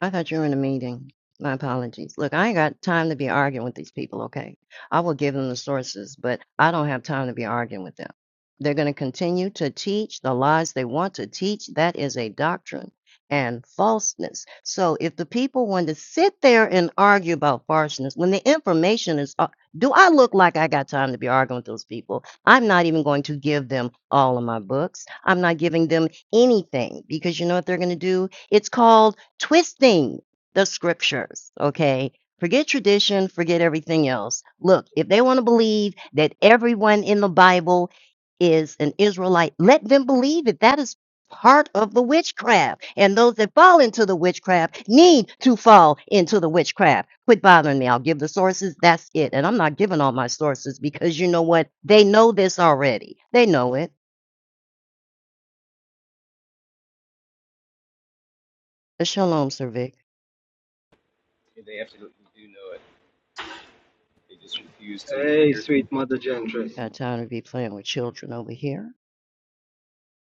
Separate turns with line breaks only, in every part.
I thought you were in a meeting. My apologies. Look, I ain't got time to be arguing with these people, okay? I will give them the sources, but I don't have time to be arguing with them. They're going to continue to teach the lies they want to teach. That is a doctrine and falseness. So if the people want to sit there and argue about falseness when the information is, uh, do I look like I got time to be arguing with those people? I'm not even going to give them all of my books. I'm not giving them anything because you know what they're going to do? It's called twisting the scriptures, okay? Forget tradition, forget everything else. Look, if they want to believe that everyone in the Bible is an Israelite, let them believe it. That is part of the witchcraft. And those that fall into the witchcraft need to fall into the witchcraft. Quit bothering me. I'll give the sources. That's it. And I'm not giving all my sources because you know what? They know this already. They know it. Shalom, Sir Vic.
and they absolutely do know it. They just refuse to
Hey,
adhere
sweet
to
mother gentry.
Got time to be playing with children over here.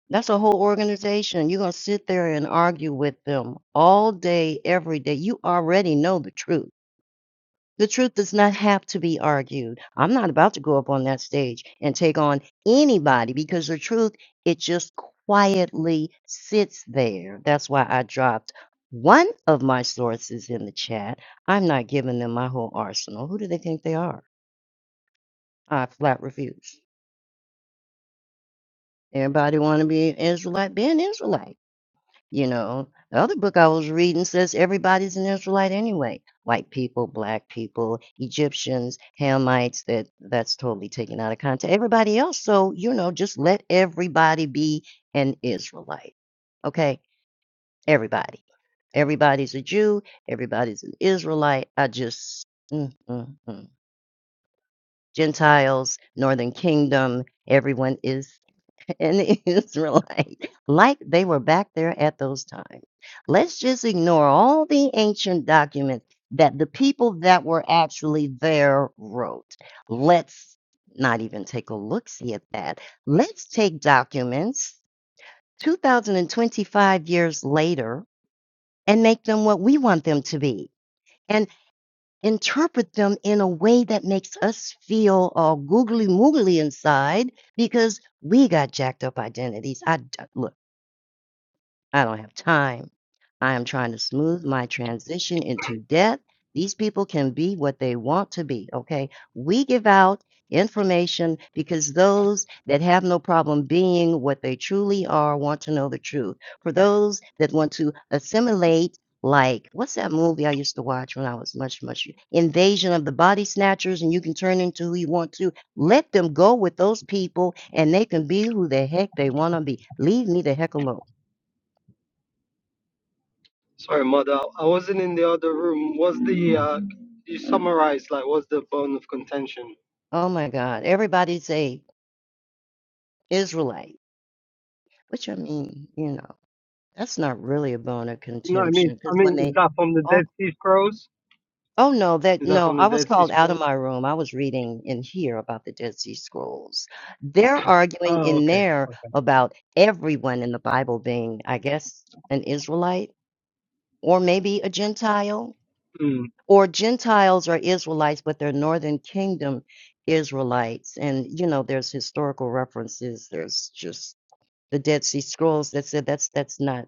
That's a whole organization. You're going to sit there and argue with them all day, every day. You already know the truth. The truth does not have to be argued. I'm not about to go up on that stage and take on anybody because the truth, it just quietly sits there. That's why I dropped one of my sources in the chat. I'm not giving them my whole arsenal. Who do they think they are? I flat refuse. Everybody want to be an Israelite? Be an Israelite. You know, the other book I was reading says everybody's an Israelite anyway. White people, black people, Egyptians, Hamites, that that's totally taken out of context. Everybody else, so you know, just let everybody be an Israelite. Okay? Everybody. Everybody's a Jew, everybody's an Israelite. I just mm, mm, mm. Gentiles, Northern Kingdom, everyone is and the Israelite like they were back there at those times. Let's just ignore all the ancient documents that the people that were actually there wrote. Let's not even take a look see at that. Let's take documents 2025 years later and make them what we want them to be and interpret them in a way that makes us feel all googly moogly inside because we got jacked up identities. I d- look. I don't have time. I am trying to smooth my transition into debt. These people can be what they want to be, okay? We give out information because those that have no problem being what they truly are want to know the truth. For those that want to assimilate, like, what's that movie I used to watch when I was much, much Invasion of the Body Snatchers, and you can turn into who you want to. Let them go with those people and they can be who the heck they want to be. Leave me the heck alone.
Sorry, mother, I wasn't in the other room. What's the uh? You summarized like what's the bone of contention?
Oh my God. Everybody's a Israelite, which I mean, you know, that's not really a bone of
No, I mean,
contention
I
because when
mean, is
they
that from the
oh,
Dead Sea Scrolls?
oh no, that
Is that
no,
from the
I was
Dead Sea
called out of
Scrolls?
my room. I was reading in here about the Dead Sea Scrolls. They're arguing
Oh,
in
okay.
there about everyone in the Bible being, I guess, an Israelite or maybe a Gentile.
Mm.
Or Gentiles are Israelites, but they're Northern Kingdom Israelites. And, you know, there's historical references. There's just the Dead Sea Scrolls that said that's that's not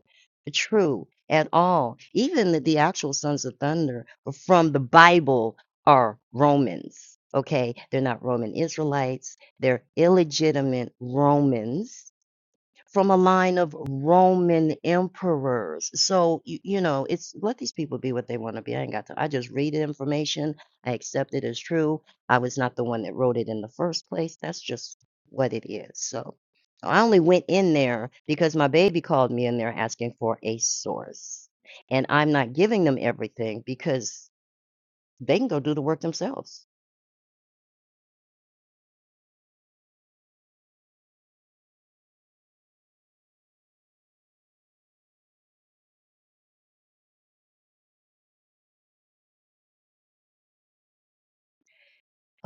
true at all. Even the, the actual sons of thunder from the Bible are Romans. Okay, they're not Roman Israelites. They're illegitimate Romans from a line of Roman emperors. So you, you know, it's let these people be what they want to be. I ain't got to. I just read the information. I accept it as true. I was not the one that wrote it in the first place. That's just what it is. So I only went in there because my baby called me in there asking for a source, and I'm not giving them everything because they can go do the work themselves.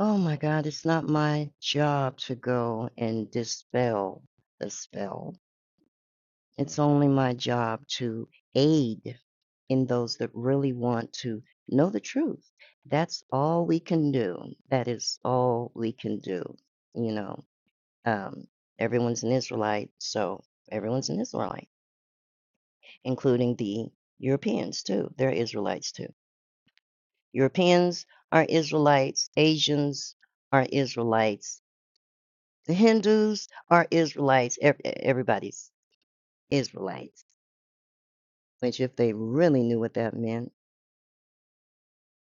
Oh my God, it's not my job to go and dispel the spell It's only my job to aid in those that really want to know the truth. That's all we can do. That is all we can do. You know, um, everyone's an Israelite, so everyone's an Israelite, including the Europeans too. They're Israelites too. Europeans are Israelites. Asians are Israelites. The Hindus are Israelites. Ev- Everybody's Israelites, which if they really knew what that meant.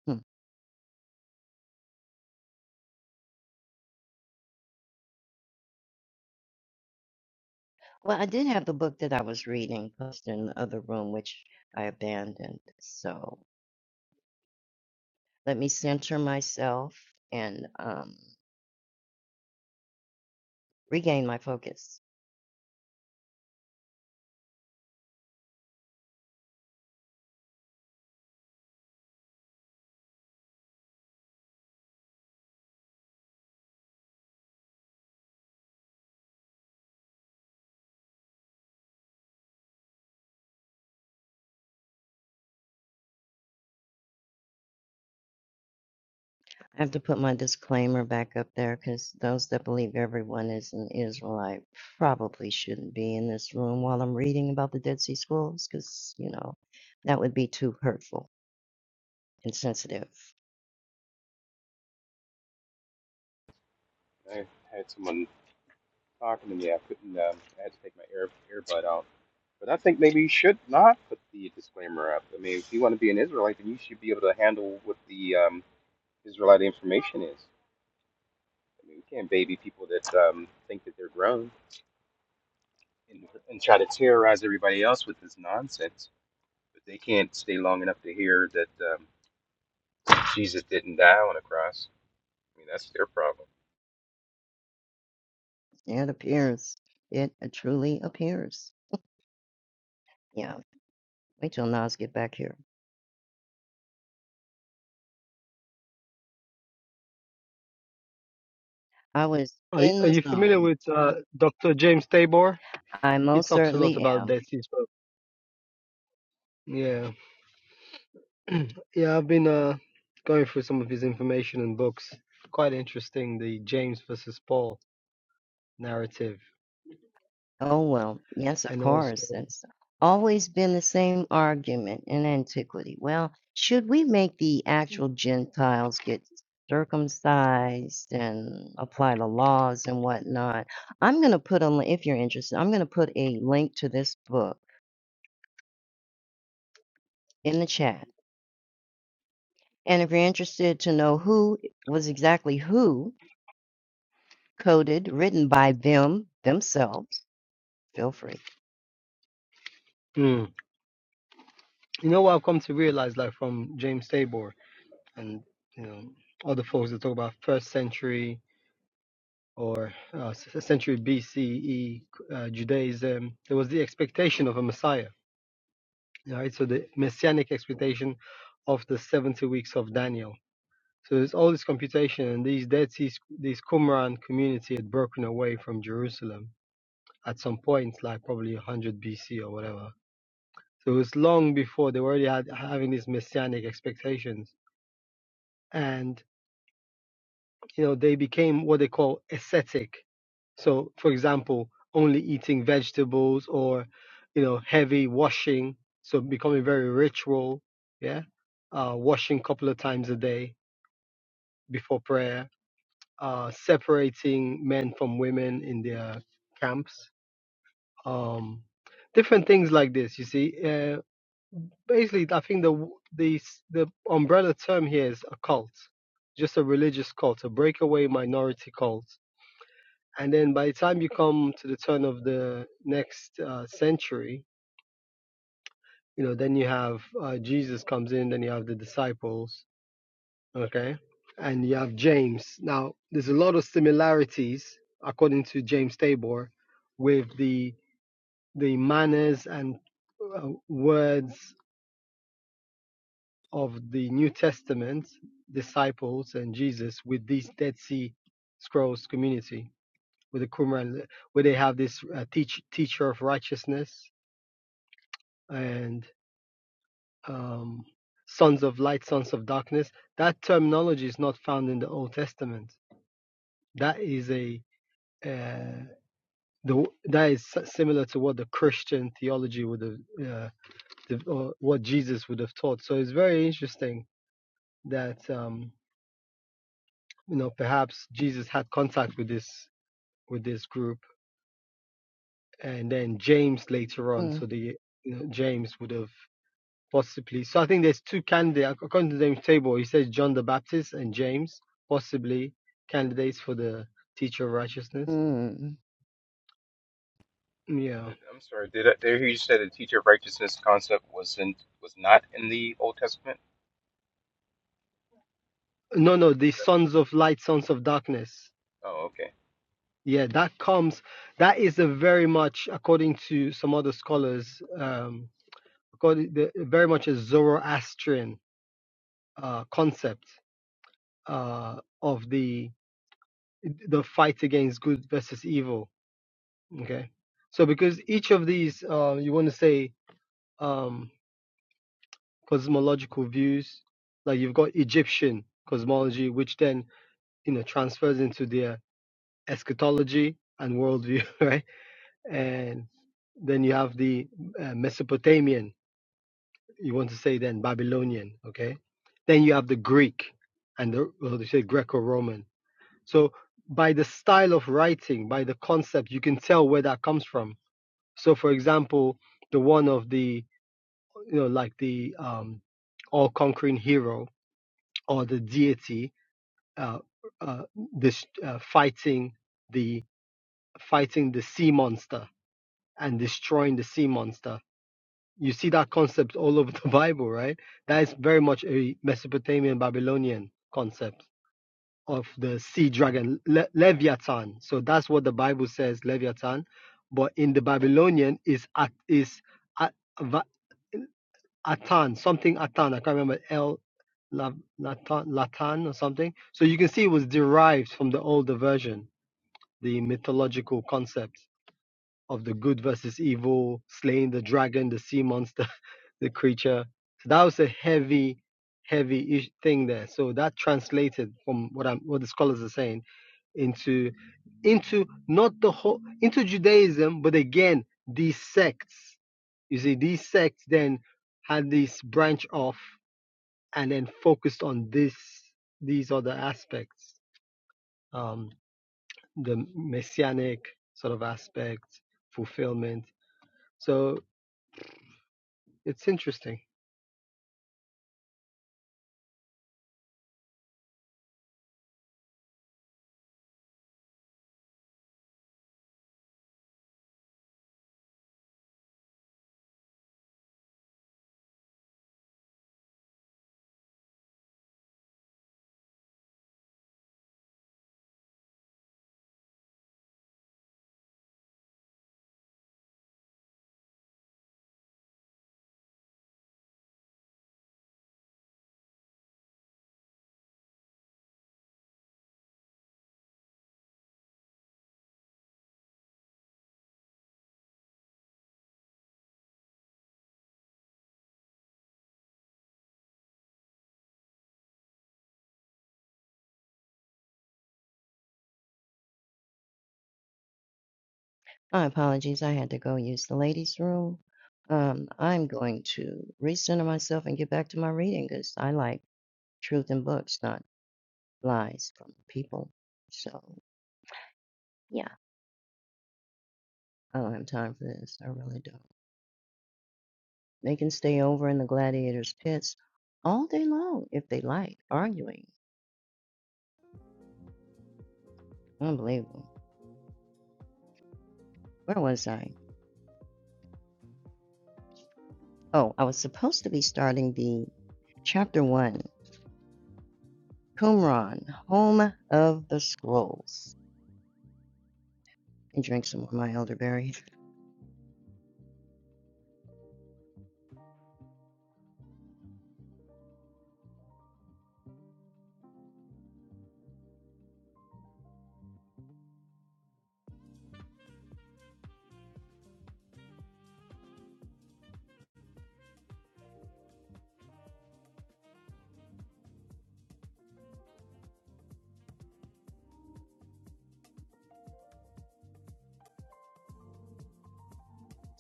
hmm, Well, I did have the book that I was reading posted in the other room, which I abandoned. So let me center myself and um, regain my focus. I have to put my disclaimer back up there because those that believe everyone is an Israelite probably shouldn't be in this room while I'm reading about the Dead Sea Scrolls because, you know, that would be too hurtful and sensitive.
it. I had someone talking to me. I couldn't. Um, I had to take my ear earbud out. But I think maybe you should not put the disclaimer up. I mean, if you want to be an Israelite, then you should be able to handle what the um, Israelite information is. I mean, you can't baby people that um, think that they're grown and, and try to terrorize everybody else with this nonsense. But they can't stay long enough to hear that um, Jesus didn't die on a cross. I mean, that's their problem.
It appears. It truly appears. Yeah. Wait till Nas get back here. I was
Are you-
in
Are
the
you familiar
zone
with uh Dr. James Tabor?
I
He
most
talks a lot
certainly
about
am.
Dead Sea Scrolls. Yeah, yeah, I've been uh going through some of his information and books. Quite interesting, the James versus Paul narrative,
Oh, well, yes, of
and also.
course. It's always been the same argument in antiquity. Well, should we make the actual Gentiles get circumcised and apply the laws and whatnot? I'm going to put a, li- if you're interested, I'm going to put a link to this book in the chat. And if you're interested to know who was exactly who coded, written by them themselves, feel free.
hmm. You know what I've come to realize, like from James Tabor and you know other folks that talk about first century or uh, s- century BCE uh, Judaism, there was the expectation of a Messiah, right? So the messianic expectation of the 70 weeks of Daniel. So there's all this computation, and these Dead Sea, these Qumran community had broken away from Jerusalem at some point, like probably 100 BC or whatever. So it was long before they were already had, having these messianic expectations. And you know, they became what they call ascetic. So, for example, only eating vegetables or, you know, heavy washing. So becoming very ritual. Yeah. Uh, washing a couple of times a day before prayer. Uh, separating men from women in their camps. Um, different things like this. You see, uh, basically, I think the the the umbrella term here is a cult, just a religious cult, a breakaway minority cult and then by the time you come to the turn of the next uh, century you know then you have uh, jesus comes in then you have the disciples okay and you have james now there's a lot of similarities according to james tabor with the the manners and uh, words of the new testament disciples and jesus with these dead sea scrolls community with the qumran where they have this uh, teach, teacher of righteousness and um, sons of light, sons of darkness. That terminology is not found in the Old Testament. That is a uh, the, that is si-, similar to what the Christian theology would have, uh, the- or what Jesus would have taught. So it's very interesting that um, you know perhaps Jesus had contact with this with this group, and then James later on. So
Mm,
the you know, James would have possibly. So I think there's two candidates according to the table. He says John the Baptist and James, possibly candidates for the teacher of righteousness.
mm.
Yeah.
Did- I'm sorry. Did I did I hear you say the teacher of righteousness concept wasn't was not in the Old Testament?
No, no, the
Is that what? you...
sons of light, sons of darkness.
Oh, okay.
Yeah, that comes. That is a very much, according to some other scholars, um, according the, very much a Zoroastrian uh, concept uh, of the the fight against good versus evil. Okay, so because each of these, uh, you want to say, um, cosmological views. Like you've got Egyptian cosmology, which then you know transfers into their eschatology and worldview, right? And then you have the uh, Mesopotamian. You want to say then Babylonian, okay? Then you have the Greek and the well, they say Greco-Roman. So by the style of writing, by the concept, you can tell where that comes from. So for example, the one of the you know like the um, all-conquering hero or the deity uh, uh, this, uh, fighting the fighting the sea monster and destroying the sea monster. You see that concept all over the Bible, right? That is very much a Mesopotamian Babylonian concept of the sea dragon Le- Leviathan. So that's what the Bible says, Leviathan. But in the Babylonian is at is at, Atan, something Atan. I can't remember El, La- Latan, Latan or something. So you can see it was derived from the older version, the mythological concept of the good versus evil, slaying the dragon, the sea monster, the creature. So that was a heavy, heavy ish- thing there. So that translated from what I'm, what the scholars are saying into, into not the whole, into Judaism, but again these sects. You see, these sects then had this branch off and then focused on this, these other aspects, um, the messianic sort of aspect, fulfillment. So It's interesting.
My apologies. I had to go use the ladies' room. Um, I'm going to recenter myself and get back to my reading because I like truth in books, not lies from people. So, yeah, I don't have time for this. I really don't. They can stay over in the gladiators' pits all day long if they like, arguing. Unbelievable. Where was I? Oh, I was supposed to be starting the Chapter 1 Qumran, Home of the Scrolls. And drink some of my elderberry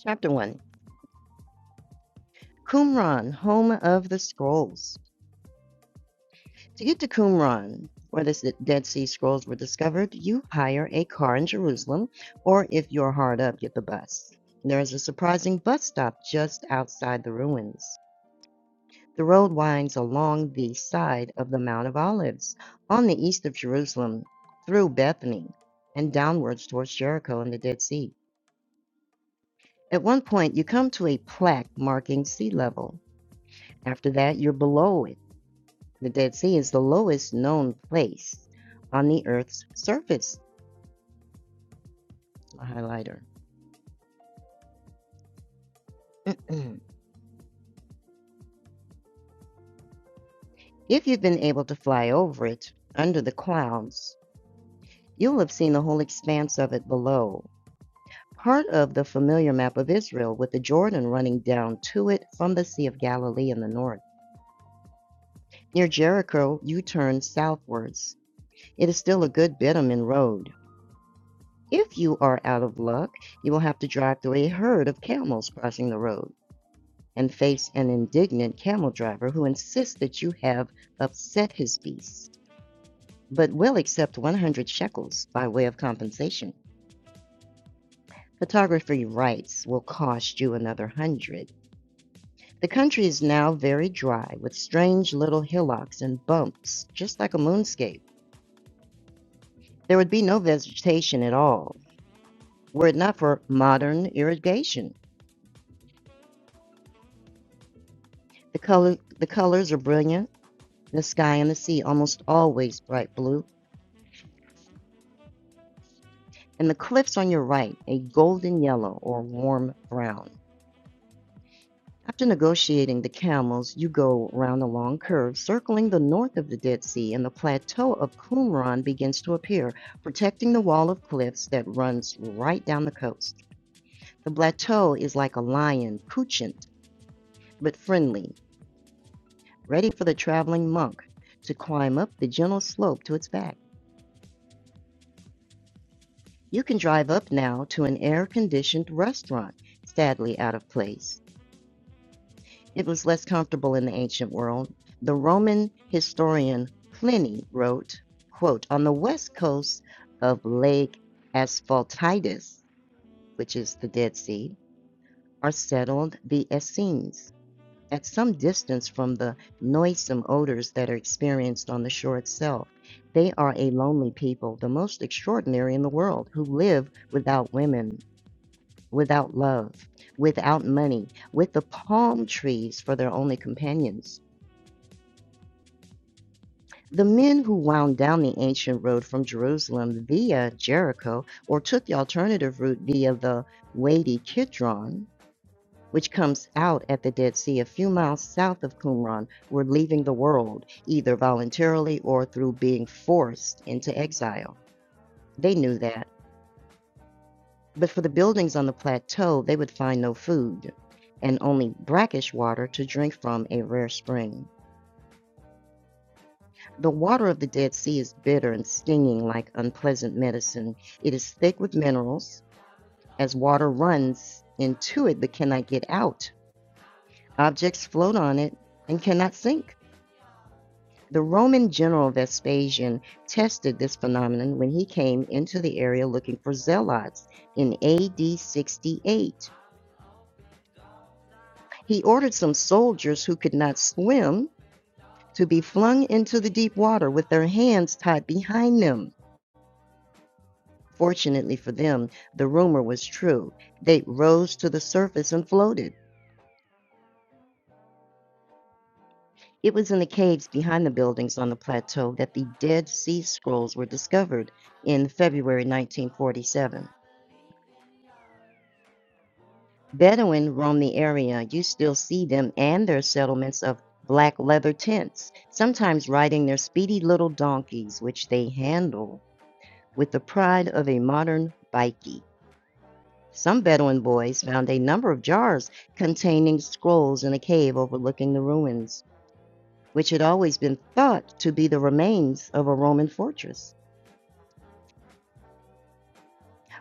Chapter 1 Qumran, Home of the Scrolls. To get to Qumran, where the Dead Sea Scrolls were discovered, you hire a car in Jerusalem, or if you're hard up, get the bus. There is a surprising bus stop just outside the ruins. The road winds along the side of the Mount of Olives, on the east of Jerusalem, through Bethany, and downwards towards Jericho and the Dead Sea. At one point, you come to a plaque marking sea level. After that, you're below it The Dead Sea is the lowest known place on the Earth's surface. A highlighter. if you've been able to fly over it under the clouds, you'll have seen the whole expanse of it below. Part of the familiar map of Israel, with the Jordan running down to it from the Sea of Galilee in the north. Near Jericho, you turn southwards. It is still a good bitumen road. If you are out of luck, you will have to drive through a herd of camels crossing the road. and face an indignant camel driver who insists that you have upset his beast, but will accept 100 shekels by way of compensation. Photography rights will cost you another hundred. The country is now very dry, with strange little hillocks and bumps, just like a moonscape. There would be no vegetation at all were it not for modern irrigation. The color, the colors are brilliant. The sky and the sea almost always bright blue, and the cliffs on your right a golden yellow or warm brown. After negotiating the camels, you go round a long curve, circling the north of the Dead Sea, and the plateau of Qumran begins to appear, protecting the wall of cliffs that runs right down the coast. The plateau is like a lion, couchant but friendly, ready for the traveling monk to climb up the gentle slope to its back. You can drive up now to an air conditioned restaurant, sadly out of place, It was less comfortable in the ancient world. The Roman historian Pliny wrote, quote, On the west coast of Lake Asphaltitis, which is the Dead Sea, are settled the Essenes, at some distance from the noisome odors that are experienced on the shore itself. They are a lonely people, the most extraordinary in the world, who live without women, without love, without money, with the palm trees for their only companions. The men who wound down the ancient road from Jerusalem via Jericho or took the alternative route via the Wadi Kidron, which comes out at the Dead Sea a few miles south of Qumran, were leaving the world, either voluntarily or through being forced into exile. They knew that. But for the buildings on the plateau, they would find no food and only brackish water to drink from a rare spring. The water of the Dead Sea is bitter and stinging like unpleasant medicine. It is thick with minerals. As water runs into it but cannot get out, objects float on it and cannot sink. The Roman general Vespasian tested this phenomenon when he came into the area looking for zealots in AD 68. He ordered some soldiers who could not swim to be flung into the deep water with their hands tied behind them. Fortunately for them, the rumor was true. They rose to the surface and floated. It was in the caves behind the buildings on the plateau that the Dead Sea Scrolls were discovered in February 1947. Bedouin roam the area. You still see them and their settlements of black leather tents, sometimes riding their speedy little donkeys, which they handle with the pride of a modern bikie. Some Bedouin boys found a number of jars containing scrolls in a cave overlooking the ruins, which had always been thought to be the remains of a Roman fortress.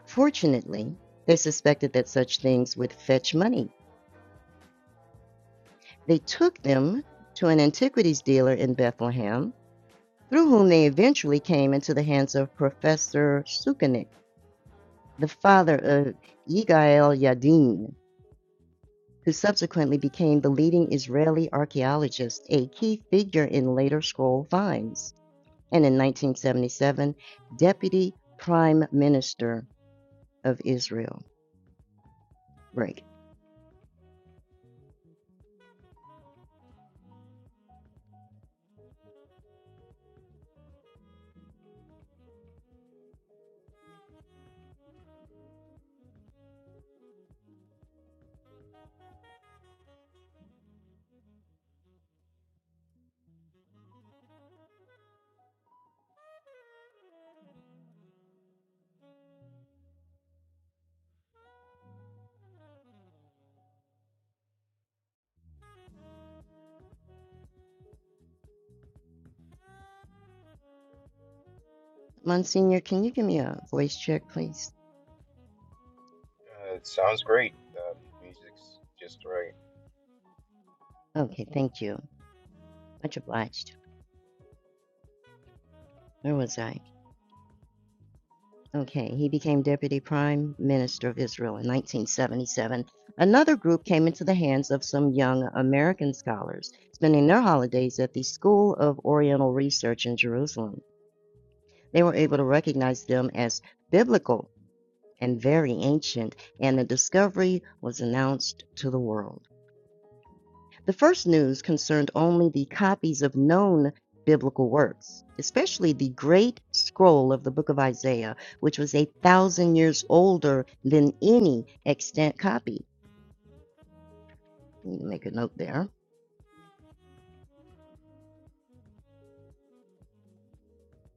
Fortunately, they suspected that such things would fetch money. They took them to an antiquities dealer in Bethlehem, through whom they eventually came into the hands of Professor Sukenik, the father of Yigael Yadin, who subsequently became the leading Israeli archaeologist, a key figure in later scroll finds, and in 1977, Deputy Prime Minister of Israel. Break. Monsignor, can you give me a voice check, please?
Uh, it sounds great. Um, music's just right.
Okay, thank you. Much obliged. Where was I? Okay, he became Deputy Prime Minister of Israel in 1977. Another group came into the hands of some young American scholars, spending their holidays at the School of Oriental Research in Jerusalem. They were able to recognize them as biblical and very ancient, and the discovery was announced to the world. The first news concerned only the copies of known biblical works, especially the great scroll of the book of Isaiah, which was a thousand years older than any extant copy. You can Make a note there.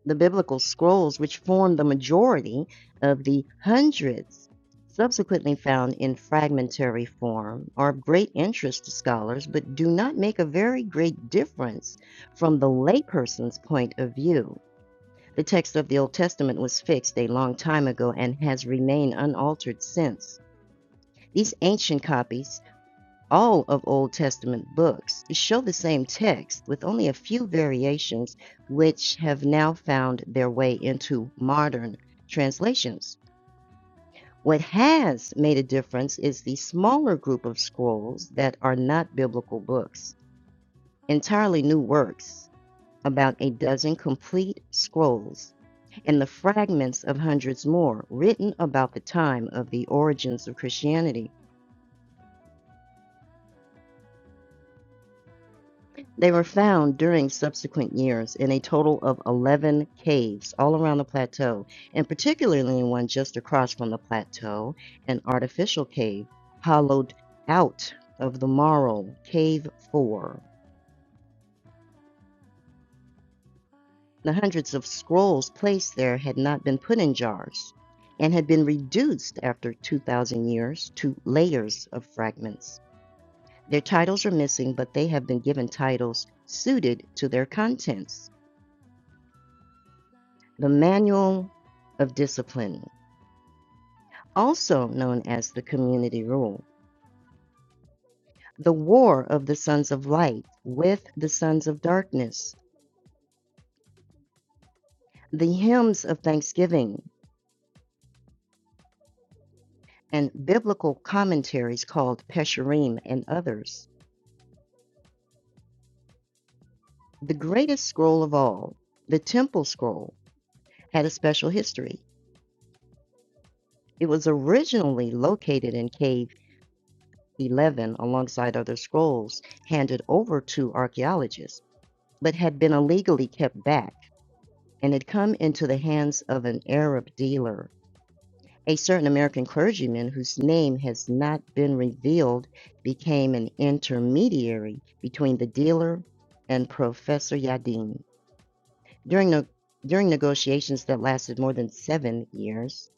The biblical scrolls, which form the majority of the hundreds subsequently found in fragmentary form, are of great interest to scholars but do not make a very great difference from the layperson's point of view. The text of the Old Testament was fixed a long time ago and has remained unaltered since. These ancient copies all of Old Testament books show the same text with only a few variations, which have now found their way into modern translations. What has made a difference is the smaller group of scrolls that are not biblical books, entirely new works, about a dozen complete scrolls, and the fragments of hundreds more written about the time of the origins of Christianity. They were found during subsequent years in a total of 11 caves all around the plateau, and particularly in one just across from the plateau, an artificial cave hollowed out of the marl, Cave 4. The hundreds of scrolls placed there had not been put in jars and had been reduced after 2,000 years to layers of fragments. Their titles are missing, but they have been given titles suited to their contents. The Manual of Discipline, also known as the Community Rule, the War of the Sons of Light with the Sons of Darkness, the Hymns of Thanksgiving, and biblical commentaries called Pesherim and others. The greatest scroll of all, the Temple Scroll, had a special history. It was originally located in Cave 11 alongside other scrolls handed over to archaeologists, but had been illegally kept back and had come into the hands of an Arab dealer. A certain American clergyman whose name has not been revealed became an intermediary between the dealer and Professor Yadin. During, the during negotiations that lasted more than seven years,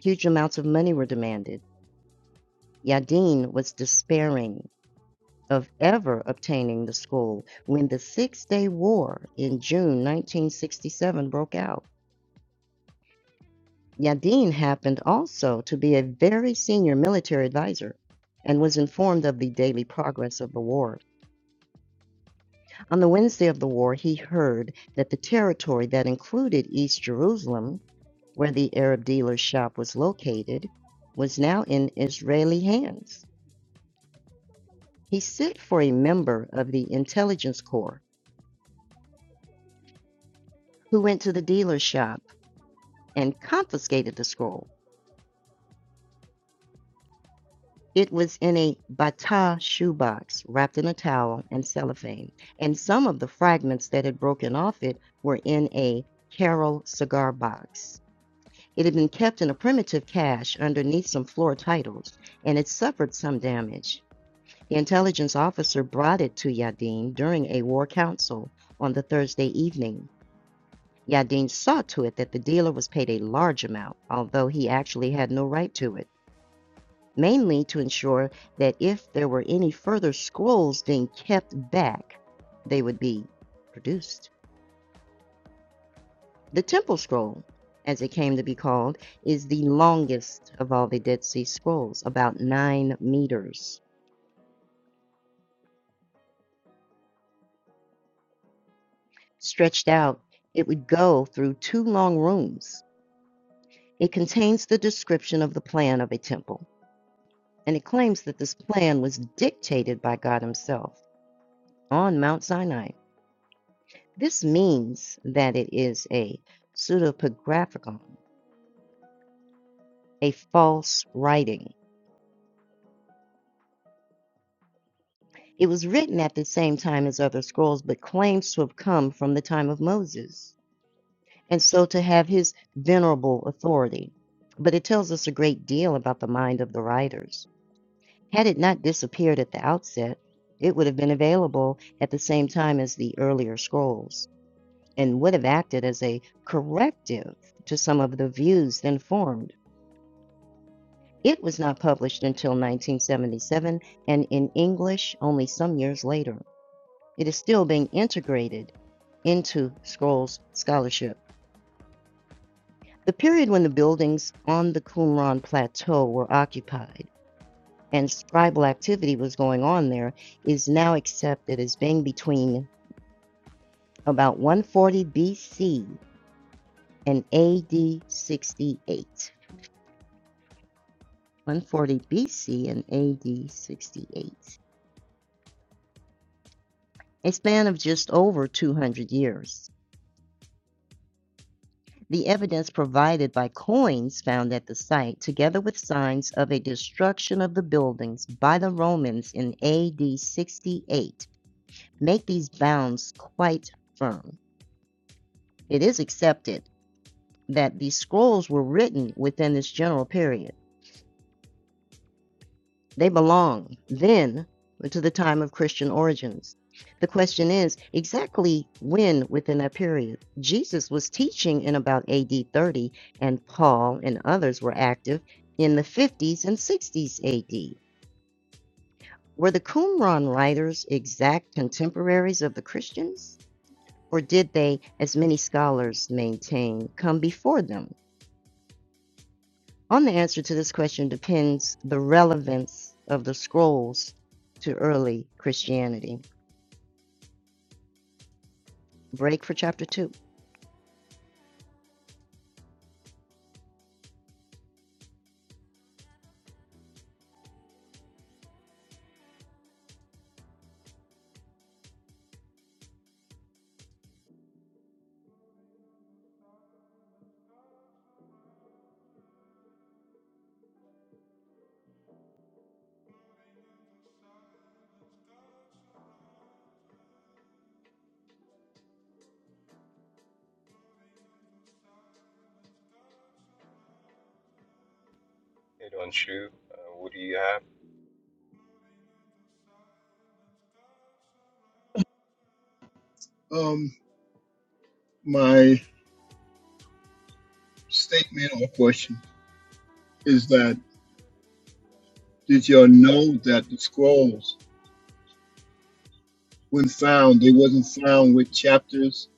huge amounts of money were demanded. Yadin was despairing of ever obtaining the school when the Six Day War in June 1967 broke out. Yadin happened also to be a very senior military advisor and was informed of the daily progress of the war. On the Wednesday of the war, he heard that the territory that included East Jerusalem, where the Arab dealer's shop was located, was now in Israeli hands. He sent for a member of the intelligence corps who went to the dealer's shop and confiscated the scroll. It was in a bata shoebox wrapped in a towel and cellophane, and some of the fragments that had broken off it were in a Carol cigar box. It had been kept in a primitive cache underneath some floor titles, and it suffered some damage. The intelligence officer brought it to Yadin during a war council on the Thursday evening. Yadin saw to it that the dealer was paid a large amount, although he actually had no right to it mainly to ensure that if there were any further scrolls being kept back, they would be produced. The Temple Scroll, as it came to be called, is the longest of all the Dead Sea Scrolls, about nine meters. Stretched out, it would go through two long rooms. It contains the description of the plan of a temple, and it claims that this plan was dictated by God Himself on Mount Sinai. This means that it is a pseudepigraphicon, a false writing. It was written at the same time as other scrolls, but claims to have come from the time of Moses, and so to have his venerable authority. But it tells us a great deal about the mind of the writers. Had it not disappeared at the outset, it would have been available at the same time as the earlier scrolls, and would have acted as a corrective to some of the views then formed It was not published until 1977 and in English only some years later. It is still being integrated into Scrolls scholarship. The period when the buildings on the Qumran Plateau were occupied and scribal activity was going on there is now accepted as being between about 140 BC and AD 68. 140 BC and AD 68, a span of just over 200 years. The evidence provided by coins found at the site, together with signs of a destruction of the buildings by the Romans in AD 68, make these bounds quite firm. It is accepted that these scrolls were written within this general period. They belong then to the time of Christian origins. The question is exactly when within that period? Jesus was teaching in about AD 30, and Paul and others were active in the 50s and 60s AD. Were the Qumran writers exact contemporaries of the Christians? Or did they, as many scholars maintain, come before them? On the answer to this question depends the relevance of the scrolls to early Christianity. break for chapter 2.
Hit on shoe. Uh, what do you have?
Um, my statement or question is that did y'all know that the scrolls, when found, they wasn't found with chapters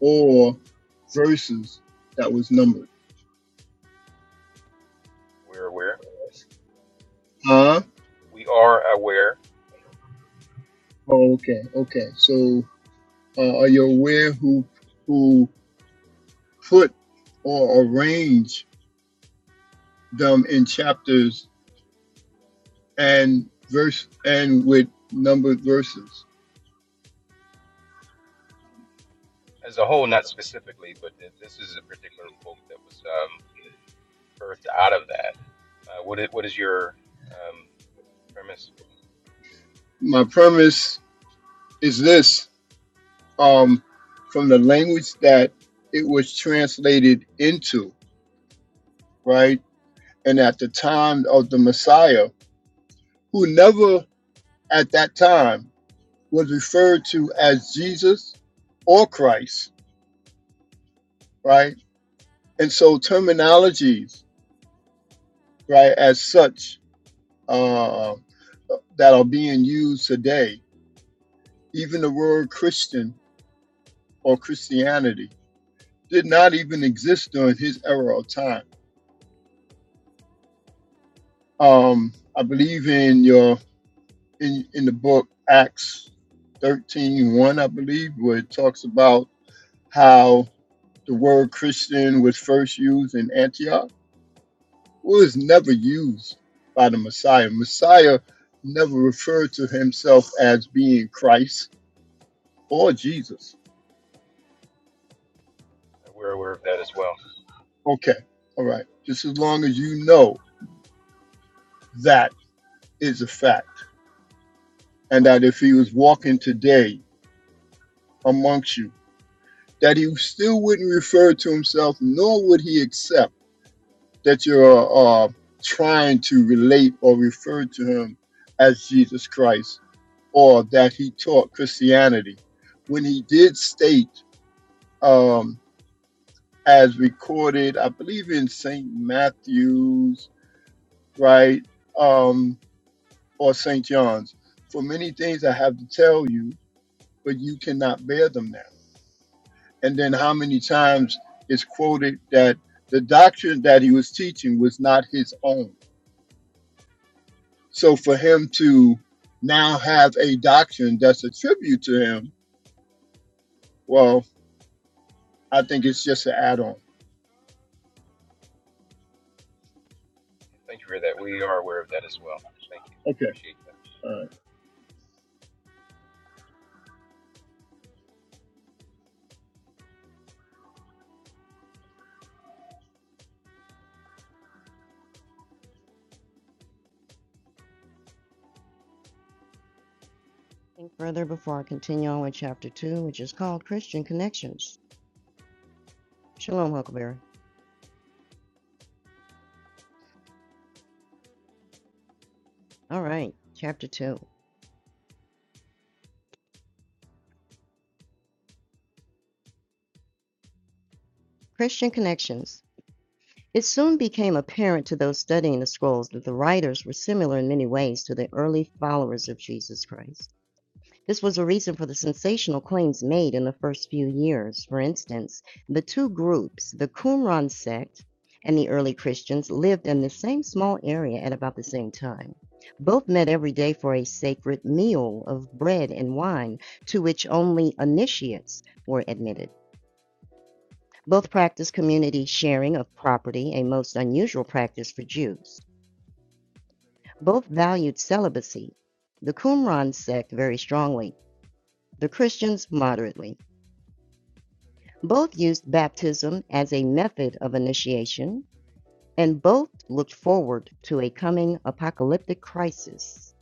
or verses that was numbered?
We're aware.
Huh?
We are aware
Oh, okay, okay. So, uh, are you aware who who put or arranged them in chapters and verse and with numbered verses?
as a whole, not specifically, but th- this is a particular book that was um, birthed out of that. Uh, what is, what is your um, premise?
My premise is this. um, from the language that it was translated into, right? And at the time of the Messiah, who never at that time was referred to as Jesus or Christ, right? And so terminologies, right, as such, uh, that are being used today, even the word Christian or Christianity, did not even exist during his era of time. Um, I believe in your in, in the book Acts thirteen one, I believe, where it talks about how the word Christian was first used in Antioch. Well, it's never used by the Messiah. Messiah never referred to himself as being Christ or Jesus.
Uh, we're aware of that as well.
Okay, all right. Just as long as you know that is a fact, and that if he was walking today amongst you, that he still wouldn't refer to himself, nor would he accept. that you're uh, trying to relate or refer to him as Jesus Christ or that he taught Christianity. When he did state, um, as recorded, I believe in St. Matthew's, right, um, or St. John's, for many things I have to tell you, but you cannot bear them now. And then how many times is quoted that the doctrine that he was teaching was not his own So for him to now have a doctrine that's a tribute to him, well, I think it's just an add on.
Thank you for that. We are aware of that as well. Thank you.
Okay.
Appreciate that.
All right.
Think further before I continue on with chapter 2, which is called Christian Connections. Shalom, Huckleberry. All right, chapter 2 Christian Connections. It soon became apparent to those studying the scrolls that the writers were similar in many ways to the early followers of Jesus Christ. This was a reason for the sensational claims made in the first few years. For instance, the two groups, the Qumran sect and the early Christians, lived in the same small area at about the same time. Both met every day for a sacred meal of bread and wine to which only initiates were admitted. Both practiced community sharing of property, a most unusual practice for Jews. Both valued celibacy, the Qumran sect very strongly, the Christians moderately. Both used baptism as a method of initiation, and both looked forward to a coming apocalyptic crisis,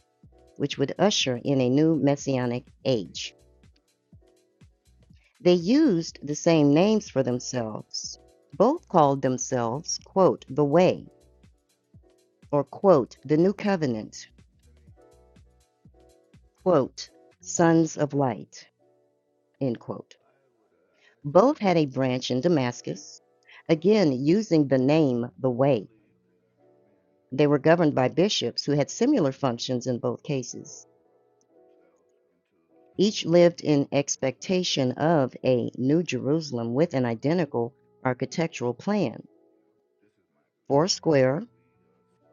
which would usher in a new messianic age. They used the same names for themselves. Both called themselves, quote, the Way, or, quote, the New Covenant, quote, Sons of Light, end quote. Both had a branch in Damascus, again using the name the Way. They were governed by bishops who had similar functions in both cases. Each lived in expectation of a New Jerusalem with an identical architectural plan, four square,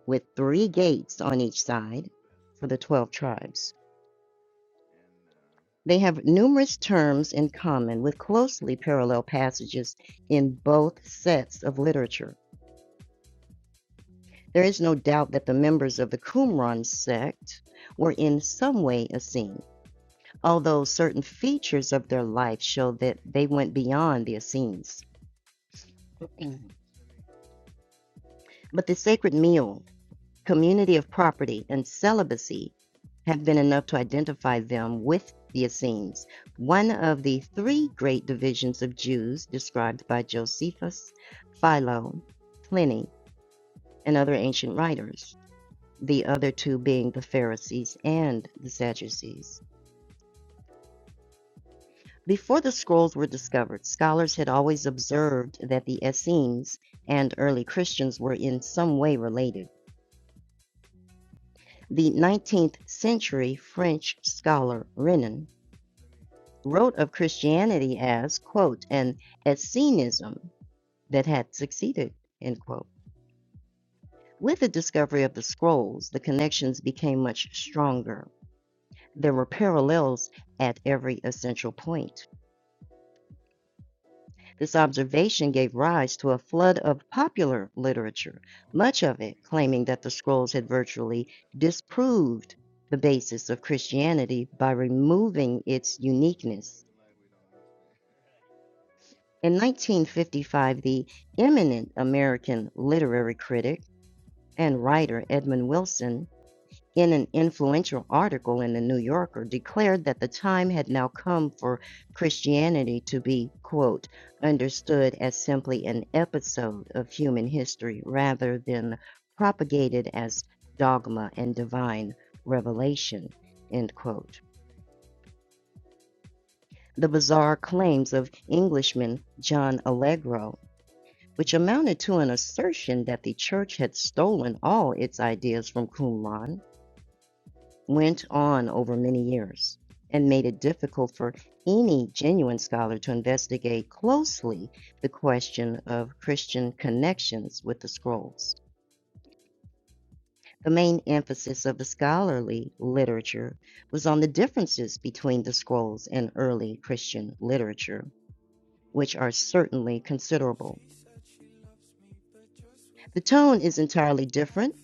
with three gates on each side for the 12 tribes. They have numerous terms in common with closely parallel passages in both sets of literature. There is no doubt that the members of the Qumran sect were in some way Essenes. although certain features of their life show that they went beyond their scenes. But the sacred meal, community of property, and celibacy have been enough to identify them with the Essenes, one of the three great divisions of Jews described by Josephus, Philo, Pliny, and other ancient writers, the other two being the Pharisees and the Sadducees. Before the scrolls were discovered, scholars had always observed that the Essenes and early Christians were in some way related. The 19th century French scholar Renan wrote of Christianity as, quote, an Essenism that had succeeded, end quote. With the discovery of the scrolls, the connections became much stronger. There were parallels at every essential point. This observation gave rise to a flood of popular literature, much of it claiming that the scrolls had virtually disproved the basis of Christianity by removing its uniqueness. In 1955, the eminent American literary critic and writer Edmund Wilson in an influential article in the New Yorker, declared that the time had now come for Christianity to be, quote, understood as simply an episode of human history rather than propagated as dogma and divine revelation, end quote. The bizarre claims of Englishman John Allegro, which amounted to an assertion that the church had stolen all its ideas from Qumran, went on over many years and made it difficult for any genuine scholar to investigate closely the question of Christian connections with the scrolls. The main emphasis of the scholarly literature was on the differences between the scrolls and early Christian literature, which are certainly considerable. The tone is entirely different,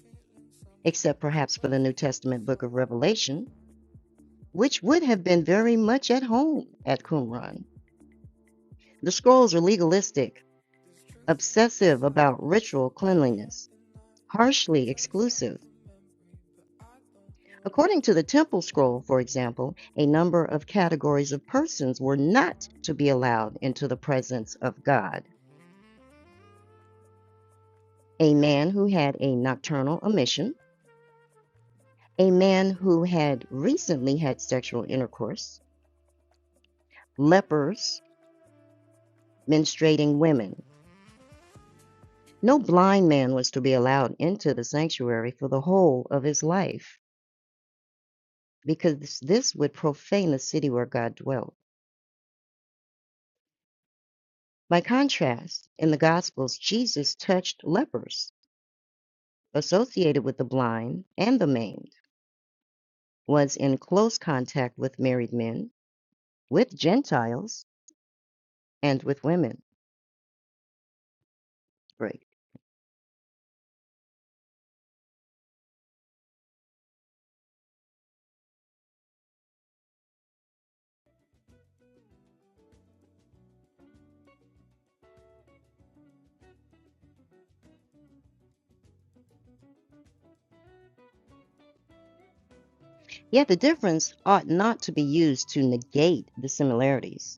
except perhaps for the New Testament book of Revelation, which would have been very much at home at Qumran. The scrolls are legalistic, obsessive about ritual cleanliness, harshly exclusive. According to the Temple Scroll, for example, a number of categories of persons were not to be allowed into the presence of God. A man who had a nocturnal emission, a man who had recently had sexual intercourse, lepers, menstruating women. No blind man was to be allowed into the sanctuary for the whole of his life. because this would profane the city where God dwelt. By contrast, in the Gospels, Jesus touched lepers, associated with the blind and the maimed, was in close contact with married men, with Gentiles, and with women. Break. Yet the difference ought not to be used to negate the similarities.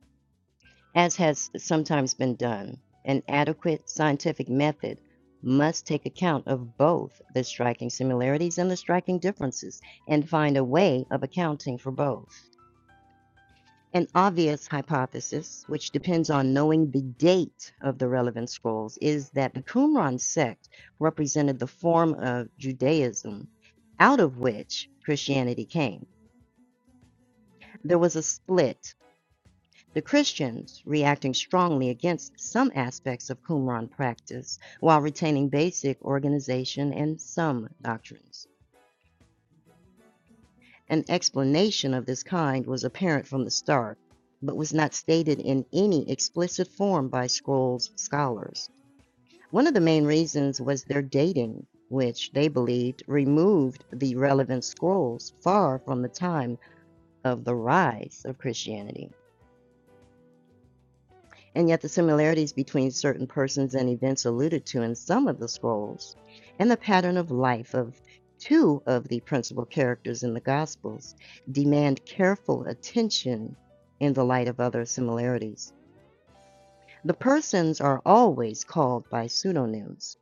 As has sometimes been done, an adequate scientific method must take account of both the striking similarities and the striking differences and find a way of accounting for both. An obvious hypothesis, which depends on knowing the date of the relevant scrolls, is that the Qumran sect represented the form of Judaism out of which Christianity came. There was a split The Christians reacting strongly against some aspects of Qumran practice while retaining basic organization and some doctrines. An explanation of this kind was apparent from the start, but was not stated in any explicit form by Scrolls scholars. One of the main reasons was their dating, which they believed removed the relevant scrolls far from the time of the rise of Christianity. and yet the similarities between certain persons and events alluded to in some of the scrolls, and the pattern of life of two of the principal characters in the Gospels, demand careful attention in the light of other similarities. The persons are always called by pseudonyms,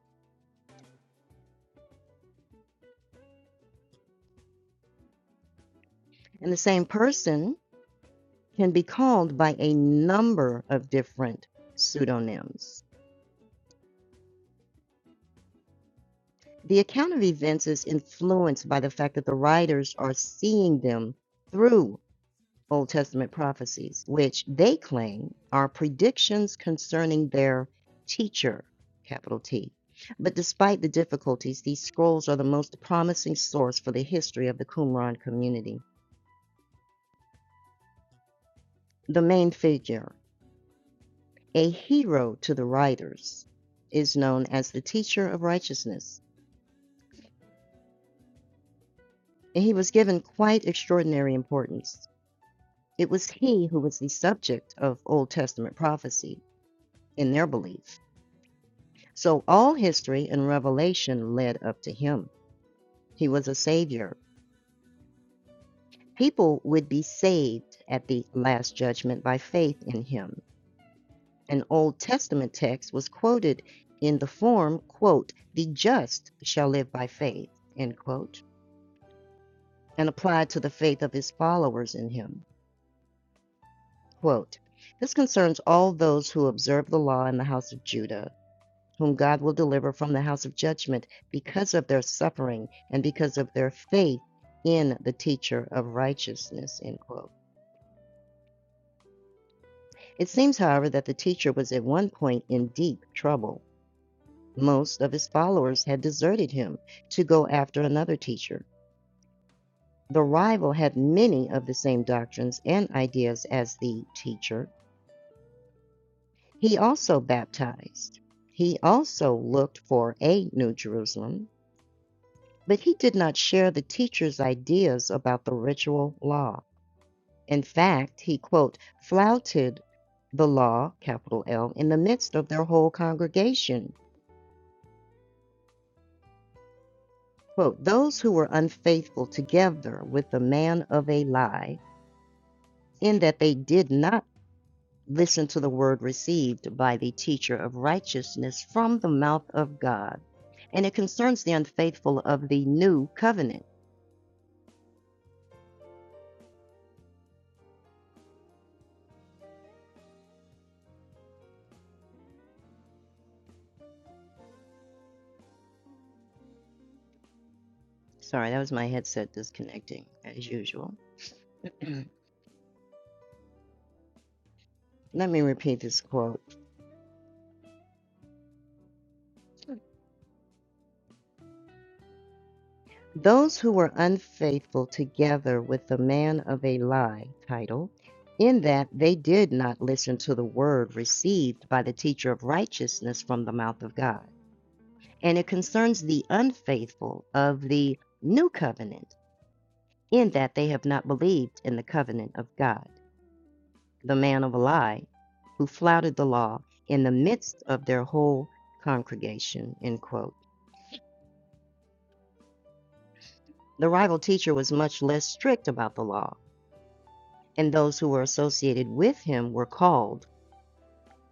and the same person can be called by a number of different pseudonyms. The account of events is influenced by the fact that the writers are seeing them through Old Testament prophecies, which they claim are predictions concerning their teacher, capital T. But despite the difficulties, these scrolls are the most promising source for the history of the Qumran community. The main figure, a hero to the writers, is known as the teacher of righteousness, and he was given quite extraordinary importance. It was he who was the subject of Old Testament prophecy in their belief So all history and revelation led up to him. He was a savior. People would be saved at the last judgment by faith in him. An Old Testament text was quoted in the form, quote, "The just shall live by faith," end quote, and applied to the faith of his followers in him. Quote, "This concerns all those who observe the law in the house of Judah, whom God will deliver from the house of judgment because of their suffering and because of their faith in the teacher of righteousness. End quote. It seems, however, that the teacher was at one point in deep trouble. Most of his followers had deserted him to go after another teacher. The rival had many of the same doctrines and ideas as the teacher. He also baptized. He also looked for a New Jerusalem. But he did not share the teacher's ideas about the ritual law. In fact, he, quote, flouted the law, capital L, in the midst of their whole congregation. Quote, those who were unfaithful together with the man of a lie, in that they did not listen to the word received by the teacher of righteousness from the mouth of God. And it concerns the unfaithful of the new covenant. Sorry, that was my headset disconnecting, as usual. Let me repeat this quote. Those who were unfaithful together with the man of a lie, title, in that they did not listen to the word received by the teacher of righteousness from the mouth of God. And it concerns the unfaithful of the new covenant, in that they have not believed in the covenant of God. The man of a lie, who flouted the law in the midst of their whole congregation, end quote. The rival teacher was much less strict about the law, and those who were associated with him were called,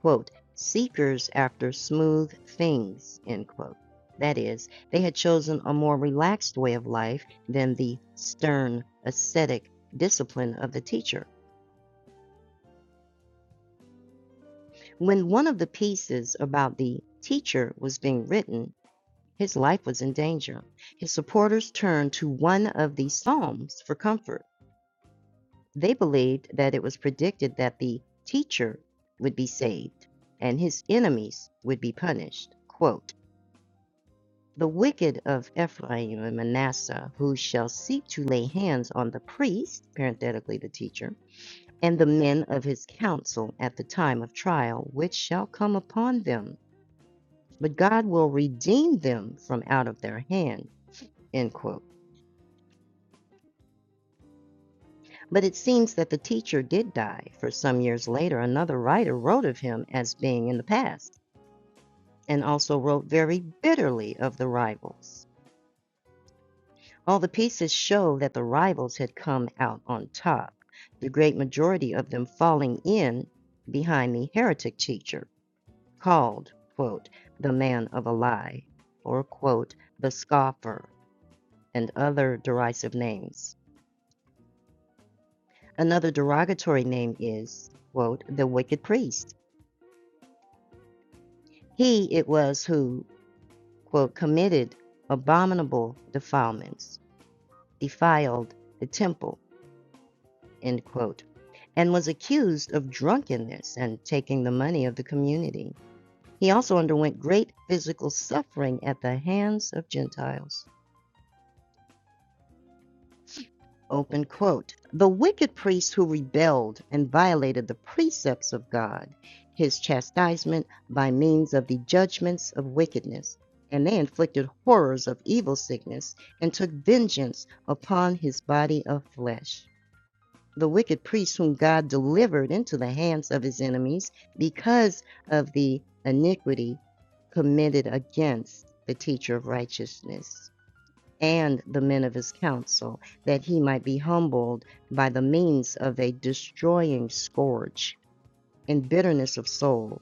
quote, seekers after smooth things, end quote. That is, they had chosen a more relaxed way of life than the stern, ascetic discipline of the teacher. When one of the pieces about the teacher was being written, his life was in danger. His supporters turned to one of the Psalms for comfort. They believed that it was predicted that the teacher would be saved and his enemies would be punished. Quote, the wicked of Ephraim and Manasseh, who shall seek to lay hands on the priest, parenthetically the teacher, and the men of his council at the time of trial, which shall come upon them. But God will redeem them from out of their hand. End quote. But it seems that the teacher did die, for some years later, another writer wrote of him as being in the past. and also wrote very bitterly of the rivals. All the pieces show that the rivals had come out on top, the great majority of them falling in behind the heretic teacher, called, quote, the man of a lie, or, quote, the scoffer, and other derisive names. Another derogatory name is, quote, the wicked priest. He it was who, quote, committed abominable defilements, defiled the temple, end quote, and was accused of drunkenness and taking the money of the community. He also underwent great physical suffering at the hands of Gentiles. Open quote. The wicked priests who rebelled and violated the precepts of God, his chastisement by means of the judgments of wickedness, and they inflicted horrors of evil sickness and took vengeance upon his body of flesh. the wicked priest whom God delivered into the hands of his enemies because of the iniquity committed against the teacher of righteousness and the men of his council, that he might be humbled by the means of a destroying scourge and bitterness of soul,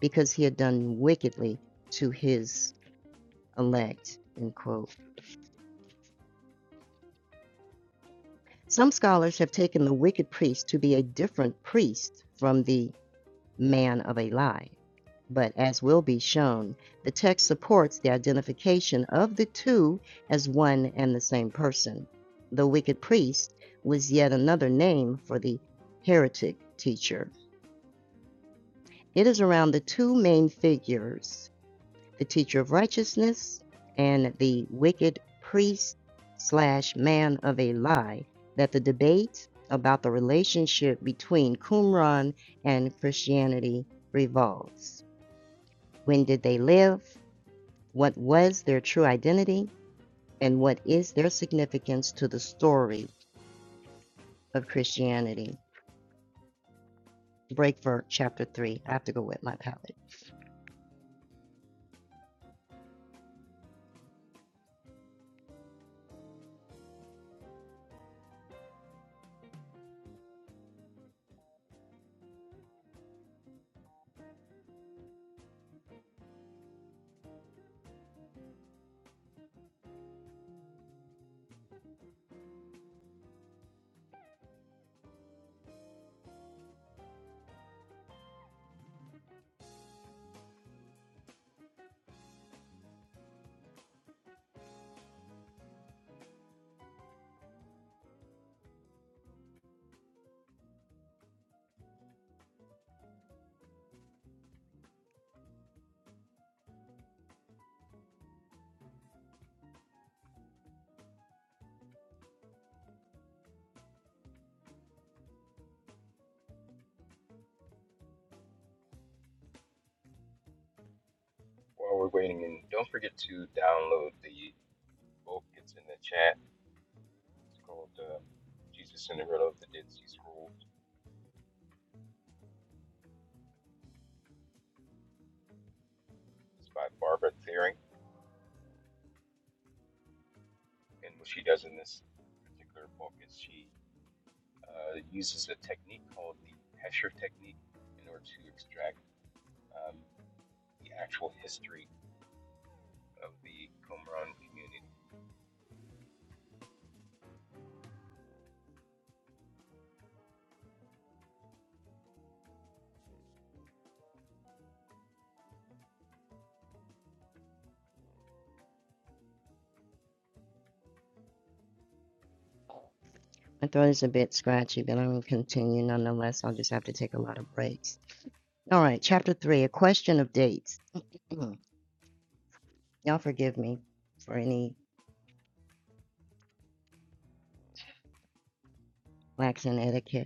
because he had done wickedly to his elect. End quote. Some scholars have taken the wicked priest to be a different priest from the man of a lie. But as will be shown, the text supports the identification of the two as one and the same person. The wicked priest was yet another name for the heretic teacher. It is around the two main figures, the teacher of righteousness and the wicked priest slash man of a lie, that the debate about the relationship between Qumran and Christianity revolves. When did they live? What was their true identity? And what is their significance to the story of Christianity? Break for chapter 3. I have to go with my palette.
While we're waiting, and don't forget to download the book. It's in the chat. It's called um, Jesus Cinderella of the Dead Sea Scrolls. It's by Barbara Thiering. And what she does in this particular book is she uh, uses a technique called the Pesher technique in order to extract um, the actual history of the Qumran community.
My throat is a bit scratchy, but I'm going to continue nonetheless. I'll just have to take a lot of breaks. All right, chapter 3 A Question of Dates. Y'all forgive me for any lax in etiquette.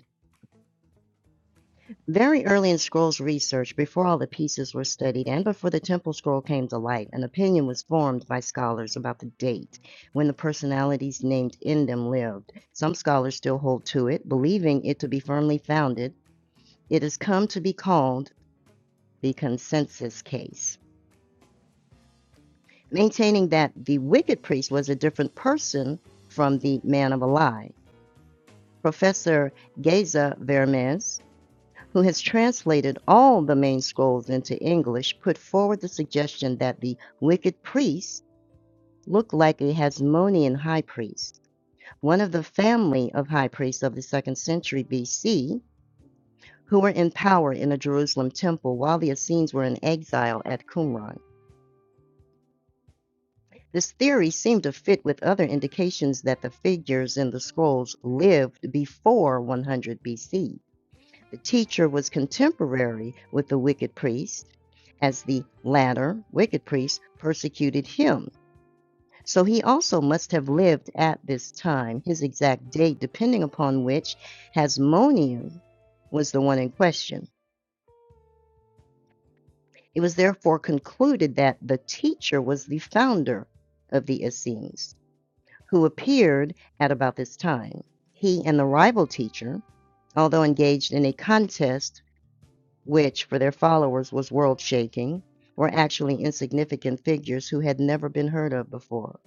Very early in scrolls research, before all the pieces were studied and before the temple scroll came to light, an opinion was formed by scholars about the date when the personalities named in them lived. Some scholars still hold to it, believing it to be firmly founded. It has come to be called the consensus case, maintaining that the wicked priest was a different person from the man of a lie. Professor Geza Vermes who has translated all the main scrolls into English, put forward the suggestion that the wicked priest looked like a Hasmonean high priest, one of the family of high priests of the second century BC, who were in power in the Jerusalem temple while the Essenes were in exile at Qumran. This theory seemed to fit with other indications that the figures in the scrolls lived before 100 BC. The teacher was contemporary with the wicked priest, as the latter wicked priest persecuted him. So he also must have lived at this time, his exact date, depending upon which Hasmonean was the one in question. It was therefore concluded that the teacher was the founder of the Essenes, who appeared at about this time. He and the rival teacher, although engaged in a contest which for their followers was world shaking, were actually insignificant figures who had never been heard of before.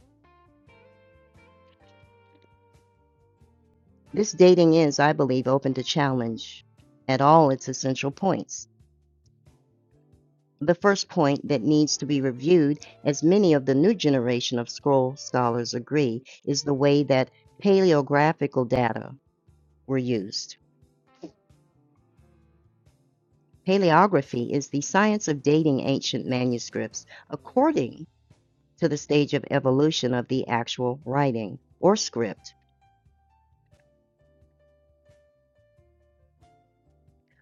This dating is, I believe, open to challenge at all its essential points. The first point that needs to be reviewed, as many of the new generation of scroll scholars agree, is the way that paleographical data were used. Paleography is the science of dating ancient manuscripts according to the stage of evolution of the actual writing or script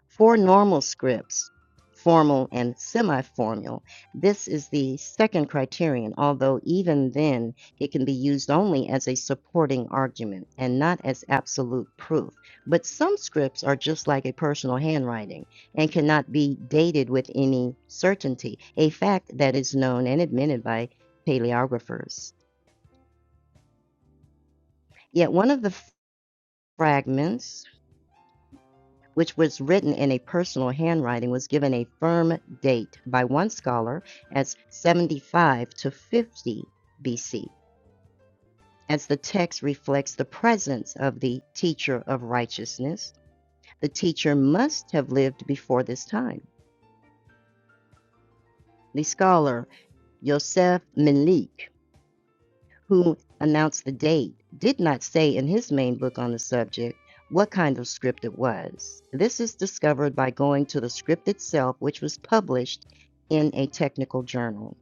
For normal scripts, formal and semi formal, this is the second criterion, although even then it can be used only as a supporting argument and not as absolute proof. But some scripts are just like a personal handwriting and cannot be dated with any certainty, a fact that is known and admitted by paleographers. Yet one of the fragments which was written in a personal handwriting, was given a firm date by one scholar as 75 to 50 BC, as the text reflects the presence of the teacher of righteousness. The teacher must have lived before this time. The scholar Yosef Melik who announced the date, did not say in his main book on the subject what kind of script it was. This is discovered by going to the script itself, which was published in a technical journal.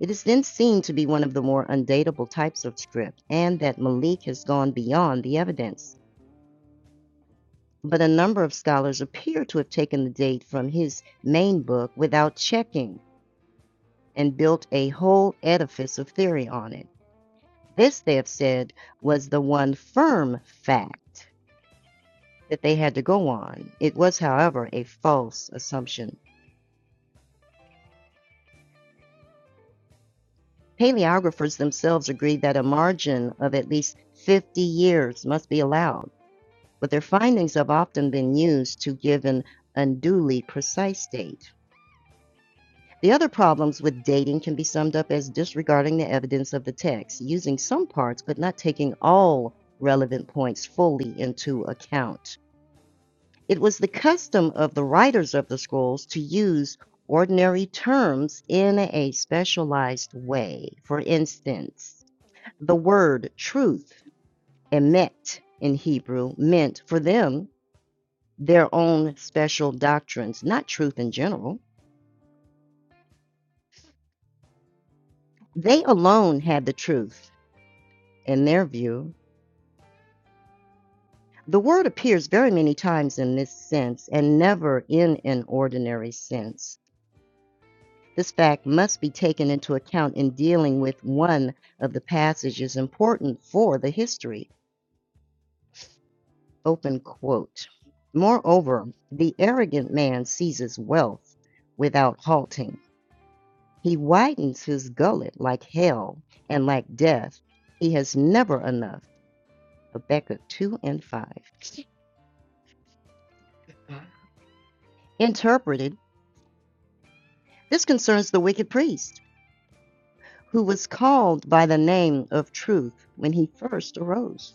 It is then seen to be one of the more undatable types of script, and that Malik has gone beyond the evidence. But a number of scholars appear to have taken the date from his main book without checking and built a whole edifice of theory on it. This, they have said, was the one firm fact that they had to go on. It was, however, a false assumption. Paleographers themselves agree that a margin of at least 50 years must be allowed, but their findings have often been used to give an unduly precise date. The other problems with dating can be summed up as disregarding the evidence of the text, using some parts but not taking all relevant points fully into account. It was the custom of the writers of the scrolls to use ordinary terms in a specialized way. For instance, the word truth, emet in Hebrew, meant for them their own special doctrines, not truth in general. They alone had the truth in their view. The word appears very many times in this sense and never in an ordinary sense. This fact must be taken into account in dealing with one of the passages important for the history. Open quote. Moreover, the arrogant man seizes wealth without halting. He widens his gullet like hell and like death. He has never enough. Habakkuk 2 and 5. Interpreted, this concerns the wicked priest who was called by the name of truth when he first arose.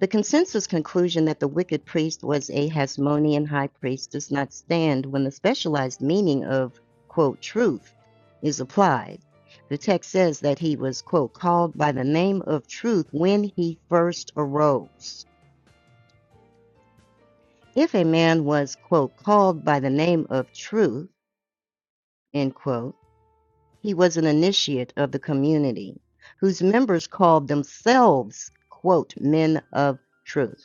The consensus conclusion that the wicked priest was a Hasmonean high priest does not stand when the specialized meaning of, quote, truth is applied. The text says that he was, quote, called by the name of truth when he first arose. If a man was, quote, called by the name of truth, end quote, he was an initiate of the community whose members called themselves, quote, men of truth.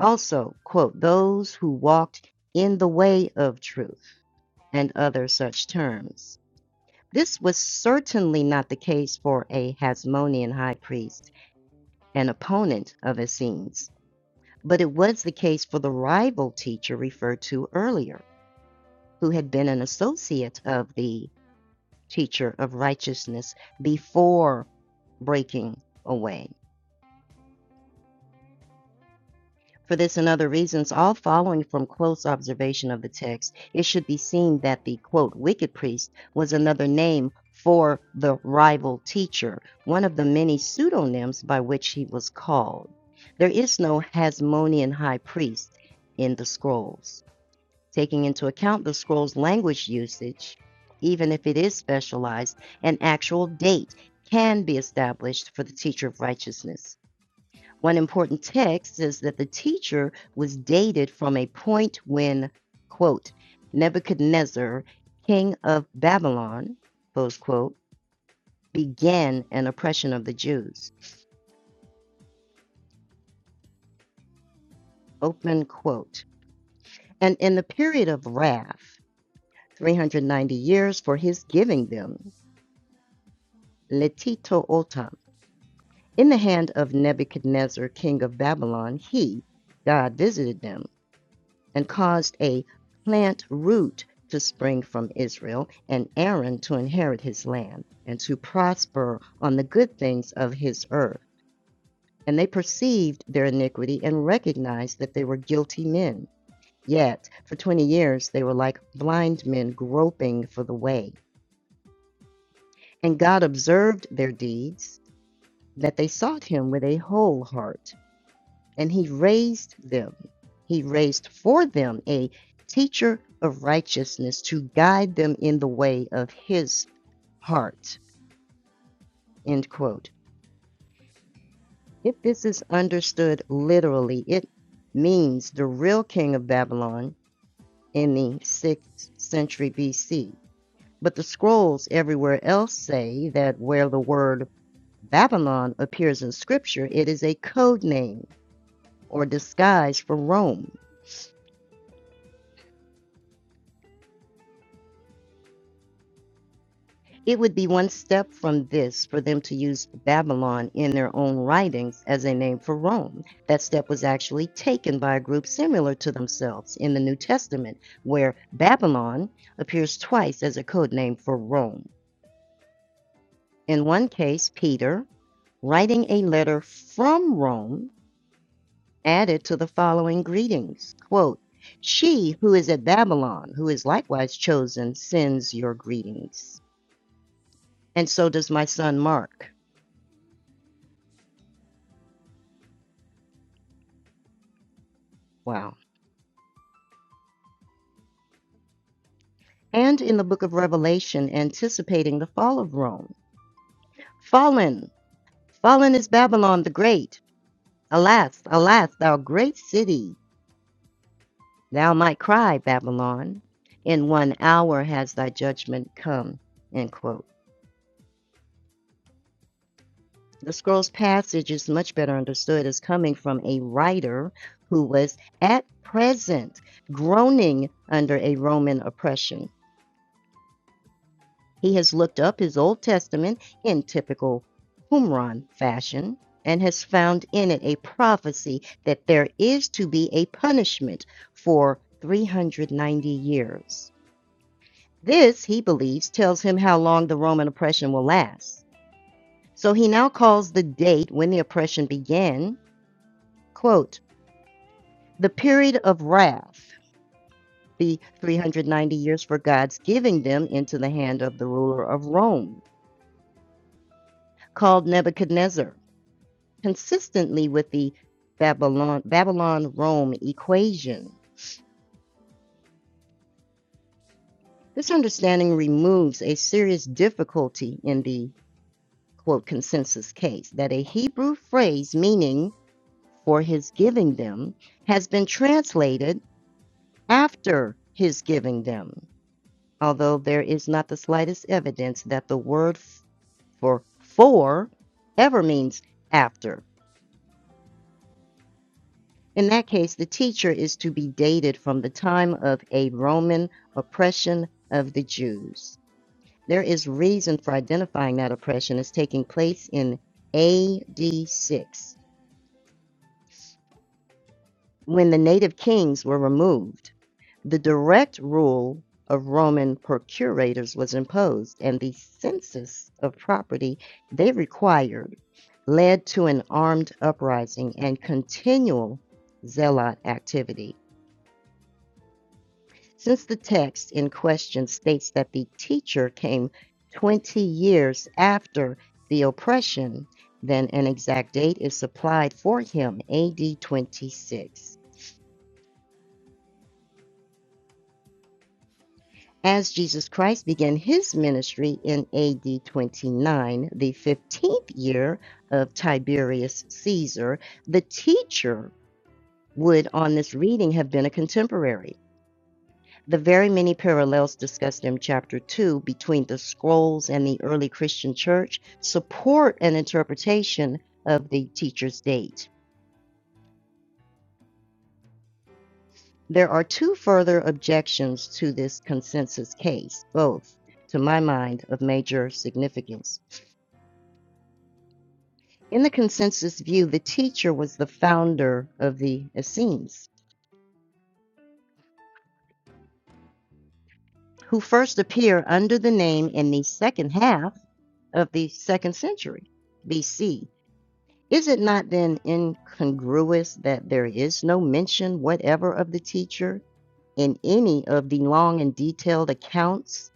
Also, quote, those who walked in the way of truth, and other such terms. This was certainly not the case for a Hasmonean high priest, an opponent of Essenes, but it was the case for the rival teacher referred to earlier, who had been an associate of the teacher of righteousness before breaking away. For this and other reasons, all following from close observation of the text, it should be seen that the quote, wicked priest was another name for the rival teacher, one of the many pseudonyms by which he was called. There is no Hasmonean high priest in the scrolls. Taking into account the scroll's language usage, even if it is specialized, an actual date can be established for the teacher of righteousness. One important text is that the teacher was dated from a point when, quote, Nebuchadnezzar, king of Babylon, close quote, began an oppression of the Jews, open quote. And in the period of wrath, 390 years for his giving them, Letito Otam, in the hand of Nebuchadnezzar, king of Babylon, he, God, visited them and caused a plant root to spring from Israel, and Aaron to inherit his land, and to prosper on the good things of his earth. And they perceived their iniquity and recognized that they were guilty men. Yet, for twenty years, they were like blind men groping for the way. And God observed their deeds, that they sought him with a whole heart. and he raised them. He raised for them a teacher of righteousness to guide them in the way of his heart. End quote. If this is understood literally, it means the real king of Babylon in the 6th century BC. But the scrolls everywhere else say that where the word Babylon appears in scripture, it is a code name or disguise for Rome. It would be one step from this for them to use Babylon in their own writings as a name for Rome. That step was actually taken by a group similar to themselves in the New Testament, where Babylon appears twice as a code name for Rome. In one case, Peter, writing a letter from Rome, added to the following greetings quote, She who is at Babylon, who is likewise chosen, sends your greetings. And so does my son Mark. Wow. and in the book of Revelation anticipating the fall of Rome. Fallen, fallen is Babylon the Great. Alas, alas, thou great city, thou might cry, Babylon. In one hour has thy judgment come. End quote. The scroll's passage is much better understood as coming from a writer who was at present groaning under a Roman oppression He has looked up his Old Testament in typical Qumran fashion and has found in it a prophecy that there is to be a punishment for 390 years. This, he believes, tells him how long the Roman oppression will last. So he now calls the date when the oppression began, quote, the period of wrath, the 390 years for God's giving them into the hand of the ruler of Rome, called Nebuchadnezzar consistently with the Babylon, Babylon Rome equation. This understanding removes a serious difficulty in the quote consensus case that a Hebrew phrase meaning for his giving them has been translated after his giving them, although there is not the slightest evidence that the word for for ever means after. In that case, the teacher is to be dated from the time of a Roman oppression of the Jews. There is reason for identifying that oppression as taking place in AD 6, when the native kings were removed. The direct rule of Roman procurators was imposed, and the census of property they required led to an armed uprising and continual zealot activity. Since the text in question states that the teacher came 20 years after the oppression, then an exact date is supplied for him, AD 26. As Jesus Christ began his ministry in AD 29, the 15th year of Tiberius Caesar, the teacher would, on this reading, have been a contemporary. The very many parallels discussed in Chapter 2 between the scrolls and the early Christian church support an interpretation of the teacher's date. There are two further objections to this consensus case, both, to my mind, of major significance. In the consensus view, the teacher was the founder of the Essenes, who first appear under the name in the second half of the second century BC Is it not then incongruous that there is no mention whatever of the teacher in any of the long and detailed accounts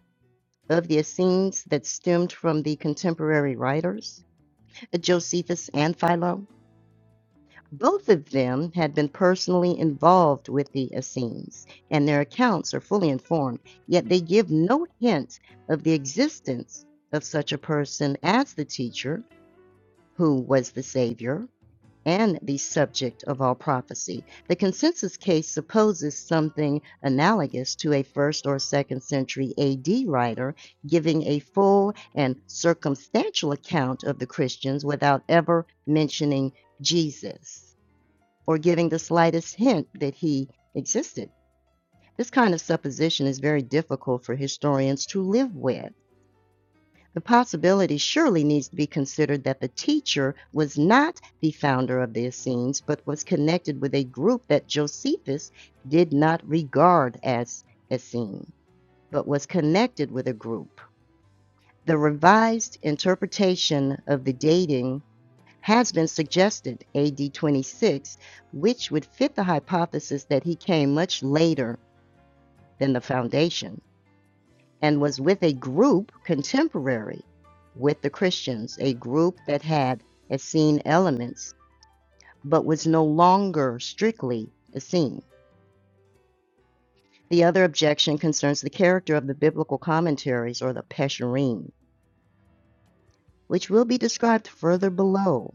of the Essenes that stemmed from the contemporary writers, Josephus and Philo? Both of them had been personally involved with the Essenes, and their accounts are fully informed, yet they give no hint of the existence of such a person as the teacher, who was the Savior, and the subject of all prophecy. The consensus case supposes something analogous to a first or second century AD writer giving a full and circumstantial account of the Christians without ever mentioning Jesus or giving the slightest hint that he existed. This kind of supposition is very difficult for historians to live with the possibility surely needs to be considered that the teacher was not the founder of the Essenes, but was connected with a group that Josephus did not regard as Essene, but was connected with a group. The revised interpretation of the dating has been suggested, AD 26, which would fit the hypothesis that he came much later than the foundation and was with a group contemporary with the Christians, a group that had Essene elements but was no longer strictly Essene. The other objection concerns the character of the biblical commentaries or the Pesherim, which will be described further below.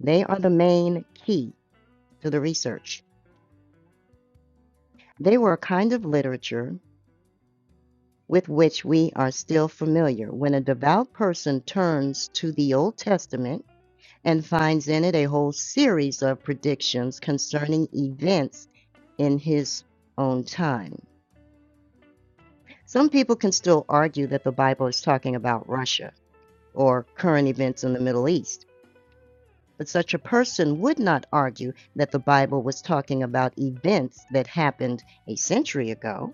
They are the main key to the research. They were a kind of literature with which we are still familiar. When a devout person turns to the Old Testament, and finds in it a whole series of predictions concerning events in his own time. Some people can still argue that the Bible is talking about Russia or current events in the Middle East, but such a person would not argue that the Bible was talking about events that happened a century ago.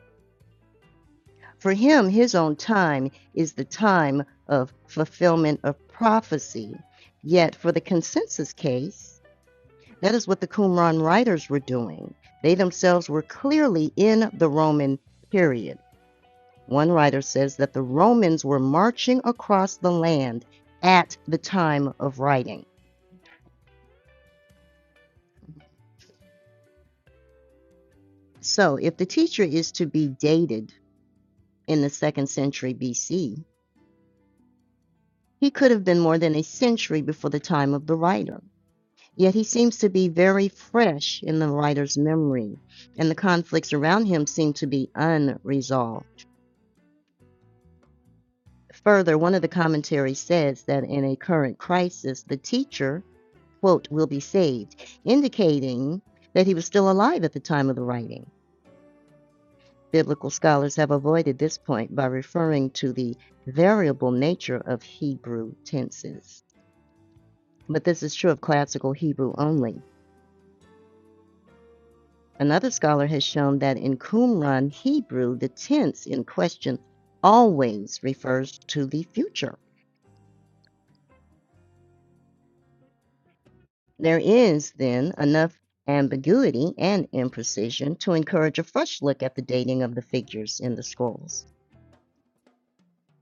For him, his own time is the time of fulfillment of prophecy. Yet, for the consensus case, That is what the Qumran writers were doing. They themselves were clearly in the Roman period. One writer says that the Romans were marching across the land at the time of writing. So, if the teacher is to be dated in the second century BC, he could have been more than a century before the time of the writer. Yet he seems to be very fresh in the writer's memory, and the conflicts around him seem to be unresolved. Further, one of the commentaries says that in a current crisis, the teacher, quote, will be saved, indicating that he was still alive at the time of the writing. Biblical scholars have avoided this point by referring to the variable nature of Hebrew tenses. But this is true of classical Hebrew only. Another scholar has shown that in Qumran Hebrew, the tense in question always refers to the future. There is, then, enough ambiguity and imprecision to encourage a fresh look at the dating of the figures in the scrolls.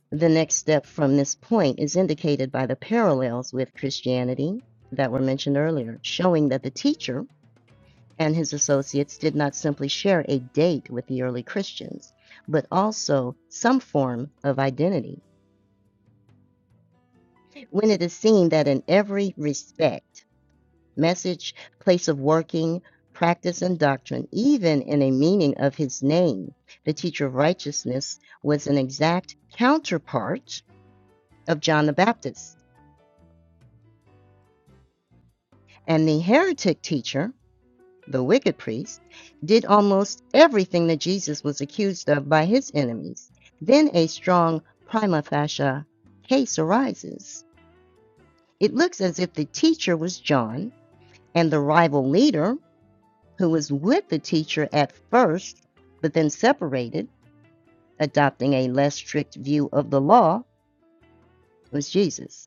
The next step from this point is indicated by the parallels with Christianity that were mentioned earlier, showing that the teacher and his associates did not simply share a date with the early Christians, but also some form of identity. When it is seen that in every respect, message, place of working, practice, and doctrine, even in a meaning of his name. The teacher of righteousness was an exact counterpart of John the Baptist. And the heretic teacher, the wicked priest, did almost everything that Jesus was accused of by his enemies. Then a strong prima facie case arises. It looks as if the teacher was John and the rival leader who was with the teacher at first, but then separated, adopting a less strict view of the law, was Jesus.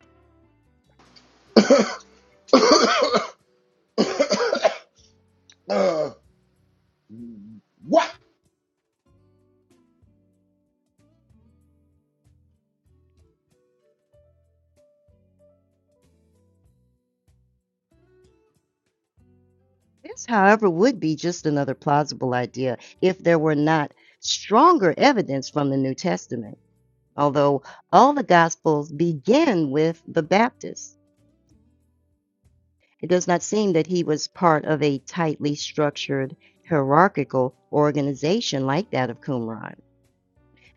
uh, what?
This, however, would be just another plausible idea if there were not stronger evidence from the New Testament. Although all the Gospels begin with the Baptist, it does not seem that he was part of a tightly structured hierarchical organization like that of Qumran.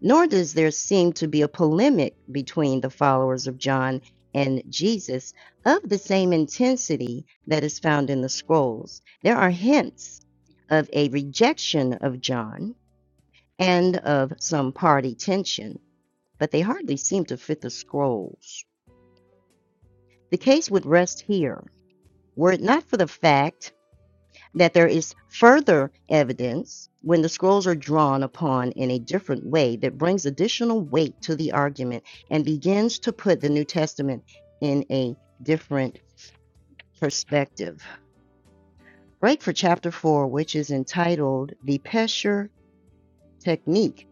Nor does there seem to be a polemic between the followers of John and Jesus of the same intensity that is found in the scrolls. There are hints of a rejection of John and of some party tension, but they hardly seem to fit the scrolls. The case would rest here were it not for the fact that there is further evidence when the scrolls are drawn upon in a different way that brings additional weight to the argument and begins to put the New Testament in a different perspective. Break for chapter four, which is entitled The Pesher Technique.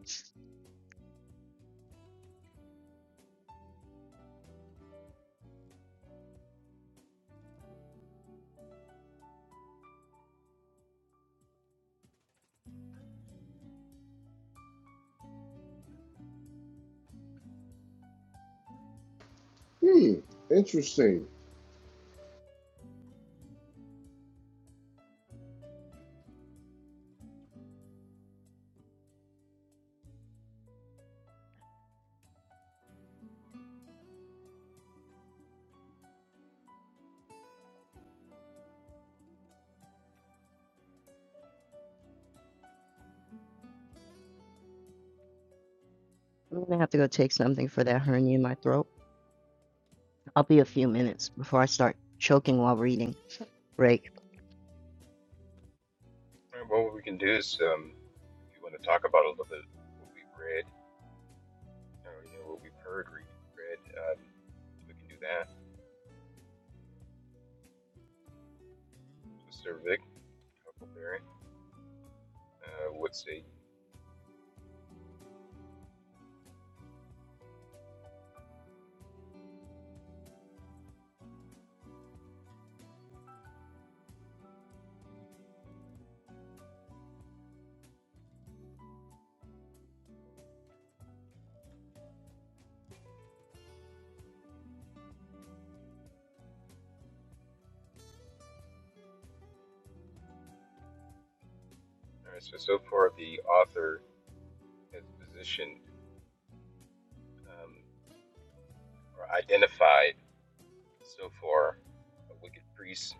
Hmm. Interesting.
I'm going to have to go take something for that hernia in my throat. I'll be a few minutes before I start choking while reading. Break.
And what we can do is, um, if you want to talk about a little bit what we've read, or, you know, what we've heard, re- read, um, we can do that. So, Sir Vic. Huckleberry uh, would say. All right, so so far the author has positioned um, or identified so far a wicked priest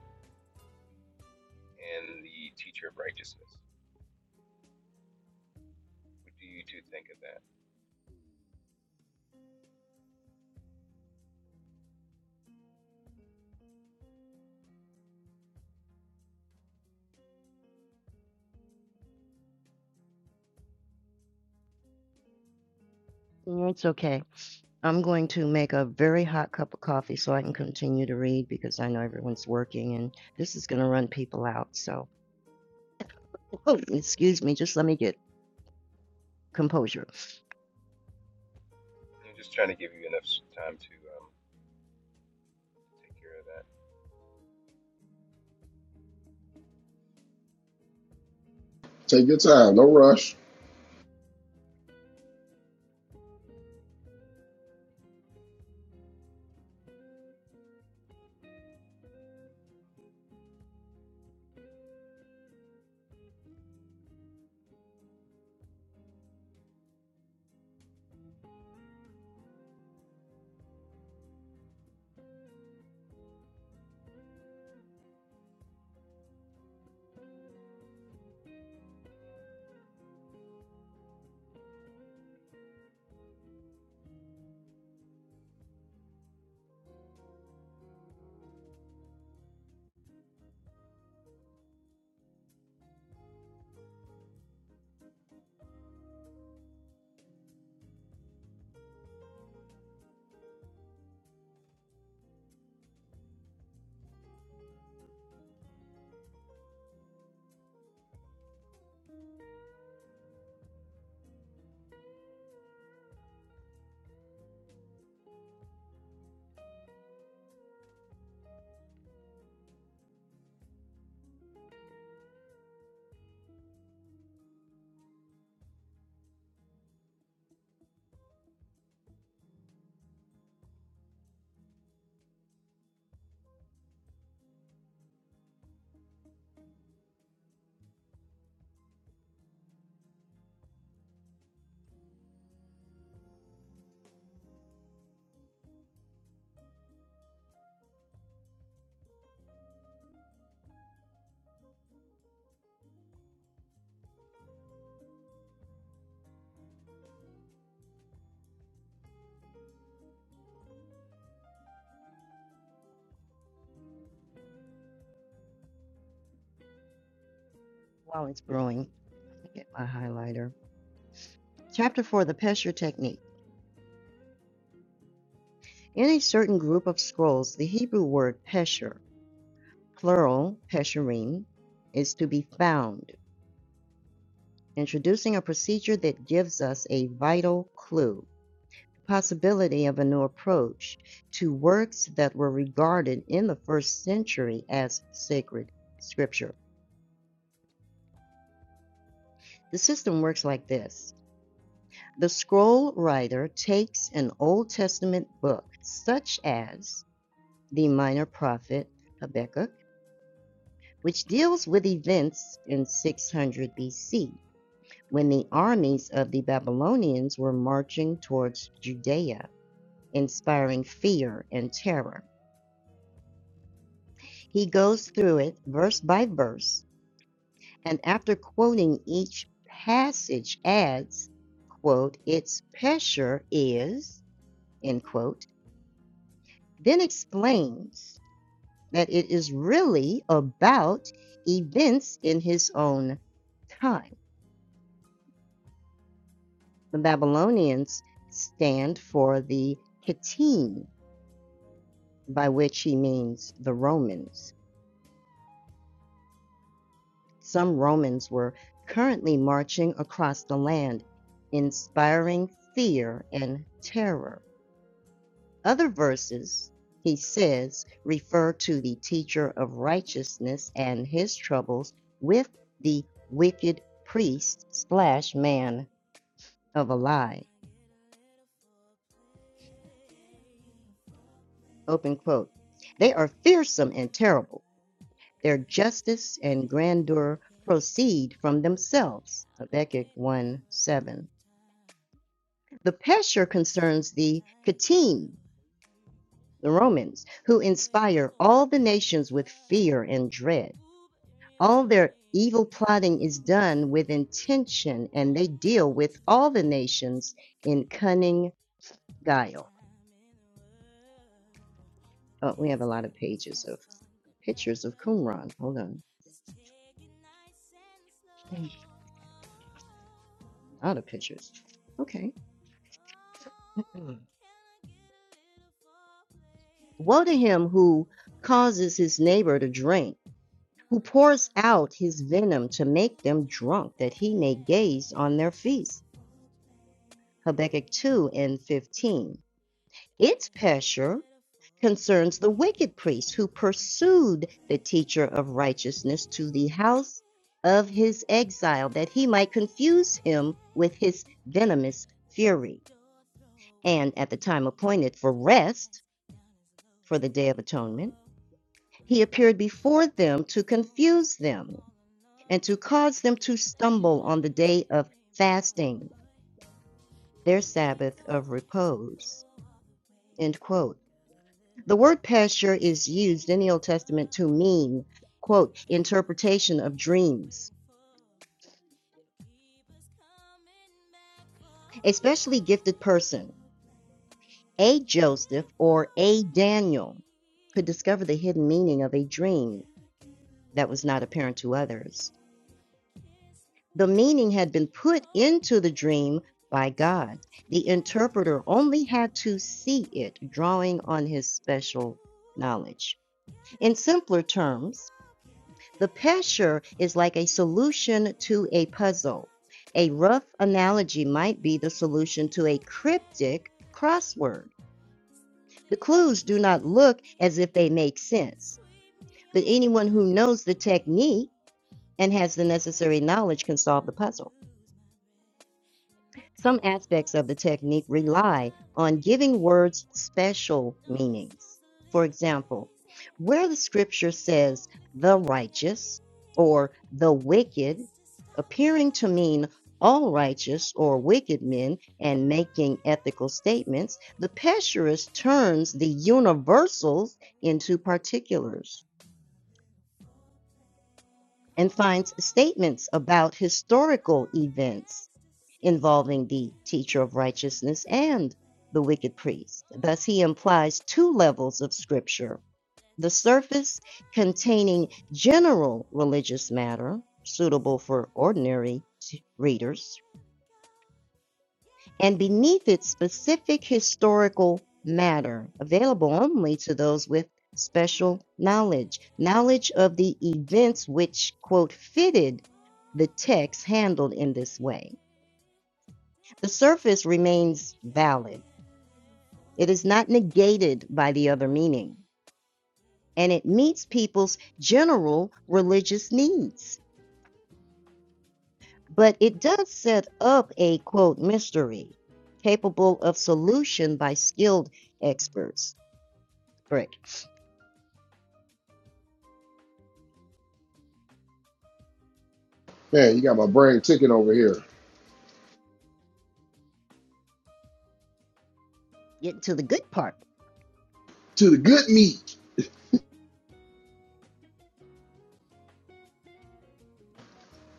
and the teacher of righteousness. What do you two think of that?
It's okay. I'm going to make a very hot cup of coffee so I can continue to read because I know everyone's working and this is going to run people out. So, oh, excuse me, just let me get composure
I'm just trying to give you enough time to um, take care of that.
Take your time. No rush.
while it's brewing. Get my highlighter. Chapter 4 The Pesher Technique. In a certain group of scrolls, the Hebrew word pesher, plural pesherim, is to be found, introducing a procedure that gives us a vital clue possibility of a new approach to works that were regarded in the first century as sacred scripture. The system works like this the scroll writer takes an Old Testament book, such as the minor prophet Habakkuk, which deals with events in 600 BC when the armies of the Babylonians were marching towards Judea, inspiring fear and terror. He goes through it verse by verse, and after quoting each passage adds, quote, its pressure is, end quote, then explains that it is really about events in his own time. The Babylonians stand for the Hittim, by which he means the Romans. Some Romans were currently marching across the land, inspiring fear and terror. Other verses, he says, refer to the teacher of righteousness and his troubles with the wicked priest slash man of a lie. Open quote. They are fearsome and terrible. Their justice and grandeur proceed from themselves. Habakkuk 1 7. The pesher concerns the Catine, the Romans, who inspire all the nations with fear and dread. All their evil plotting is done with intention, and they deal with all the nations in cunning guile. Oh, we have a lot of pages of pictures of Qumran. Hold on, a lot of pictures. Okay. Woe to him who causes his neighbor to drink, who pours out his venom to make them drunk, that he may gaze on their feast. Habakkuk 2 and 15. Its pressure concerns the wicked priest who pursued the teacher of righteousness to the house of his exile that he might confuse him with his venomous fury. And at the time appointed for rest, for the Day of Atonement, he appeared before them to confuse them and to cause them to stumble on the day of fasting, their Sabbath of repose. End quote. The word pasture is used in the Old Testament to mean, quote, interpretation of dreams. A specially gifted person, a Joseph or a Daniel, could discover the hidden meaning of a dream that was not apparent to others. The meaning had been put into the dream by God. The interpreter only had to see it, drawing on his special knowledge. In simpler terms, The picture is like a solution to a puzzle. A rough analogy might be the solution to a cryptic crossword. The clues do not look as if they make sense, but anyone who knows the technique and has the necessary knowledge can solve the puzzle. Some aspects of the technique rely on giving words special meanings. For example, where the scripture says the righteous or the wicked, appearing to mean all righteous or wicked men and making ethical statements, the pesherist turns the universals into particulars and finds statements about historical events involving the teacher of righteousness and the wicked priest. Thus, he implies two levels of scripture the surface containing general religious matter suitable for ordinary readers, and beneath it, specific historical matter available only to those with special knowledge, knowledge of the events which, quote, fitted the text handled in this way. The surface remains valid It is not negated by the other meaning, and it meets people's general religious needs. But it does set up a quote mystery capable of solution by skilled experts. Brick,
Man, you got my brain ticking over here.
get to the good part.
To the good meat.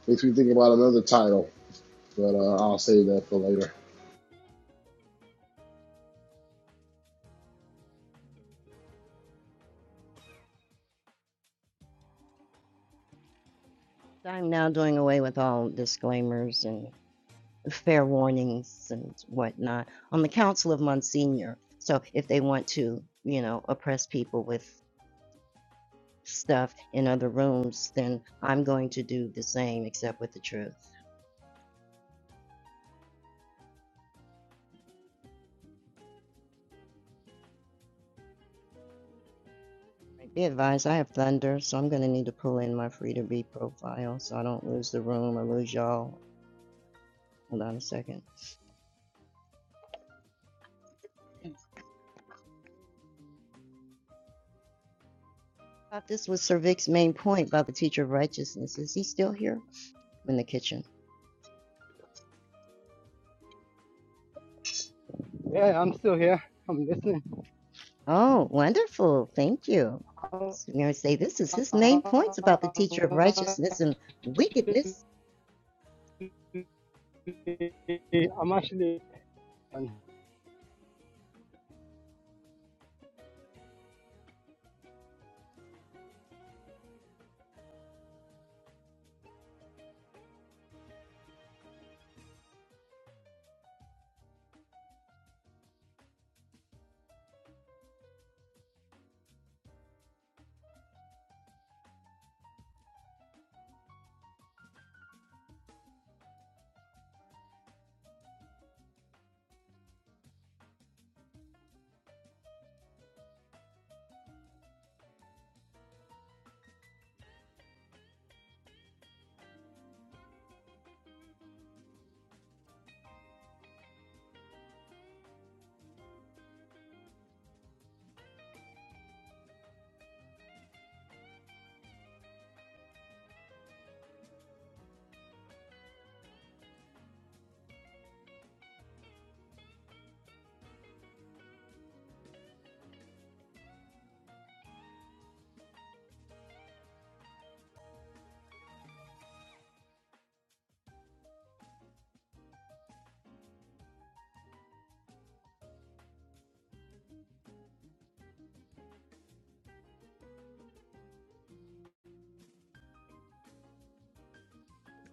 Makes me think about another title, but uh, I'll save that for later.
I'm now doing away with all disclaimers and fair warnings and whatnot on the Council of Monsignor. So if they want to, you know, oppress people with stuff in other rooms, then I'm going to do the same except with the truth. Be advised, I have thunder, so I'm going to need to pull in my free to be profile so I don't lose the room or lose y'all. Hold on a second. I Thought this was Sir Vic's main point about the teacher of righteousness. Is he still here? in the kitchen.
Yeah, I'm still here. I'm listening.
Oh, wonderful. Thank you.
I'm,
So you're going to say this is his main points about the teacher of righteousness and wickedness.
actually.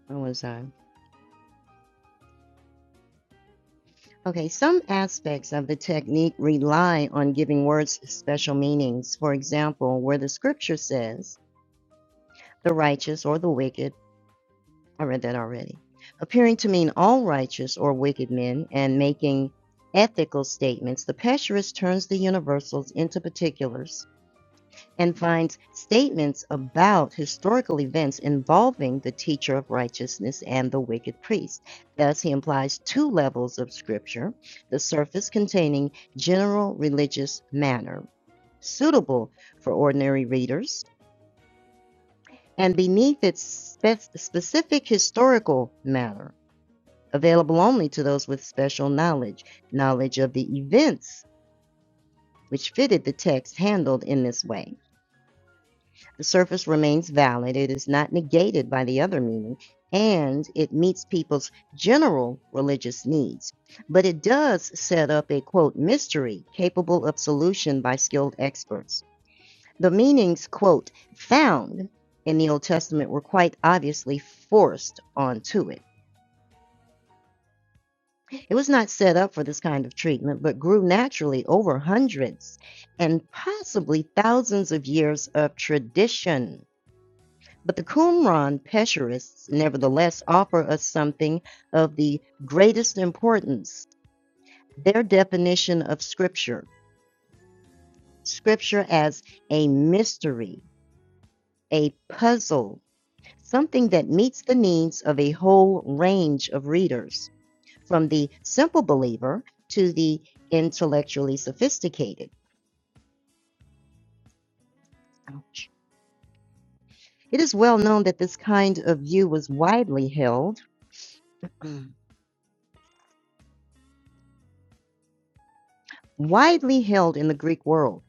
Where was I? Okay, some aspects of the technique rely on giving words special meanings. For example, where the scripture says, the righteous or the wicked, I read that already, appearing to mean all righteous or wicked men and making ethical statements, the Pesherist turns the universals into particulars and finds statements about historical events involving the teacher of righteousness and the wicked priest. Thus, he implies two levels of scripture the surface containing general religious manner, suitable for ordinary readers, and beneath its spe- specific historical manner, available only to those with special knowledge, knowledge of the events which fitted the text handled in this way. The surface remains valid, it is not negated by the other meaning, and it meets people's general religious needs. But it does set up a quote mystery capable of solution by skilled experts. The meanings quote found in the Old Testament were quite obviously forced onto it. It was not set up for this kind of treatment, but grew naturally over hundreds and possibly thousands of years of tradition. But the Qumran Pesherists nevertheless offer us something of the greatest importance their definition of Scripture, Scripture as a mystery, a puzzle, something that meets the needs of a whole range of readers, from the simple believer to the intellectually sophisticated. Ouch. It is well known that this kind of view was widely held, Mm. widely held in the Greek world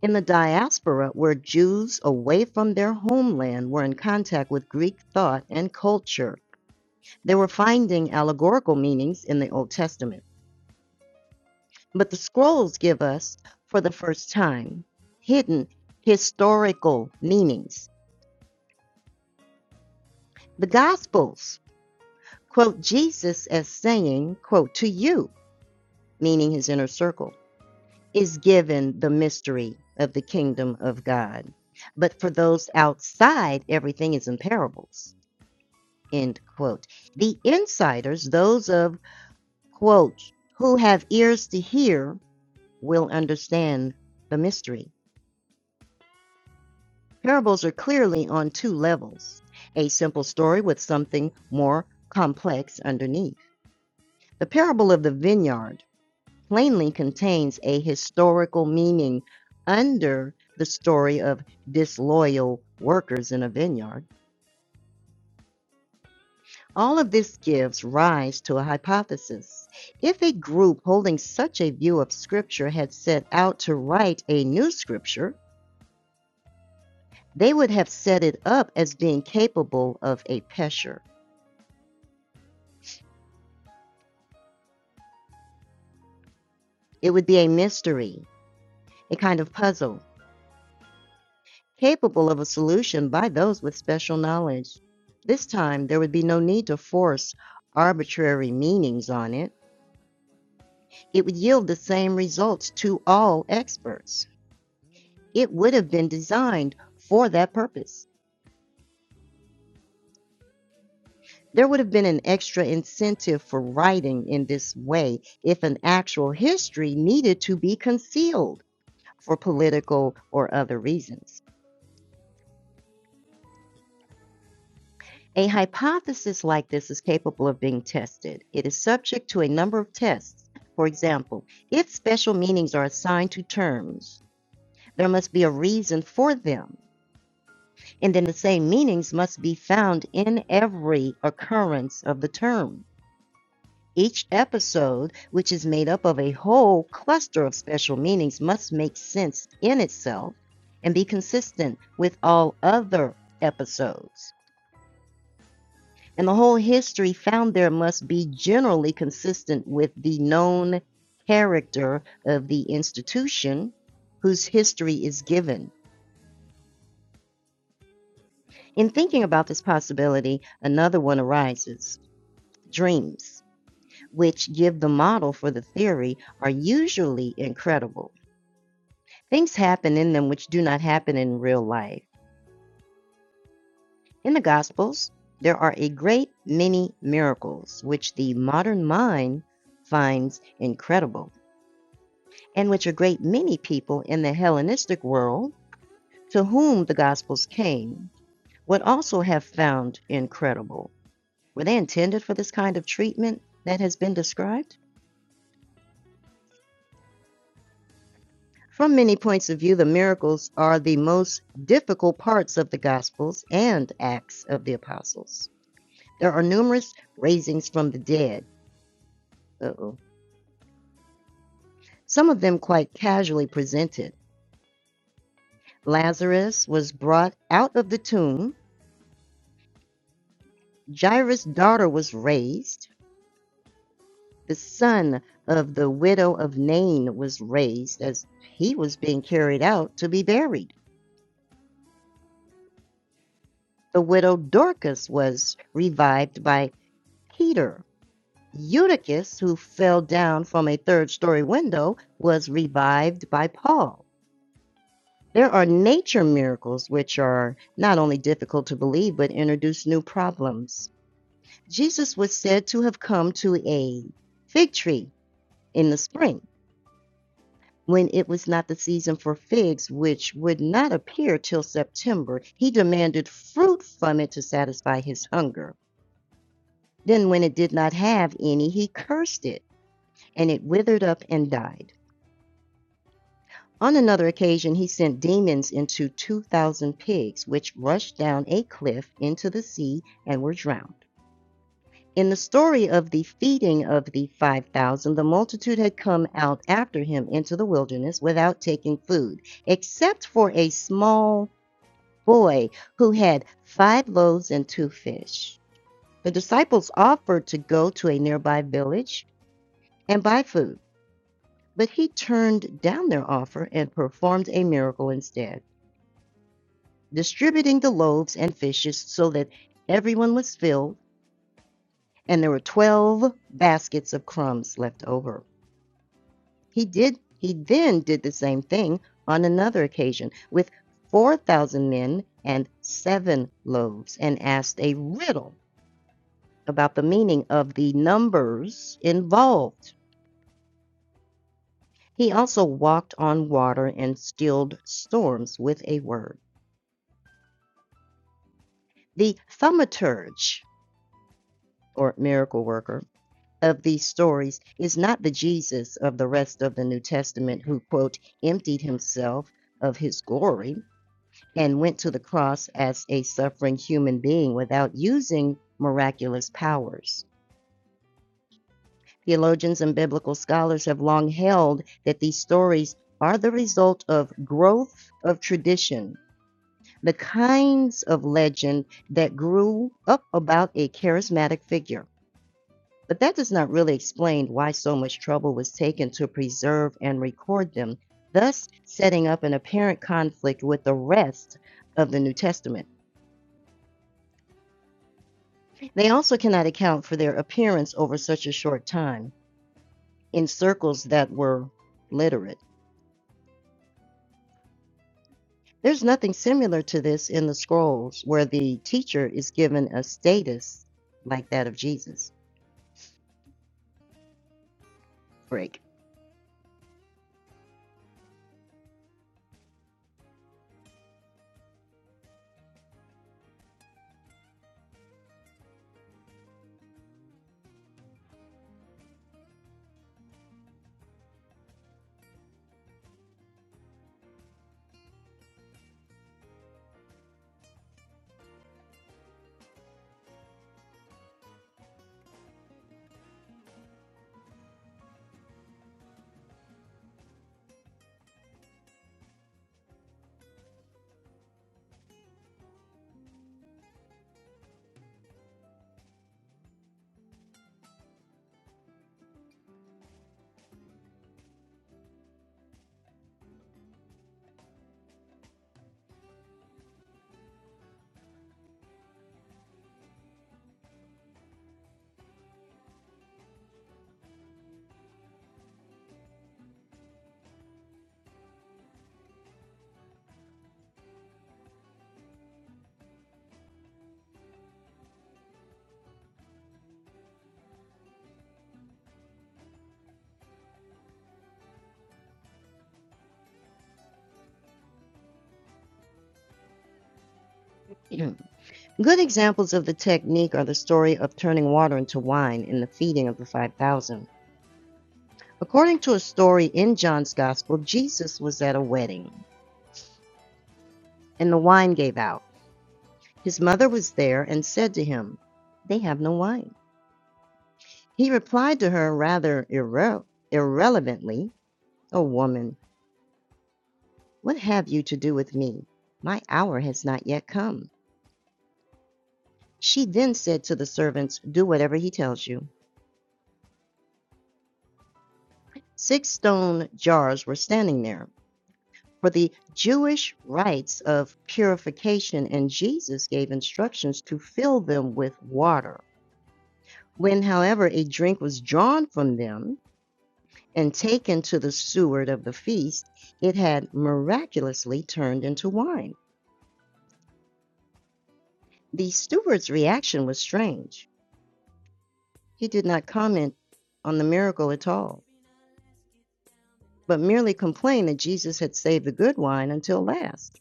In the diaspora, where Jews away from their homeland were in contact with Greek thought and culture, they were finding allegorical meanings in the Old Testament. But the scrolls give us, for the first time, hidden historical meanings. The Gospels quote Jesus as saying, quote, to you, meaning his inner circle, is given the mystery of the kingdom of God. But for those outside, everything is in parables. end quote. The insiders, those of, quote, who have ears to hear, will understand the mystery. Parables are clearly on two levels a simple story with something more complex underneath. The parable of the vineyard plainly contains a historical meaning under the story of disloyal workers in a vineyard. All of this gives rise to a hypothesis. If a group holding such a view of Scripture had set out to write a new Scripture, they would have set it up as being capable of a pesher. It would be a mystery, a kind of puzzle, capable of a solution by those with special knowledge. This time, there would be no need to force arbitrary meanings on it. It would yield the same results to all experts. It would have been designed for that purpose. There would have been an extra incentive for writing in this way if an actual history needed to be concealed for political or other reasons. A hypothesis like this is capable of being tested. It is subject to a number of tests. For example, if special meanings are assigned to terms, there must be a reason for them, and then the same meanings must be found in every occurrence of the term. Each episode, which is made up of a whole cluster of special meanings, must make sense in itself and be consistent with all other episodes. And the whole history found there must be generally consistent with the known character of the institution whose history is given. In thinking about this possibility, another one arises dreams, which give the model for the theory, are usually incredible Things happen in them which do not happen in real life. In the Gospels, there are a great many miracles which the modern mind finds incredible, and which a great many people in the Hellenistic world to whom the Gospels came would also have found incredible. Were they intended for this kind of treatment that has been described? From many points of view, the miracles are the most difficult parts of the Gospels and Acts of the Apostles. There are numerous raisings from the dead, Uh-oh. some of them quite casually presented. Lazarus was brought out of the tomb, Jairus' daughter was raised, the son of the widow of Nain was raised as he was being carried out to be buried. The widow Dorcas was revived by Peter. Eutychus, who fell down from a third story window, was revived by Paul. There are nature miracles which are not only difficult to believe but introduce new problems. Jesus was said to have come to a fig tree in the spring when it was not the season for figs, which would not appear till September. He demanded fruit from it to satisfy his hunger. Then, when it did not have any, he cursed it, and it withered up and died. On another occasion he sent demons into two thousand pigs, which rushed down a cliff into the sea and were drowned. In the story of the feeding of the 5,000, the multitude had come out after him into the wilderness without taking food, except for a small boy who had five loaves and two fish. The disciples offered to go to a nearby village and buy food, but he turned down their offer and performed a miracle instead. distributing the loaves and fishes so that everyone was filled, and there were 12 baskets of crumbs left over. He did he then did the same thing on another occasion with 4,000 men and 7 loaves and asked a riddle about the meaning of the numbers involved. He also walked on water and stilled storms with a word. The thaumaturge or miracle worker of these stories is not the Jesus of the rest of the New Testament who, quote, emptied himself of his glory and went to the cross as a suffering human being without using miraculous powers. Theologians and biblical scholars have long held that these stories are the result of growth of tradition, the kinds of legend that grew up about a charismatic figure. But that does not really explain why so much trouble was taken to preserve and record them, thus setting up an apparent conflict with the rest of the New Testament. They also cannot account for their appearance over such a short time in circles that were literate. There's nothing similar to this in the scrolls where the teacher is given a status like that of Jesus. Break. Good examples of the technique are the story of turning water into wine and the feeding of the 5,000. According to a story in John's Gospel, Jesus was at a wedding and the wine gave out. His mother was there and said to him, They have no wine. He replied to her rather irre- irrelevantly, O woman, what have you to do with me? My hour has not yet come. She then said to the servants, Do whatever he tells you. Six stone jars were standing there, For the Jewish rites of purification, and Jesus gave instructions to fill them with water. When, however, a drink was drawn from them and taken to the steward of the feast, it had miraculously turned into wine. The steward's reaction was strange. He did not comment on the miracle at all, but merely complained that Jesus had saved the good wine until last,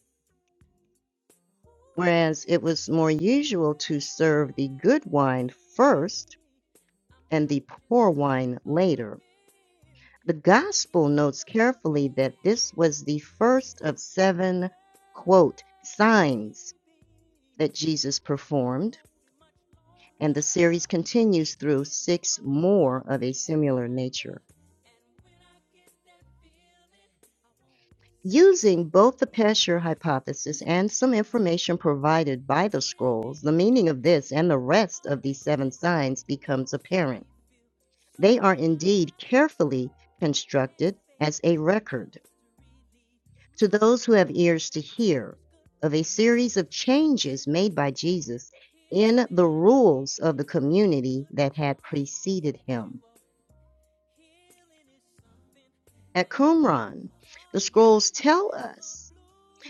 whereas it was more usual to serve the good wine first and the poor wine later. The Gospel notes carefully that this was the first of seven, quote, signs that Jesus performed, and the series continues through six more of a similar nature. Using both the Pesher hypothesis and some information provided by the scrolls, the meaning of this and the rest of these seven signs becomes apparent. They are indeed carefully constructed as a record to those who have ears to hear of a series of changes made by Jesus in the rules of the community that had preceded him. At Qumran, the scrolls tell us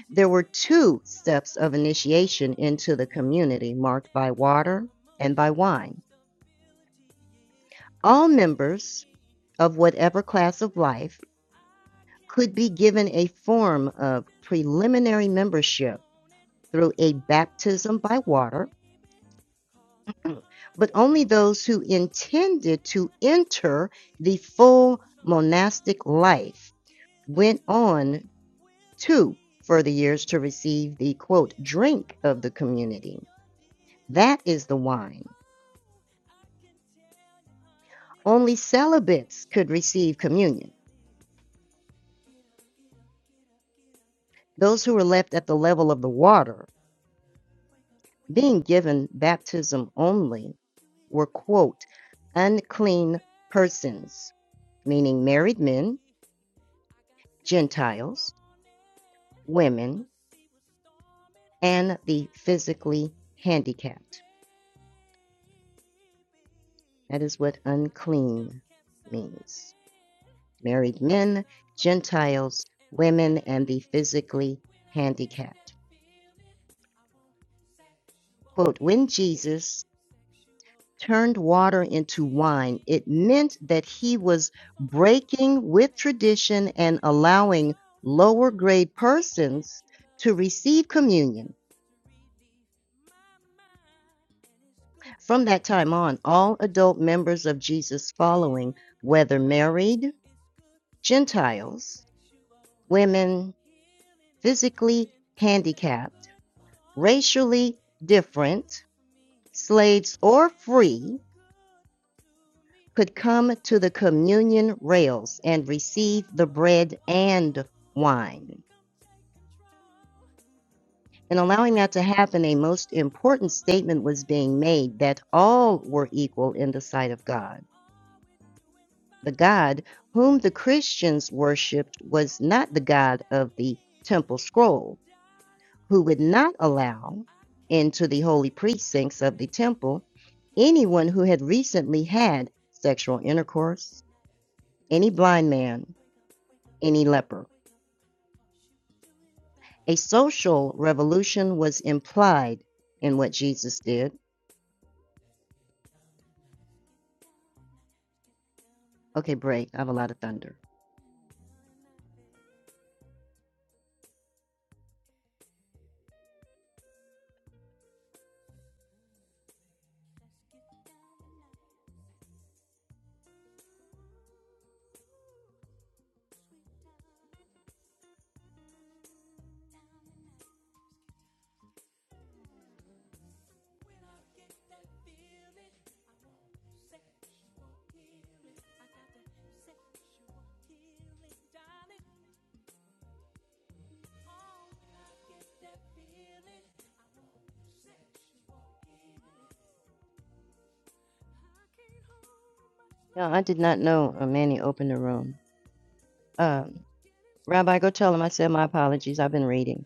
there were two steps of initiation into the community marked by water and by wine. All members of whatever class of life could be given a form of preliminary membership through a baptism by water but only those who intended to enter the full monastic life went on to further years to receive the quote drink of the community. That is the wine. Only celibates could receive communion. Those who were left at the level of the water, being given baptism only, were quote unclean persons, meaning married men, Gentiles, women, and the physically handicapped. That is what unclean means. Married men, Gentiles, women, and the physically handicapped. Quote When Jesus turned water into wine, it meant that he was breaking with tradition and allowing lower grade persons to receive communion. From that time on, all adult members of Jesus' following, whether married, Gentiles, women, physically handicapped, racially different, slaves or free, could come to the communion rails and receive the bread and wine. In allowing that to happen, a most important statement was being made that all were equal in the sight of God. The God whom the Christians worshiped was not the God of the temple scroll, who would not allow into the holy precincts of the temple anyone who had recently had sexual intercourse, any blind man, any leper. A social revolution was implied in what Jesus did. Okay, break. I have a lot of thunder. No, I did not know uh, Manny opened the room. Um, Rabbi, go tell him I said my apologies. I've been reading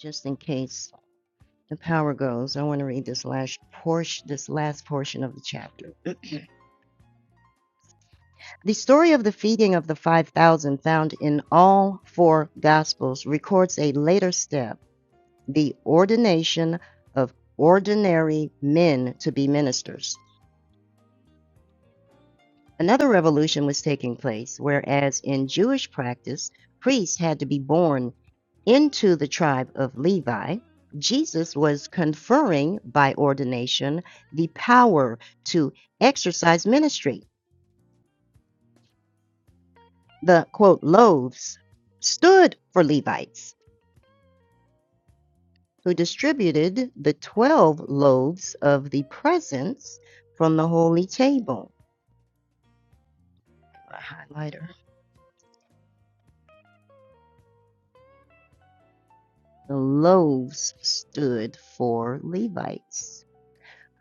just in case the power goes. I want to read this last portion, this last portion of the chapter. The story of the feeding of the 5,000 found in all four Gospels records a later step, the ordination of ordinary men to be ministers. Another revolution was taking place, whereas in Jewish practice, priests had to be born into the tribe of Levi. Jesus was conferring by ordination the power to exercise ministry. The quote, loaves stood for Levites who distributed the 12 loaves of the presence from the holy table. A highlighter. The loaves stood for Levites,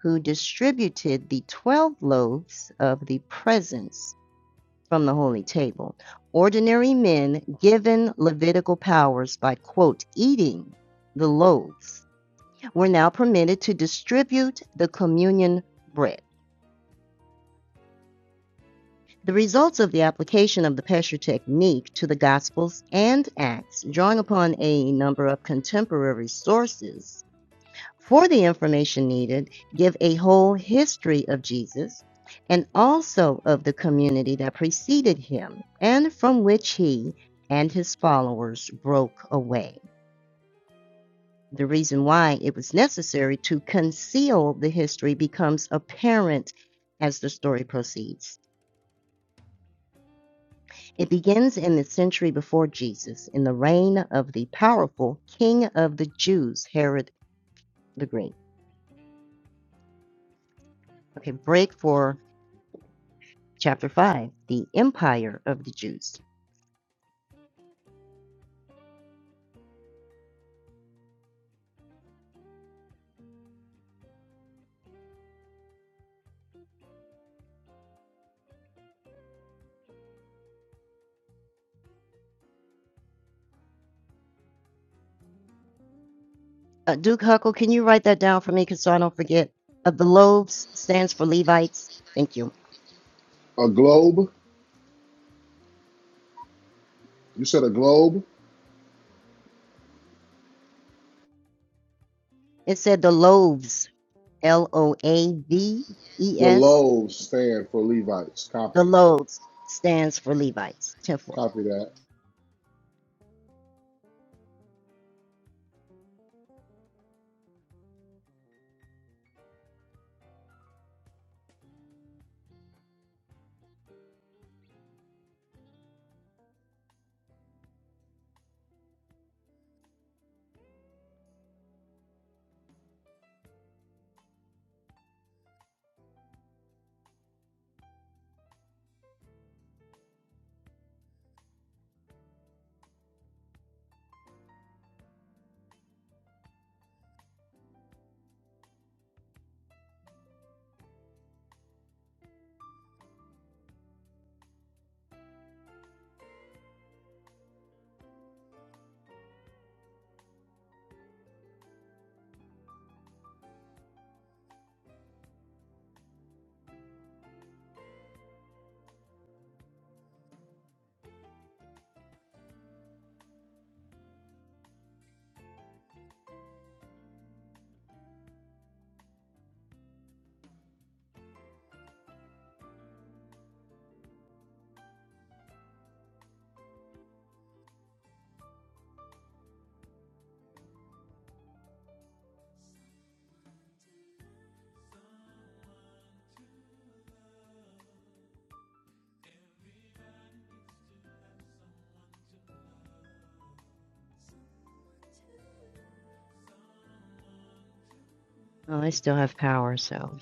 who distributed the 12 loaves of the presence from the holy table. Ordinary men given Levitical powers by, quote, eating the loaves were now permitted to distribute the communion bread. The results of the application of the Pesher technique to the Gospels and Acts, drawing upon a number of contemporary sources for the information needed, give a whole history of Jesus and also of the community that preceded him and from which he and his followers broke away. The reason why it was necessary to conceal the history becomes apparent as the story proceeds. It begins in the century before Jesus, in the reign of the powerful king of the Jews, Herod the Great. Okay, break for chapter 5, the empire of the Jews. Uh, Duke Huckle, can you write that down for me because so I don't forget? Uh, the loaves stands for Levites. Thank you.
A globe. You said a globe.
It said the loaves, L O A V E
The
S.
loaves stand for Levites.
The
Copy.
loaves stands for Levites. 10 4.
Copy that.
Oh, I still have power, so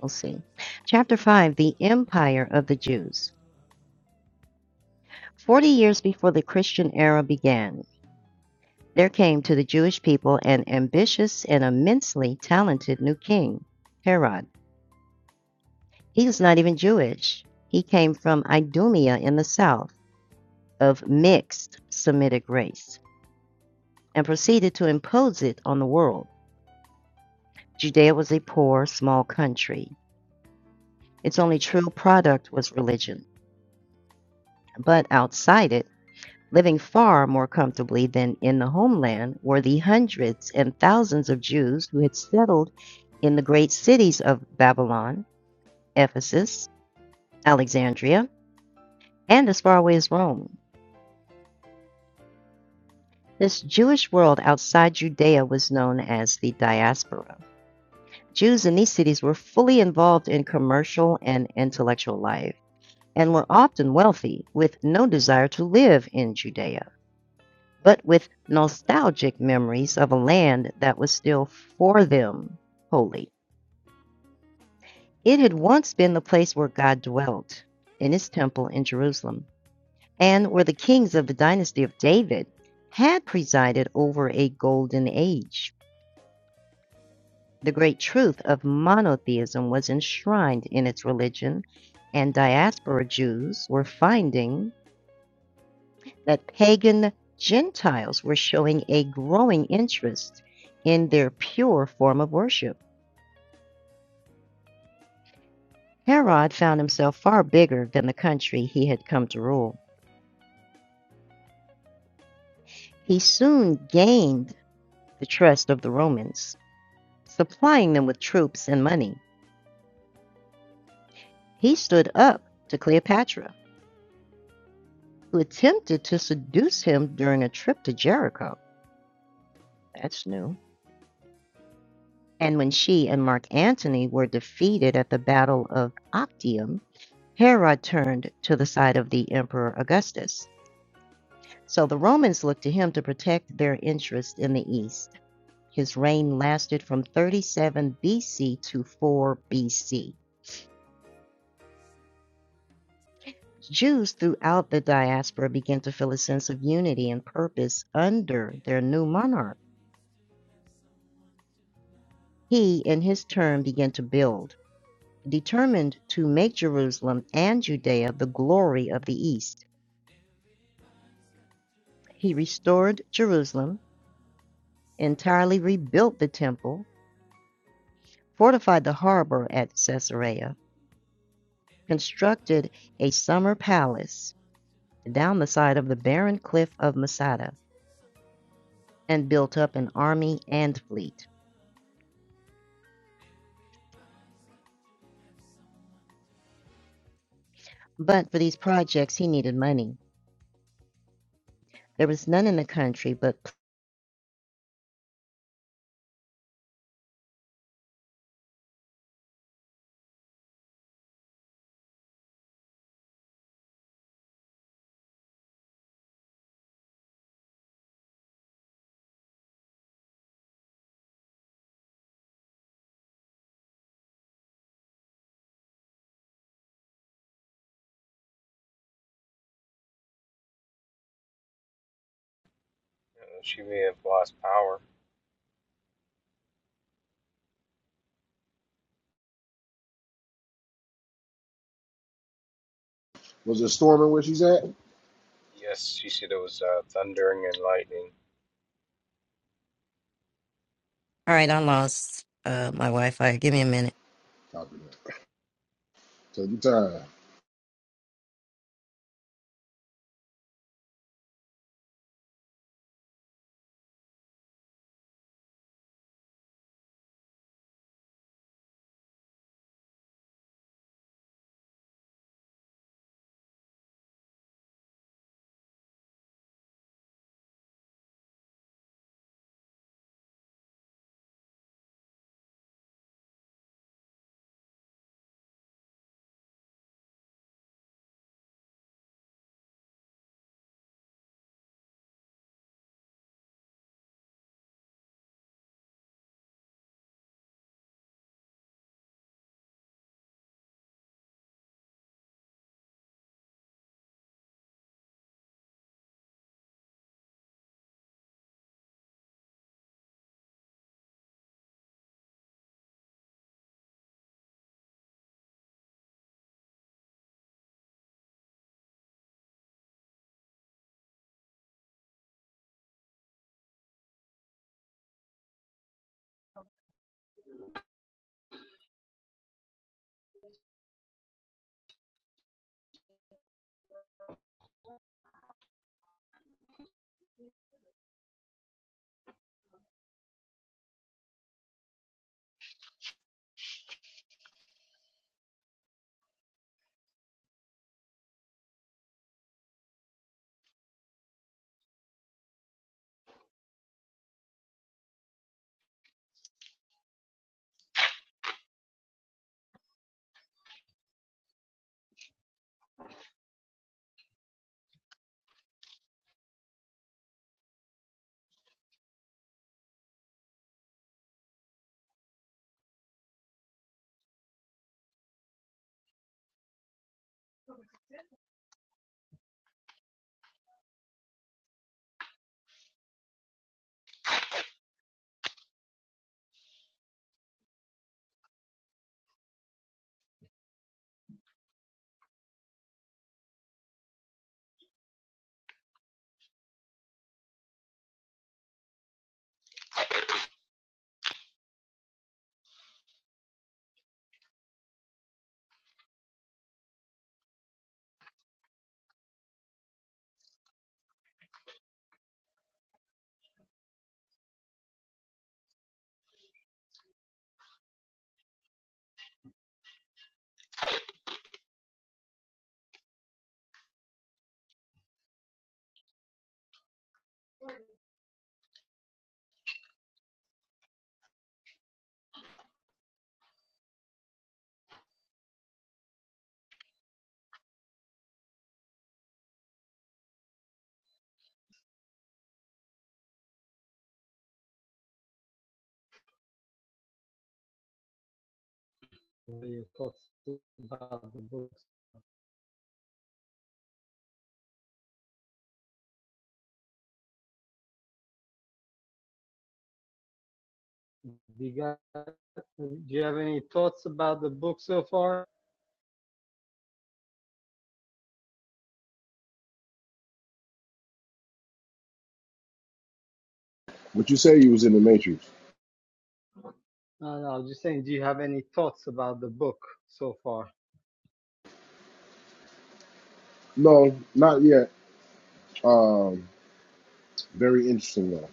we'll see. Chapter 5, the empire of the Jews. Forty years before the Christian era began, there came to the Jewish people an ambitious and immensely talented new king, Herod. He was not even Jewish. He came from Idumea in the south, of mixed Semitic race, and proceeded to impose it on the world. Judea was a poor, small country. Its only true product was religion, but outside it, living far more comfortably than in the homeland were the hundreds and thousands of Jews who had settled in the great cities of Babylon, Ephesus, Alexandria, and as far away as Rome. This Jewish world outside Judea was known as the diaspora. Jews in these cities were fully involved in commercial and intellectual life and were often wealthy, with no desire to live in Judea. but with nostalgic memories of a land that was still for them holy. It had once been the place where God dwelt in his temple in Jerusalem, and where the kings of the dynasty of David had presided over a golden age. The great truth of monotheism was enshrined in its religion, and diaspora Jews were finding that pagan Gentiles were showing a growing interest in their pure form of worship. Herod found himself far bigger than the country he had come to rule. He soon gained the trust of the Romans, supplying them with troops and money. He stood up to Cleopatra, who attempted to seduce him during a trip to Jericho. That's new. And when she and Mark Antony were defeated at the Battle of Actium, Hera turned to the side of the Emperor Augustus. So the Romans looked to him to protect their interest in the East. His reign lasted from 37 BC to 4 BC. Jews throughout the diaspora began to feel a sense of unity and purpose under their new monarch. He, in his turn, began to build, determined to make Jerusalem and Judea the glory of the East. He restored Jerusalem, entirely rebuilt the temple, fortified the harbor at Caesarea, constructed a summer palace down the side of the barren cliff of Masada, and built up an army and fleet. But for these projects, he needed money. There was none in the country, but
Uh, she may have lost power.
Was it storming where she's at?
Yes, she said it was uh, thundering and lightning.
All right, I lost uh, my Wi Fi. Give me a minute.
Copy that. Take your time.
Do you, have any thoughts about the book so far?
What you say you was in the Matrix?
No, no, I was just saying, do you have any thoughts about the book so far?
No, not yet. Um, very interesting though.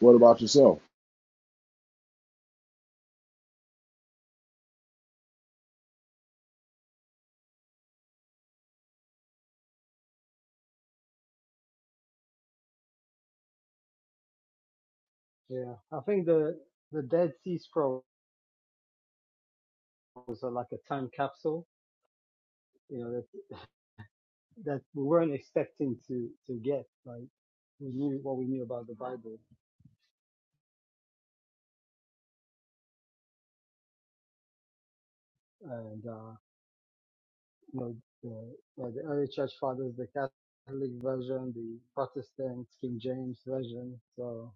What about yourself?
Yeah, I think the the Dead Sea Scrolls are like a time capsule, you know, that that we weren't expecting to to get. Like we knew what we knew about the Bible, and uh, You know, the, uh, like the early church fathers, the Catholic version, the Protestant King James version. So,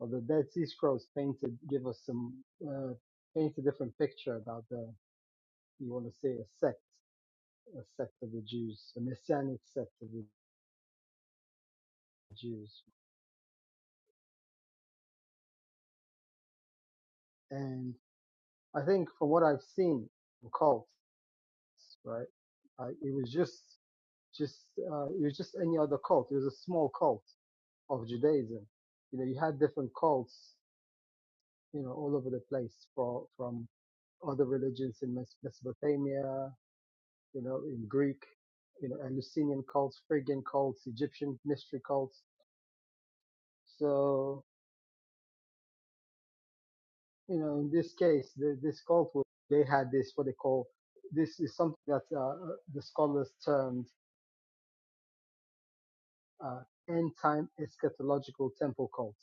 or the Dead Sea Scrolls painted, give us some, uh, paint a different picture about the, you want to say a sect, a sect of the Jews, a messianic sect of the Jews. And I think from what I've seen from cults, right, uh, it was just, just, uh, it was just any other cult. It was a small cult of Judaism you know, you had different cults you know, all over the place for, from other religions in Mes- Mesopotamia, you know, in Greek, you know, Eleusinian cults, Phrygian cults, Egyptian mystery cults. So, you know, in this case, the, this cult, was- they had this, what they call, this is something that uh, uh, the scholars termed uh, end time eschatological temple cult.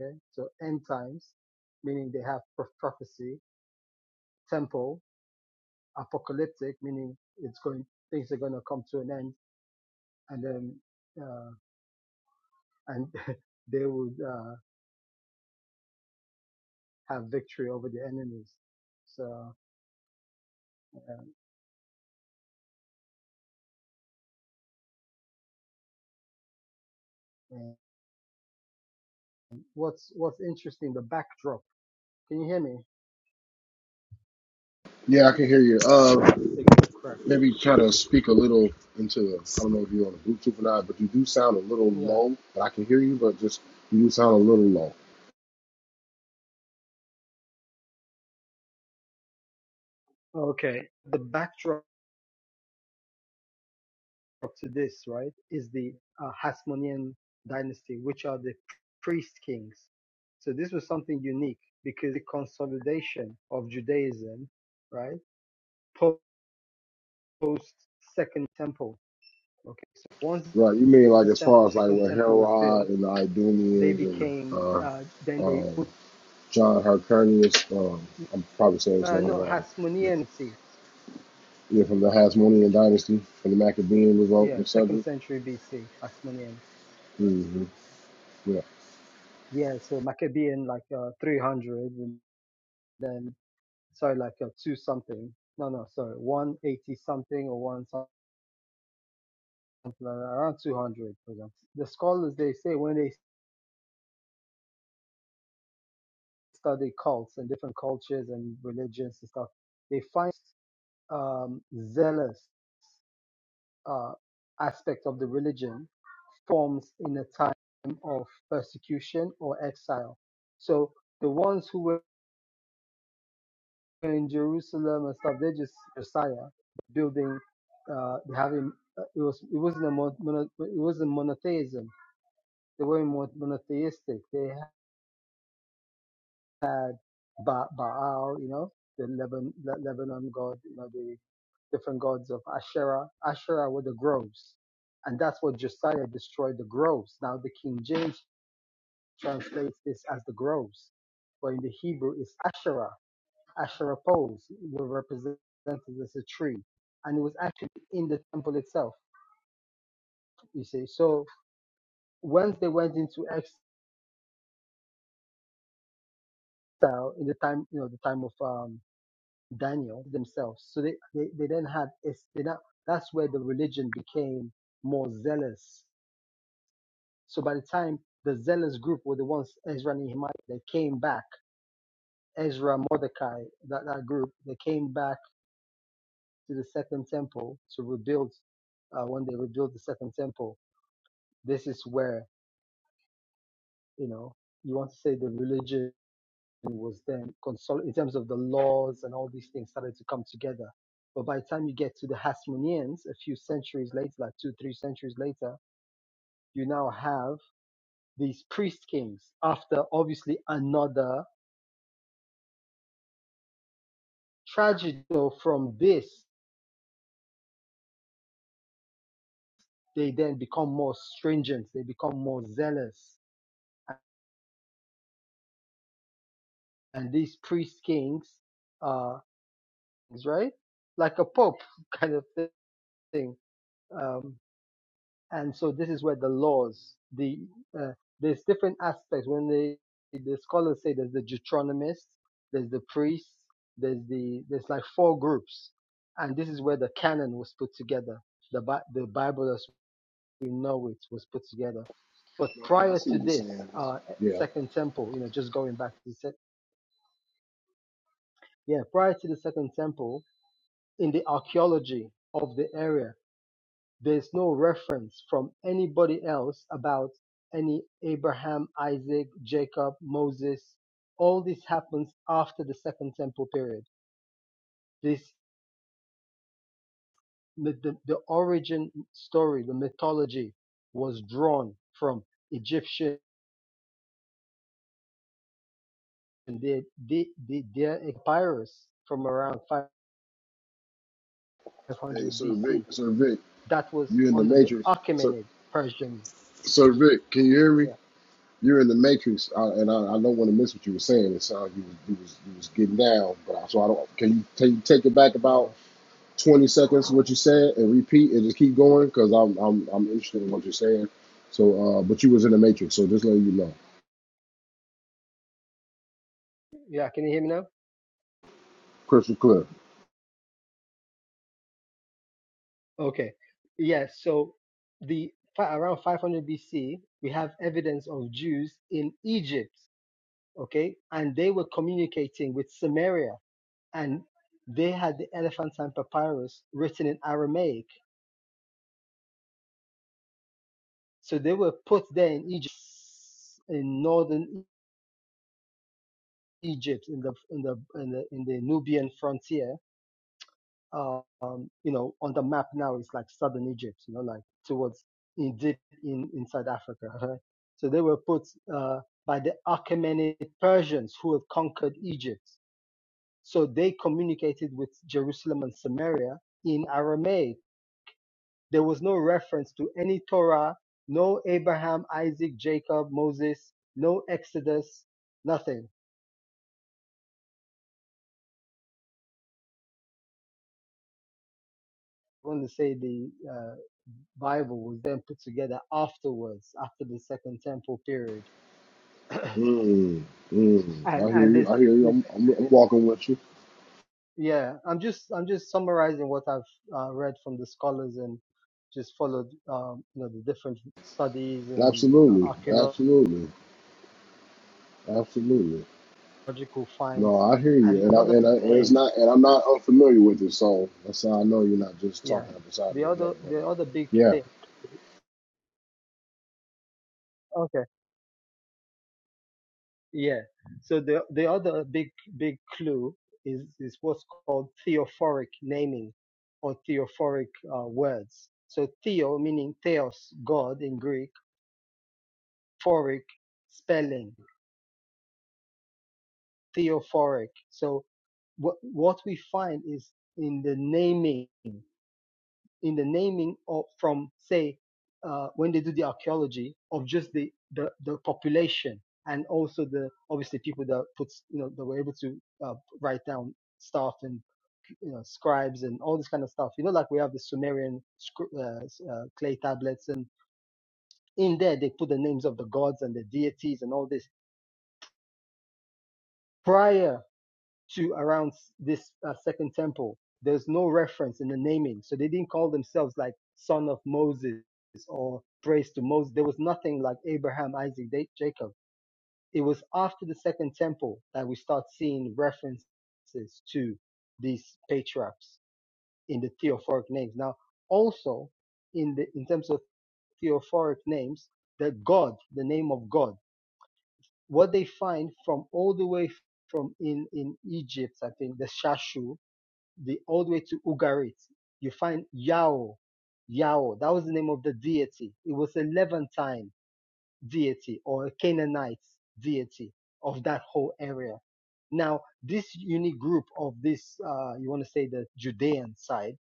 Okay. So end times, meaning they have pro- prophecy, temple, apocalyptic, meaning it's going, things are going to come to an end and then uh, and they would uh, have victory over the enemies. So um, and what's what's interesting, the backdrop. Can you hear me?
Yeah, I can hear you.
Was
Uh,
my signal correct?
maybe try to speak a little into. I don't know if you're on the Bluetooth or not, but you do sound a little
Yeah.
low. But I can hear you, but just you do sound a little low.
Okay. The backdrop to this, right, is the uh, Hasmonean dynasty, which are the priest kings. So this was something unique because the consolidation of Judaism, right, post Second Temple. Okay. So once
Right? You mean like
the
as
sample,
far as like
second
where
temple was
Herod
built,
and the
they
Idumeans and
became,
uh,
uh, then they
um,
put,
John Hyrcanus, um, I'm probably saying his
uh,
name
no,
wrong. but,
Hasmonean BC.
Yeah, from the Hasmonean dynasty, from the Maccabean revolt,
Yeah, second
etc.
century BC, Hasmonean.
Mm-hmm. Yeah.
Yeah, so Maccabean, like uh, 300, and then, sorry, like uh, two something. No, no, sorry, 180 something or one something, like around 200, for example. The scholars, they say when they study cults and different cultures and religions and stuff, they find um, zealous. uh, aspect of the religion forms in a time of persecution or exile. So the ones who were in Jerusalem and stuff, they are just Josiah building. Uh, they having uh, it was it wasn't a mon- mono, it wasn't monotheism. They were not monotheistic. They had ba- Baal, you know, the Lebanon, Lebanon god, you know, the different gods of Asherah. Asherah were the groves. And that's what Josiah destroyed the groves. Now the King James translates this as the groves, but in the Hebrew it's Asherah. Asherah poles were represented as a tree. And it was actually in the temple itself, you see. So once they went into exile in the time, you know, the time of um, Daniel themselves. So they, they, they then had, they now, that's where the religion became more zealous. So by the time the zealous group were the ones, Ezra and Nehemiah, they came back, Ezra, Mordecai, that, that group, they came back to the second temple to rebuild, uh, when they rebuilt the second temple. This is where, you know, you want to say the religion was then consol- in terms of the laws and all these things started to come together. But by the time you get to the Hasmoneans, a few centuries later, like two, three centuries later, you now have these priest kings after obviously another tragedy. So from this, they then become more stringent, they become more zealous. And these priest kings, uh, right? Like a pope kind of thing. Um, and so this is where the laws the uh, there's different aspects when they the scholars say there's the deuteronomists there's the priests there's the there's like four groups and this is where the canon was put together the Bi- the bible as we know it was put together but
No, yeah, I
prior
see what
to
you're
this
saying.
uh
Yeah.
second temple you know just going back to the sec- yeah prior to the second temple in the archaeology of the area There's no reference from anybody else about any Abraham, Isaac, Jacob, Moses. All this happens after the Second Temple period. This the, the, the origin story, the mythology was drawn from Egyptian the, the, the, their papyrus from around
Hey,
500
Sir Vic,
BC.
Sir Vic,
That was
you in the
under the
Matrix?
Achaemenid Persian.
So Vic, can you hear me?
Yeah.
You're in the matrix, uh, and I, I don't want to miss what you were saying. It sounded like you was you was you was getting down, but I, so I don't. Can you take take it back about
Uh,
twenty seconds what you said and repeat and just keep going because I'm I'm I'm interested in what you're saying. So, uh, but you was in the matrix, so just letting you know,
yeah. Can you hear me now?
crystal clear.
Okay. Yes. So the fi- around 500 BC, we have evidence of Jews in Egypt. Okay, and they were communicating with Samaria, and they had the Elephantine Papyrus written in Aramaic. So they were put there in Egypt, in northern E-, Egypt, in the in the in the, in the Nubian frontier. uh, you know, on the map now is like southern Egypt, you know, like towards in deep in inside Africa. right? So they were put uh, by the Achaemenid Persians who had conquered Egypt. So they communicated with Jerusalem and Samaria in Aramaic. There was no reference to any Torah, no Abraham, Isaac, Jacob, Moses, no Exodus, nothing. I want to say the uh, Bible was then put together afterwards, after the Second Temple period
Mm, mm,
and
I hear
and
you.
this,
I hear you.
this
I'm I'm, I'm walking with you.
yeah i'm just i'm just summarizing what i've uh, read from the scholars and just followed um, you know the different studies and uh,
Absolutely,
archaeological
absolutely, absolutely. No,
finds
I hear you,
and
and I,
another
and, I, and it's
names
not, and I'm not unfamiliar with it, so that's how I know you're not just
yeah
talking out the side of
the
your neck.
other
But
the
uh,
other big
yeah,
thing okay yeah so the the other big big clue is is what's called theophoric naming or theophoric uh, words so theo meaning theos god in greek phoric spelling theophoric. So what what we find is in the naming, in the naming of from say uh, when they do the archaeology of just the, the the population and also the obviously people that put you know that were able to uh, write down stuff and you know scribes and all this kind of stuff. You know, like we have the Sumerian uh, uh, clay tablets and in there they put the names of the gods and the deities and all this. prior to around this uh, second temple. There's no reference in the naming. So they didn't call themselves like son of Moses or praise to Moses. There was nothing like Abraham, Isaac, Jacob. It was after the second temple that we start seeing references to these patriarchs in the theophoric names. Now, also in the in terms of theophoric names, the God, the name of God, what they find from all the way from in in Egypt, I think the Shashu, the all the way to Ugarit, you find Yao. Yao, that was the name of the deity. It was a Levantine deity or a Canaanite deity of that whole area. Now, this unique group of this, uh, you want to say the Judean side,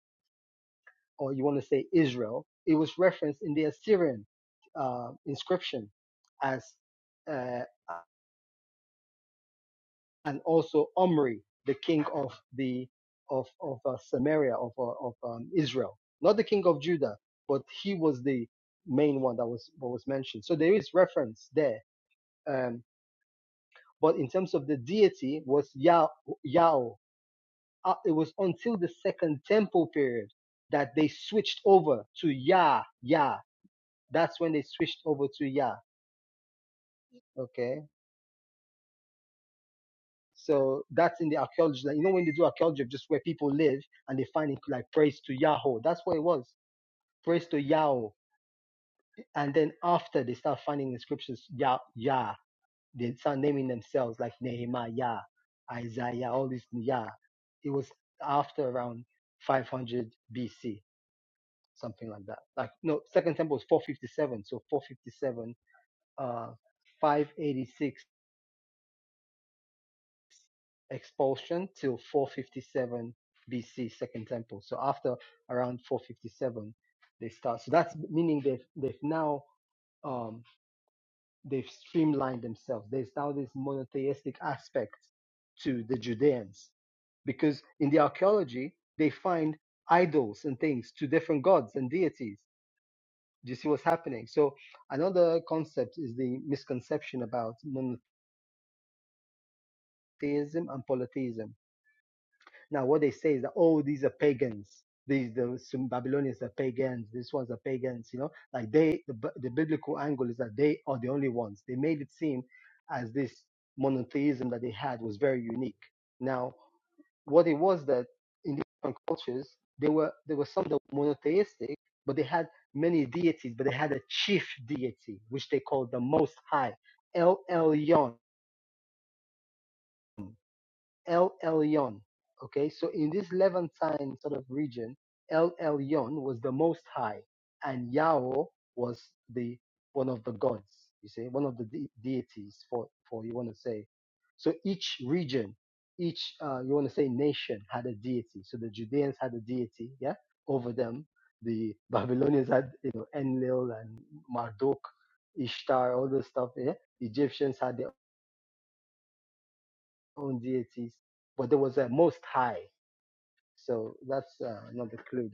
or you want to say Israel, it was referenced in the Assyrian uh, inscription as uh, and also Omri, the king of the of of uh, Samaria of uh, of um, Israel, not the king of Judah, but he was the main one that was what was mentioned. So there is reference there, um, but in terms of the deity was Yah Yao. Uh, it was until the Second Temple period that they switched over to Yah Yah. That's when they switched over to Yah. Okay So that's in the archaeology. You know, when they do archaeology of just where people live and they find it like praise to Yahweh. That's what it was. Praise to Yahweh. And then after they start finding inscriptions, Yah, Yah, they start naming themselves like Nehemiah, Isaiah, all these Yah. It was after around 500 BC, something like that. Like, no, Second Temple was 457. So 457, uh, 586 expulsion till 457 BC, Second Temple. So after around 457, they start. So that's meaning they've they've now um, they've streamlined themselves. There's now this monotheistic aspect to the Judeans because in the archaeology they find idols and things to different gods and deities. Do you see what's happening? So another concept is the misconception about monotheism and polytheism Now, what they say is that, oh, these are pagans. These the some Babylonians are pagans. This ones are pagans. You know, like they the, b- the biblical angle is that they are the only ones. They made it seem as this monotheism that they had was very unique. Now, what it was that in different cultures there were there were some that were monotheistic, but they had many deities, but they had a chief deity which they called the Most High, El Elyon El Elyon. Okay, so in this Levantine sort of region, El Elyon was the Most High, and Yao was the one of the gods. You see, one of the de- deities for for you want to say. So each region, each uh, you want to say nation had a deity. So the Judeans had a deity, yeah, over them. The Babylonians had you know Enlil and Marduk, Ishtar, all this stuff. Yeah, the Egyptians had their own deities, but there was a Most High so that's uh, another clue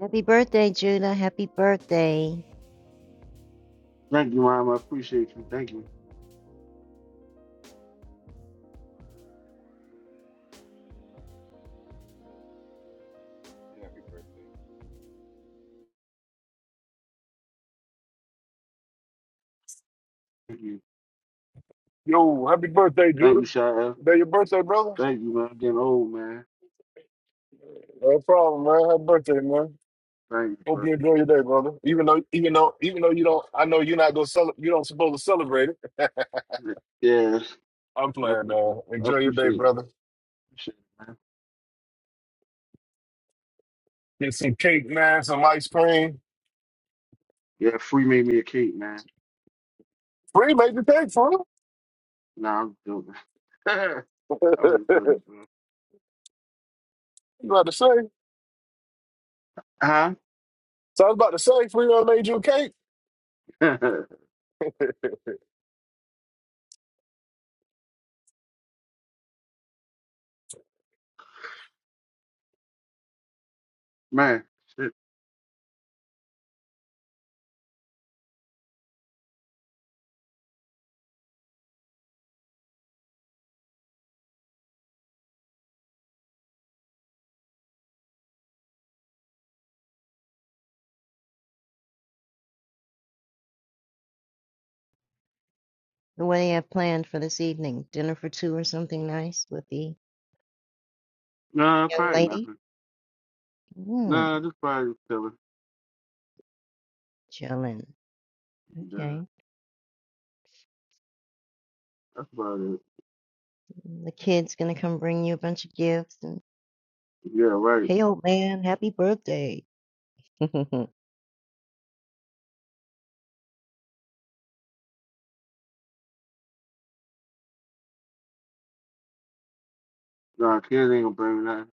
happy birthday, Judah. Happy birthday.
Thank you, Mom. I appreciate you. Thank you.
Happy birthday.
Thank you.
Yo, happy birthday,
Thank
Judah.
you, Shia.
Day your birthday, brother.
Thank you, man. I'm getting old, man.
No problem, man. Happy birthday, man.
Thank you,
Hope you enjoy your day, brother. Even though, even though, even though you don't, I know you're not gonna celebrate. You don't supposed to celebrate it.
bro. Yes.
I'm
I
playing,
appreciate it.
man.
I
Enjoy your day,
appreciate it.
brother.
Appreciate it, man.
Get some cake, man. Some ice cream.
Yeah, free made me a cake, man.
Free made the cake for him.
Nah, I'm joking. I was just joking, bro.
you about to say?
Huh?
So I was about to say, Free made you a cake.
man, shit.
What do you have planned for this evening? Dinner for two or something nice with the
Nah,
young
probably
lady?
nothing.
Hmm,
Nah, just probably just chilling.
chilling.
Nah,
Okay.
that's about it.
And The kid's gonna come bring you a bunch of gifts and,
Yeah, right.
hey, old man, happy birthday. That's
Nah, kids ain't gonna bring me nothing.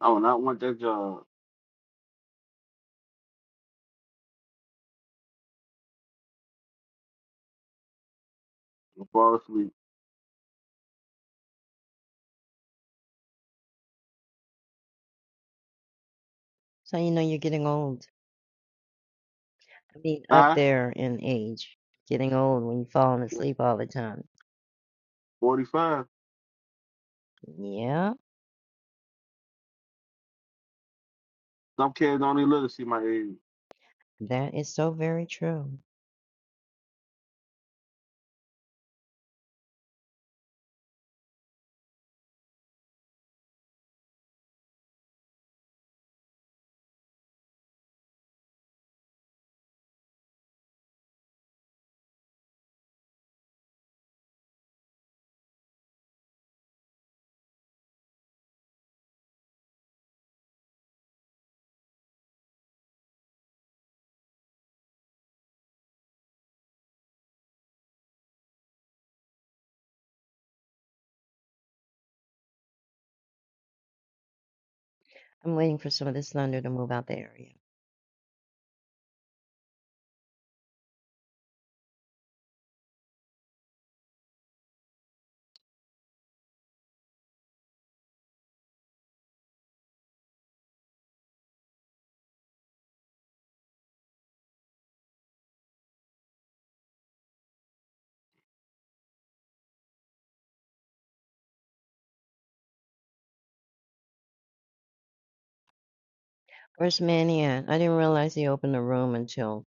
I will not want that job. I'll fall asleep.
how you know you're getting old. I mean, up
Huh?
there in age, getting old when you're falling
Yeah,
asleep all the time.
45.
Yeah,
Some kids don't even live to see my age.
that is so very true. I'm waiting for some of this thunder to move out the area. Where's Manny at? I didn't realize he opened the room until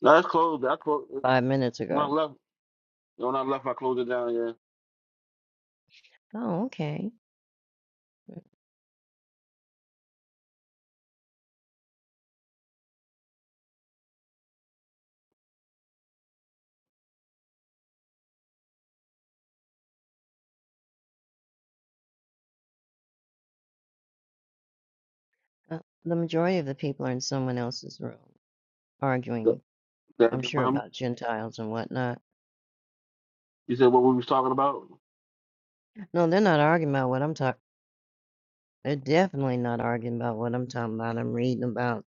No, that's closed. I closed
five minutes
when I
ago.
left. When I left, I closed it down. Yeah,
Oh, okay. Uh, the majority of the people are in someone else's room
that,
arguing, I'm
that your
sure,
mom.
about Gentiles and whatnot.
You said what we was talking about?
No, they're not arguing about what I'm talking. They're definitely not arguing about what I'm talking about. I'm reading about.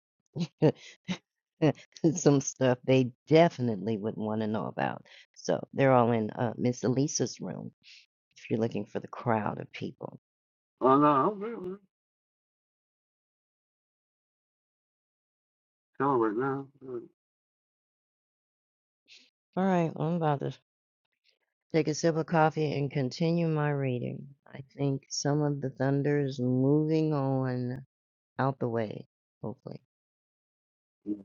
some stuff they definitely wouldn't want to know about. So they're all in uh, Miss Elisa's room if you're looking for the crowd of people.
Oh no, I'm good. man. Tell her right now.
All right, well, I'm about to take a sip of coffee and continue my reading. I think some of the thunder is moving on out the way, hopefully.
Yeah.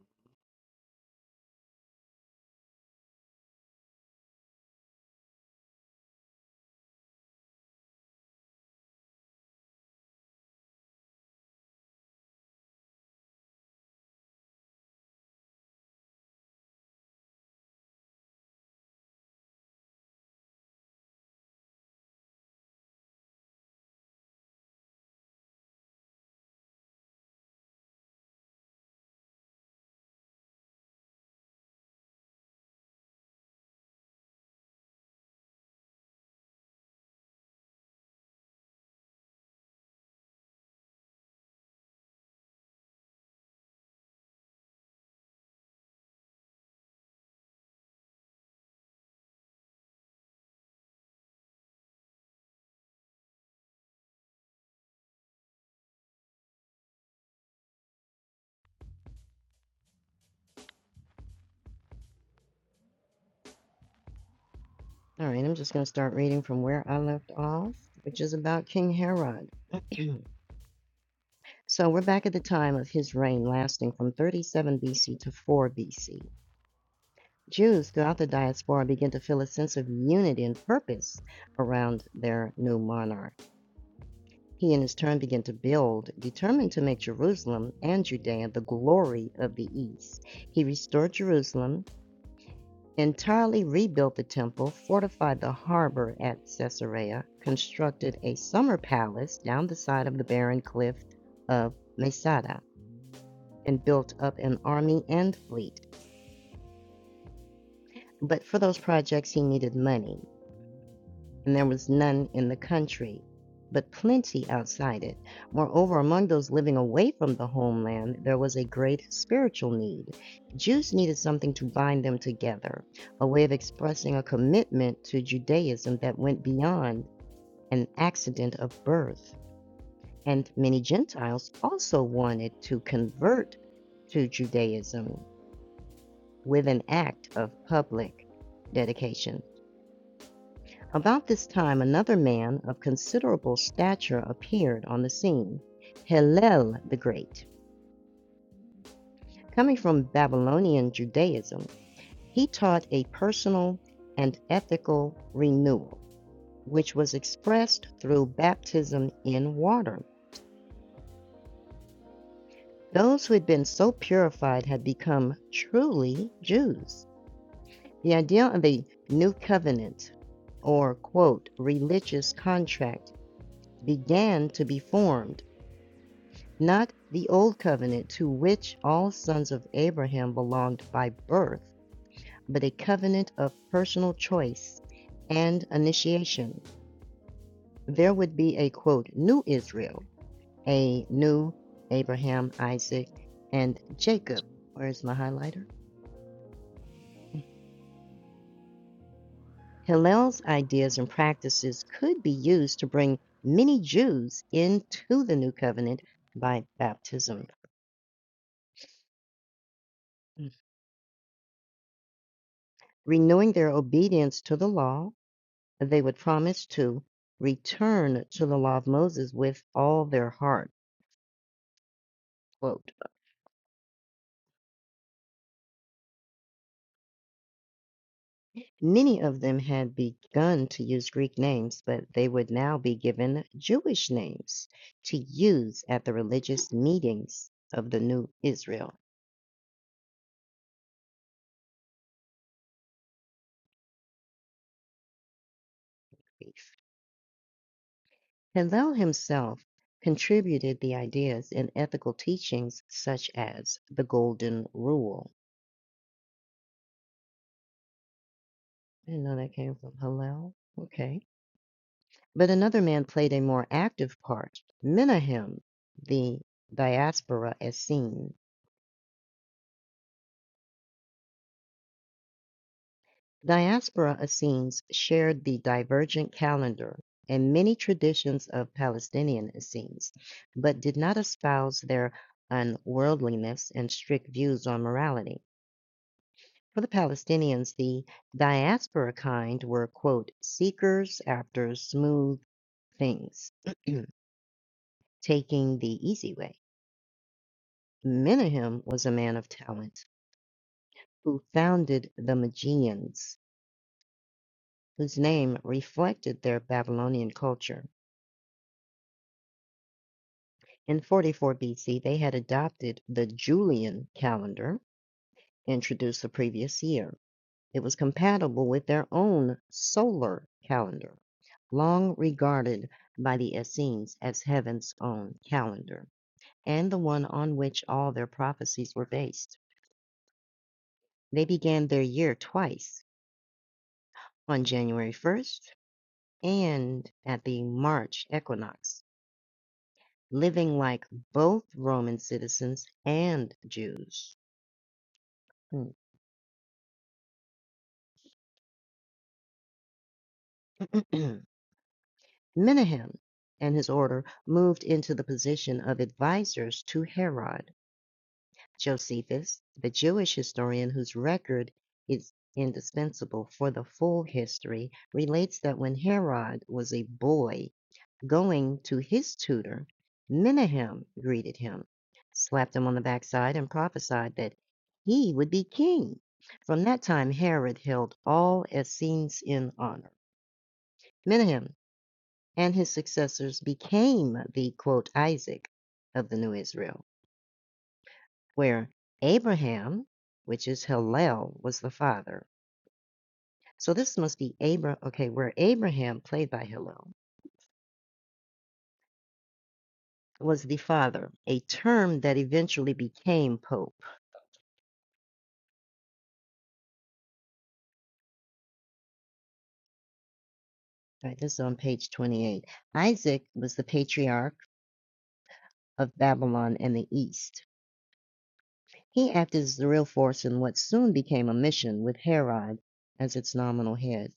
All right, I'm just going to start reading from where I left off, which is about King Herod. so we're back at the time of his reign lasting from 37 BC to 4 BC. Jews throughout the diaspora began to feel a sense of unity and purpose around their new monarch. He, in his turn, began to build, determined to make Jerusalem and Judea the glory of the East. He restored Jerusalem, entirely rebuilt the temple, fortified the harbor at Caesarea, constructed a summer palace down the side of the barren cliff of Masada, and built up an army and fleet. But for those projects, he needed money. and there was none in the country, but plenty outside it. Moreover, among those living away from the homeland, there was a great spiritual need. Jews needed something to bind them together, a way of expressing a commitment to Judaism that went beyond an accident of birth. And many Gentiles also wanted to convert to Judaism with an act of public dedication. About this time another man of considerable stature appeared on the scene, Hillel the Great. Coming from Babylonian Judaism, he taught a personal and ethical renewal, which was expressed through baptism in water. Those who had been so purified had become truly Jews. The idea of a new covenant or, quote, religious contract began to be formed not the old covenant to which all sons of Abraham belonged by birth, but a covenant of personal choice and initiation. There would be a quote, new Israel, a new Abraham, Isaac, and Jacob. Where's my highlighter? Hillel's ideas and practices could be used to bring many Jews into the new covenant by baptism, renewing their obedience to the law they would promise to return to the law of Moses with all their heart. Quote. Many of them had begun to use Greek names, but they would now be given Jewish names to use at the religious meetings of the new Israel. Hillel himself contributed the ideas and ethical teachings such as the Golden Rule. I didn't know that came from Hillel. Okay But another man played a more active part, Menahem the diaspora Essene. Diaspora Essenes shared the divergent calendar and many traditions of Palestinian Essenes, but did not espouse their unworldliness and strict views on morality. For the Palestinians, the diaspora kind were, quote, seekers after smooth things, taking the easy way. Menahem was a man of talent who founded the Magians, whose name reflected their Babylonian culture. In 44 BC, they had adopted the Julian calendar, introduced the previous year. It was compatible with their own solar calendar, long regarded by the Essenes as heaven's own calendar, and the one on which all their prophecies were based. They began their year twice on January 1st and at the March equinox. living like both Roman citizens and Jews. Menahem and his order moved into the position of advisors to Herod. Josephus, the Jewish historian whose record is indispensable for the full history, relates that when Herod was a boy, Going to his tutor, Menahem greeted him, slapped him on the backside, and prophesied that he would be king. From that time, Herod held all Essenes in honor. Menahem and his successors became the quote Isaac of the new Israel, where Abraham, which is Hillel, was the father. So this must be Abra. Okay, where Abraham, played by Hillel, was the father, a term that eventually became Pope. All right, this is on page 28. Isaac was the patriarch of Babylon and the East. He acted as the real force in what soon became a mission with Herod as its nominal head.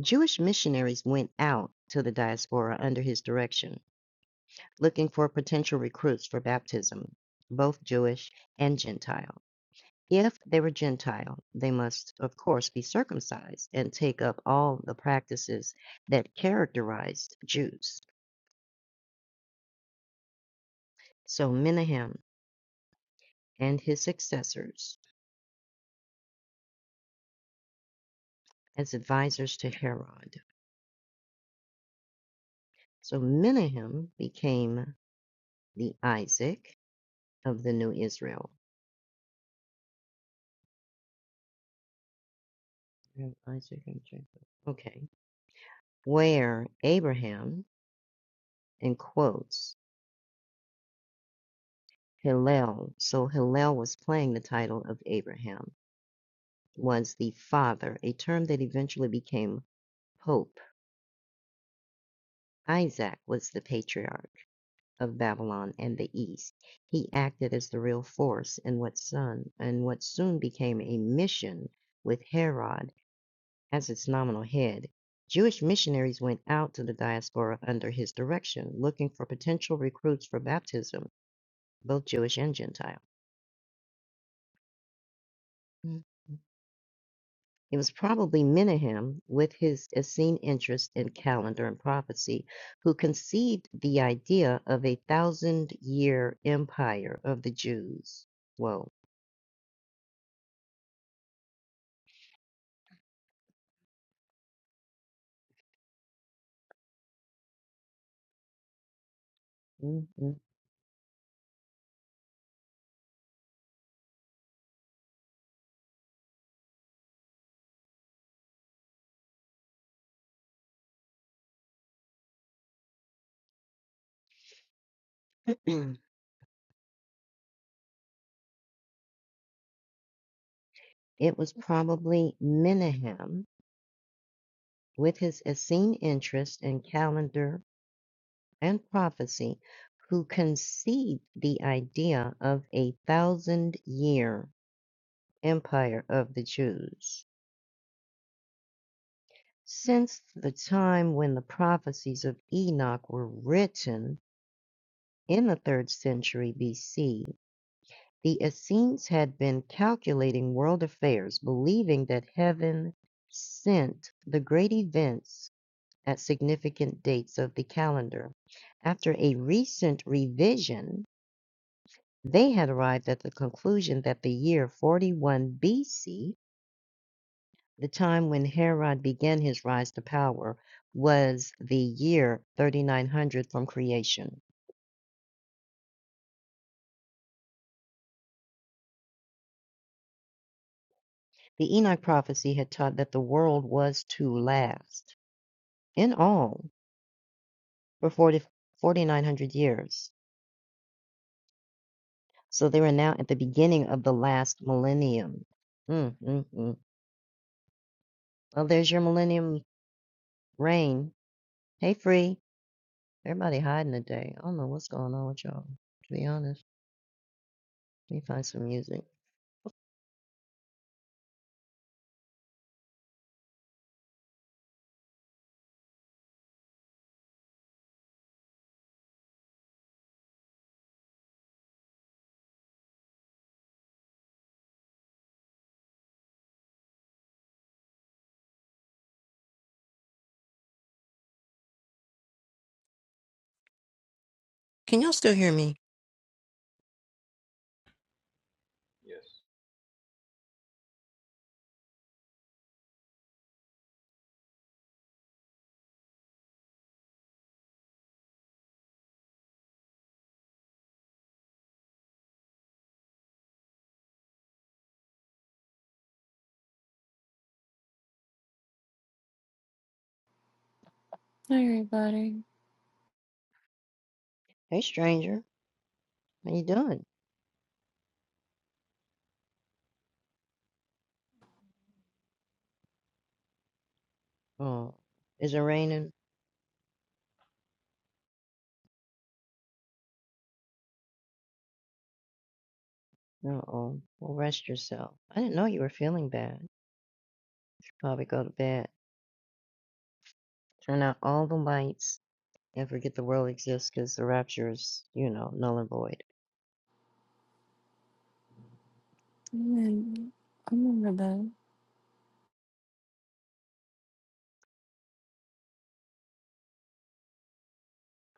Jewish missionaries went out to the diaspora under his direction, looking for potential recruits for baptism, both Jewish and Gentile. If they were Gentile, they must, of course, be circumcised and take up all the practices that characterized Jews. So Menahem and his successors as advisors to Herod. So Menahem became the Isaac of the new Israel. Isaac and Jacob. Okay. Where Abraham, in quotes, Hillel, so Hillel was playing the title of Abraham, was the father, a term that eventually became Pope. Isaac was the patriarch. of Babylon and the East. He acted as the real force in what son and what soon became a mission with Herod as its nominal head. Jewish missionaries went out to the diaspora under his direction, looking for potential recruits for baptism, both Jewish and Gentile. Mhm. It was probably Menahem, with his Essene interest in calendar and prophecy, who conceived the idea of a thousand year empire of the Jews. Whoa Mhm. It was probably Menahem, with his Essene interest in calendar and prophecy, who conceived the idea of a thousand year empire of the Jews. Since the time when the prophecies of Enoch were written in the third century BC, the Essenes had been calculating world affairs, believing that heaven sent the great events at significant dates of the calendar. After a recent revision, they had arrived at the conclusion that the year 41 BC, the time when Herod began his rise to power, was the year 3900 from creation. The Enoch prophecy had taught that the world was to last, in all, for 40, 4900 years. So they were now at the beginning of the last millennium. Mm, mm, mm. Well, there's your millennium Rain. Hey, Free. Everybody hiding today. I don't know what's going on with y'all, to be honest. Let me find some music.
Can y'all still hear me?
Yes.
Hi, everybody.
Hey, stranger. How you doing? Oh, is it raining? Uh-oh. Well, rest yourself. I didn't know you were feeling bad. You Should Probably go to bed. Turn out all the lights and forget the world exists because the rapture is, you know, null and void.
I'm in, I'm in the bed.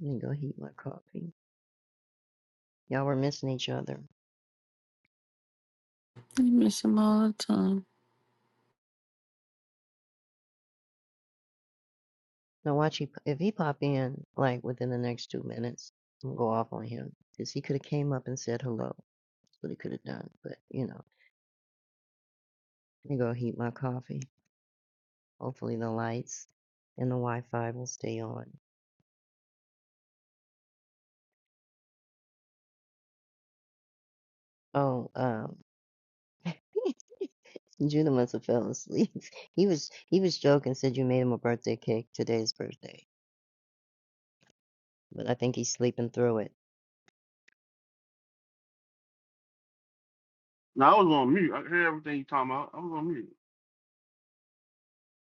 Let me go heat my coffee. Y'all were missing each other.
I miss him all the time.
Now watch he, if he pop in, like, within the next two minutes, I'm gonna go off on him. Because he could have came up and said hello. what he could have done, but you know, let me go heat my coffee. Hopefully the lights and the Wi-Fi will stay on. Oh, um, Judah must have fell asleep. He was he was joking, said you made him a birthday cake. Today's birthday, but I think he's sleeping through it.
No, I was on mute. I heard everything you talking about. I was on mute.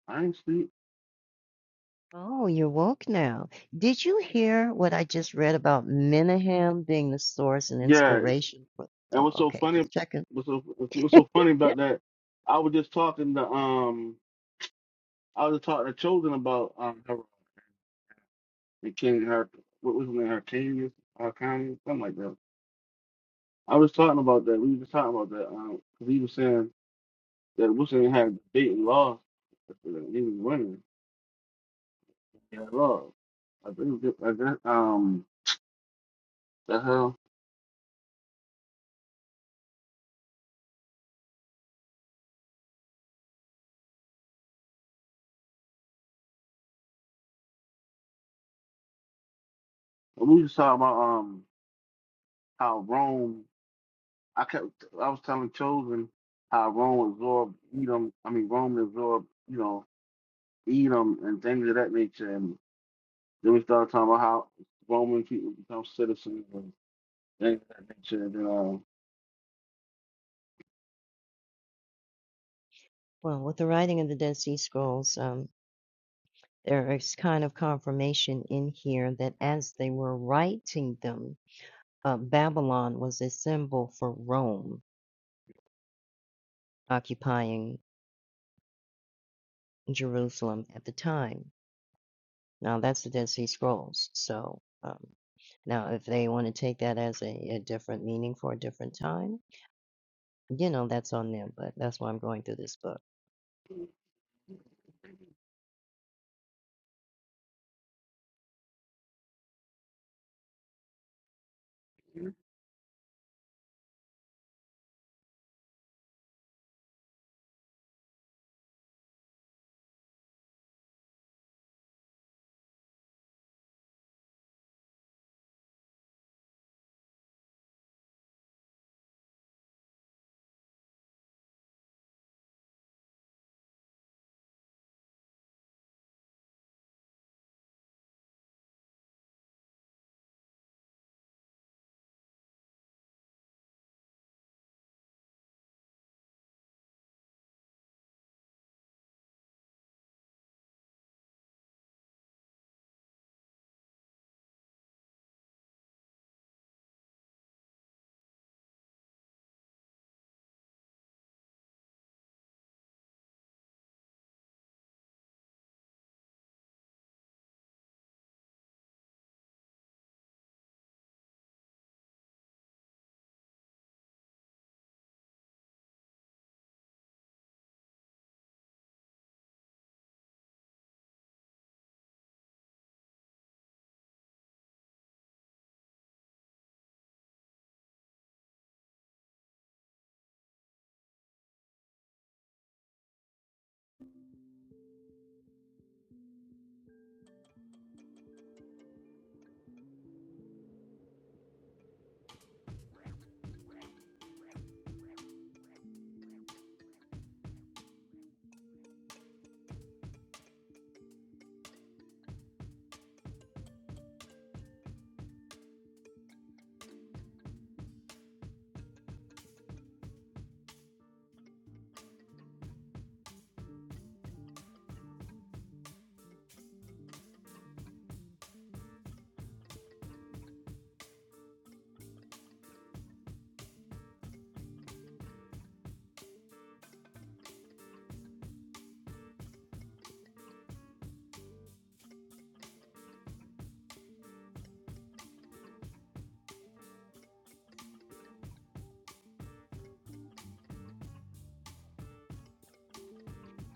I ain't sleep.
Oh, you're woke now. Did you hear what I just read about Menahem being the source and
Yeah,
inspiration for?
and
Oh,
what's so
okay,
funny?
just checking.
What's so what's so funny
Yeah.
about that? I was just talking to um, I was just talking to children about um, her, the King, her, what was her name, her King, her County, something like that I was talking about that. We were just talking about that. Um, 'cause he was saying that Wilson had beat and lost. uh, He was winning. Yeah, lost. I think that, I guess, um, the hell. And we were just talking about um how Rome. I kept. I was telling Chosen how Rome absorbed Edom. I mean, Rome absorbed you know Edom and things of that nature. And then we started talking about how Roman people become citizens and things of that nature. And then
Well, with the writing of the Dead Sea Scrolls, um, there is kind of confirmation in here that as they were writing them, uh, Babylon was a symbol for Rome occupying Jerusalem at the time. Now that's the Dead Sea Scrolls. So um, now if they want to take that as a, a different meaning for a different time, you know, that's on them, but that's why I'm going through this book.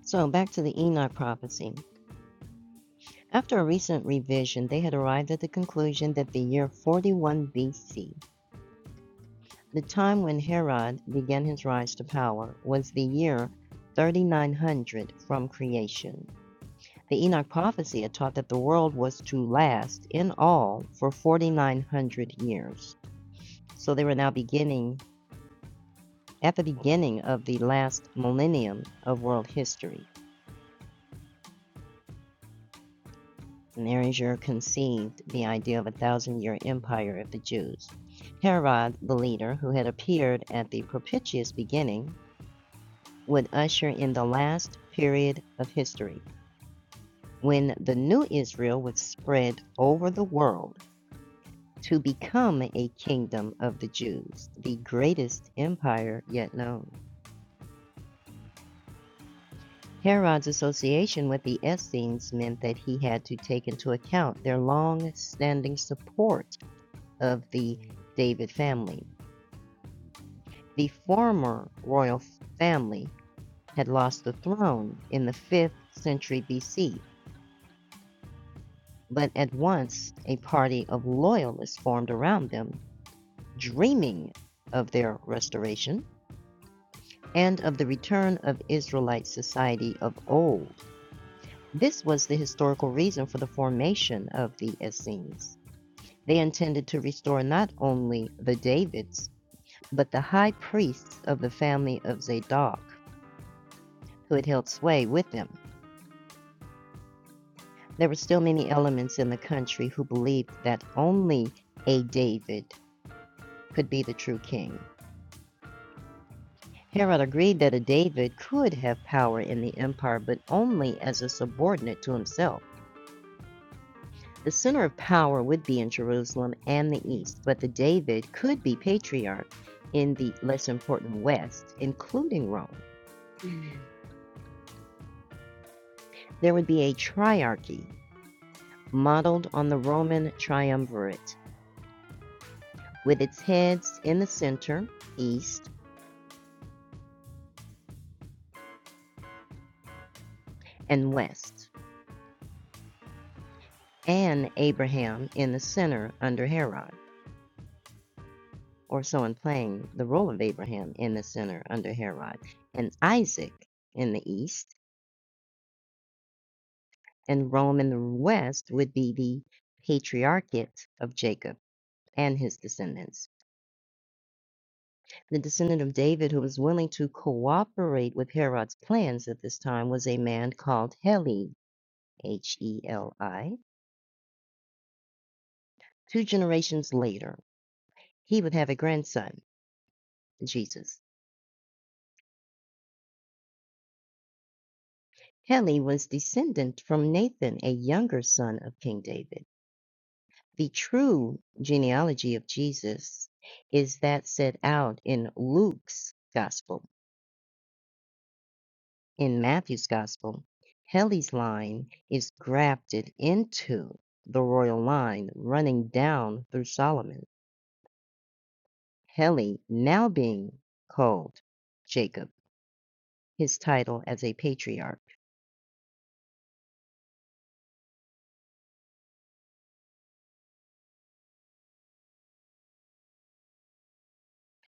So back to the Enoch prophecy. After a recent revision, they had arrived at the conclusion that the year 41 BC The time when Herod began his rise to power was the year 3900 from creation. The Enoch prophecy had taught that the world was to last in all for 4900 years. So they were now beginning at the beginning of the last millennium of world history. And Erasure conceived the idea of a thousand year empire of the Jews. Herod, the leader, who had appeared at the propitious beginning would usher in the last period of history when the new Israel would spread over the world to become a kingdom of the Jews, the greatest empire yet known. Herod's association with the Essenes meant that he had to take into account their long standing support of the David family. The former royal family had lost the throne in the 5th century BC But at once a party of loyalists formed around them, dreaming of their restoration and of the return of Israelite society of old. This was the historical reason for the formation of the Essenes. They intended to restore not only the Davids, but the high priests of the family of Zadok, who had held sway with them. There were still many elements in the country who believed that only a David could be the true king. Herod agreed that a David could have power in the empire, but only as a subordinate to himself. The center of power would be in Jerusalem and the East,
um.
but the David could be patriarch in the less important West, including Rome. There would be a triarchy modeled on the Roman triumvirate, with its heads in the center, East, and West, and Abraham in the center under Herod. or someone playing the role of Abraham in the center under Herod, and Isaac in the east, and Rome in the west would be the patriarchate of Jacob and his descendants. The descendant of David who was willing to cooperate with Herod's plans at this time was a man called Heli, H E L I. Two generations later, he would have a grandson, Jesus. Heli was descendant from Nathan, a younger son of King David. The true genealogy of Jesus is that set out in Luke's gospel. In Matthew's gospel, Heli's line is grafted into the royal line running down through Solomon. Heli now being called Jacob, his title as a patriarch.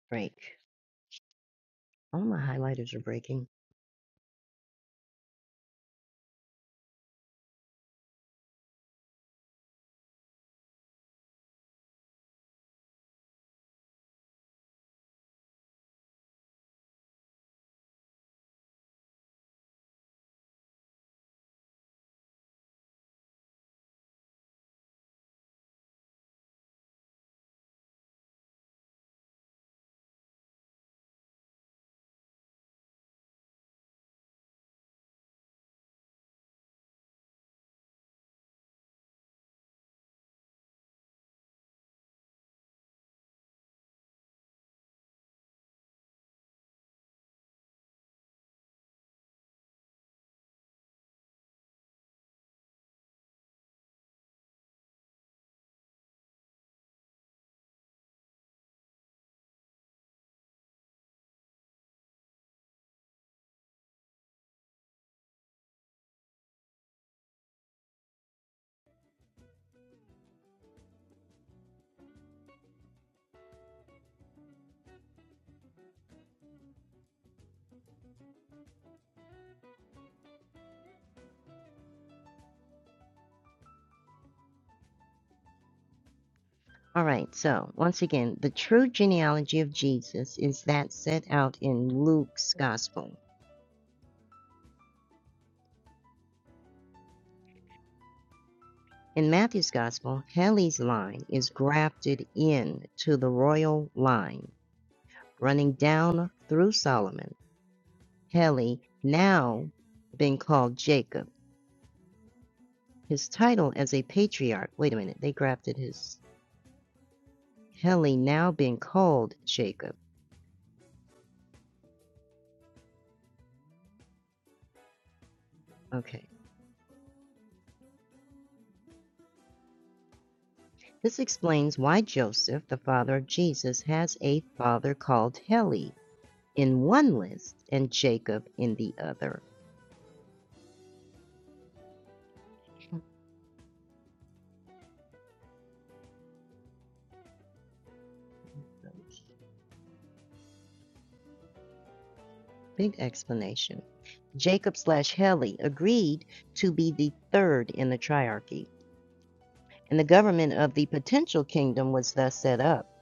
Break. All my highlighters are breaking. All right, so once again, the true genealogy of Jesus is that set out in Luke's gospel. In Matthew's gospel, Heli's line is grafted in to the royal line, running down through Solomon. Heli, now being called Jacob. His title as a patriarch, wait a minute, they grafted his. Heli, now being called Jacob. Okay. This explains why Joseph, the father of Jesus, has a father called Heli in one list and Jacob in the other. Big explanation. Jacob slash Heli agreed to be the third in the triarchy, and the government of the potential kingdom was thus set up.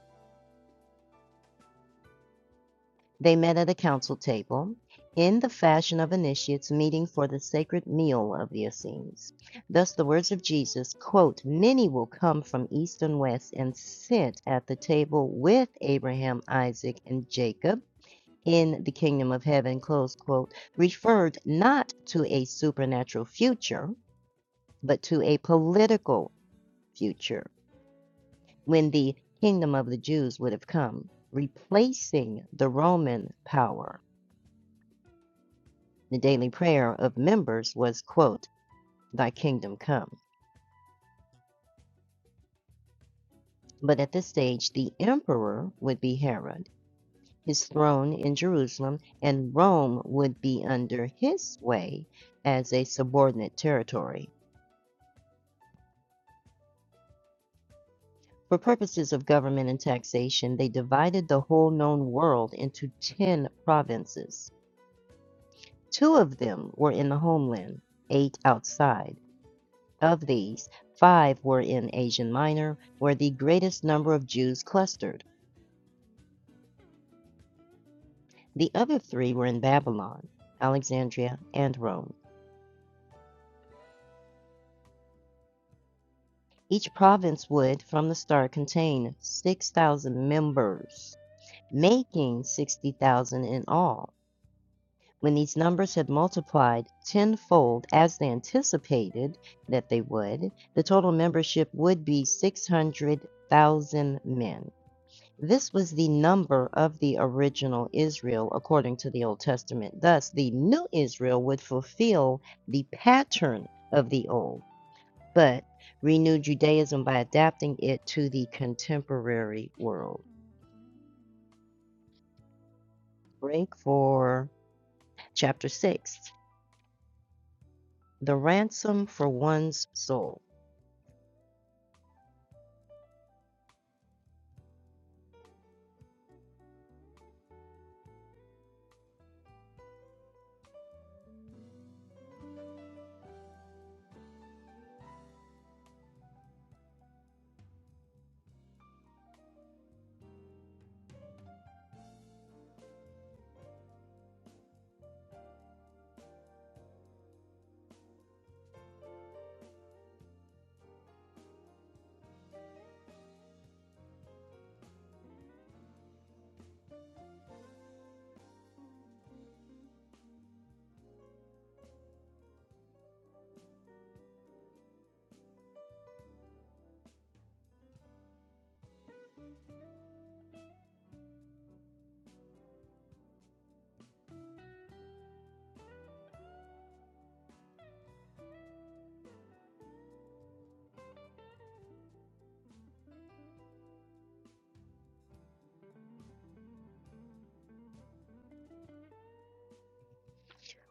They met at a council table, in the fashion of initiates meeting for the sacred meal of the Essenes. Thus, the words of Jesus, quote, Many will come from east and west and sit at the table with Abraham, Isaac, and Jacob in the kingdom of heaven, close quote, referred not to a supernatural future, but to a political future when the kingdom of the Jews would have come, replacing the Roman power. The daily prayer of members was, quote, Thy kingdom come. But at this stage, the emperor would be Herod, his throne in Jerusalem, and Rome would be under his sway as a subordinate territory. For purposes of government and taxation, they divided the whole known world into 10 provinces. Two of them were in the homeland, eight outside. Of these, five were in Asia Minor, where the greatest number of Jews clustered. The other three were in Babylon, Alexandria, and Rome. Each province would, from the start, contain 6,000 members, making 60,000 in all. When these numbers had multiplied tenfold as they anticipated that they would, the total membership would be 600,000 men. This was the number of the original Israel according to the Old Testament. Thus, the new Israel would fulfill the pattern of the old, but renew Judaism by adapting it to the contemporary world. Break for chapter 6 The Ransom for One's Soul.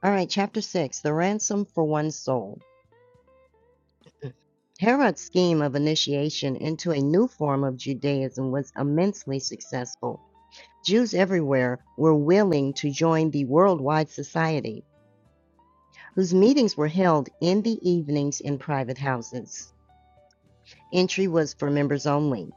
All right, chapter 6 The Ransom for One's Soul. Herod's scheme of initiation into a new form of Judaism was immensely successful. Jews everywhere were willing to join the worldwide society, whose meetings were held in the evenings in private houses. Entry was for members only.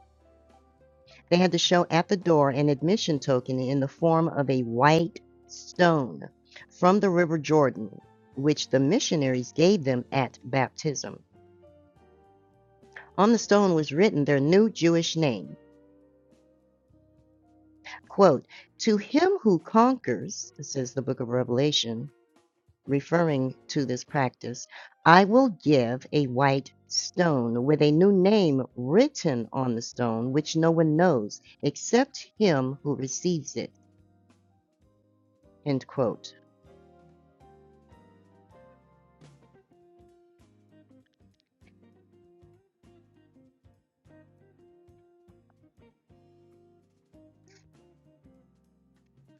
They had to show at the door an admission token in the form of a white stone from the River Jordan, which the missionaries gave them at baptism. On the stone was written their new Jewish name. Quote, To him who conquers, says the book of Revelation, referring to this practice, I will give a white stone with a new name written on the stone, which no one knows except him who receives it. End quote.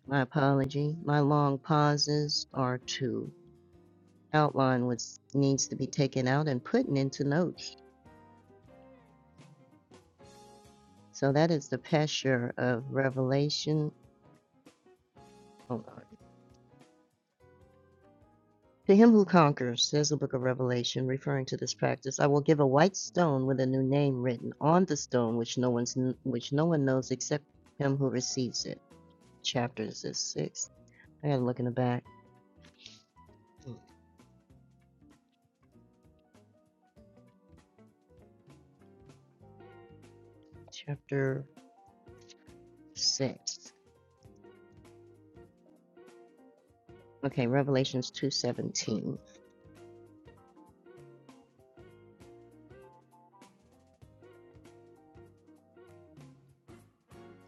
My apology. My long pauses are to outline what needs to be taken out and put into notes. So that is the pesher of Revelation. Hold on. To him who conquers, says the book of Revelation, referring to this practice, I will give a white stone with a new name written on the stone, which no one's which no one knows except him who receives it. Chapter is six. I gotta look in the back. Chapter six. Okay, Revelations two seventeen.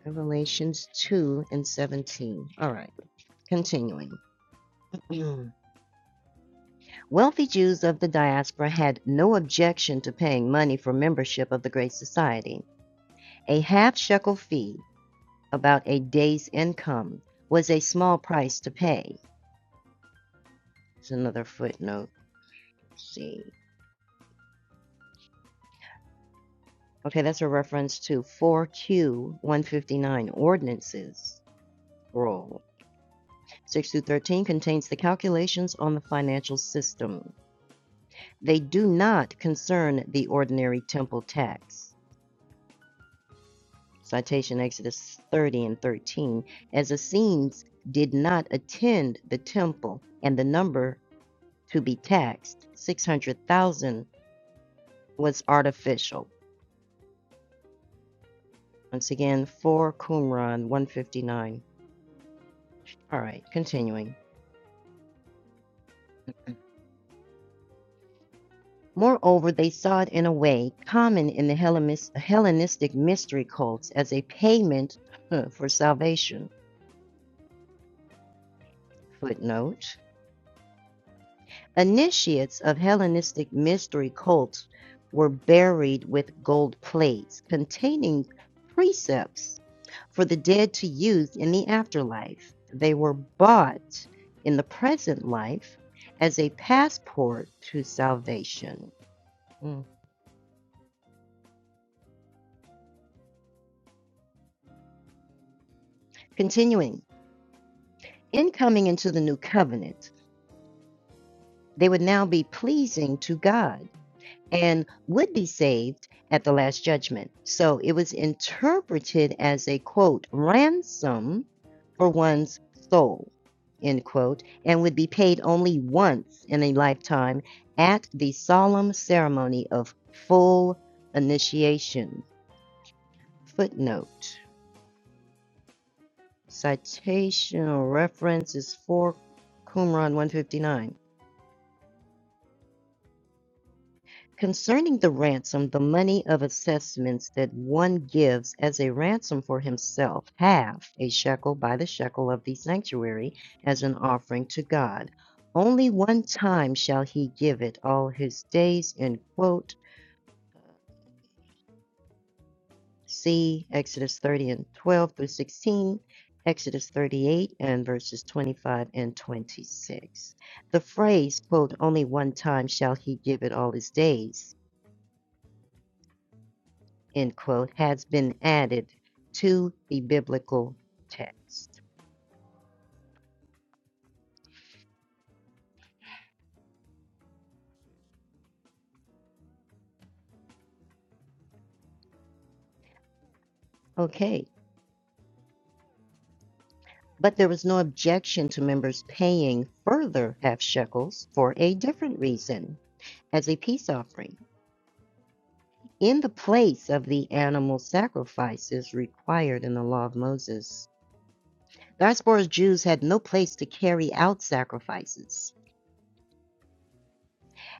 Revelations two and seventeen. All right, continuing. Wealthy Jews of the diaspora had no objection to paying money for membership of the Great Society. A half shekel fee about a day's income was a small price to pay. It's another footnote. let see. Okay, that's a reference to 4Q 159 ordinances rule. 6 through 13 contains the calculations on the financial system. They do not concern the ordinary temple tax. Citation Exodus 30 and 13, as Essenes did not attend the temple, and the number to be taxed, 600,000, was artificial. Once again, for Qumran 159. All right, continuing. Moreover, they saw it in a way common in the Hellenistic mystery cults as a payment huh, for salvation. Footnote Initiates of Hellenistic mystery cults were buried with gold plates containing precepts for the dead to use in the afterlife. They were bought in the present life as a passport to salvation. Mm. Continuing, in coming into the new covenant, they would now be pleasing to God and would be saved at the last judgment. So it was interpreted as a quote, ransom for one's soul, end quote, and would be paid only once in a lifetime at the solemn ceremony of full initiation. Footnote. Citational or reference is 4 Qumran 159. Concerning the ransom, the money of assessments that one gives as a ransom for himself, half a shekel by the shekel of the sanctuary, as an offering to God. Only one time shall he give it all his days. End quote. See Exodus 30 and 12 through 16, Exodus 38 and verses 25 and 26. The phrase, quote, only one time shall he give it all his days end quote, has been added to the biblical text. Okay, but there was no objection to members paying further half shekels for a different reason as a peace offering in the place of the animal sacrifices required in the Law of Moses. Diaspora Jews had no place to carry out sacrifices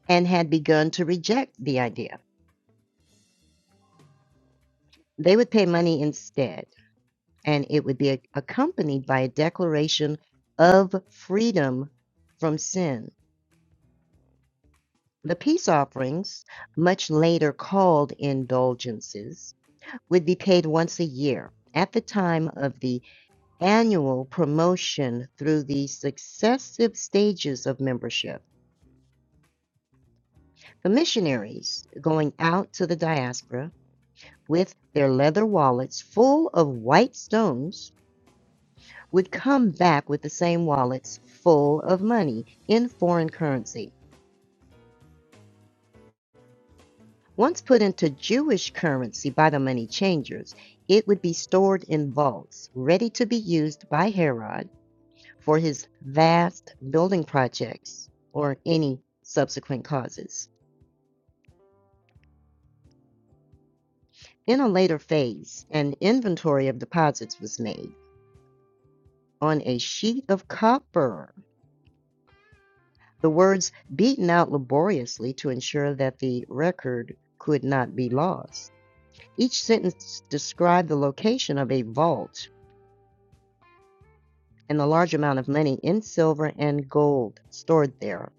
and had begun to reject the idea. They would pay money instead, and it would be ac- accompanied by a declaration of freedom from sin. The peace offerings, much later called indulgences, would be paid once a year at the time of the annual promotion through the successive stages of membership. The missionaries going out to the diaspora with their leather wallets full of white stones would come back with the same wallets full of money in foreign currency. Once put into Jewish currency by the money changers, it would be stored in vaults, ready to be used by Herod for his vast building projects or any subsequent causes. In a later phase, an inventory of deposits was made on a sheet of copper, the words beaten out laboriously to ensure that the record could not be lost. Each sentence described the location of a vault and the large amount of money in silver and gold stored there.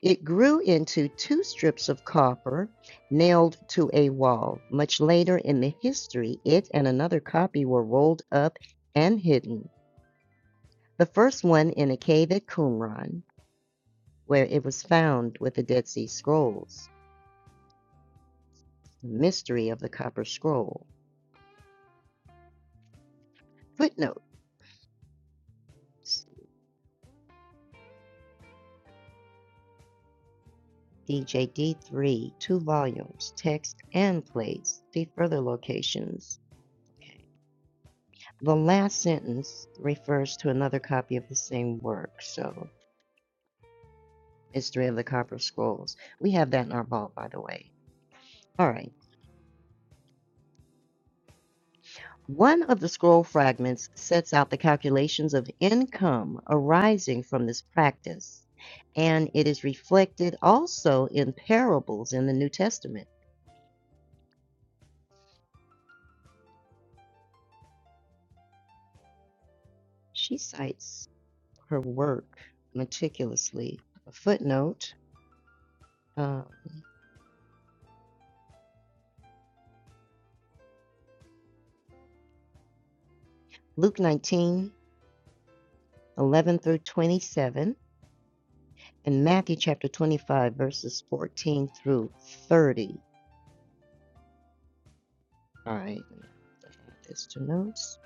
It grew into two strips of copper nailed to a wall. Much later in the history, it and another copy were rolled up and hidden. The first one in a cave at Qumran, where it was found with the Dead Sea Scrolls. The mystery of the Copper Scroll. Footnote DJD3, two volumes, text and plates. See further locations. The last sentence refers to another copy of the same work, so Mystery of the Copper Scrolls. We have that in our vault, by the way. All right. One of the scroll fragments sets out the calculations of income arising from this practice, and it is reflected also in parables in the New Testament. She cites her work meticulously. A footnote uh, Luke 19:11 through 27, and Matthew chapter 25, verses 14 through 30. All right, add this to notes.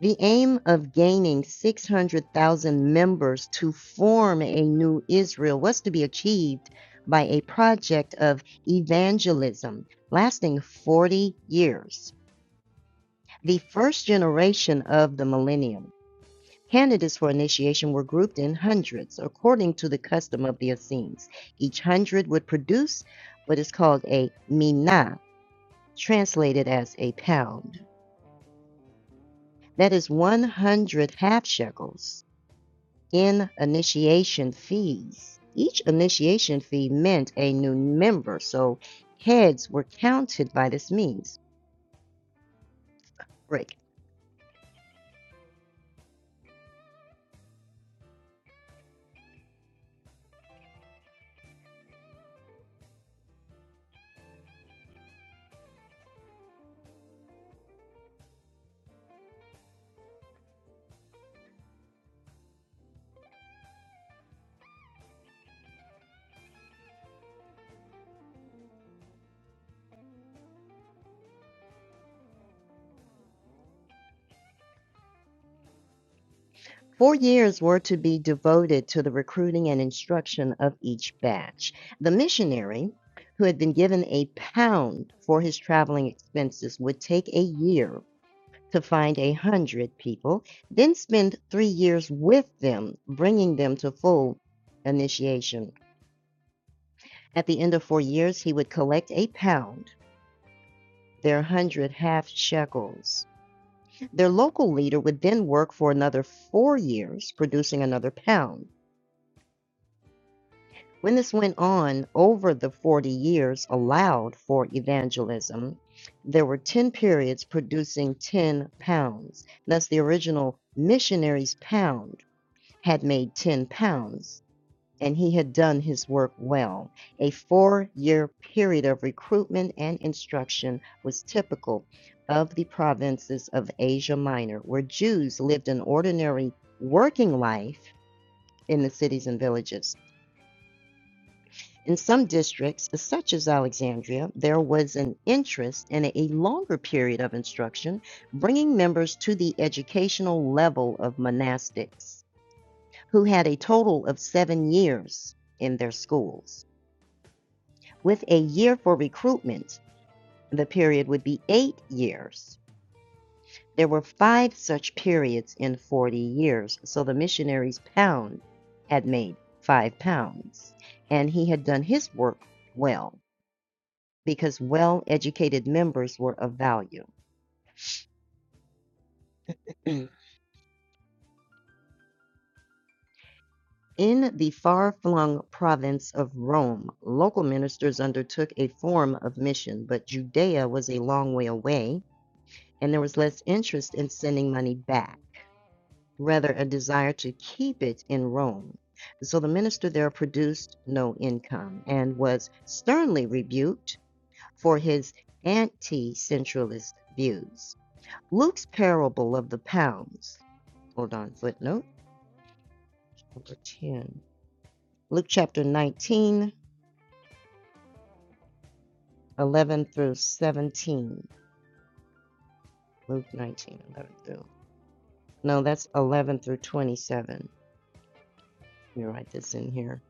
The aim of gaining 600,000 members to form a new Israel was to be achieved by a project of evangelism lasting 40 years, the first generation of the millennium. Candidates for initiation were grouped in hundreds according to the custom of the Essenes. Each hundred would produce what is called a mina, translated as a pound. That is 100 half shekels in initiation fees. Each initiation fee meant a new member, so heads were counted by this means. Break. Four years were to be devoted to the recruiting and instruction of each batch. The missionary, who had been given a pound for his traveling expenses, would take a year to find a hundred people, then spend three years with them, bringing them to full initiation. At the end of four years, he would collect a pound, their hundred half shekels. Their local leader would then work for another four years, producing another pound. When this went on over the 40 years allowed for evangelism, there were 10 periods producing 10 pounds. Thus, the original missionary's pound had made 10 pounds, and he had done his work well. A four year period of recruitment and instruction was typical of the provinces of Asia Minor, where Jews lived an ordinary working life in the cities and villages. In some districts, such as Alexandria, there was an interest in a longer period of instruction, bringing members to the educational level of monastics, who had a total of seven years in their schools. With a year for recruitment, the period would be eight years. There were five such periods in 40 years, so the missionary's pound had made five pounds, and he had done his work well. because well educated members were of value. In the far flung province of Rome, local ministers undertook a form of mission, but Judea was a long way away, and there was less interest in sending money back, rather, a desire to keep it in Rome. So the minister there produced no income and was sternly rebuked for his anti centralist views. Luke's parable of the pounds, hold on, footnote over 10. Luke chapter 19, 11 through 17. Luke nineteen eleven through. No, that's 11 through 27. Let me write this in here.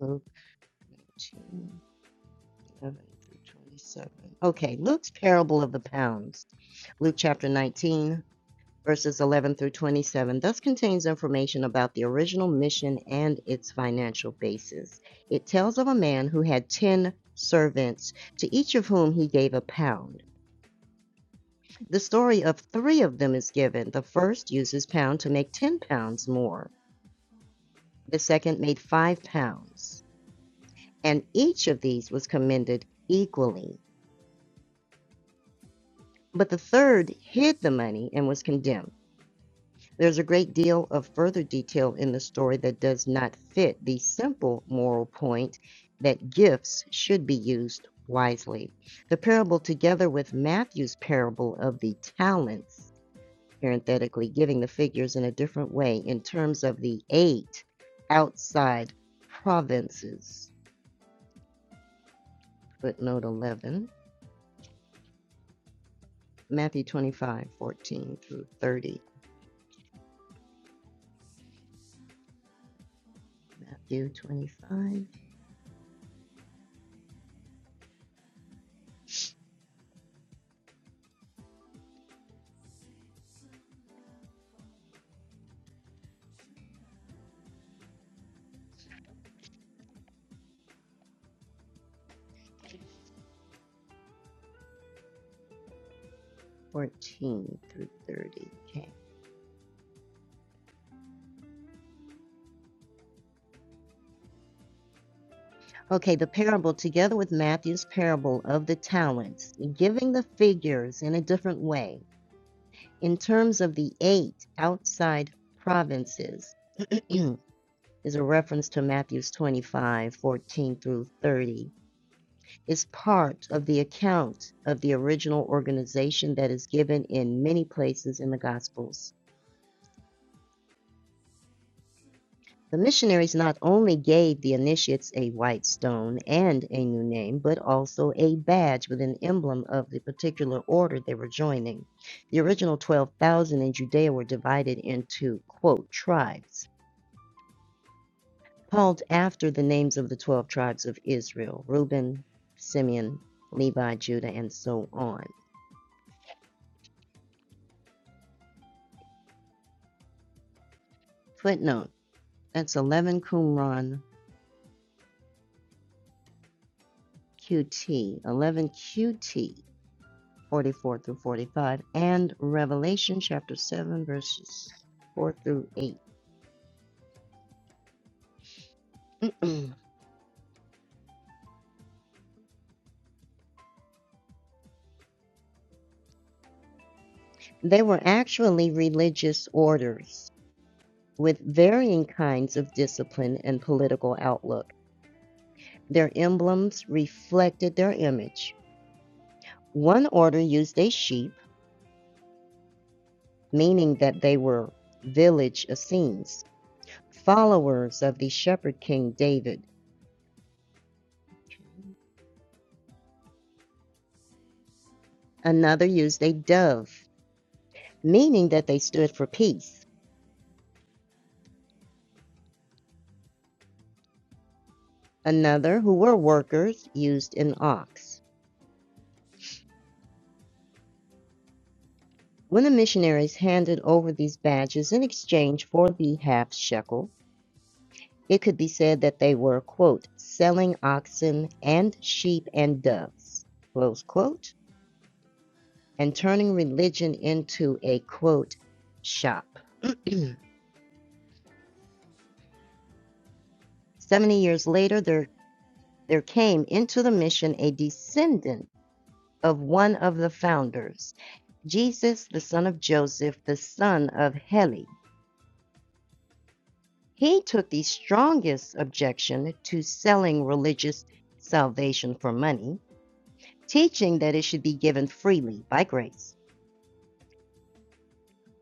Luke nineteen eleven through 27. Okay, Luke's parable of the pounds. Luke chapter 19, verses 11 through 27, thus contains information about the original mission and its financial basis. It tells of a man who had 10 servants, to each of whom he gave a pound. The story of three of them is given. The first uses pound to make 10 pounds more, the second made 5 pounds, and each of these was commended equally. But the third hid the money and was condemned. There's a great deal of further detail in the story that does not fit the simple moral point that gifts should be used wisely. The parable, together with Matthew's parable of the talents, parenthetically, giving the figures in a different way in terms of the eight outside provinces. Footnote 11, Matthew 25 14 through 30. Matthew twenty-five fourteen through 30. Okay. Okay, the parable, together with Matthew's parable of the talents, giving the figures in a different way in terms of the eight outside provinces. is a reference to Matthews 25:14 through 30. It's part of the account of the original organization that is given in many places in the Gospels. The missionaries not only gave the initiates a white stone and a new name, but also a badge with an emblem of the particular order they were joining. The original 12,000 in Judea were divided into, quote, tribes called after the names of the 12 tribes of Israel Reuben, Simeon, Levi, Judah, and so on. Footnote that's 11 Qumran QT, 11 QT, 44 through 45, and Revelation chapter 7, verses 4 through 8. they were actually religious orders with varying kinds of discipline and political outlook. Their emblems reflected their image. One order used a sheep meaning that they were village Essenes, followers of the shepherd king David. Another used a dove, meaning that they stood for peace. Another, who were workers, used an ox. When the missionaries handed over these badges in exchange for the half shekel, it could be said that they were, quote, selling oxen and sheep and doves, close quote, and turning religion into a, quote, shop. 70 years later, there, there came into the mission a descendant of one of the founders, Jesus, the son of Joseph, the son of Heli. He took the strongest objection to selling religious salvation for money, teaching that it should be given freely by grace.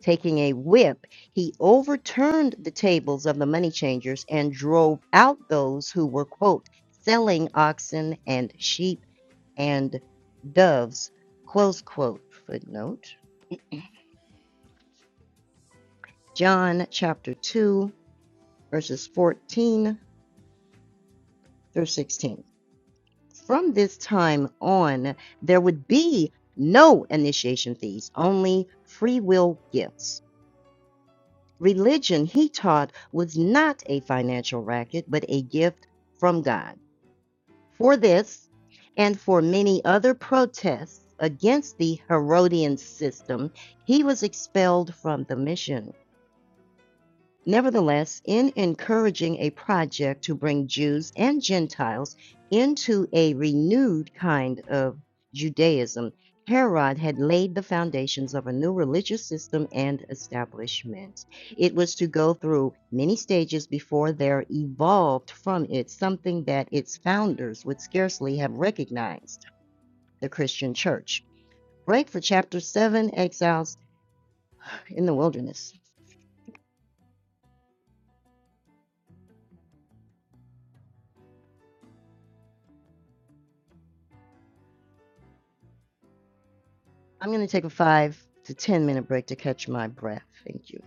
Taking a whip, he overturned the tables of the money changers and drove out those who were, quote, selling oxen and sheep and doves, close quote, footnote. John chapter 2, verses 14 through 16. From this time on, there would be no initiation fees, only free will gifts. Religion, he taught, was not a financial racket, but a gift from God. For this and for many other protests against the Herodian system, he was expelled from the mission. Nevertheless, in encouraging a project to bring Jews and Gentiles into a renewed kind of Judaism, Herod had laid the foundations of a new religious system and establishment. It was to go through many stages before there evolved from it something that its founders would scarcely have recognized the Christian church. Break for chapter 7 Exiles in the Wilderness. I'm going to take a five to 10 minute break to catch my breath. Thank you.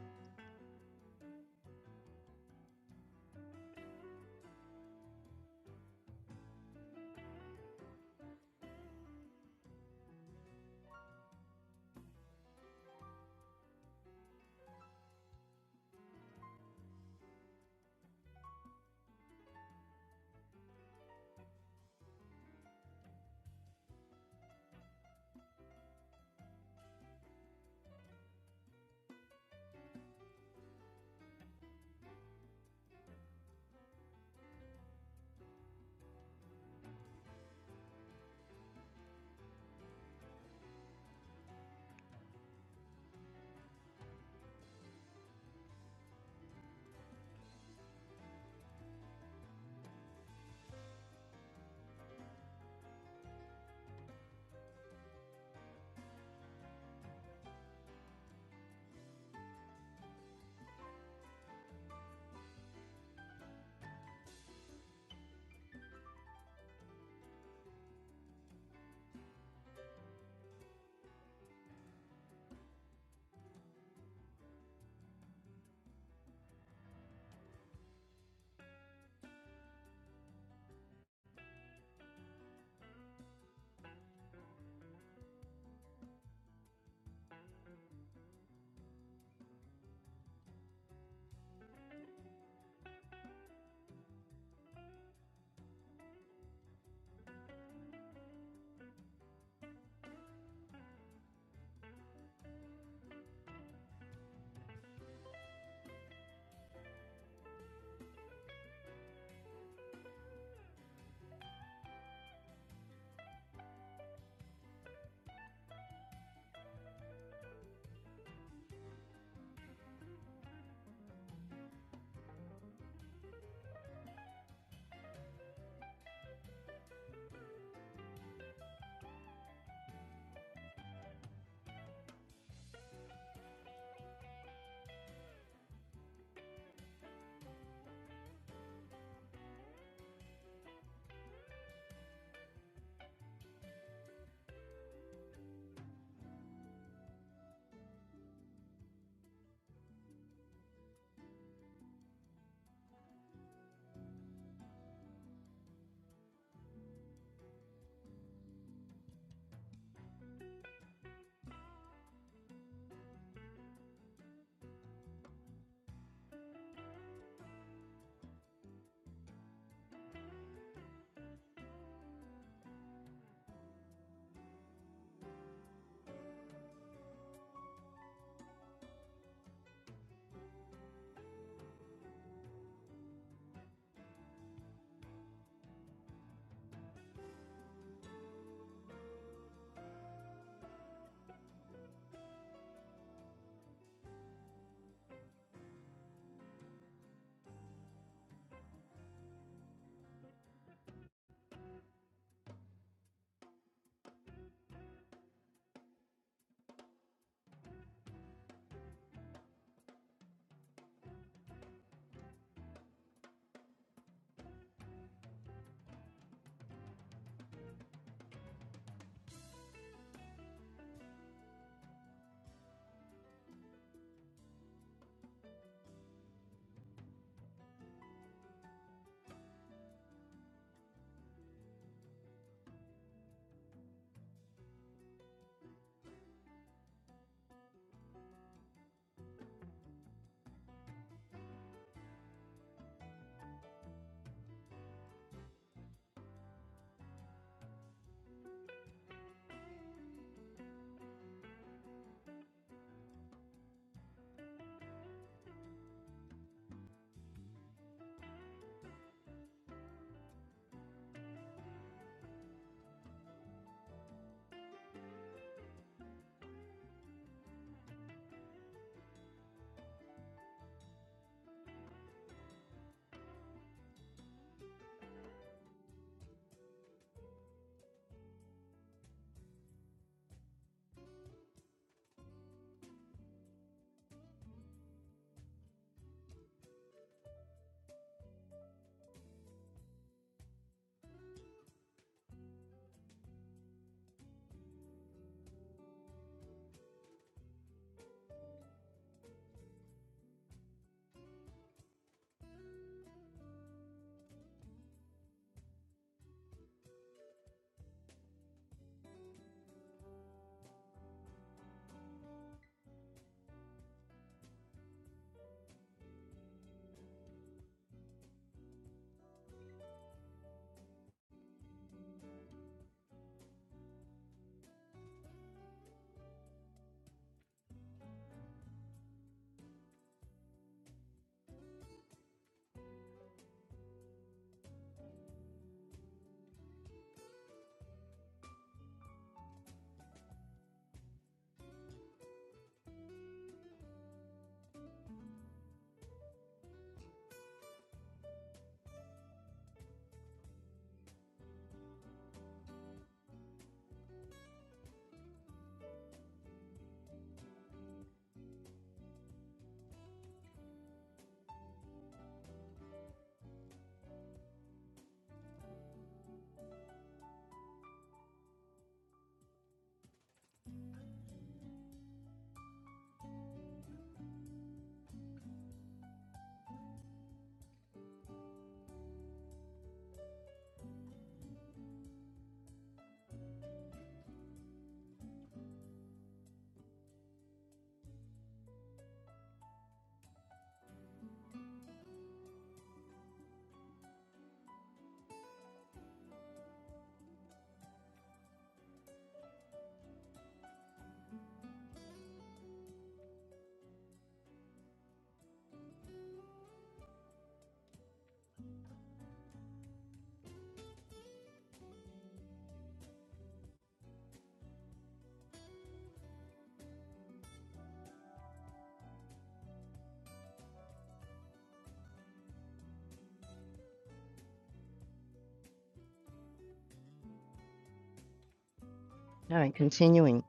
All right, continuing.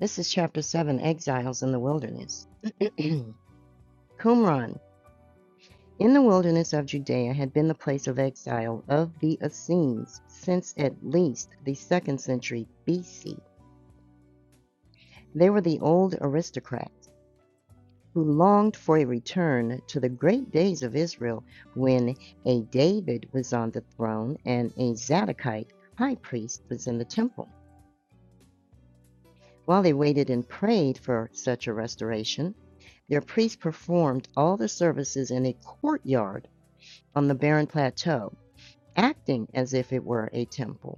This is chapter 7 Exiles in the Wilderness. Qumran, in the wilderness of Judea, had been the place of exile of the Essenes since at least the second century BC. They were the old aristocrats who longed for a return to the great days of Israel when a David was on the throne and a Zadokite high priest was in the temple. While they waited and prayed for such a restoration, their priests performed all the services in a courtyard on the barren plateau, acting as if it were a temple.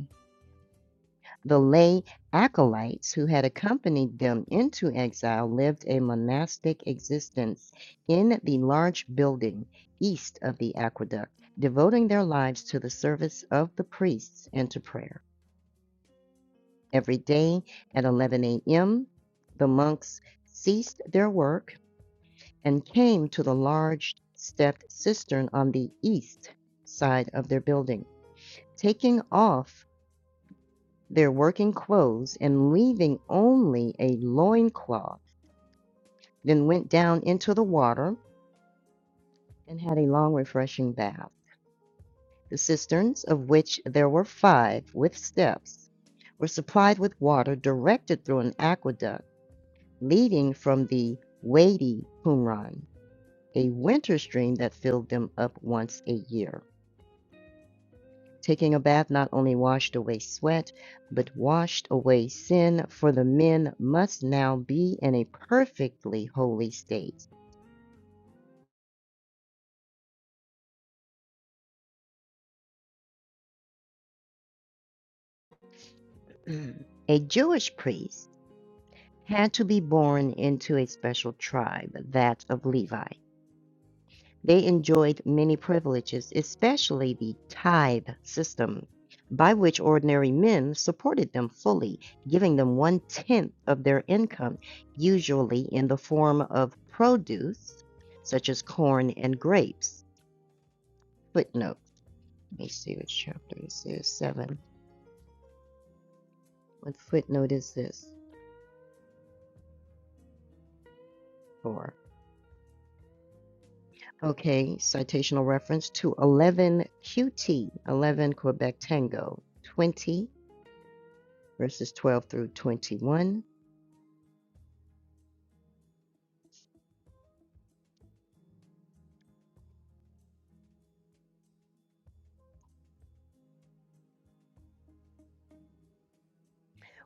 The lay acolytes who had accompanied them into exile lived a monastic existence in the large building east of the aqueduct, devoting their lives to the service of the priests and to prayer. Every day at 11 a.m., the monks ceased their work and came to the large stepped cistern on the east side of their building. Taking off their working clothes and leaving only a loincloth, then went down into the water and had a long, refreshing bath. The cisterns, of which there were five with steps, were supplied with water directed through an aqueduct leading from the Wadi Qumran, a winter stream that filled them up once a year. Taking a bath not only washed away sweat, but washed away sin, for the men must now be in a perfectly holy state. a Jewish priest had to be born into a special tribe, that of Levi. They enjoyed many privileges, especially the tithe system, by which ordinary men supported them fully, giving them one tenth of their income, usually in the form of produce, such as corn and grapes. Footnote. Let me see what chapter this is. Seven. What footnote is this for? Okay, citational reference to 11 QT, 11 Quebec Tango, 20 verses 12 through 21.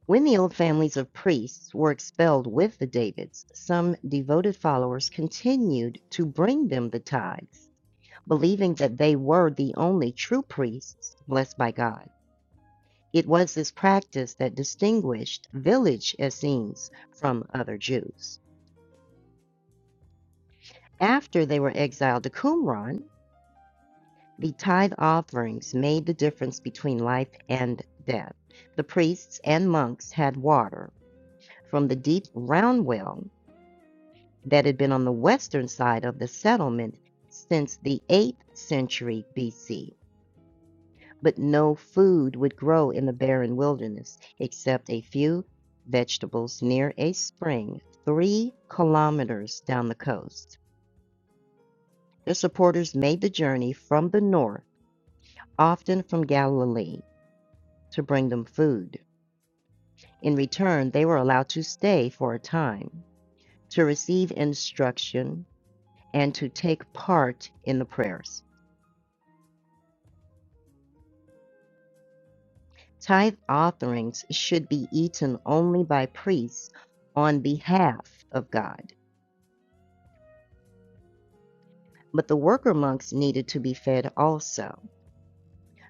When the old families of priests were expelled with the Davids, some devoted followers continued to bring them the tithes, believing that they were the only true priests blessed by God. It was this practice that distinguished village Essenes from other Jews. After they were exiled to Qumran, the tithe offerings made the difference between life and death. The priests and monks had water from the deep round well that had been on the western side of the settlement since the 8th century BC. But no food would grow in the barren wilderness except a few vegetables near a spring three kilometers down the coast. Their supporters made the journey from the north, often from Galilee, to bring them food. In return, they were allowed to stay for a time, to receive instruction, and to take part in the prayers. Tithe offerings should be eaten only by priests on behalf of God, but the worker monks needed to be fed also.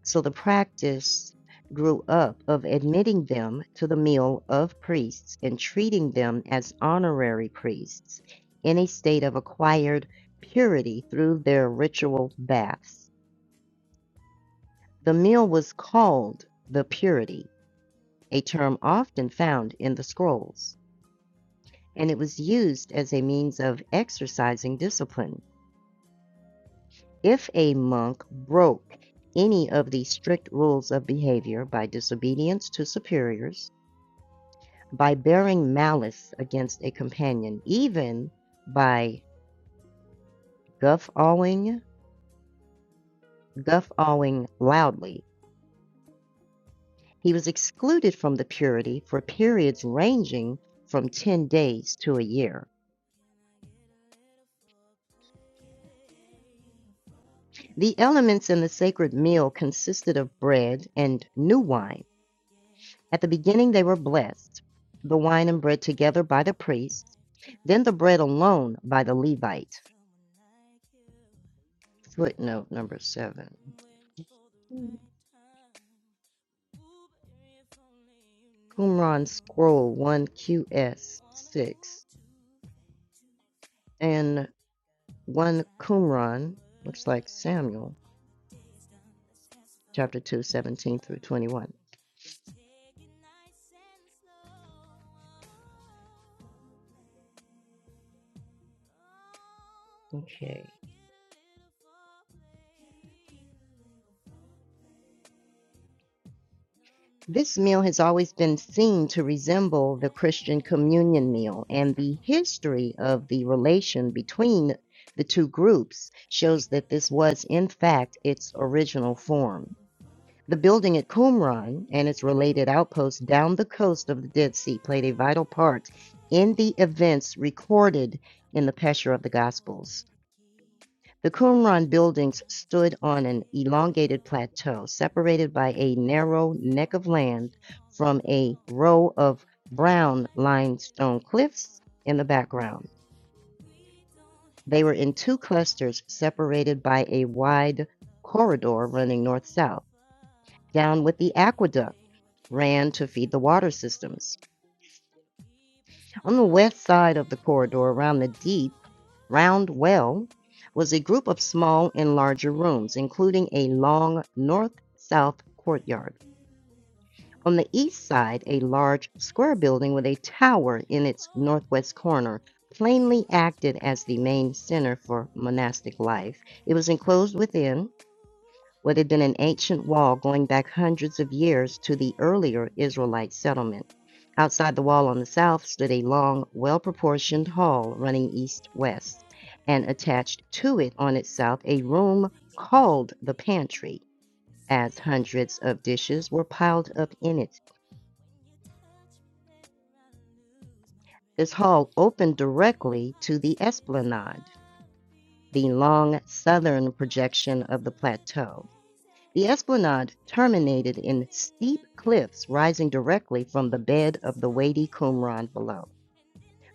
So the practice grew up of admitting them to the meal of priests and treating them as honorary priests in a state of acquired purity through their ritual baths. The meal was called the purity, a term often found in the scrolls. and it was used as a means of exercising discipline. If a monk broke any of the strict rules of behavior by disobedience to superiors, by bearing malice against a companion, even by guffawing, guffawing loudly, he was excluded from the purity for periods ranging from 10 days to a year. The elements in the sacred meal consisted of bread and new wine, At the beginning, they were blessed, the wine and bread together by the priest, then the bread alone by the Levite. Footnote number seven. Qumran scroll 1QS 6 and 1 Qumran, looks like Samuel, chapter 2 17 through 21. Okay. This meal has always been seen to resemble the Christian communion meal, and the history of the relation between the two groups shows that this was, in fact, its original form. The building at Qumran and its related outposts down the coast of the Dead Sea played a vital part in the events recorded in the Pesher of the Gospels. The Qumran buildings stood on an elongated plateau separated by a narrow neck of land from a row of brown limestone cliffs in the background. They were in two clusters separated by a wide corridor running north south. Down with the aqueduct ran to feed the water systems. On the west side of the corridor around the deep, round well was a group of small and larger rooms, including a long north south courtyard. On the east side, a large square building with a tower in its northwest corner plainly acted as the main center for monastic life. It was enclosed within what had been an ancient wall going back hundreds of years to the earlier Israelite settlement. Outside the wall on the south stood a long, well proportioned hall running east west, and attached to it on its south a room called the pantry, as hundreds of dishes were piled up in it. This hall opened directly to the esplanade, the long southern projection of the plateau. The esplanade terminated in steep cliffs rising directly from the bed of the weighty Qumran below.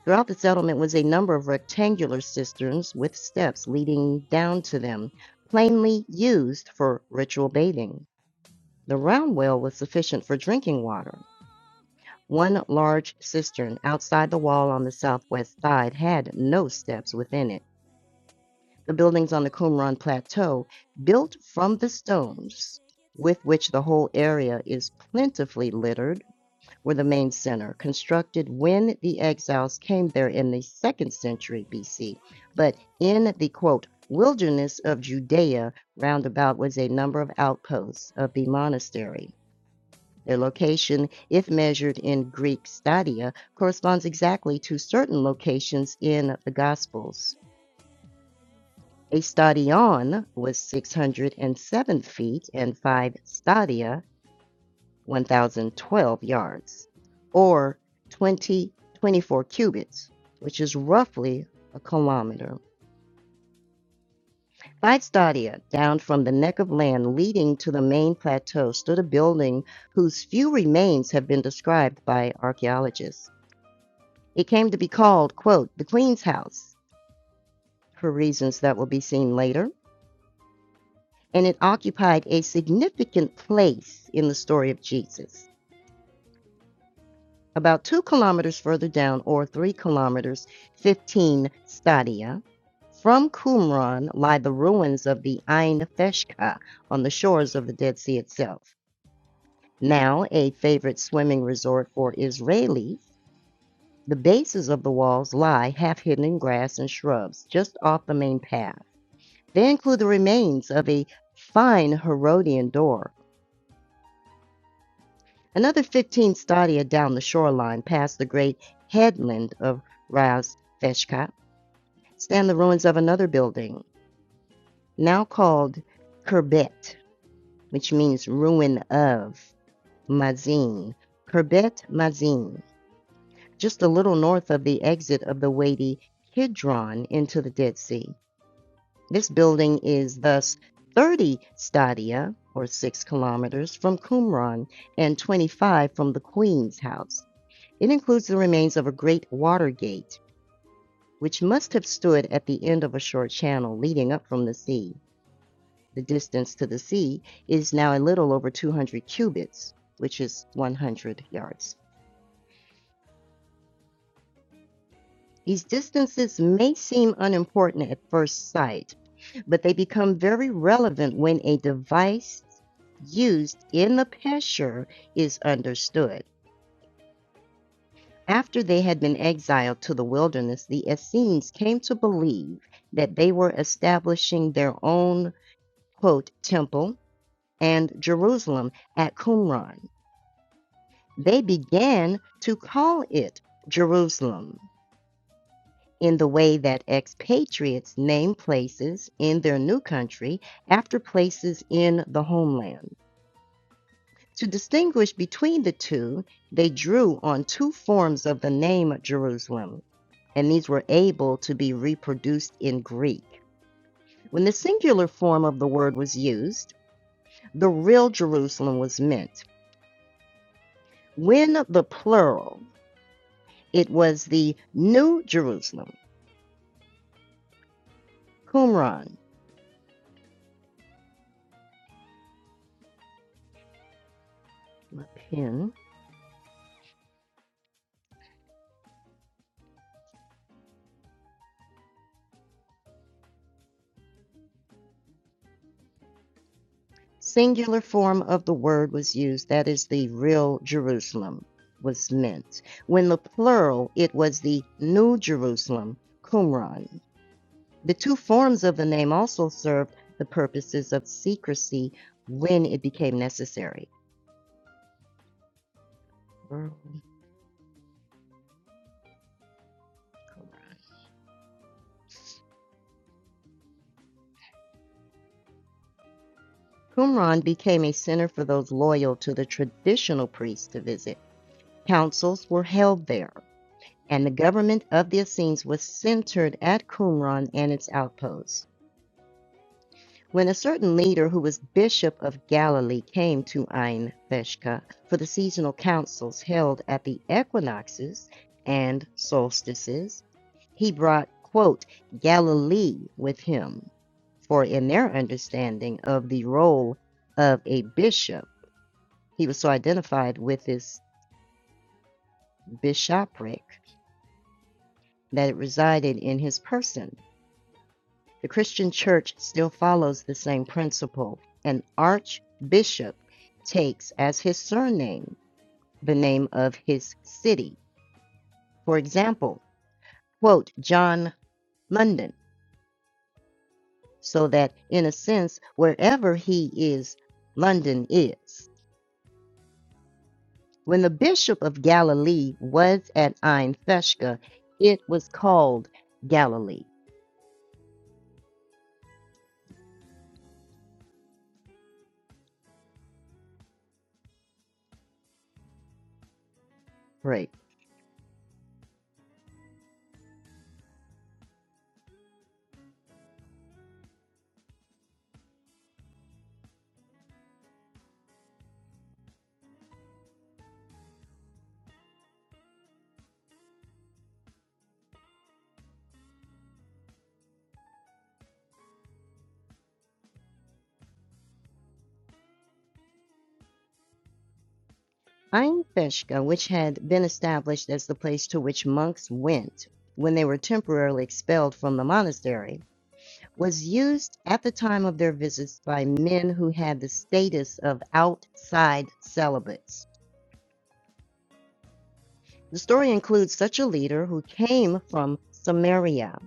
Throughout the settlement was a number of rectangular cisterns with steps leading down to them, plainly used for ritual bathing. The round well was sufficient for drinking water. One large cistern outside the wall on the southwest side had no steps within it. the buildings on the Qumran Plateau, built from the stones with which the whole area is plentifully littered, were the main center, constructed when the exiles came there in the second century BC. But in the quote, wilderness of Judea, roundabout was a number of outposts of the monastery. Their location, if measured in Greek stadia, corresponds exactly to certain locations in the Gospels. A stadion was 607 feet and 5 stadia, 1,012 yards, or 20.24 cubits, which is roughly a kilometer. Five stadia down from the neck of land leading to the main plateau stood a building whose few remains have been described by archaeologists. It came to be called, quote, the Queen's House, for reasons that will be seen later and it occupied a significant place in the story of Jesus. About two kilometers further down, or three kilometers, 15 stadia, from Qumran lie the ruins of the Ain Feshka on the shores of the Dead Sea itself. Now a favorite swimming resort for Israelis, the bases of the walls lie half hidden in grass and shrubs just off the main path. They include the remains of a fine Herodian door Another fifteen stadia down the shoreline, past the great headland of Ras Feshkak, stand the ruins of another building, now called Kerbet, which means ruin of Mazin. Kerbet Mazin, just a little north of the exit of the weighty Kidron into the Dead Sea. This building is thus 30 stadia, or 6 kilometers, from Qumran and 25 from the Queen's house. It includes the remains of a great water gate, which must have stood at the end of a short channel leading up from the sea. The distance to the sea is now a little over 200 cubits, which is 100 yards. These distances may seem unimportant at first sight, but they become very relevant when a device used in the picture is understood. After they had been exiled to the wilderness, the Essenes came to believe that they were establishing their own quote, "temple" and Jerusalem at Qumran. They began to call it Jerusalem in the way that expatriates name places in their new country after places in the homeland. To distinguish between the two, they drew on two forms of the name Jerusalem, and these were able to be reproduced in Greek. When the singular form of the word was used, the real Jerusalem was meant. When the plural, it was the New Jerusalem, Qumran. My pen. singular form of the word was used, that is, the real Jerusalem was meant. When the plural, it was the New Jerusalem, Qumran. The two forms of the name also served the purposes of secrecy when it became necessary. Mm, Qumran became a center for those loyal to the traditional priests to visit. Councils were held there, and the government of the Essenes was centered at Qumran and its outposts. When a certain leader who was Bishop of Galilee came to Ain Veshka for the seasonal councils held at the equinoxes and solstices, he brought, quote, Galilee with him. For in their understanding of the role of a bishop, he was so identified with this bishopric that it resided in his person The Christian church still follows the same principle. An archbishop takes as his surname the name of his city. For example, quote, John London, so that in a sense, wherever he is, London is. When the bishop of Galilee was at Ein Theshka, it was called Galilee. Right. Einfishka, which had been established as the place to which monks went when they were temporarily expelled from the monastery, was used at the time of their visits by men who had the status of outside celibates. The story includes such a leader who came from Samaria.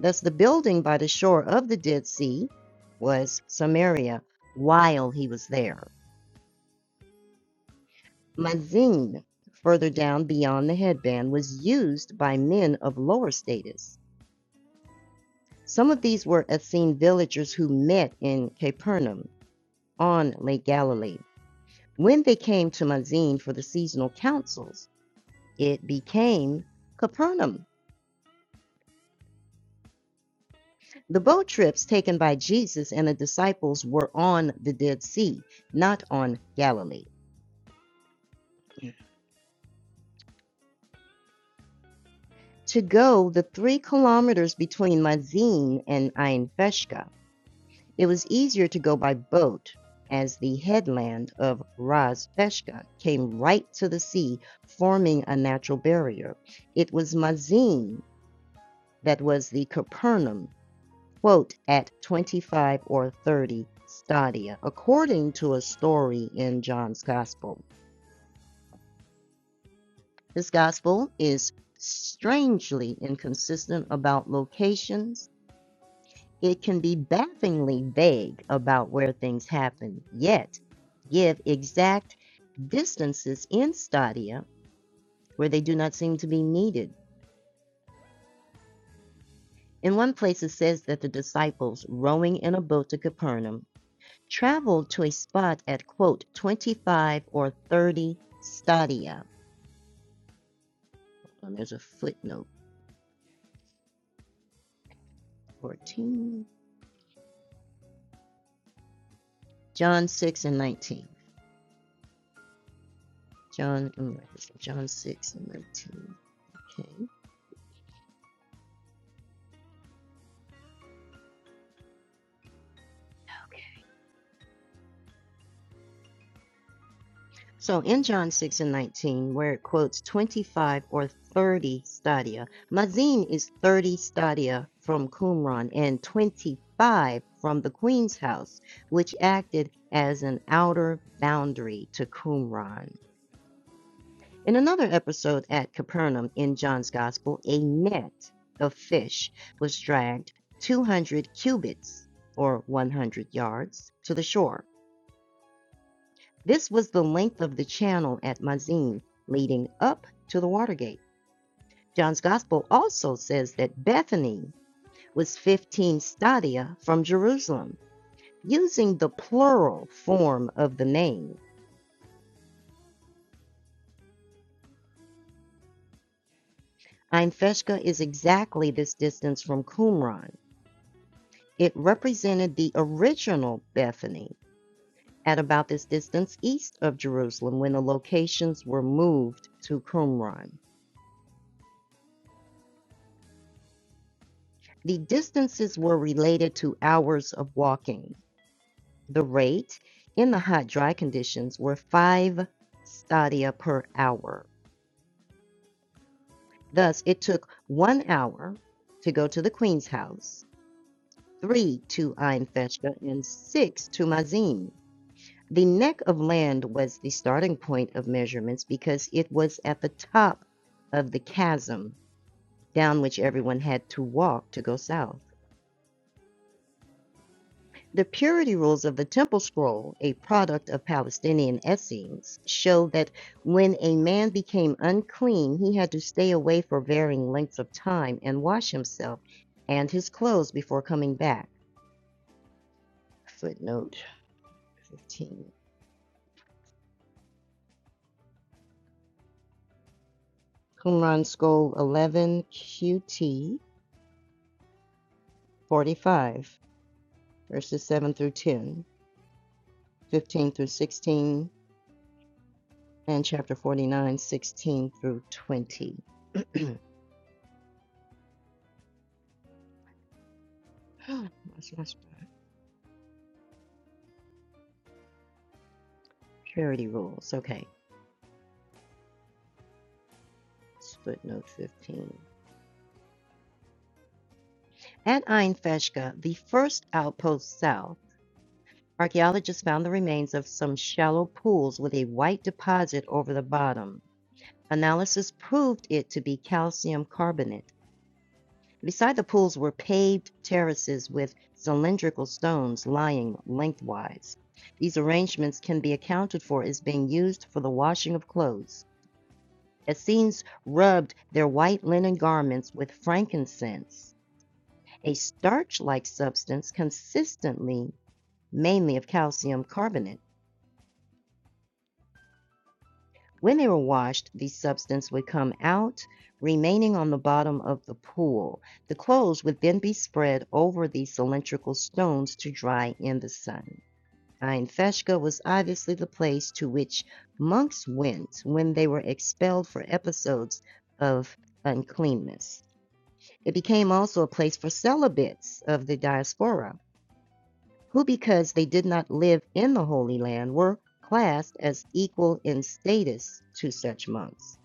Thus, the building by the shore of the Dead Sea was Samaria while he was there. Mazin, further down beyond the headband, was used by men of lower status. Some of these were Essene villagers who met in Capernaum on Lake Galilee. When they came to Mazin for the seasonal councils, it became Capernaum. The boat trips taken by Jesus and the disciples were on the Dead Sea, not on Galilee. To go the three kilometers between Mazin and Ein Feshka It was easier to go by boat, as the headland of Ras Feshka came right to the sea, forming a natural barrier. It was Mazin that was the Capernaum, quote, at 25 or 30 stadia, according to a story in John's Gospel. This Gospel is strangely inconsistent about locations It can be bafflingly vague about where things happen, yet give exact distances in stadia where they do not seem to be needed. In one place, it says that the disciples, rowing in a boat to Capernaum, traveled to a spot at, quote, 25 or 30 stadia. And there's a footnote 14. John 6 and 19. John, mm, John 6 and 19. Okay. So in John 6 and 19, where it quotes 25 or 30 stadia, Mazin is 30 stadia from Qumran and 25 from the queen's house, which acted as an outer boundary to Qumran. In another episode at Capernaum in John's Gospel, a net of fish was dragged 200 cubits or 100 yards to the shore. This was the length of the channel at Mazin leading up to the Watergate. John's Gospel also says that Bethany was 15 stadia from Jerusalem. Using the plural form of the name, Ein Feshka is exactly this distance from Qumran. It represented the original Bethany at about this distance east of Jerusalem when the locations were moved to Qumran. The distances were related to hours of walking. The rate in the hot, dry conditions were 5 stadia per hour. Thus, it took one hour to go to the queen's house, three to Einfeschka, and six to Mazin. The neck of land was the starting point of measurements because it was at the top of the chasm down which everyone had to walk to go south. The purity rules of the Temple Scroll, a product of Palestinian Essenes, show that when a man became unclean, he had to stay away for varying lengths of time and wash himself and his clothes before coming back. Footnote 15. Qumran Scroll 11 QT 45, verses 7 through 10, 15 through 16, and chapter 49, 16 through 20. Purity rules. Okay. Footnote 15. At Ain Feshka, the first outpost south, archaeologists found the remains of some shallow pools with a white deposit over the bottom. Analysis proved it to be calcium carbonate. Beside the pools were paved terraces with cylindrical stones lying lengthwise. These arrangements can be accounted for as being used for the washing of clothes. Essenes rubbed their white linen garments with frankincense a starch-like substance consistently mainly of calcium carbonate. When they were washed, the substance would come out, remaining on the bottom of the pool. The clothes would then be spread over the cylindrical stones to dry in the sun. Ein Feshka was obviously the place to which monks went when they were expelled for episodes of uncleanness. It became also a place for celibates of the diaspora who, because they did not live in the Holy Land, were classed as equal in status to such monks.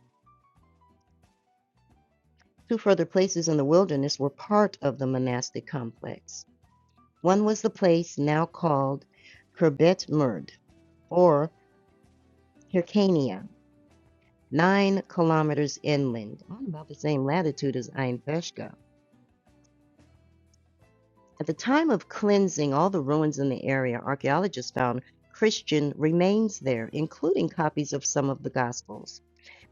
Two further places in the wilderness were part of the monastic complex. One was the place now called Kerbet Murd, or Hyrcania, nine kilometers inland, on about the same latitude as Ain Peshka, At the time of cleansing all the ruins in the area, archaeologists found Christian remains there, including copies of some of the Gospels.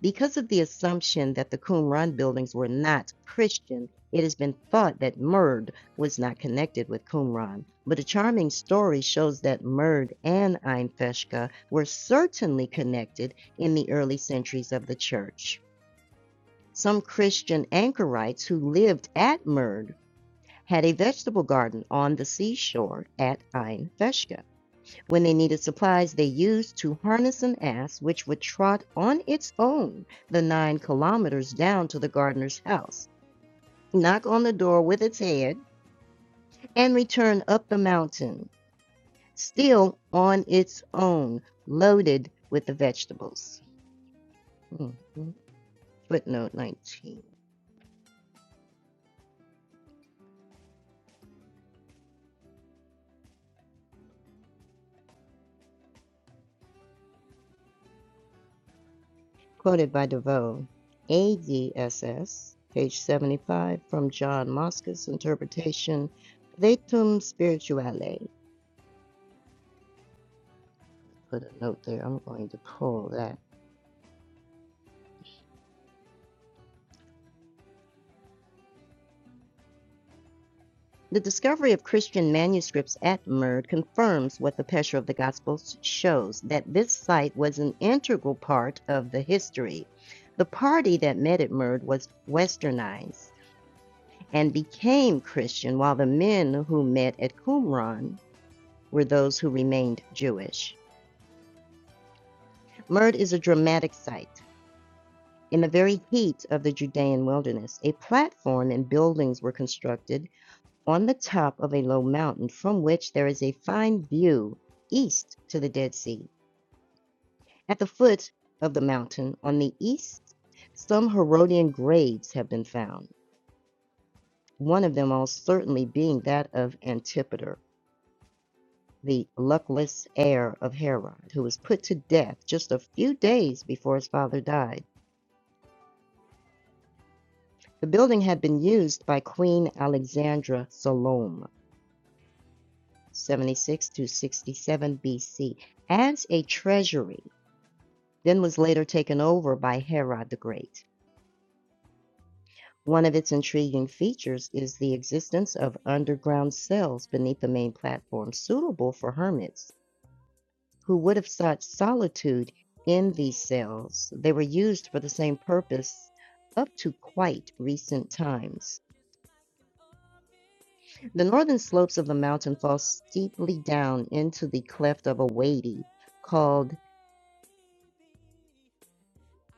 Because of the assumption that the Qumran buildings were not Christian, it has been thought that Murd was not connected with Qumran. But a charming story shows that Murd and Ein Feshka were certainly connected in the early centuries of the church. Some Christian anchorites who lived at Murd had a vegetable garden on the seashore at Ein Feshka. When they needed supplies, they used to harness an ass which would trot on its own the nine kilometers down to the gardener's house, knock on the door with its head, and return up the mountain, still on its own, loaded with the vegetables. Mhm. Footnote 19. quoted by DeVoe, ADSS, page 75, from John Moscas' interpretation, Vetum Spirituale. Put a note there, I'm going to pull that. The discovery of Christian manuscripts at Murd confirms what the Pesher of the Gospels shows that this site was an integral part of the history. The party that met at Murd was westernized and became Christian, while the men who met at Qumran were those who remained Jewish. Murd is a dramatic site. In the very heat of the Judean wilderness, a platform and buildings were constructed on the top of a low mountain from which there is a fine view east to the Dead Sea. At the foot of the mountain on the east, some Herodian graves have been found, one of them almost certainly being that of Antipater, the luckless heir of Herod, who was put to death just a few days before his father died. The building had been used by Queen Alexandra Salome, 76 to 67 BC, as a treasury, then was later taken over by Herod the Great. One of its intriguing features is the existence of underground cells beneath the main platform suitable for hermits who would have sought solitude in these cells. They were used for the same purpose up to quite recent times. The northern slopes of the mountain fall steeply down into the cleft of a wadi called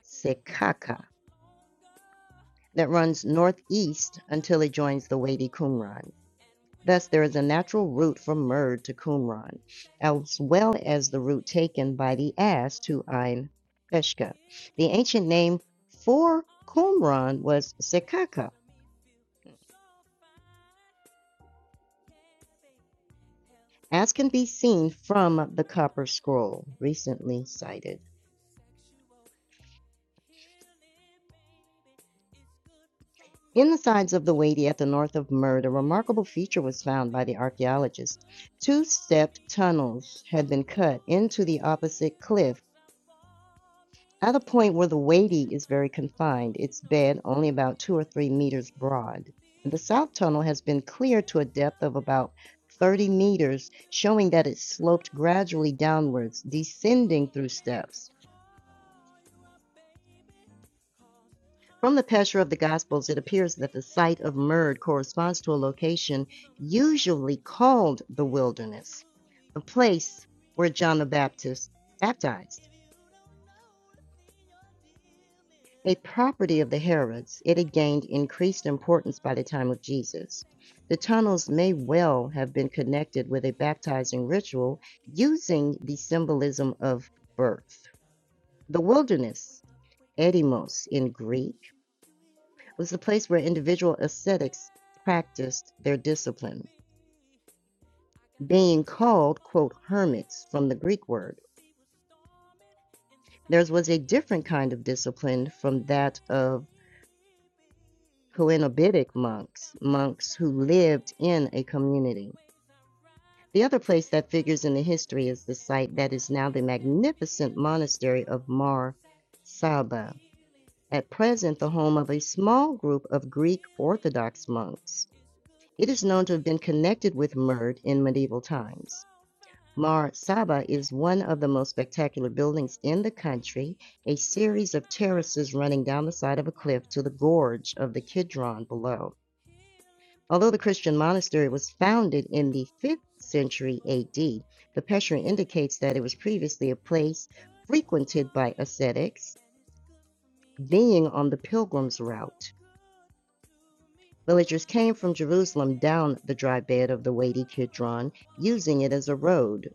Sekaka that runs northeast until it joins the Wadi Qumran. Thus, there is a natural route from Murd to Qumran, as well as the route taken by the ass to Ain Peshka. The ancient name for Qumran was Sekaka, as can be seen from the copper scroll recently cited. In the sides of the Wadi at the north of Murd, a remarkable feature was found by the archaeologists. Two stepped tunnels had been cut into the opposite cliff at a point where the Wadi is very confined, its bed only about two or three meters broad. The south tunnel has been cleared to a depth of about 30 meters, showing that it sloped gradually downwards, descending through steps. From the Pesher of the Gospels, it appears that the site of Murd corresponds to a location usually called the wilderness, the place where John the Baptist baptized, a property of the Herods. It had gained increased importance by the time of Jesus. The tunnels may well have been connected with a baptizing ritual using the symbolism of birth. The wilderness, Edimos in Greek, was the place where individual ascetics practiced their discipline, being called, quote, hermits from the Greek word. Theirs was a different kind of discipline from that of Coenobitic monks, monks who lived in a community. The other place that figures in the history is the site that is now the magnificent monastery of Mar Saba, at present the home of a small group of Greek Orthodox monks. It is known to have been connected with Murd in medieval times. Mar Saba is one of the most spectacular buildings in the country, a series of terraces running down the side of a cliff to the gorge of the Kidron below. Although the Christian monastery was founded in the 5th century AD, the Peshra indicates that it was previously a place frequented by ascetics, being on the pilgrim's route. Villagers came from Jerusalem down the dry bed of the weighty Kidron, using it as a road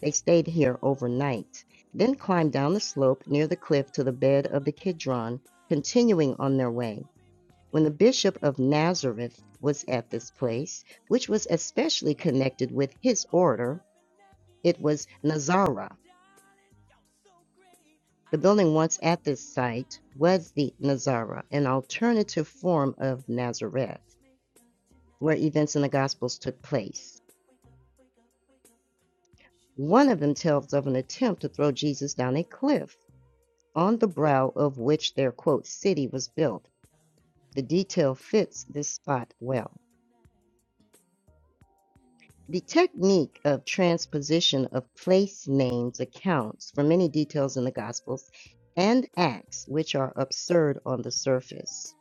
They stayed here overnight, then climbed down the slope near the cliff to the bed of the Kidron, continuing on their way. When the Bishop of Nazareth was at this place, which was especially connected with his order, it was Nazara. The building once at this site was the Nazara, an alternative form of Nazareth, where events in the Gospels took place. One of them tells of an attempt to throw Jesus down a cliff. on the brow of which their quote city was built. The detail fits this spot well. The technique of transposition of place names accounts for many details in the Gospels and Acts, which are absurd on the surface.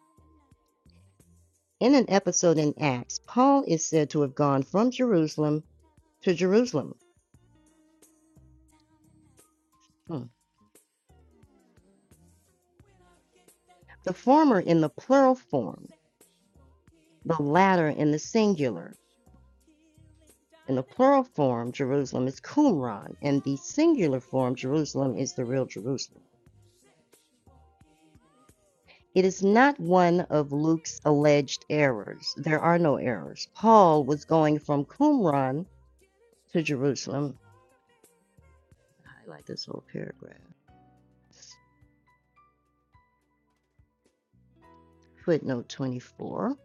In an episode in Acts, Paul is said to have gone from Jerusalem to Jerusalem, Hmm. the former in the plural form, the latter in the singular. In the plural form, Jerusalem is Qumran, and the singular form, Jerusalem, is the real Jerusalem. It is not one of Luke's alleged errors. There are no errors. Paul was going from Qumran to Jerusalem. Highlight this whole paragraph. Footnote 24,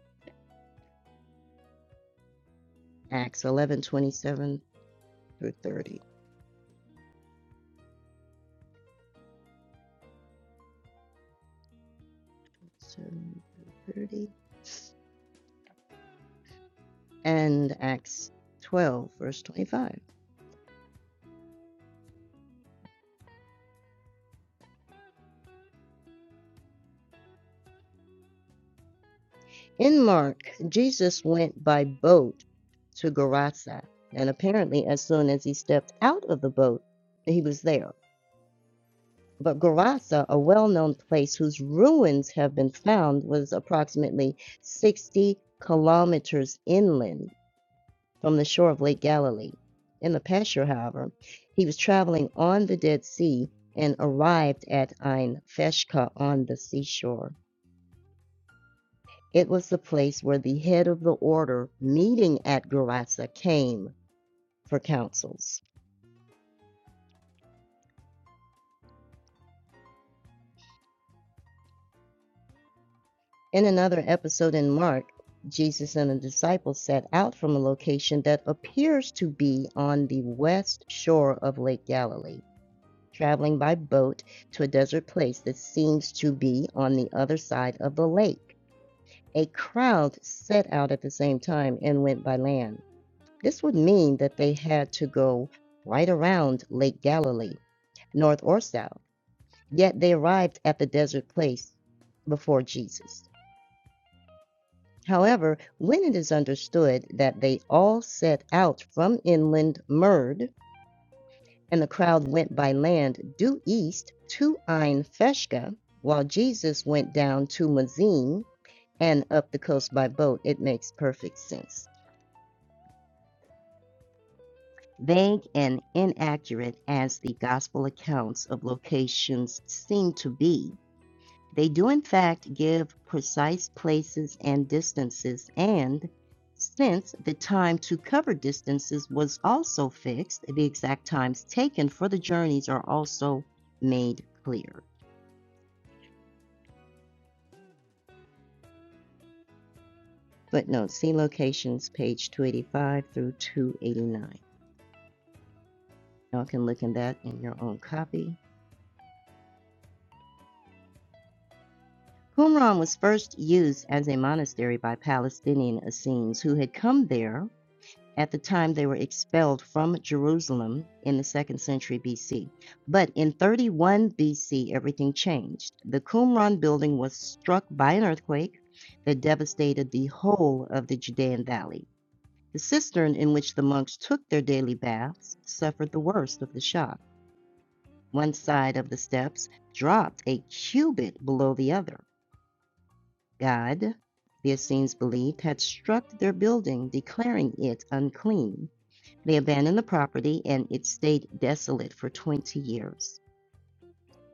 Acts 11 27 through 30. And Acts 12, verse 25. In Mark, Jesus went by boat to Gerasa, and apparently, as soon as he stepped out of the boat, he was there. But Gerasa, a well known place whose ruins have been found, was approximately 60 kilometers inland from the shore of Lake Galilee. In the pasture, however, he was traveling on the Dead Sea and arrived at Ein Feshka on the seashore. It was the place where the head of the order meeting at Gerasa came for counsels. In another episode in Mark, Jesus and the disciples set out from a location that appears to be on the west shore of Lake Galilee, traveling by boat to a desert place that seems to be on the other side of the lake. A crowd set out at the same time and went by land. This would mean that they had to go right around Lake Galilee, north or south, yet they arrived at the desert place before Jesus. However, when it is understood that they all set out from inland Merd, and the crowd went by land due east to Ein Feshka, while Jesus went down to Mazin and up the coast by boat, it makes perfect sense. Vague and inaccurate as the Gospel accounts of locations seem to be, they do in fact give precise places and distances, and since the time to cover distances was also fixed, the exact times taken for the journeys are also made clear. Footnote See locations, page 285 through 289. Y'all can look in that in your own copy. Qumran was first used as a monastery by Palestinian Essenes who had come there at the time they were expelled from Jerusalem in the 2nd century BC. But in 31 BC, everything changed. The Qumran building was struck by an earthquake that devastated the whole of the Judean Valley. The cistern in which the monks took their daily baths suffered the worst of the shock. One side of the steps dropped a cubit below the other. God, the Essenes believed, had struck their building, declaring it unclean. They abandoned the property and it stayed desolate for 20 years.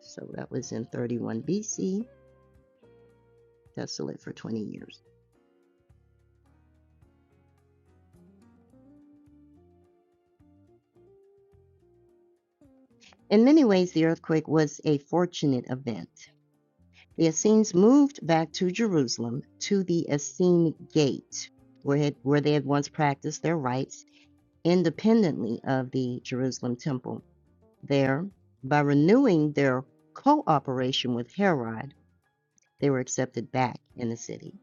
So that was in 31 BC, desolate for 20 years. In many ways, the earthquake was a fortunate event. The Essenes moved back to Jerusalem to the Essene Gate, where, had, where they had once practiced their rites independently of the Jerusalem temple. There, by renewing their cooperation with Herod, they were accepted back in the city.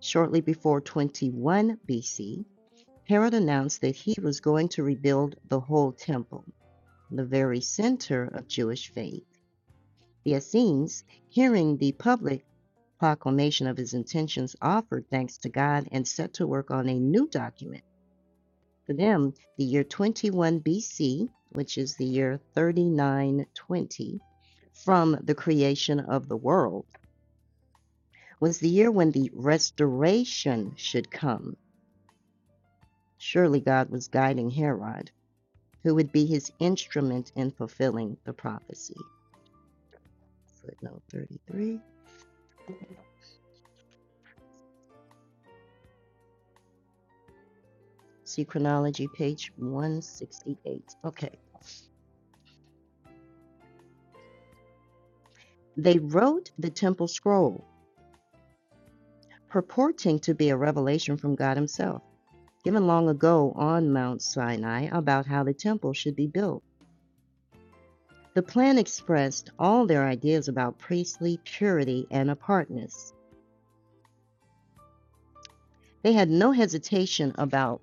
Shortly before 21 BC, Herod announced that he was going to rebuild the whole temple, the very center of Jewish faith. The Essenes, hearing the public proclamation of his intentions, offered thanks to God and set to work on a new document For them, the year 21 BC, which is the year 3920 from the creation of the world, was the year when the restoration should come. Surely God was guiding Herod, who would be his instrument in fulfilling the prophecy. Footnote 33. See chronology, page 168. Okay. They wrote the temple scroll, purporting to be a revelation from God Himself. given long ago on Mount Sinai about how the temple should be built. The plan expressed all their ideas about priestly purity and apartness. They had no hesitation about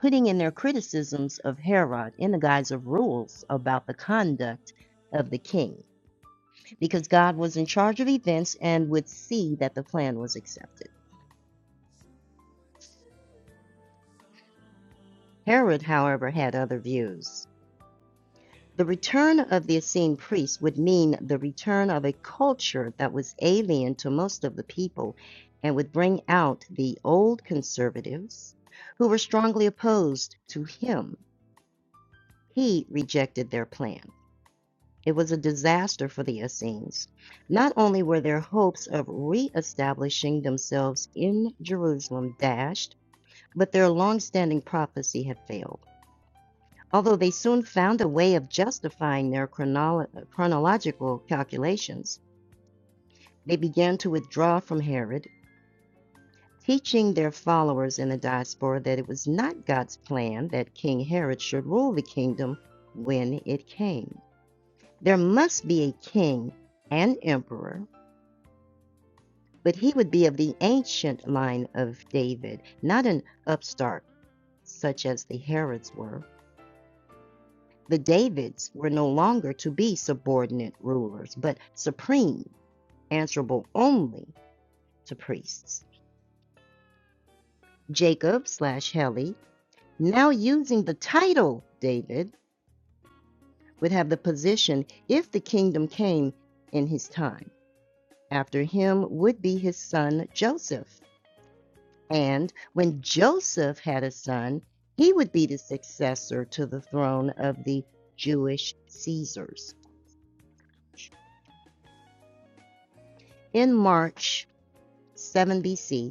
putting in their criticisms of Herod in the guise of rules about the conduct of the king, because God was in charge of events and would see that the plan was accepted. Herod, however, had other views. The return of the Essene priests would mean the return of a culture that was alien to most of the people and would bring out the old conservatives who were strongly opposed to him. He rejected their plan. It was a disaster for the Essenes. Not only were their hopes of re-establishing themselves in Jerusalem dashed, but their long-standing prophecy had failed although they soon found a way of justifying their chronolo- chronological calculations, they began to withdraw from Herod, teaching their followers in the diaspora that it was not God's plan that King Herod should rule the kingdom when it came. There must be a king and emperor, but he would be of the ancient line of David, not an upstart such as the Herods were. The Davids were no longer to be subordinate rulers, but supreme, answerable only to priests. Jacob slash Heli, now using the title David, would have the position if the kingdom came in his time. After him would be his son Joseph. And when Joseph had a son, he would be the successor to the throne of the Jewish Caesars. In March 7 BC,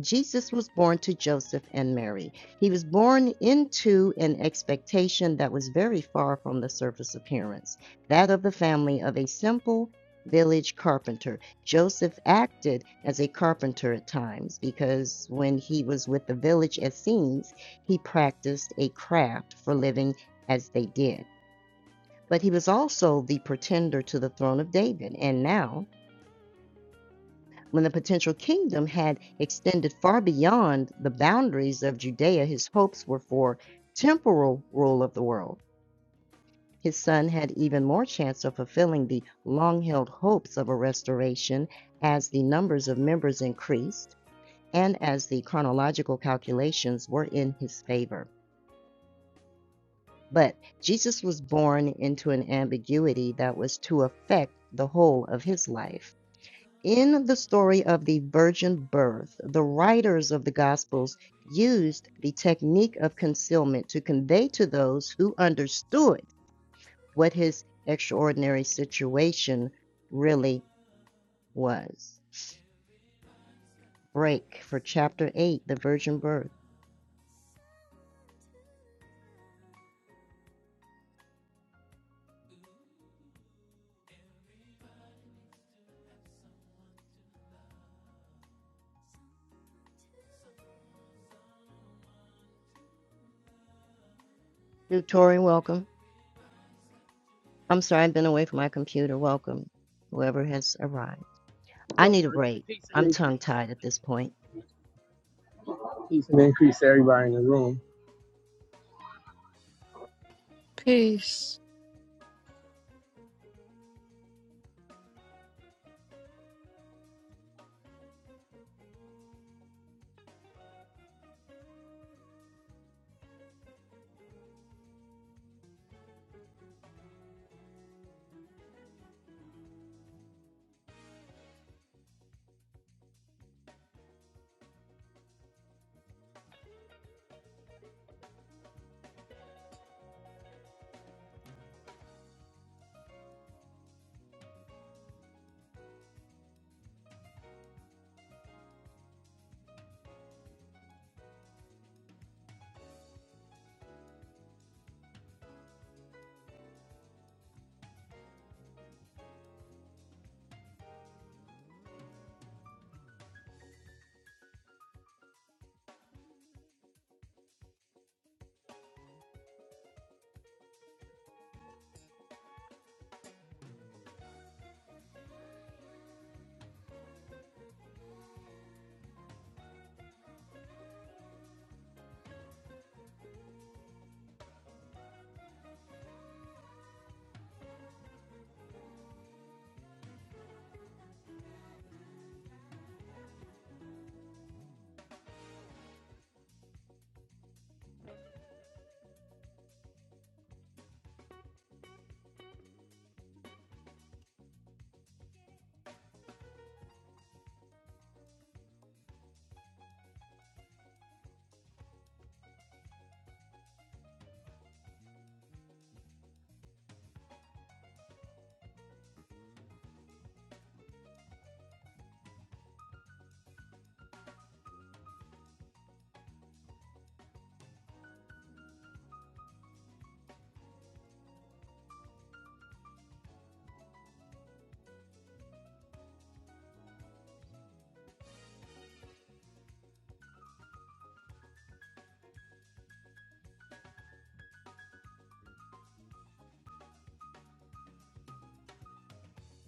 Jesus was born to Joseph and Mary. He was born into an expectation that was very far from the surface appearance, that of the family of a simple village carpenter. Joseph acted as a carpenter at times because when he was with the village Essenes, he practiced a craft for living as they did. But he was also the pretender to the throne of David, and now when the potential kingdom had extended far beyond the boundaries of Judea, his hopes were for temporal rule of the world. His son had even more chance of fulfilling the long held hopes of a restoration as the numbers of members increased and as the chronological calculations were in his favor. But Jesus was born into an ambiguity that was to affect the whole of his life. In the story of the virgin birth, the writers of the Gospels used the technique of concealment to convey to those who understood what his extraordinary situation really was. Break for chapter 8, the virgin birth. Do Tori, welcome. I'm sorry, I've been away from my computer. Welcome, whoever has arrived.
Good
I need a break.
Peace and
I'm tongue
increase.
tied at this point.
Peace and increase to everybody in the room.
Peace.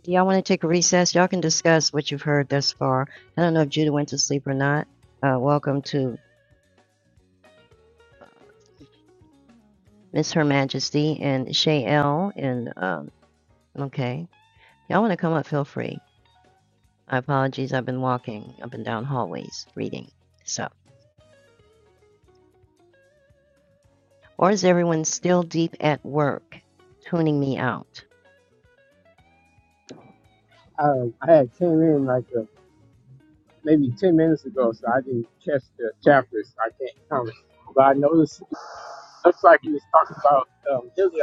Do y'all want to take a recess? Y'all can discuss what you've heard thus far. I don't know if Judah went to sleep or not. Uh, welcome to uh, Miss Her Majesty and Shay L. And um, okay, y'all want to come up? Feel free. I apologies. I've been walking up and down hallways reading. So, or is everyone still deep at work, tuning me out?
I, I had came in like uh maybe 10 minutes ago, so I didn't catch the chapters. I can't comment. But I noticed, it looks like he was talking about um, Hillary.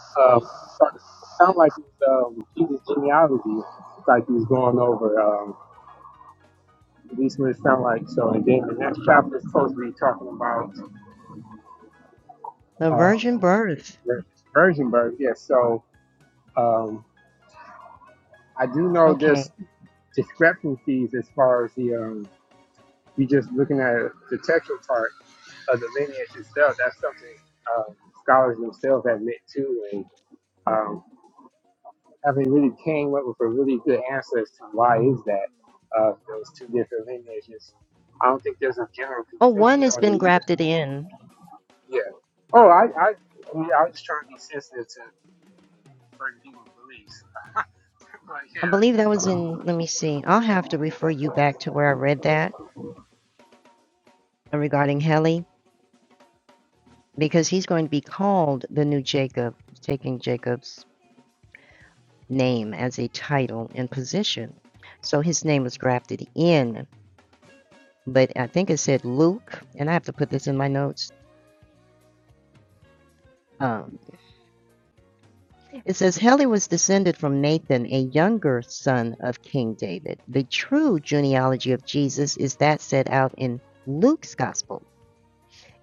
Um, talking- sound like it was um, Jesus' genealogy, like he was going over. Um, at least what it sounded like. So, and then the next chapter is supposed to be talking about
The
um,
virgin birth.
Vir- Virgin birth, yes. So um, I do know this.
Okay.
discrepancies as far as the um, you just looking at the textual part of the lineage itself. That's something um, scholars themselves admit to, and um, haven't really came up with a really good answer as to why is that uh, those two different lineages. I don't think there's a general
Oh, one
consensus
has
on it
been
either.
grafted in.
Yeah. Oh, I I I, mean, I was just trying to be sensitive to certain people's beliefs, but
I believe that was in. Let me see. I'll have to refer you back to where I read that regarding Heli because he's going to be called the new Jacob, taking Jacob's name as a title and position. So his name was grafted in, but I think it said Luke, and I have to put this in my notes. Um, it says Heli was descended from Nathan, a younger son of King David. The true genealogy of Jesus is that set out in Luke's gospel.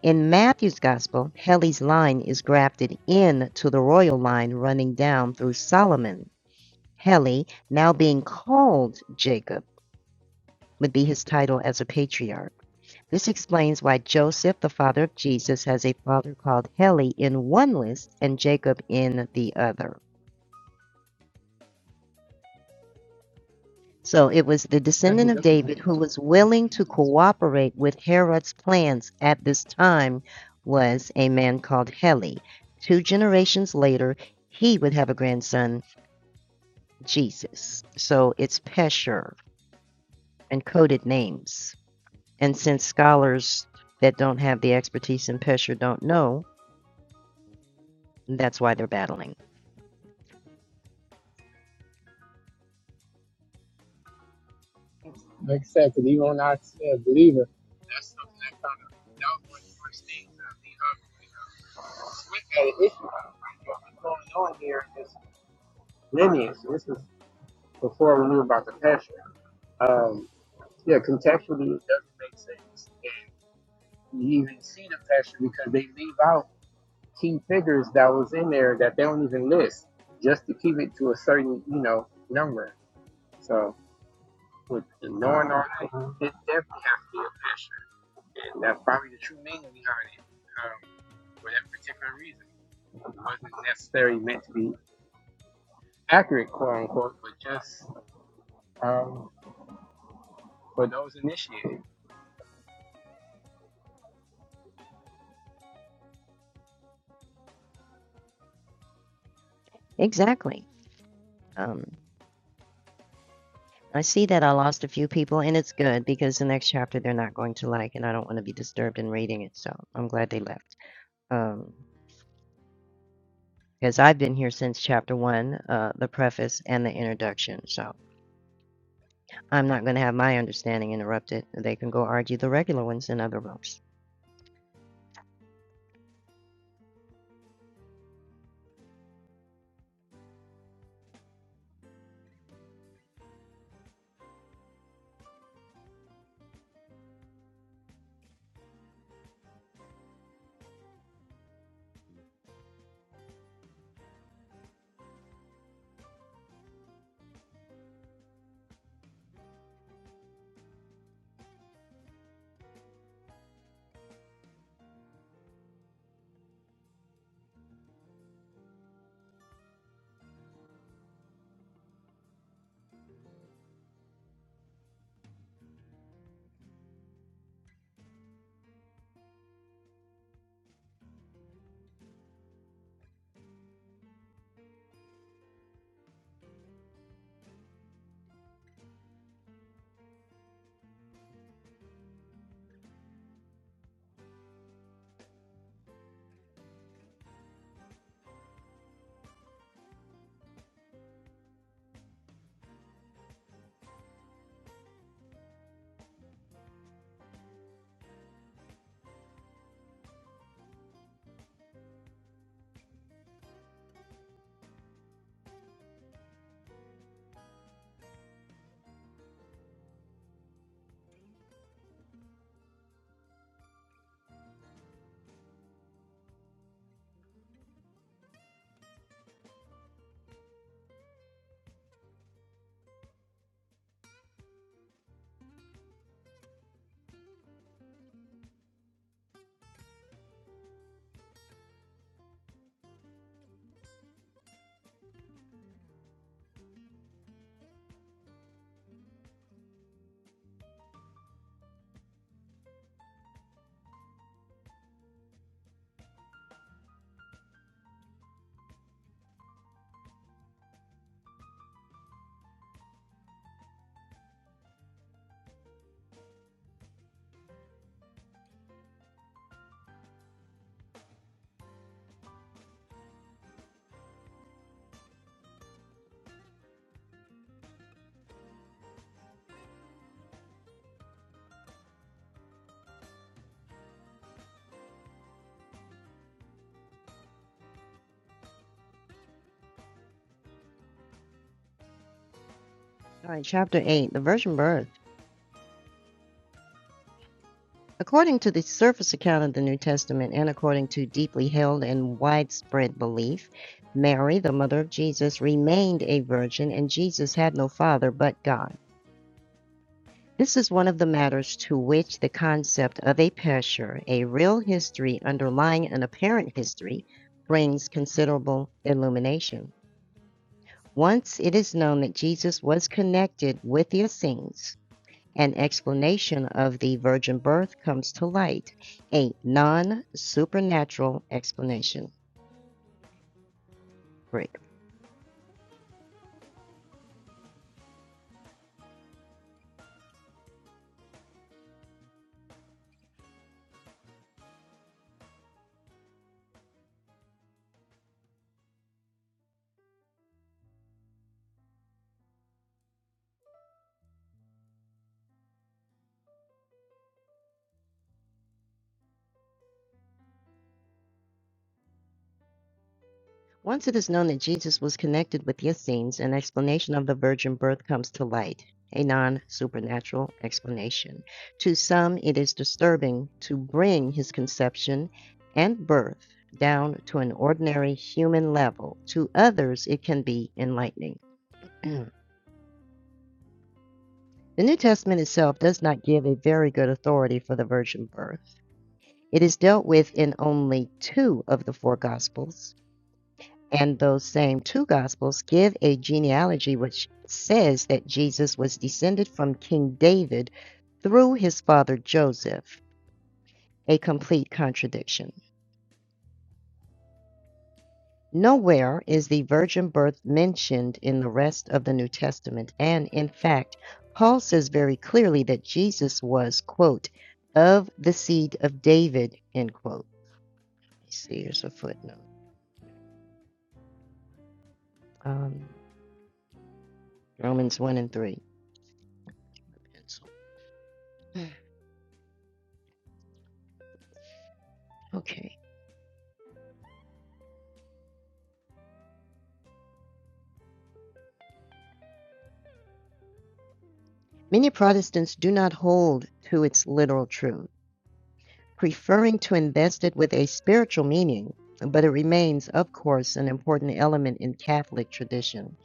In Matthew's gospel, Heli's line is grafted into the royal line running down through Solomon Heli, now being called Jacob, would be his title as a patriarch. This explains why Joseph, the father of Jesus, has a father called Heli in one list and Jacob in the other. So it was the descendant of
yeah. Gotcha.
David who was willing to cooperate with Herod's plans at this time was a man called Heli. Two generations later, he would have a grandson, Jesus. So it's Peshur and coded names. And since scholars that don't have the expertise in Pesher don't know, that's why they're battling.
Like I said, 'cause even when I say a believer, that's something that kind of that was one of the first things that me Humphrey and uh, Swift had an issue with. Like, yo, what's going on here in this lineage? This was before we knew about the passion. Um, yeah, contextually, it doesn't make sense, and you even see the passion because they leave out key figures that was in there that they don't even list just to keep it to a certain you know number. So with knowing all that, it definitely has to be a passion. That's probably the true meaning behind it um, for that particular reason. It wasn't necessarily meant to be accurate, quote unquote, but just um, for those initiated.
Exactly. Um, I see that I lost a few people, and it's good because the next chapter they're not going to like, and I don't want to be disturbed in reading it, so I'm glad they left. Um, because I've been here since chapter one, uh, the preface and the introduction, so I'm not going to have my understanding interrupted. They can go argue the regular ones in other rooms. All right, chapter 8 the virgin birth. According to the surface account of the New Testament, and according to deeply held and widespread belief, Mary, the mother of Jesus, remained a virgin, and Jesus had no father but God. This is one of the matters to which the concept of a picture, a real history underlying an apparent history, brings considerable illumination. Once it is known that Jesus was connected with the Essenes, an explanation of the virgin birth comes to light, a non supernatural explanation. Break. Once it is known that Jesus was connected with the Essenes, an explanation of the virgin birth comes to light, a non supernatural explanation. To some, it is disturbing to bring his conception and birth down to an ordinary human level. To others, it can be enlightening. The New Testament itself does not give a very good authority for the virgin birth. It is dealt with in only two of the four Gospels, and those same two Gospels give a genealogy which says that Jesus was descended from King David through his father Joseph, a complete contradiction. Nowhere is the virgin birth mentioned in the rest of the New Testament, and in fact, Paul says very clearly that Jesus was, quote, of the seed of David, end quote. Let's See, here's a footnote. Um, Romans 1 and 3. Pencil. Okay. Many Protestants do not hold to its literal truth, preferring to invest it with a spiritual meaning, but it remains, of course, an important element in Catholic tradition.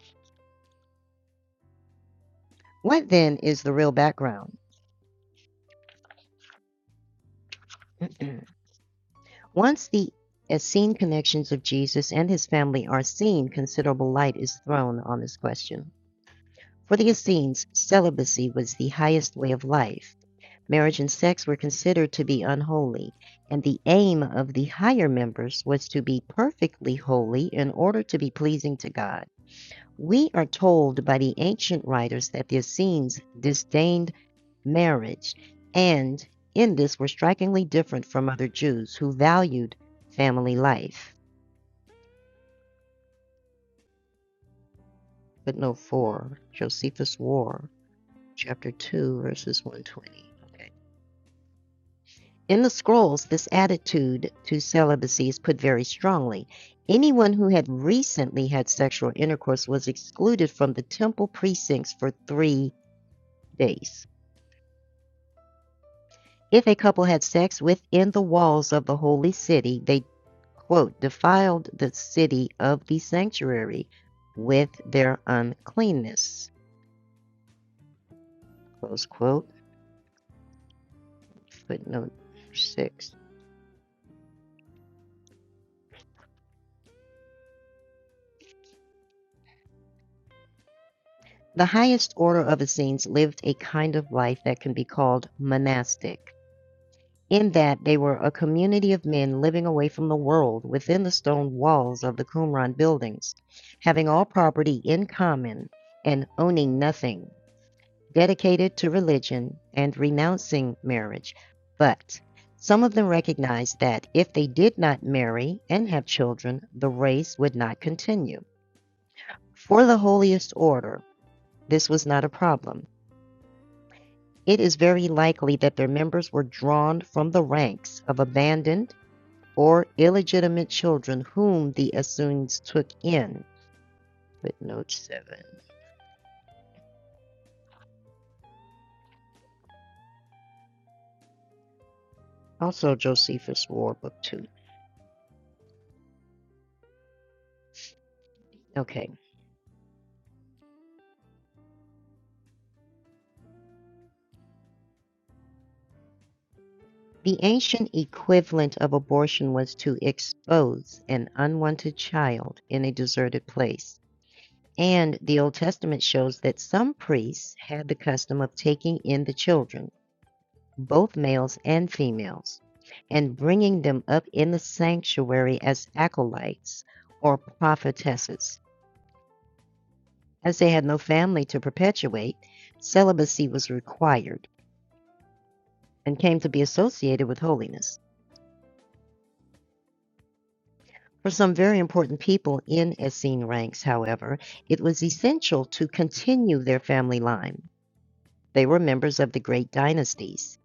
What then is the real background? Once the Essene connections of Jesus and his family are seen, considerable light is thrown on this question. For the Essenes, celibacy was the highest way of life, marriage and sex were considered to be unholy, and the aim of the higher members was to be perfectly holy in order to be pleasing to God. We are told by the ancient writers that the Essenes disdained marriage, and in this were strikingly different from other Jews who valued family life. Footnote 4, Josephus War, chapter 2, verses 120. Okay. In the scrolls, this attitude to celibacy is put very strongly. Anyone who had recently had sexual intercourse was excluded from the temple precincts for three days. If a couple had sex within the walls of the holy city, they, quote, defiled the city of the sanctuary with their uncleanness, close quote, footnote six. The highest order of Essenes lived a kind of life that can be called monastic. in that they were a community of men living away from the world within the stone walls of the Qumran buildings, having all property in common and owning nothing, dedicated to religion and renouncing marriage. But some of them recognized that if they did not marry and have children, the race would not continue. For the holiest order, this was not a problem. It is very likely that their members were drawn from the ranks of abandoned or illegitimate children whom the Essenes took in. Footnote 7. Also, Josephus War, Book 2. Okay. The ancient equivalent of abortion was to expose an unwanted child in a deserted place. And the Old Testament shows that some priests had the custom of taking in the children, both males and females, and bringing them up in the sanctuary as acolytes or prophetesses As they had no family to perpetuate, celibacy was required and came to be associated with holiness. For some very important people in Essene ranks, however, it was essential to continue their family line. They were members of the great dynasties,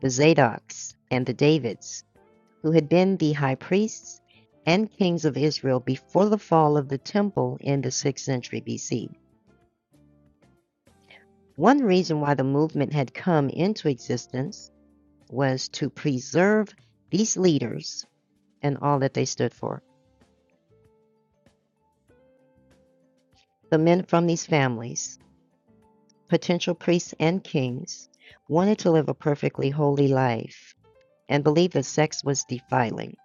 the Zadoks and the Davids, who had been the high priests and kings of Israel before the fall of the temple in the 6th century BC. One reason why the movement had come into existence was to preserve these leaders and all that they stood for. The men from these families, potential priests and kings, wanted to live a perfectly holy life and believed that sex was defiling.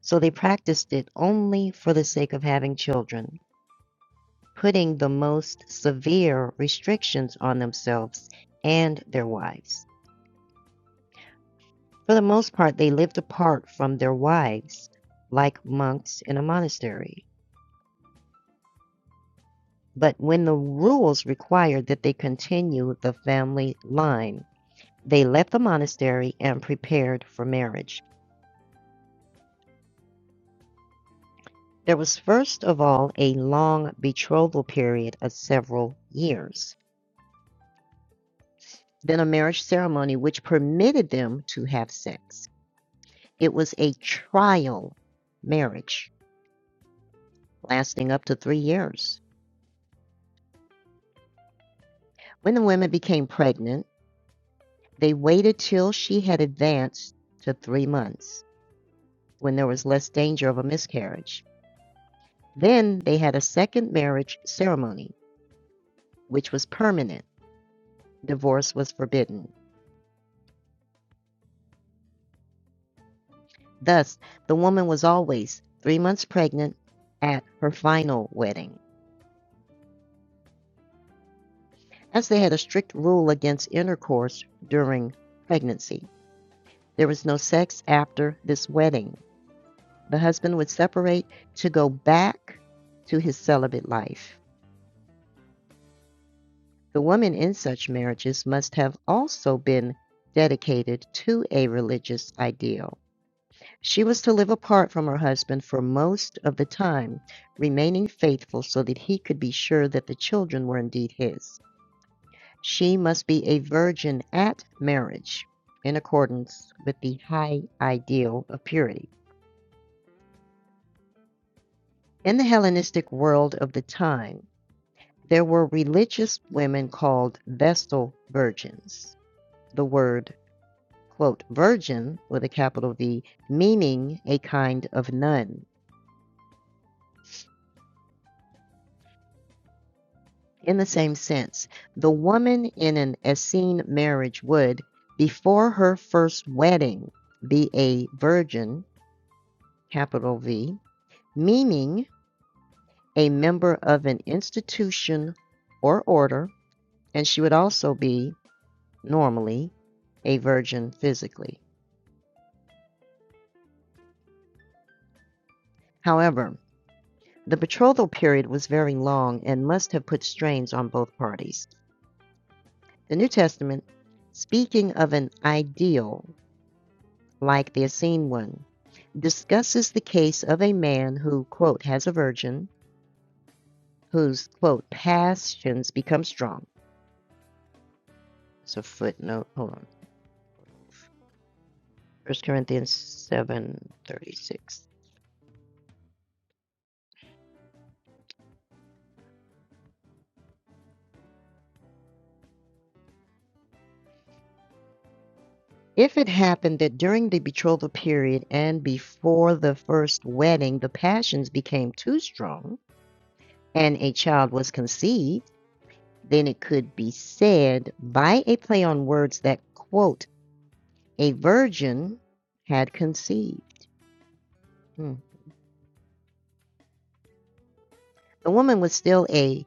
So they practiced it only for the sake of having children, putting the most severe restrictions on themselves and their wives. For the most part, they lived apart from their wives, like monks in a monastery. But when the rules required that they continue the family line, they left the monastery and prepared for marriage. There was first of all a long betrothal period of several years, then a marriage ceremony which permitted them to have sex. It was a trial marriage lasting up to three years. When the women became pregnant, they waited till she had advanced to three months, when there was less danger of a miscarriage. Then they had a second marriage ceremony, which was permanent. Divorce was forbidden. Thus, the woman was always three months pregnant at her final wedding, as they had a strict rule against intercourse during pregnancy. There was no sex after this wedding. The husband would separate to go back to his celibate life. The woman in such marriages must have also been dedicated to a religious ideal She was to live apart from her husband for most of the time, remaining faithful so that he could be sure that the children were indeed his. She must be a virgin at marriage in accordance with the high ideal of purity. In the Hellenistic world of the time, there were religious women called Vestal virgins. The word, quote, virgin with a capital V, meaning a kind of nun. In the same sense, the woman in an Essene marriage would, before her first wedding, be a virgin, capital V, meaning a member of an institution or order, and she would also be, normally, a virgin physically. However, the betrothal period was very long and must have put strains on both parties. The New Testament, speaking of an ideal like the Essene one, discusses the case of a man who, quote, has a virgin whose, quote, passions become strong. It's a footnote. Hold on. First Corinthians 7:36. If it happened that during the betrothal period and before the first wedding the passions became too strong and a child was conceived, then it could be said by a play on words that quote a virgin had conceived. Hmm. the woman was still a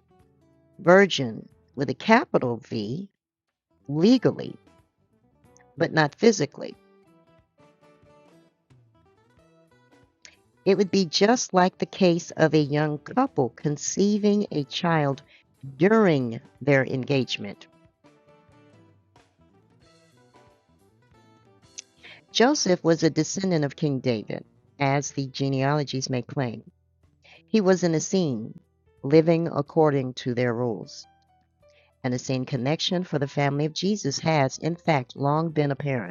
virgin with a capital V legally, but not physically. It would be just like the case of a young couple conceiving a child during their engagement. Joseph was a descendant of King David, as the genealogies may claim. He was an Essene, living according to their rules. An Essene connection for the family of Jesus has, in fact, long been apparent.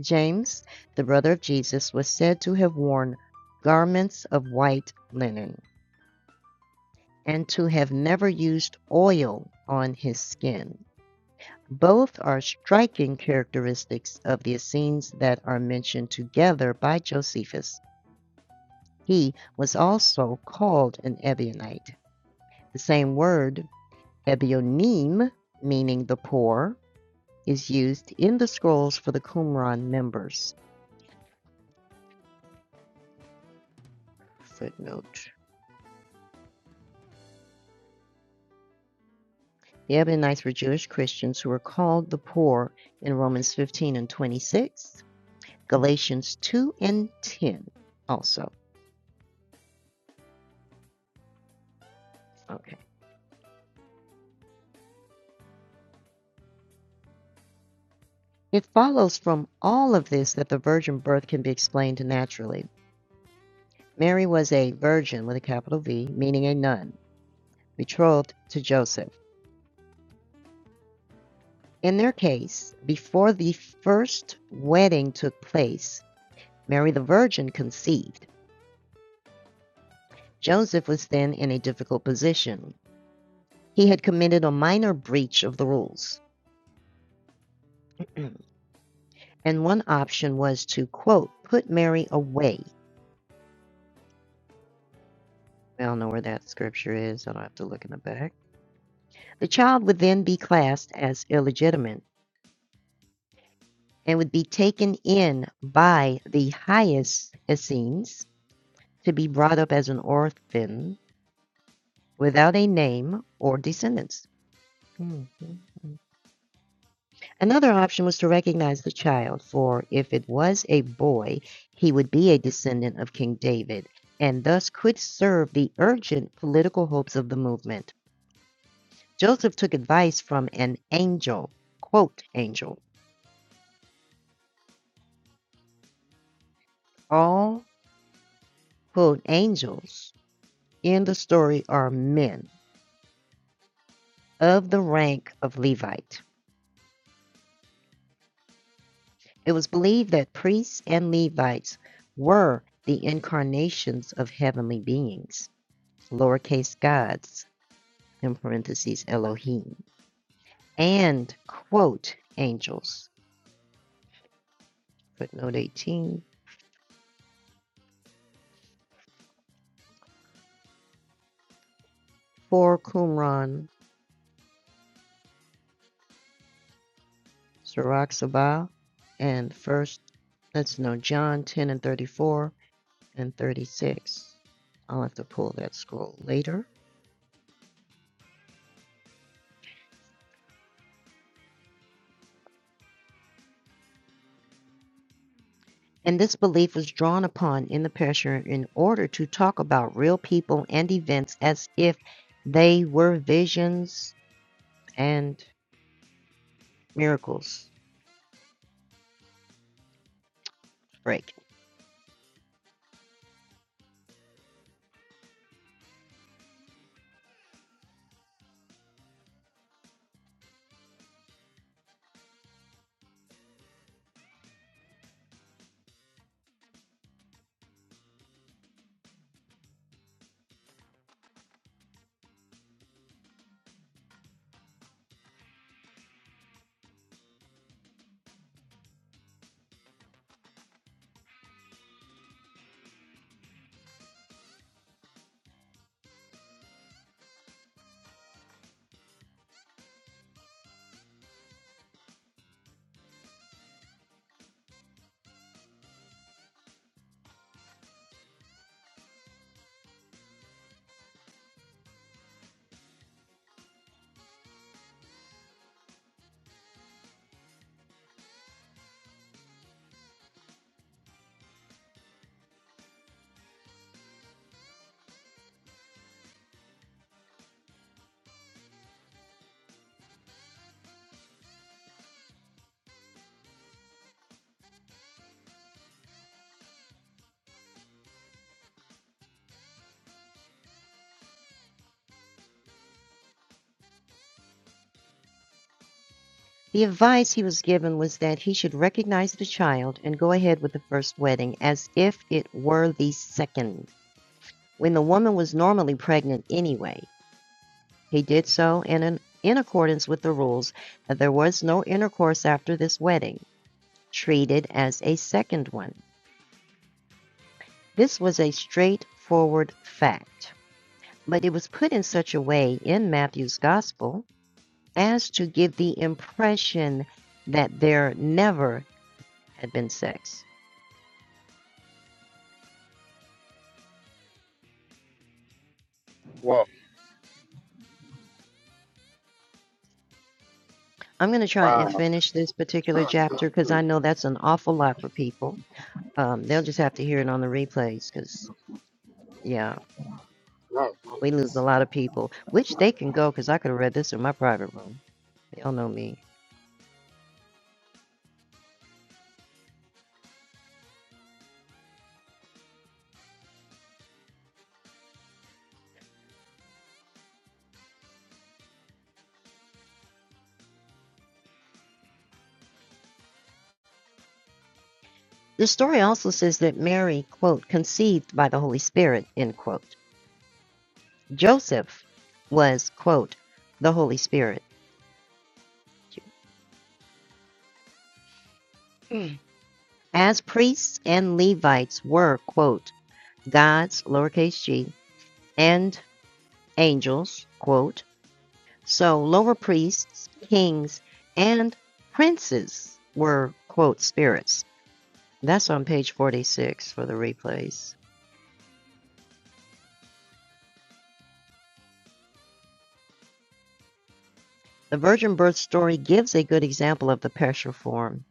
James, the brother of Jesus, was said to have worn garments of white linen and to have never used oil on his skin. Both are striking characteristics of the Essenes that are mentioned together by Josephus. He was also called an Ebionite. The same word, Ebionim, meaning the poor, is used in the scrolls for the Qumran members. Footnote The Ebonites were Jewish Christians who were called the poor in Romans 15 and 26, Galatians 2 and 10 also. Okay. It follows from all of this that the virgin birth can be explained naturally. Mary was a virgin with a capital V, meaning a nun, betrothed to Joseph. In their case, before the first wedding took place, Mary the Virgin conceived. Joseph was then in a difficult position. he had committed a minor breach of the rules. and one option was to, quote, put Mary away. I don't know where that scripture is. I don't have to look in the back. The child would then be classed as illegitimate and would be taken in by the highest Essenes to be brought up as an orphan without a name or descendants. Mhm. Another option was to recognize the child, for if it was a boy, he would be a descendant of King David and thus could serve the urgent political hopes of the movement. Joseph took advice from an angel, quote, angel. All, quote, angels in the story are men of the rank of Levite. It was believed that priests and Levites were the incarnations of heavenly beings, lowercase gods in parentheses Elohim, and quote angels, footnote 18, for Qumran, Sirach Sabah, and first, let's know, John 10 and 34 and 36. I'll have to pull that scroll later. And this belief was drawn upon in the pressure in order to talk about real people and events as if they were visions and miracles. Break. The advice he was given was that he should recognize the child and go ahead with the first wedding as if it were the second, when the woman was normally pregnant anyway. He did so and in, in accordance with the rules that there was no intercourse after this wedding, treated as a second one. This was a straightforward fact, but it was put in such a way in Matthew's gospel as to give the impression that there never had been sex.
Whoa,
I'm going to try and
wow.
finish this particular chapter because I know that's an awful lot for people. Um, they'll just have to hear it on the replays because, yeah, we lose a lot of people, which they can go because I could have read this in my private room. Y'all know me. The story also says that Mary, quote, conceived by the Holy Spirit, end quote. Joseph was, quote, the Holy Spirit. Hmm. As priests and Levites were, quote, gods, lowercase g, and angels, quote, so lower priests, kings, and princes were, quote, spirits. That's on page 46 for the replays. The virgin birth story gives a good example of the partial form.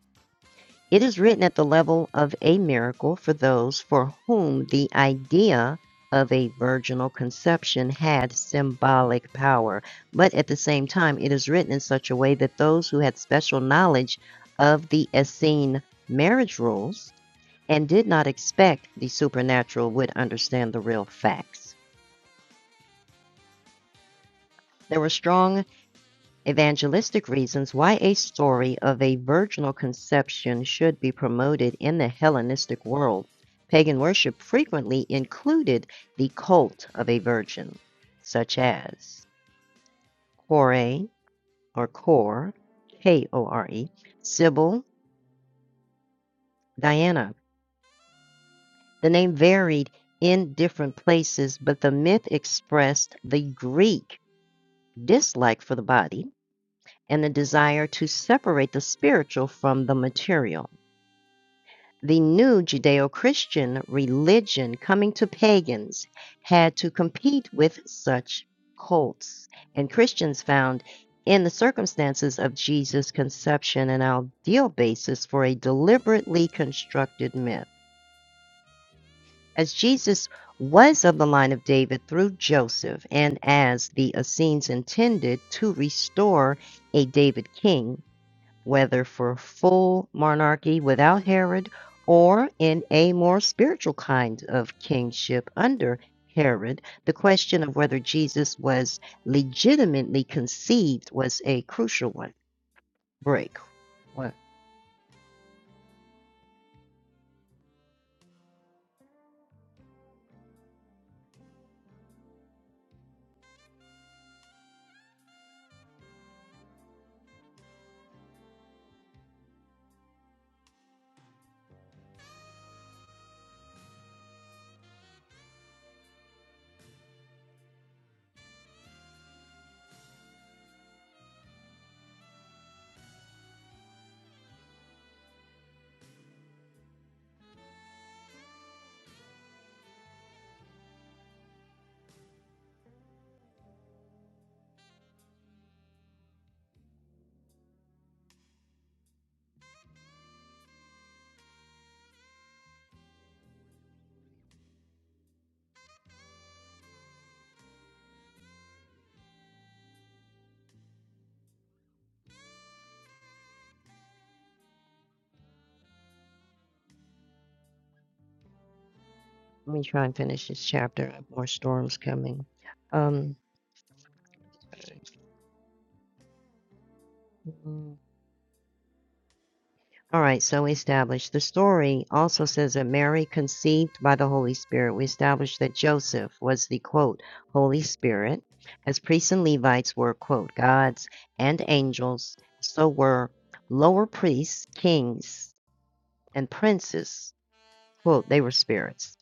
It is written at the level of a miracle for those for whom the idea of a virginal conception had symbolic power, but at the same time, it is written in such a way that those who had special knowledge of the Essene marriage rules and did not expect the supernatural would understand the real facts. There were strong Evangelistic reasons why a story of a virginal conception should be promoted in the Hellenistic world. Pagan worship frequently included the cult of a virgin, such as Kore or Kor, K O R E, Sybil, Diana. The name varied in different places, but the myth expressed the Greek dislike for the body and the desire to separate the spiritual from the material. The new Judeo Christian religion coming to pagans had to compete with such cults, and Christians found in the circumstances of Jesus' conception an ideal basis for a deliberately constructed myth. As Jesus was of the line of David through Joseph, and as the Essenes intended to restore a David king, whether for full monarchy without Herod or in a more spiritual kind of kingship under Herod, the question of whether Jesus was legitimately conceived was a crucial one. Break. What? Let me try and finish this chapter. More storms coming. Um, All right, so we established the story also says that Mary conceived by the Holy Spirit. We established that Joseph was the quote, Holy Spirit, as priests and Levites were quote, gods and angels, so were lower priests, kings, and princes, quote, they were spirits.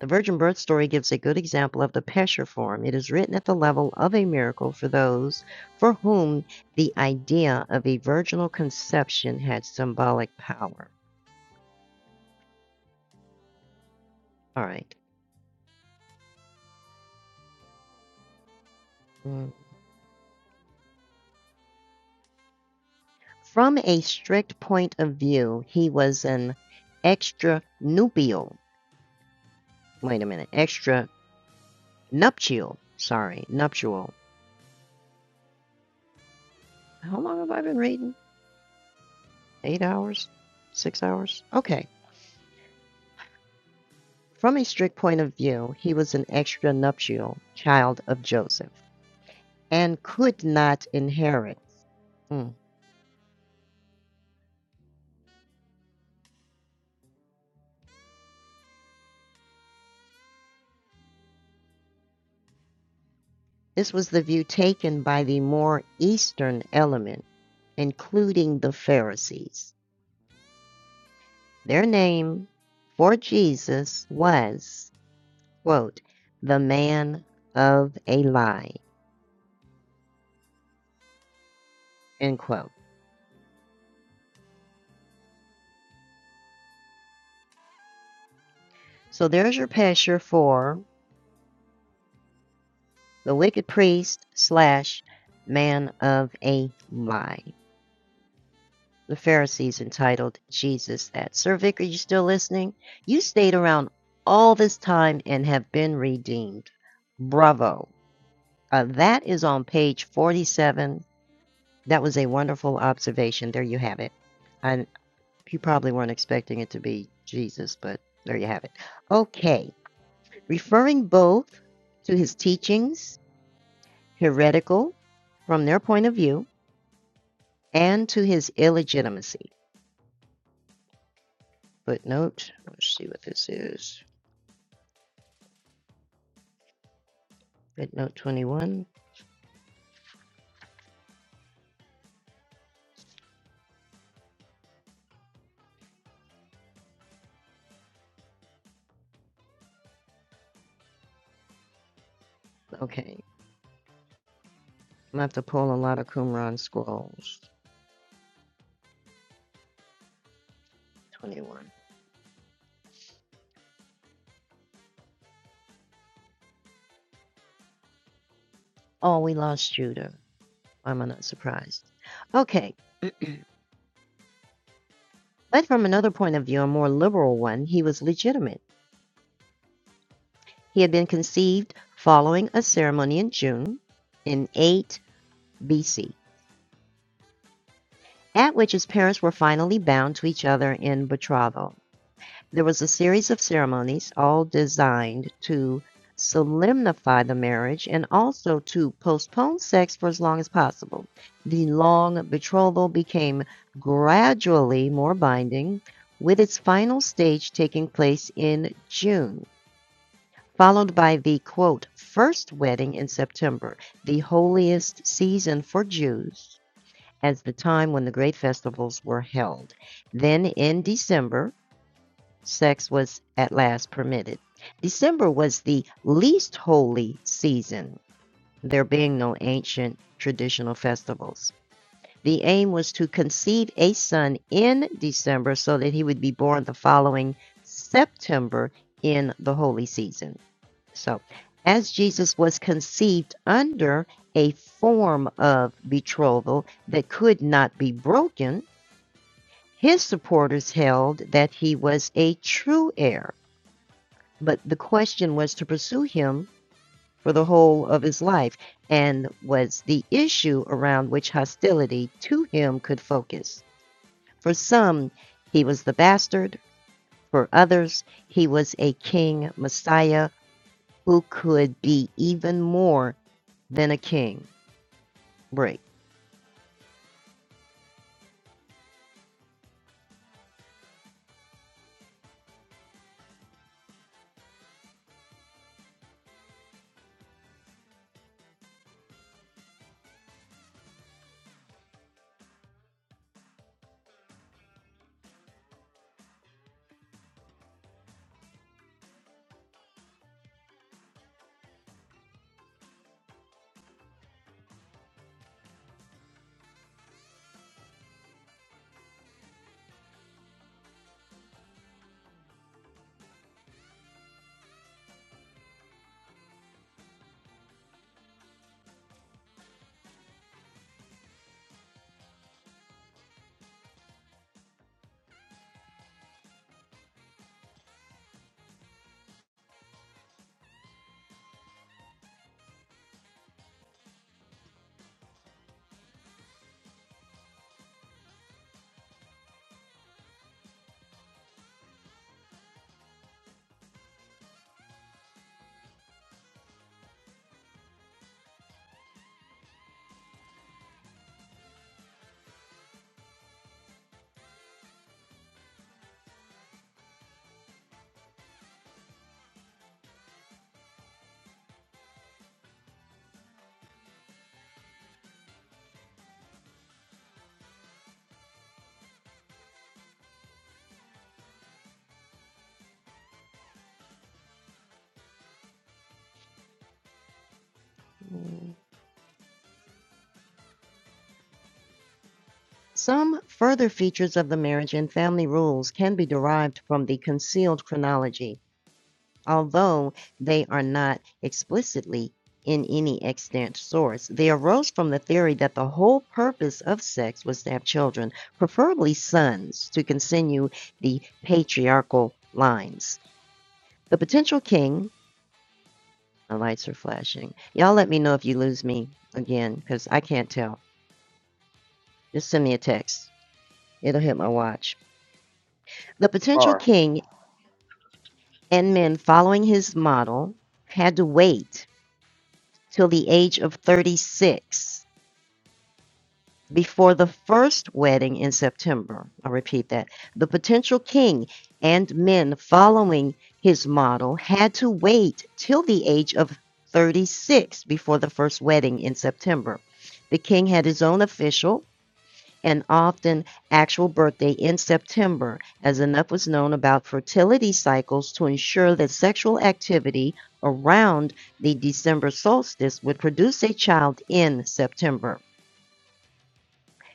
The virgin birth story gives a good example of the Pesher form. It is written at the level of a miracle for those for whom the idea of a virginal conception had symbolic power. All right. Mm. From a strict point of view, he was an extra nubial. Wait a minute, extra nuptial. Sorry, nuptial. How long have I been reading? Eight hours? Six hours? Okay. From a strict point of view, he was an extra nuptial child of Joseph and could not inherit. Hmm. This was the view taken by the more Eastern element, including the Pharisees. Their name for Jesus was, quote, the man of a lie, end quote. So there's your picture for the wicked priest slash man of a lie. The Pharisees entitled Jesus that. Sir Vic, are you still listening? You stayed around all this time and have been redeemed. Bravo. Uh, that is on page 47. That was a wonderful observation. There you have it. I You probably weren't expecting it to be Jesus, but there you have it. Okay. Referring both to his teachings, heretical from their point of view, and to his illegitimacy. Footnote. Let's see what this is. Footnote 21. Okay. I'm going to have to pull a lot of Qumran scrolls. 21. Oh, we lost Judah. Why am I not surprised? Okay. But from another point of view, a more liberal one, he was legitimate. He had been conceived following a ceremony in June in 8 BC, at which his parents were finally bound to each other in betrothal. There was a series of ceremonies, all designed to solemnify the marriage and also to postpone sex for as long as possible. The long betrothal became gradually more binding, with its final stage taking place in June. followed by the quote, first wedding in September, the holiest season for Jews, as the time when the great festivals were held. Then in December, sex was at last permitted. December was the least holy season, there being no ancient traditional festivals. The aim was to conceive a son in December so that he would be born the following September in the holy season. So, as Jesus was conceived under a form of betrothal that could not be broken, his supporters held that he was a true heir. But the question was to pursue him for the whole of his life and was the issue around which hostility to him could focus. For some, he was the bastard. For others, he was a king messiah who could be even more than a king. break. Some further features of the marriage and family rules can be derived from the concealed chronology, although they are not explicitly in any extant source. They arose from the theory that the whole purpose of sex was to have children, preferably sons, to continue the patriarchal lines. The potential king, my lights are flashing. Y'all let me know if you lose me again, because I can't tell. Just send me a text, it'll hit my watch. The potential
Sorry.
king and men following his model had to wait till the age of 36 before the first wedding in September. I'll repeat that. The potential king and men following his model had to wait till the age of 36 before the first wedding in September. The king had his own official and often actual birthday in September, as enough was known about fertility cycles to ensure that sexual activity around the December solstice would produce a child in September.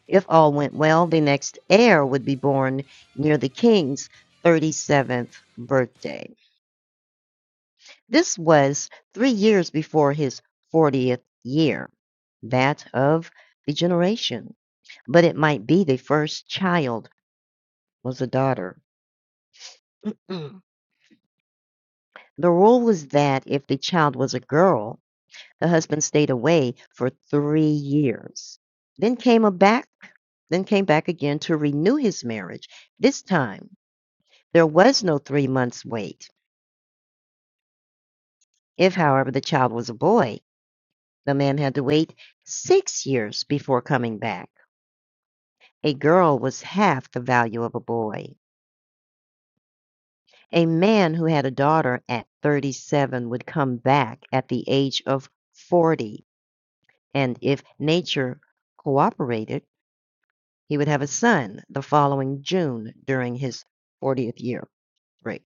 If all went well, the next heir would be born near the king's 37th birthday. This was three years before his 40th year, that of the generation, but it might be the first child was a daughter. Mm. The rule was that if the child was a girl, the husband stayed away for three years, then came a back, then came back again to renew his marriage. This time, there was no three months wait. If, however, the child was a boy, the man had to wait six years before coming back. A girl was half the value of a boy. A man who had a daughter at 37 would come back at the age of 40 and if nature cooperated, he would have a son the following June during his 40th year. break.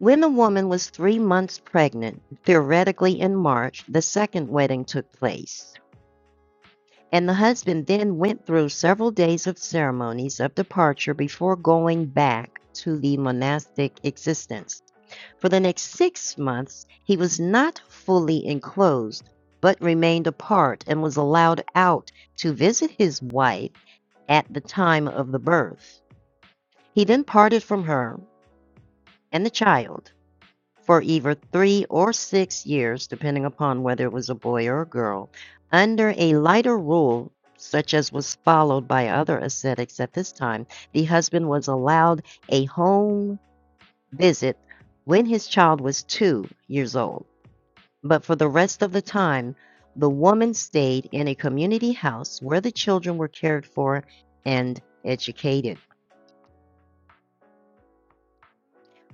When the woman was three months pregnant, theoretically in March, the second wedding took place. And the husband then went through several days of ceremonies of departure before going back to the monastic existence. For the next six months, he was not fully enclosed, but remained apart and was allowed out to visit his wife at the time of the birth. He then parted from her and the child for either three or six years, depending upon whether it was a boy or a girl, under a lighter rule, such as was followed by other ascetics at this time, the husband was allowed a home visit when his child was two years old. But for the rest of the time, the woman stayed in a community house where the children were cared for and educated.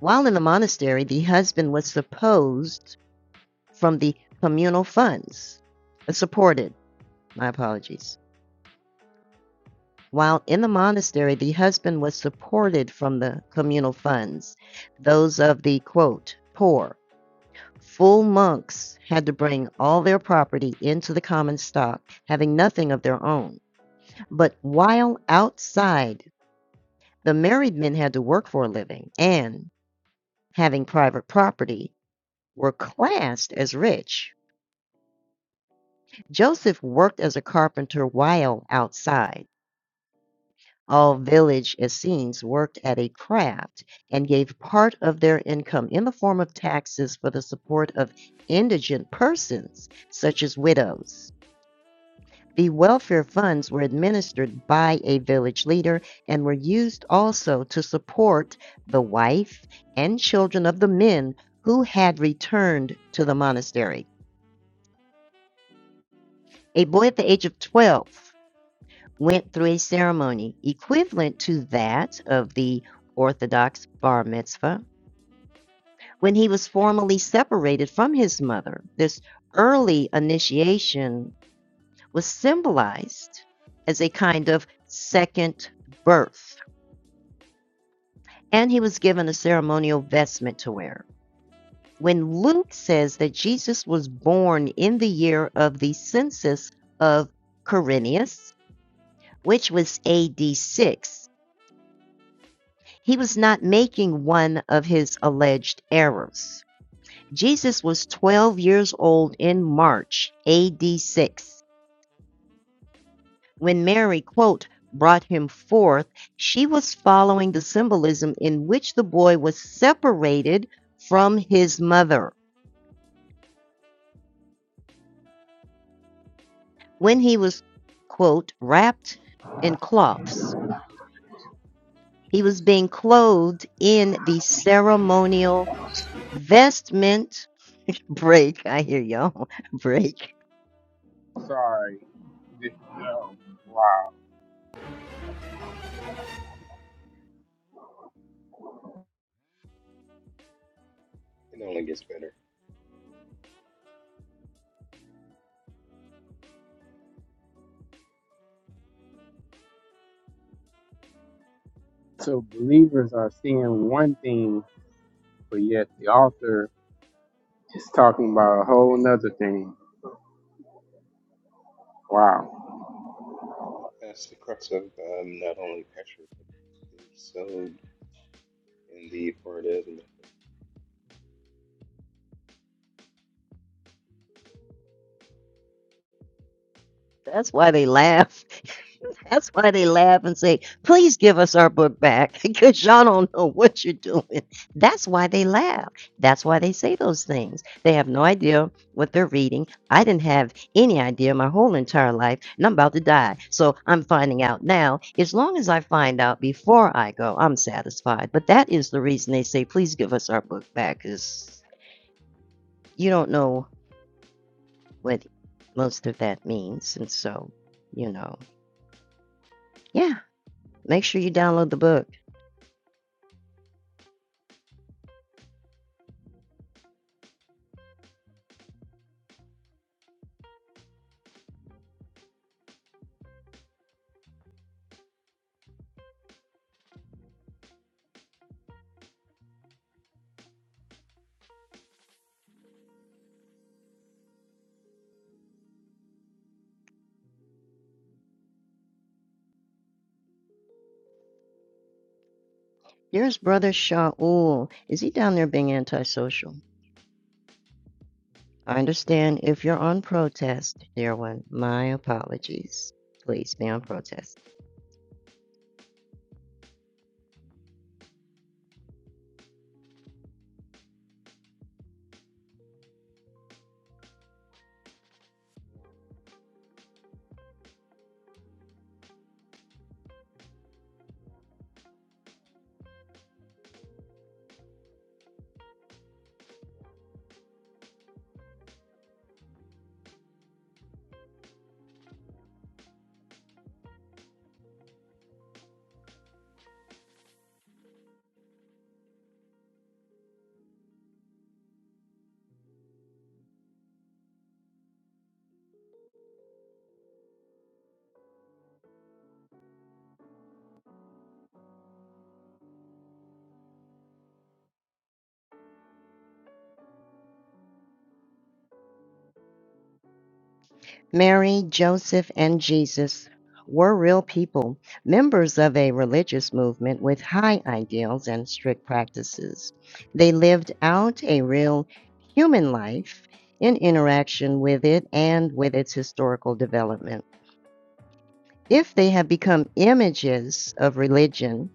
While in the monastery, the husband was supposed from the communal funds, uh, supported, my apologies. While in the monastery, the husband was supported from the communal funds, those of the quote, poor. Full monks had to bring all their property into the common stock, having nothing of their own. But while outside, the married men had to work for a living and, having private property, were classed as rich. Joseph worked as a carpenter while outside. All village Essenes worked at a craft and gave part of their income in the form of taxes for the support of indigent persons, such as widows. The welfare funds were administered by a village leader and were used also to support the wife and children of the men who had returned to the monastery. A boy at the age of 12 went through a ceremony equivalent to that of the Orthodox bar mitzvah when he was formally separated from his mother. This early initiation was symbolized as a kind of second birth, and he was given a ceremonial vestment to wear. When Luke says that Jesus was born in the year of the census of Quirinius, which was AD 6, He was not making one of his alleged errors. Jesus was 12 years old in March AD 6. When Mary, quote, brought him forth, she was following the symbolism in which the boy was separated from his mother. When he was, quote, wrapped in cloths, he was being clothed in the ceremonial vestment. Break, I hear y'all, break
Sorry. No. Wow.
It only gets better.
So believers are seeing one thing, but yet the author is talking about a whole nother thing. Wow.
That's the crux of um, not only Petra, but the sowed in the Fordism.
That's why they laugh. That's why they laugh and say, please give us our book back because y'all don't know what you're doing. That's why they laugh. That's why they say those things. They have no idea what they're reading. I didn't have any idea my whole entire life, and I'm about to die. So I'm finding out now. As long as I find out before I go, I'm satisfied. But that is the reason they say, please give us our book back because you don't know what most of that means. And so, you know, yeah. Make sure you download the book. Here's Brother Shaul. Is he down there being antisocial? I understand if you're on protest, dear one. My apologies. Please be on protest. Mary, Joseph, and Jesus were real people, members of a religious movement with high ideals and strict practices. They lived out a real human life in interaction with it and with its historical development. If they have become images of religion,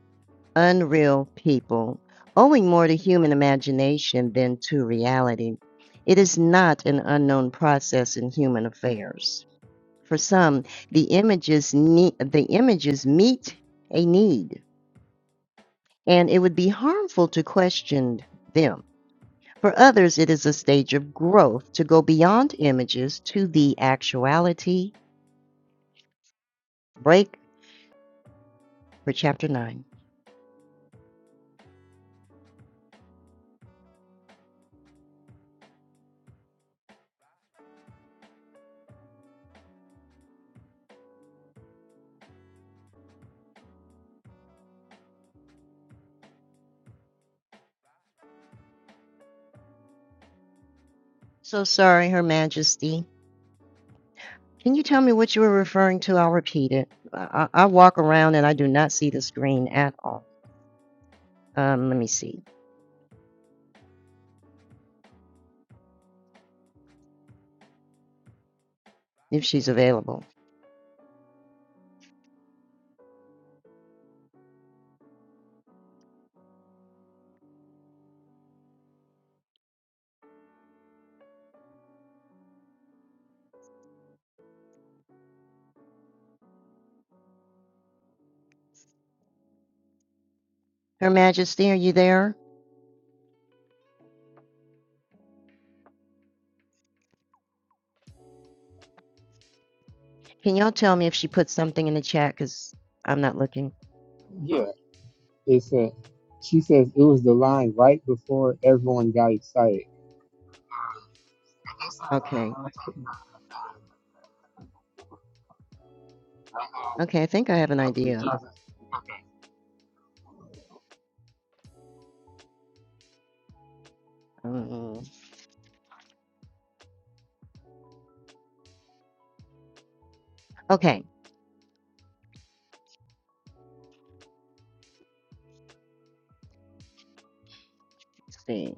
unreal people, owing more to human imagination than to reality, it is not an unknown process in human affairs. For some, the images need, the images meet a need, and it would be harmful to question them. For others, it is a stage of growth to go beyond images to the actuality. Break for chapter 9. So sorry, Her Majesty. Can you tell me what you were referring to? I'll repeat it. I, I I walk around and I do not see the screen at all. Um, let me see if she's available. Her Majesty, are you there? Can y'all tell me if she put something in the chat? Because I'm not looking.
Yeah. It's a, she says it was the line right before everyone got excited. Um, I guess I was
Okay.
uh, talking about um,
Okay, I think I have an
the, um,
idea.
judges.
Um, okay, let's see.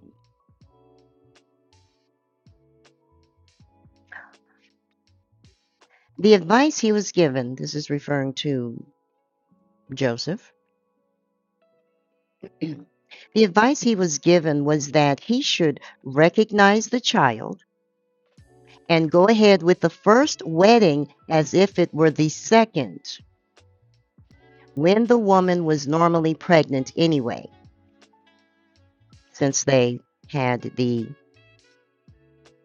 The advice he was given, this is referring to Joseph. the advice he was given was that he should recognize the child and go ahead with the first wedding as if it were the second, when the woman was normally pregnant anyway, since they had the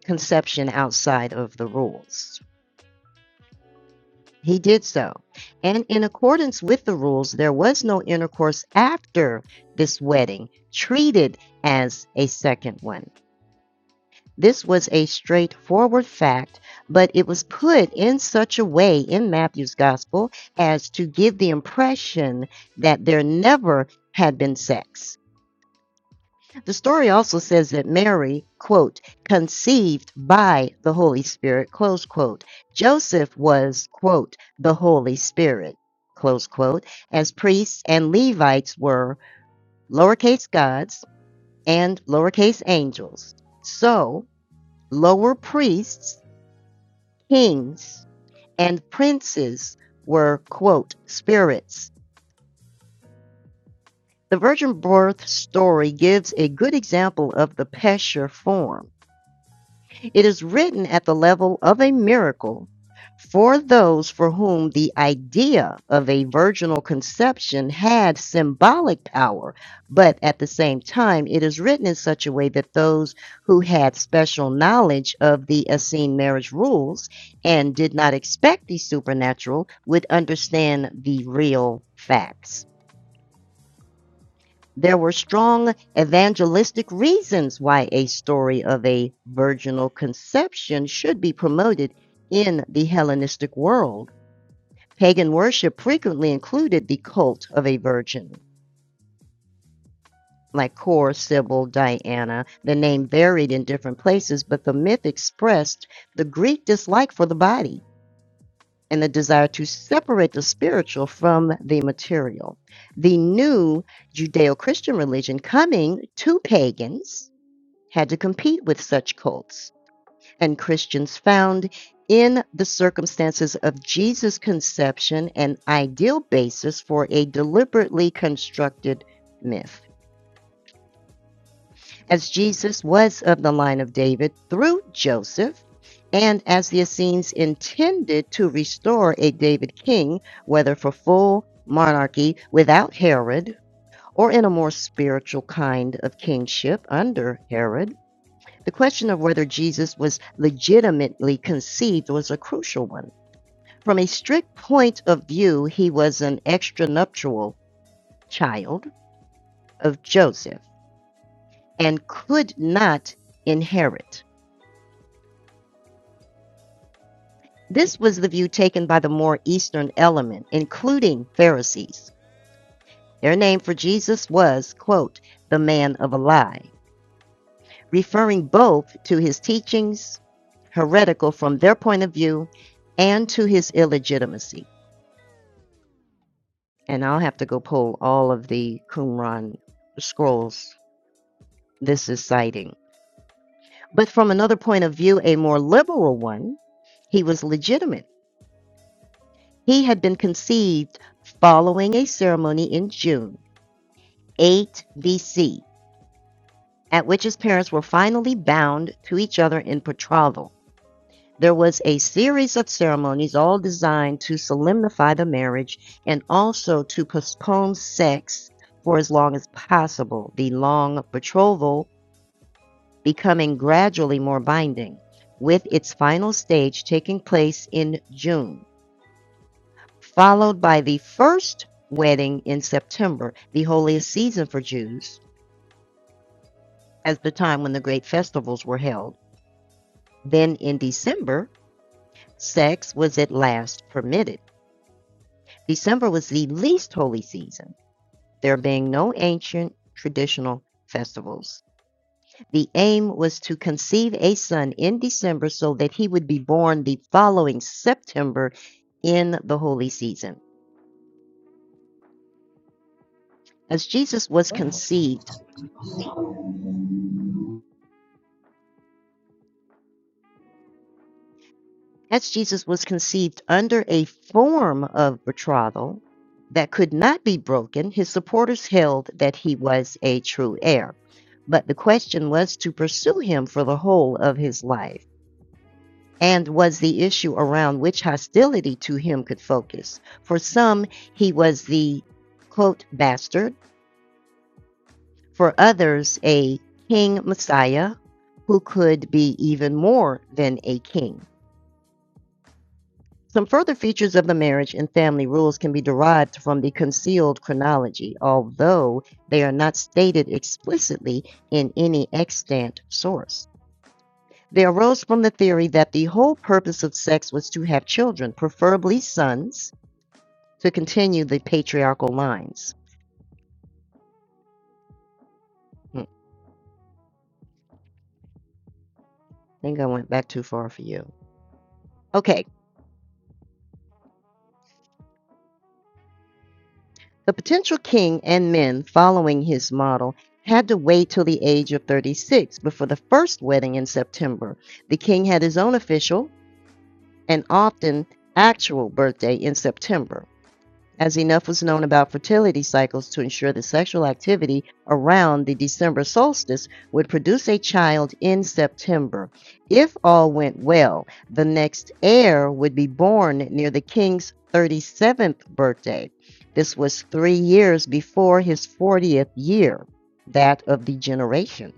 conception outside of the rules. He did so. And in accordance with the rules, there was no intercourse after this wedding, treated as a second one. This was a straightforward fact, but it was put in such a way in Matthew's gospel as to give the impression that there never had been sex. The story also says that Mary, quote, conceived by the Holy Spirit, close quote. Joseph was, quote, the Holy Spirit, close quote, as priests and Levites were lowercase gods and lowercase angels. So, lower priests Kings and princes were, quote, spirits. The virgin birth story gives a good example of the Pesher form. It is written at the level of a miracle for those for whom the idea of a virginal conception had symbolic power, but at the same time, it is written in such a way that those who had special knowledge of the Essene marriage rules and did not expect the supernatural would understand the real facts. There were strong evangelistic reasons why a story of a virginal conception should be promoted in the Hellenistic world. Pagan worship frequently included the cult of a virgin, like Kor, Sybil, Diana, the name varied in different places, but the myth expressed the Greek dislike for the body and the desire to separate the spiritual from the material. The new Judeo Christian religion coming to pagans had to compete with such cults. And Christians found in the circumstances of Jesus' conception an ideal basis for a deliberately constructed myth. As Jesus was of the line of David through Joseph, and as the Essenes intended to restore a David king, whether for full monarchy without Herod, or in a more spiritual kind of kingship under Herod, The question of whether Jesus was legitimately conceived was a crucial one. From a strict point of view, he was an extranuptial child of Joseph and could not inherit. This was the view taken by the more Eastern element, including Pharisees. Their name for Jesus was, quote, the man of a lie, referring both to his teachings, heretical from their point of view, and to his illegitimacy. and I'll have to go pull all of the Qumran scrolls this is citing. But from another point of view, a more liberal one, he was legitimate. He had been conceived following a ceremony in June 8 BC, at which his parents were finally bound to each other in betrothal. There was a series of ceremonies, all designed to solemnify the marriage and also to postpone sex for as long as possible. The long betrothal becoming gradually more binding, with its final stage taking place in June, followed by the first wedding in September, the holiest season for Jews, as the time when the great festivals were held. Then in December, sex was at last permitted. December was the least holy season, there being no ancient traditional festivals. The aim was to conceive a son in December so that he would be born the following September in the holy season. As Jesus was conceived,
Okay.
as Jesus was conceived under a form of betrothal that could not be broken, his supporters held that he was a true heir. But the question was to pursue him for the whole of his life. and was the issue around which hostility to him could focus. For some, he was the quote bastard, for others, a king messiah who could be even more than a king. Some further features of the marriage and family rules can be derived from the concealed chronology, although they are not stated explicitly in any extant source. They arose from the theory that the whole purpose of sex was to have children, preferably sons, to continue the patriarchal lines. Hmm, I think I went back too far for you. Okay, the potential king and men following his model had to wait till the age of 36 before the first wedding in September. The king had his own official and often actual birthday in September. as enough was known about fertility cycles to ensure that sexual activity around the December solstice would produce a child in September. If all went well, the next heir would be born near the king's 37th birthday. This was three years before his 40th year, that of the generation.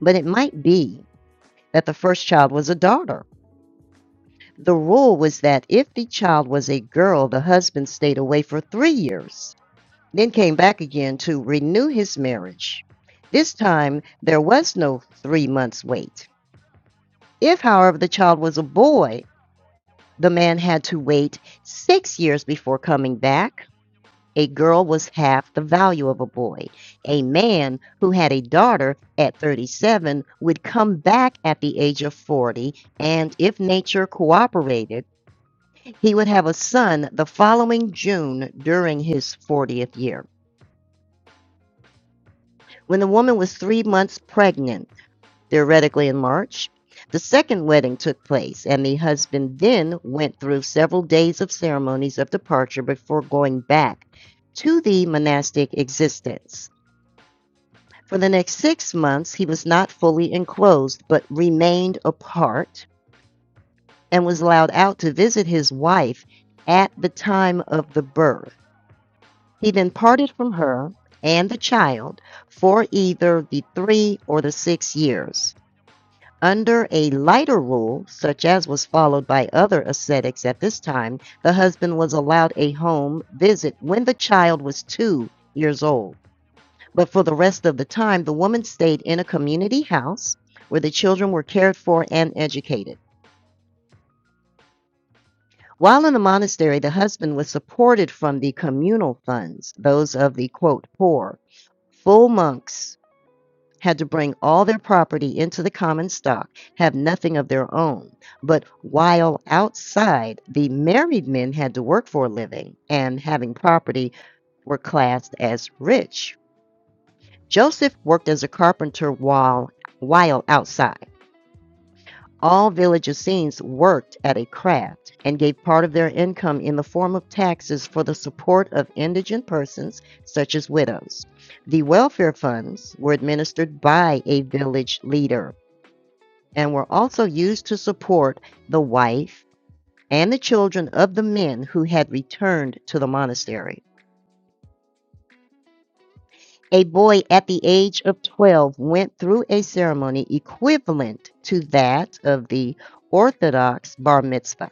But it might be that the first child was a daughter. The rule was that if the child was a girl, the husband stayed away for three years then came back again to renew his marriage. This time, there was no three months wait. If, however, the child was a boy, the man had to wait six years before coming back. A girl was half the value of a boy. A man who had a daughter at 37 would come back at the age of 40, and if nature cooperated, he would have a son the following June during his 40th year. when the woman was three months pregnant, theoretically in March. The second wedding took place, and the husband then went through several days of ceremonies of departure before going back to the monastic existence. For the next six months, he was not fully enclosed, but remained apart and was allowed out to visit his wife at the time of the birth. He then parted from her and the child for either the three or the six years. Under a lighter rule, such as was followed by other ascetics at this time, the husband was allowed a home visit when the child was two years old. But for the rest of the time, the woman stayed in a community house where the children were cared for and educated. While in the monastery, the husband was supported from the communal funds, those of the quote, poor. Full monks had to bring all their property into the common stock, have nothing of their own. But while outside, the married men had to work for a living and having property were classed as rich. Joseph worked as a carpenter while, while outside. All village Essenes worked at a craft and gave part of their income in the form of taxes for the support of indigent persons, such as widows. The welfare funds were administered by a village leader and were also used to support the wife and the children of the men who had returned to the monastery. A boy at the age of 12 went through a ceremony equivalent to that of the Orthodox bar mitzvah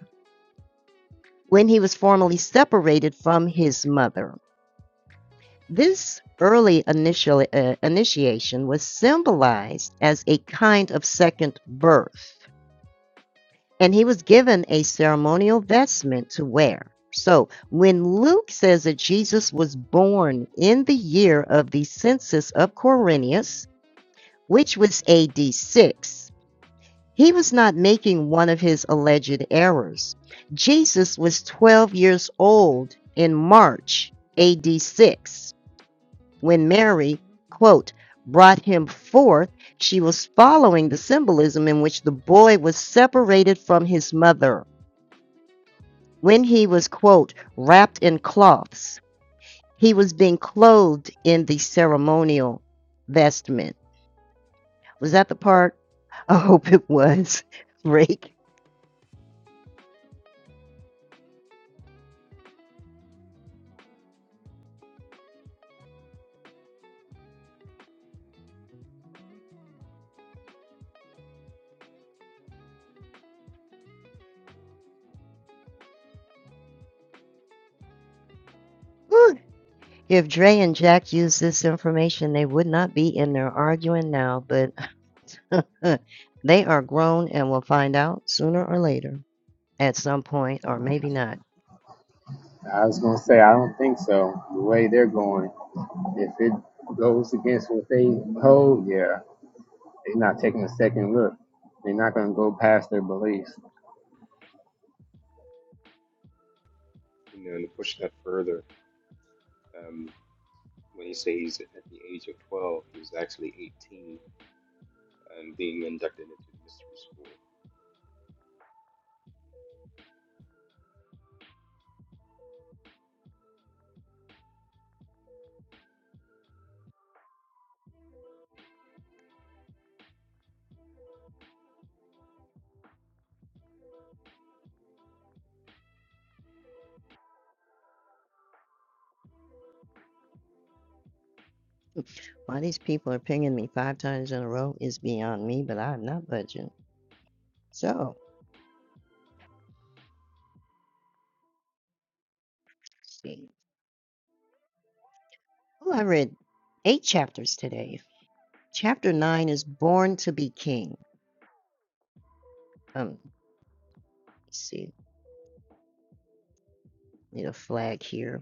when he was formally separated from his mother. This early initial, uh, initiation was symbolized as a kind of second birth and he was given a ceremonial vestment to wear. So when Luke says that Jesus was born in the year of the census of Quirinius, which was AD 6, he was not making one of his alleged errors. Jesus was 12 years old in March AD 6 when Mary, quote, brought him forth. She was following the symbolism in which the boy was separated from his mother when he was, quote, wrapped in cloths, he was being clothed in the ceremonial vestment. Was that the part? I hope it was. Rake. If Dre and Jack used this information, they would not be in there arguing now, but they are grown and will find out sooner or later at some point, or maybe not.
I was gonna say I don't think so. The way they're going, if it goes against what they hold, yeah, they're not taking a second look. They're not gonna go past their beliefs.
you know, and to push that further, um, when you say he's at the age of 12, he was actually 18 and being inducted into the mystery school.
Why these people are pinging me five times in a row is beyond me, but I'm not budging. So, see. Well, I read eight chapters today. Chapter nine is Born to be King. Um, let's see, need a flag here.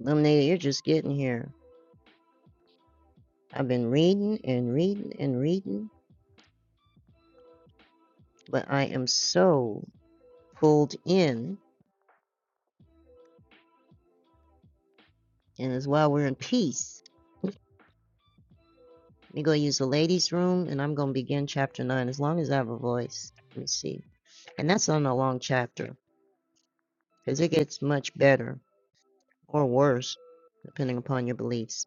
Lemonade, you're just getting here. I've been reading and reading and reading, but I am so pulled in, and as well, we're in peace. Let me go use the ladies' room, and I'm going to begin chapter nine as long as I have a voice. Let me see. And that's not a long chapter, because it gets much better or worse, depending upon your beliefs.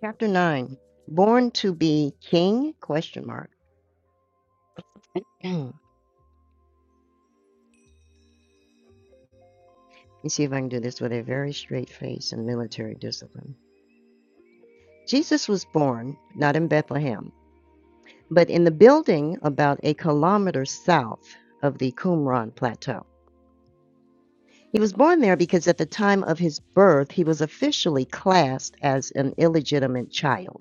Chapter 9 Born to be King? Question mark. Let me see if I can do this with a very straight face and military discipline. Jesus was born not in Bethlehem, but in the building about a kilometer south of the Qumran Plateau. He was born there because at the time of his birth, he was officially classed as an illegitimate child.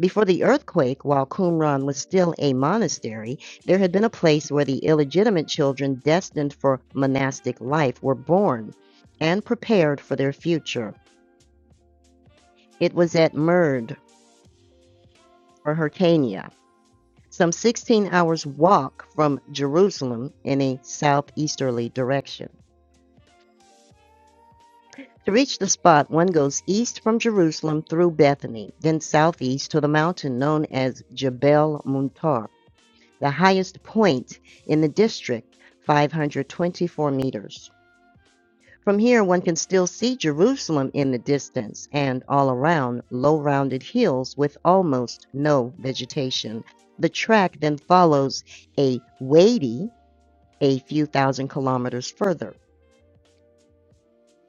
Before the earthquake, while Qumran was still a monastery, there had been a place where the illegitimate children destined for monastic life were born and prepared for their future. It was at Murd, or Hyrcania, some 16 hours' walk from Jerusalem in a southeasterly direction. To reach the spot, one goes east from Jerusalem through Bethany, then southeast to the mountain known as Jebel Muntar. the highest point in the district, 524 meters. From here, one can still see Jerusalem in the distance and all around low rounded hills with almost no vegetation. The track then follows a wady a few thousand kilometers further.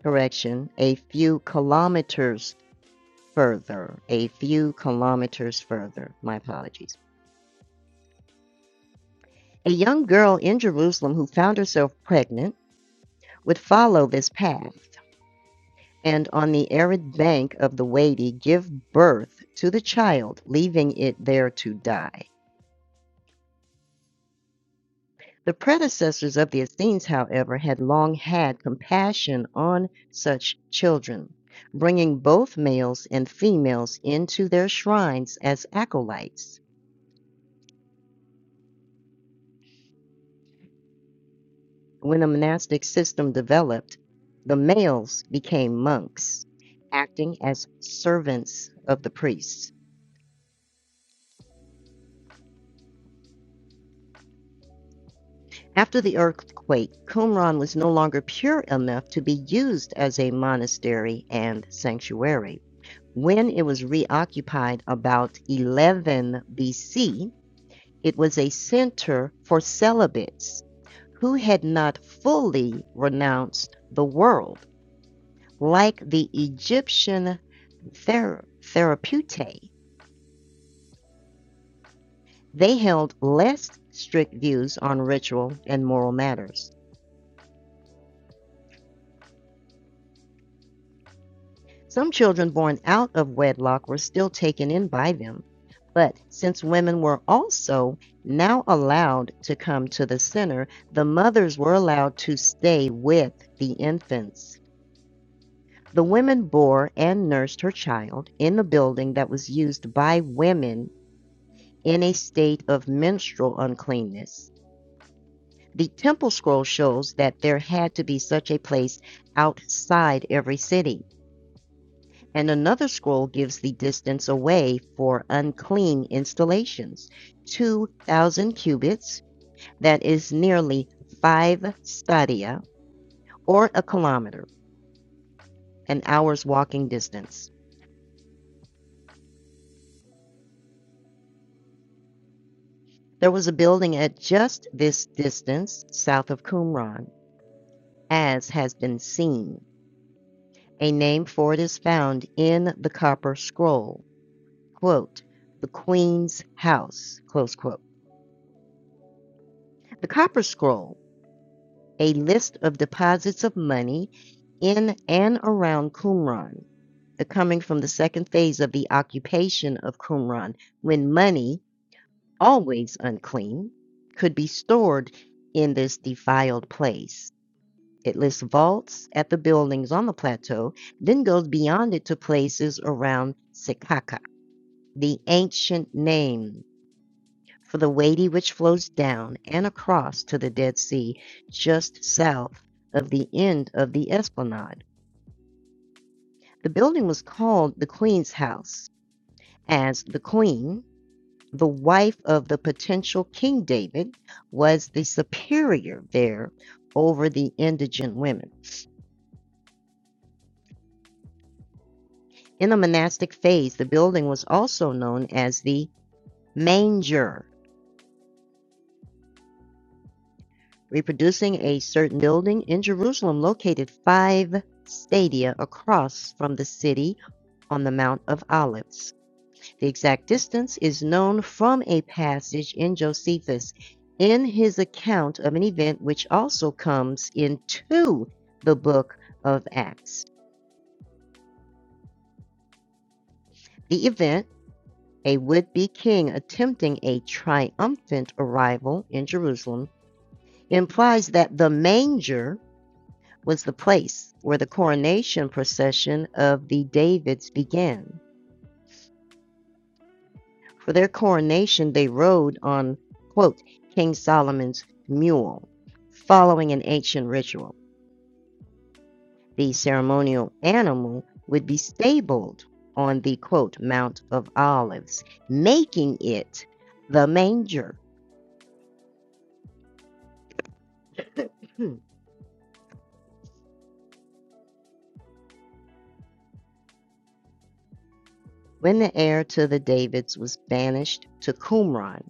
Correction, a few kilometers further. A few kilometers further. My apologies. A young girl in Jerusalem who found herself pregnant would follow this path, and on the arid bank of the Wadi give birth to the child, leaving it there to die. The predecessors of the Essenes, however, had long had compassion on such children, bringing both males and females into their shrines as acolytes. When a monastic system developed, the males became monks, acting as servants of the priests. After the earthquake, Qumran was no longer pure enough to be used as a monastery and sanctuary. When it was reoccupied about 11 BC, it was a center for celibates who had not fully renounced the world. Like the Egyptian ther- therapeutae, they held less strict views on ritual and moral matters. Some children born out of wedlock were still taken in by them, but since women were also now allowed to come to the center, the mothers were allowed to stay with the infants. The women bore and nursed her child in the building that was used by women in a state of menstrual uncleanness. The temple scroll shows that there had to be such a place outside every city. and another scroll gives the distance away for unclean installations, 2,000 cubits, that is nearly five stadia, or a kilometer, an hour's walking distance. There was a building at just this distance south of Qumran, as has been seen. A name for it is found in the Copper Scroll. Quote, the Queen's House. Close quote. The Copper Scroll a list of deposits of money in and around Qumran, the coming from the second phase of the occupation of Qumran, when money, always unclean, could be stored in this defiled place. It lists vaults at the buildings on the plateau, then goes beyond it to places around Sekaka, the ancient name for the Wadi which flows down and across to the Dead Sea just south of the end of the esplanade. The building was called the Queen's House, as the Queen, the wife of the potential King David, was the superior there over the indigent women. In the monastic phase, the building was also known as the manger reproducing a certain building in Jerusalem located five stadia across from the city on the Mount of Olives. The exact distance is known from a passage in Josephus in his account of an event which also comes into the book of Acts. The event, a would be king attempting a triumphant arrival in Jerusalem, implies that the manger was the place where the coronation procession of the Davids began. For their coronation, they rode on, quote, King Solomon's mule, following an ancient ritual. The ceremonial animal would be stabled on the, quote, Mount of Olives, making it the manger. Hmm. When the heir to the Davids was banished to Qumran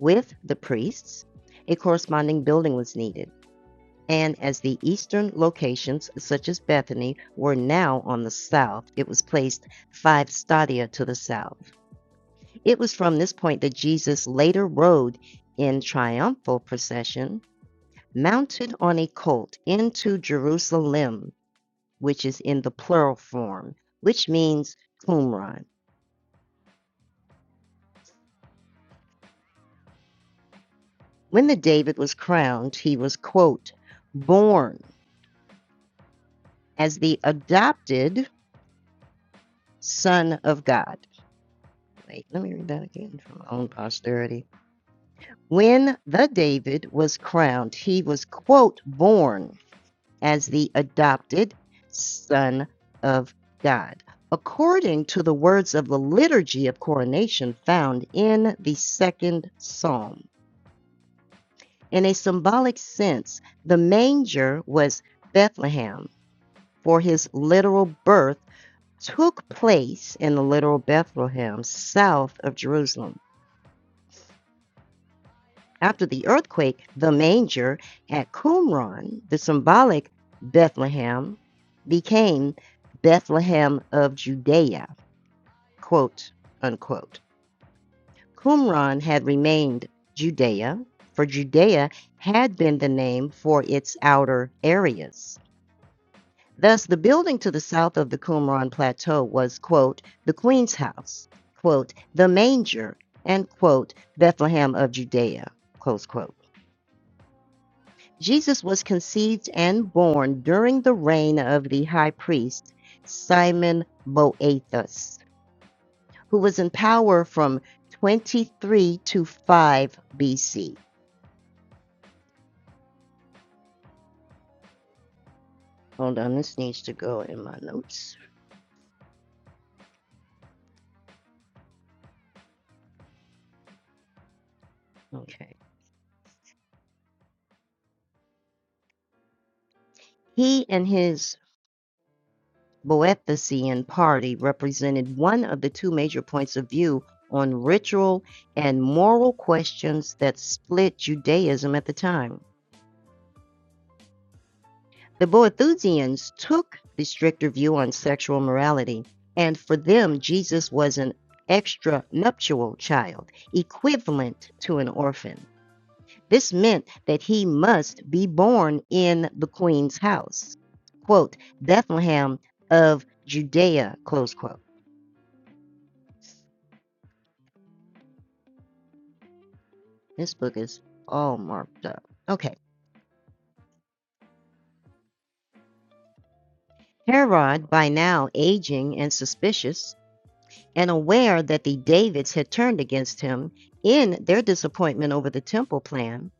with the priests, a corresponding building was needed. and as the eastern locations, such as Bethany, were now on the south, it was placed five stadia to the south. It was from this point that Jesus later rode in triumphal procession, mounted on a colt, into Jerusalem, which is in the plural form, which means Qumran. When the David was crowned, he was, quote, born as the adopted son of God Wait, let me read that again from my own posterity. When the David was crowned, he was, quote, born as the adopted son of God, according to the words of the liturgy of coronation found in the second psalm. In a symbolic sense, the manger was Bethlehem, for his literal birth took place in the literal Bethlehem, south of Jerusalem. After the earthquake, the manger at Qumran, the symbolic Bethlehem, became Bethlehem of Judea, quote unquote. Qumran had remained Judea, for Judea had been the name for its outer areas. Thus, the building to the south of the Qumran plateau was, quote, the Queen's house, quote, the manger, and, quote, Bethlehem of Judea, close quote. Jesus was conceived and born during the reign of the high priest Simon Boethus, who was in power from 23 to 5 BC. Hold on, this needs to go in my notes. Okay. He and his Boethusian party represented one of the two major points of view on ritual and moral questions that split Judaism at the time. The Boethusians took the stricter view on sexual morality, and for them, Jesus was an extranuptial child, equivalent to an orphan. This meant that he must be born in the queen's house, quote, Bethlehem of Judea, close quote. This book is all marked up. Okay. Herod, by now aging and suspicious, and aware that the Davids had turned against him in their disappointment over the temple plan,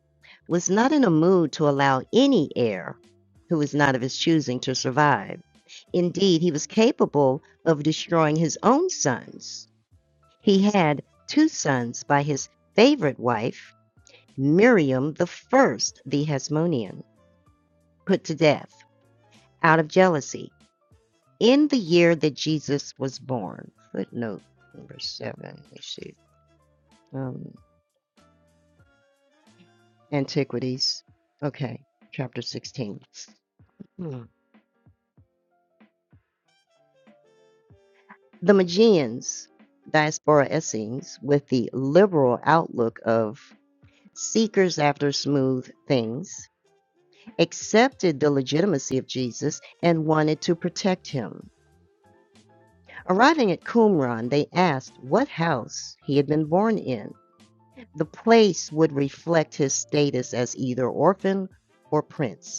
was not in a mood to allow any heir who was not of his choosing to survive. Indeed, he was capable of destroying his own sons. He had two sons by his favorite wife, Miriam the first, the Hasmonean, put to death out of jealousy in the year that Jesus was born. Footnote number seven. Let me see. Um, Antiquities. Okay, chapter 16. Hmm. The Magians, diaspora Essenes, with the liberal outlook of seekers after smooth things, accepted the legitimacy of Jesus and wanted to protect him. Arriving at Qumran, they asked what house he had been born in. The place would reflect his status as either orphan or prince.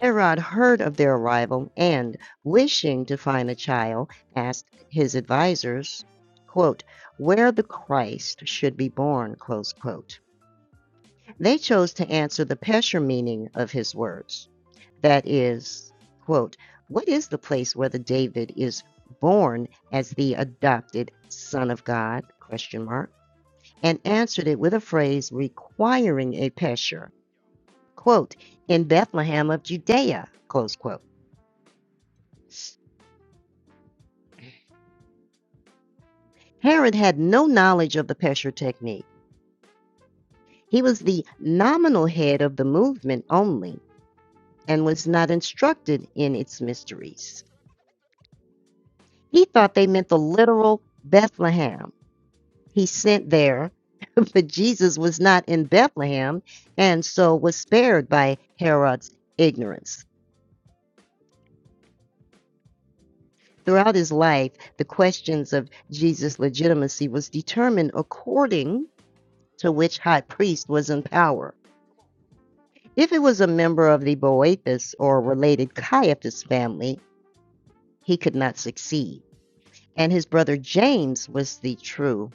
Herod heard of their arrival and, wishing to find the child, asked his advisors, quote, where the Christ should be born, close quote. They chose to answer the Pesher meaning of his words. That is, quote, what is the place where the David is born as the adopted son of God, question mark, and answered it with a phrase requiring a Pesher, quote, in Bethlehem of Judea, close quote. Herod had no knowledge of the Pesher technique. He was the nominal head of the movement only and was not instructed in its mysteries. He thought they meant the literal Bethlehem he sent there, but Jesus was not in Bethlehem and so was spared by Herod's ignorance. Throughout his life, the questions of Jesus' legitimacy was determined according to which high priest was in power. If it was a member of the Boethus or related Caiaphas family, he could not succeed, and his brother James was the true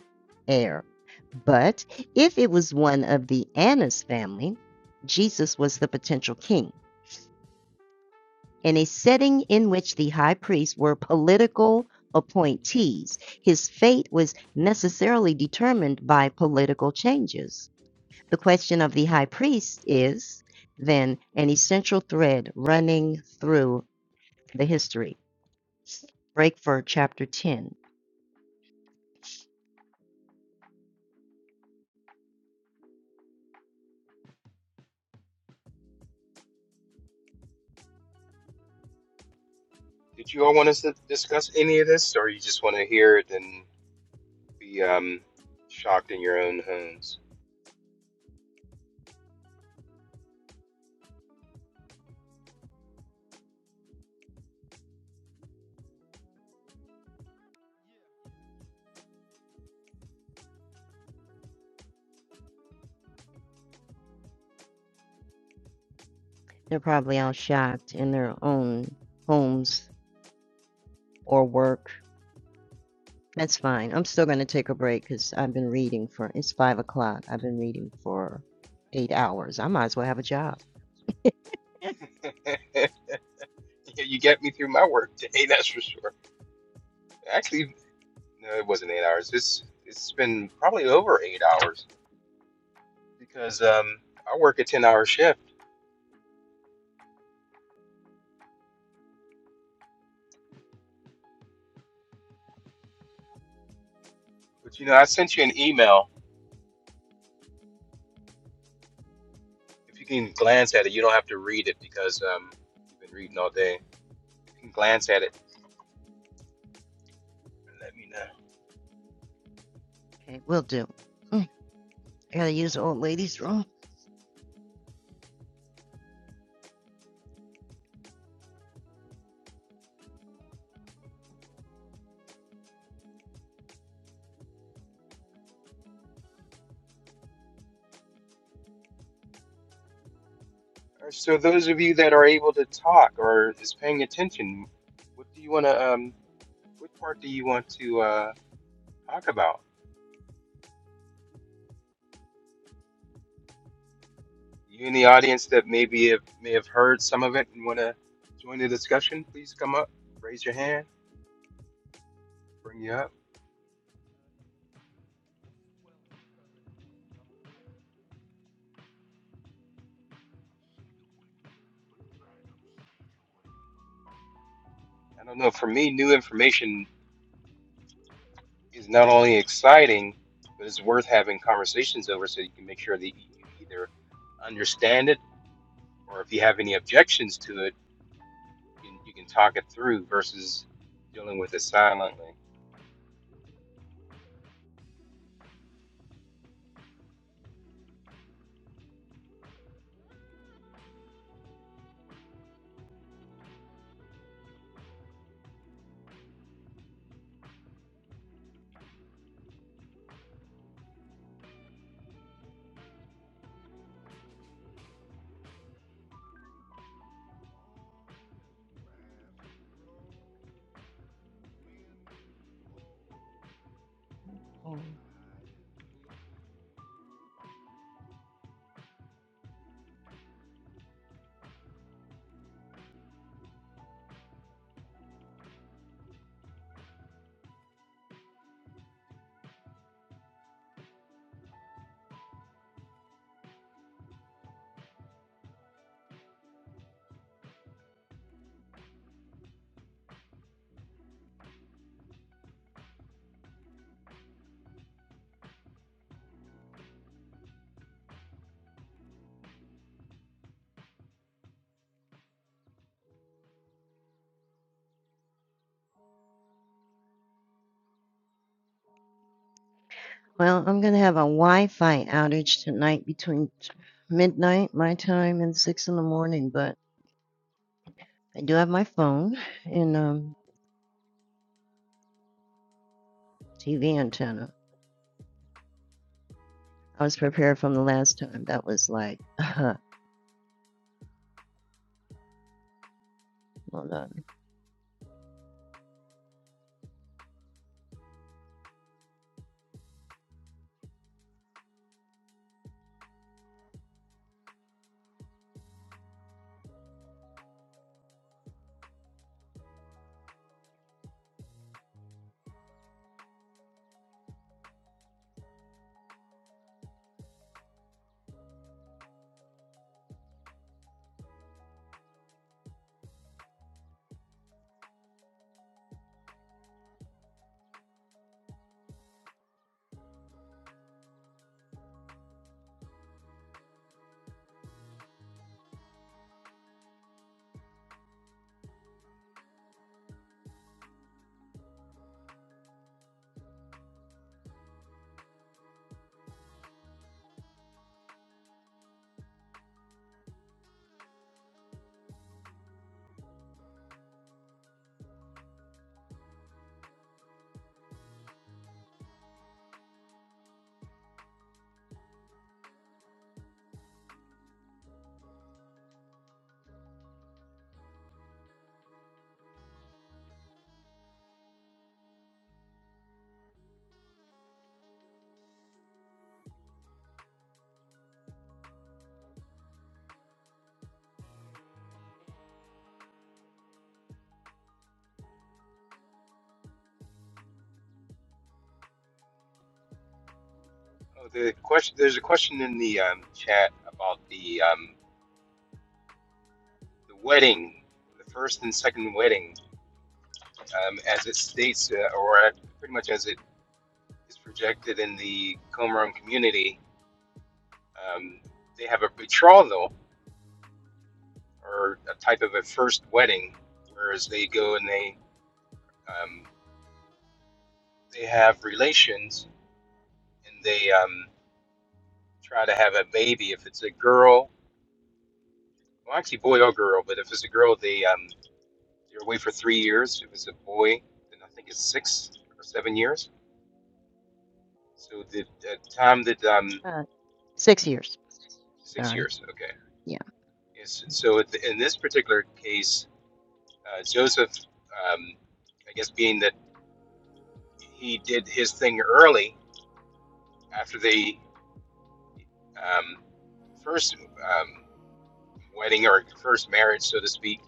heir. But if it was one of the Annas family, Jesus was the potential king. In a setting in which the high priests were political appointees, his fate was necessarily determined by political changes. The question of the high priest is, then, an essential thread running through the history. Breakford, chapter 10.
Did you all want us to discuss any of this, or you just want to hear it and be um, shocked in your own homes?
They're probably all shocked in their own homes or work. That's fine. I'm still going to take a break because I've been reading for, it's 5 o'clock. I've been reading for eight hours. I might as well have a job.
Yeah, you get me through my work day, that's for sure. Actually, no, it wasn't eight hours. It's it's been probably over eight hours because um, I work a ten hour shift. But you know, I sent you an email if you can glance at it, you don't have to read it because um, you've been reading all day. If you can glance at it, let me know.
Okay, will do. I gotta use the old ladies' room.
So those of you that are able to talk or is paying attention, what do you want to? Um, what part do you want to uh, talk about? You in the audience that maybe have, may have heard some of it and want to join the discussion, please come up, raise your hand, bring you up. I don't know. For me, new information is not only exciting, but it's worth having conversations over so you can make sure that you either understand it or if you have any objections to it, you can, you can talk it through versus dealing with it silently.
Well, I'm gonna have a Wi-Fi outage tonight between midnight my time and six in the morning, but I do have my phone and um, TV antenna. I was prepared from the last time. That was like, uh, hold on,
Oh, the question there's a question in the um, chat about the um, the wedding, the first and second wedding, um, as it states, uh, or at- pretty much as it is projected in the Qumran community. Um, they have a betrothal or a type of a first wedding, whereas they go and they um, they have relations and they um, try to have a baby. If it's a girl, well, actually, boy or girl, but if it's a girl, they um, they're away for three years. If it's a boy, then I think it's six or seven years. So the, the time that um,
uh, six years.
six
Sorry.
years, okay.
Yeah.
Yes, so in this particular case, uh, Joseph, um, I guess, being that he did his thing early after the um, first um, wedding or first marriage, so to speak,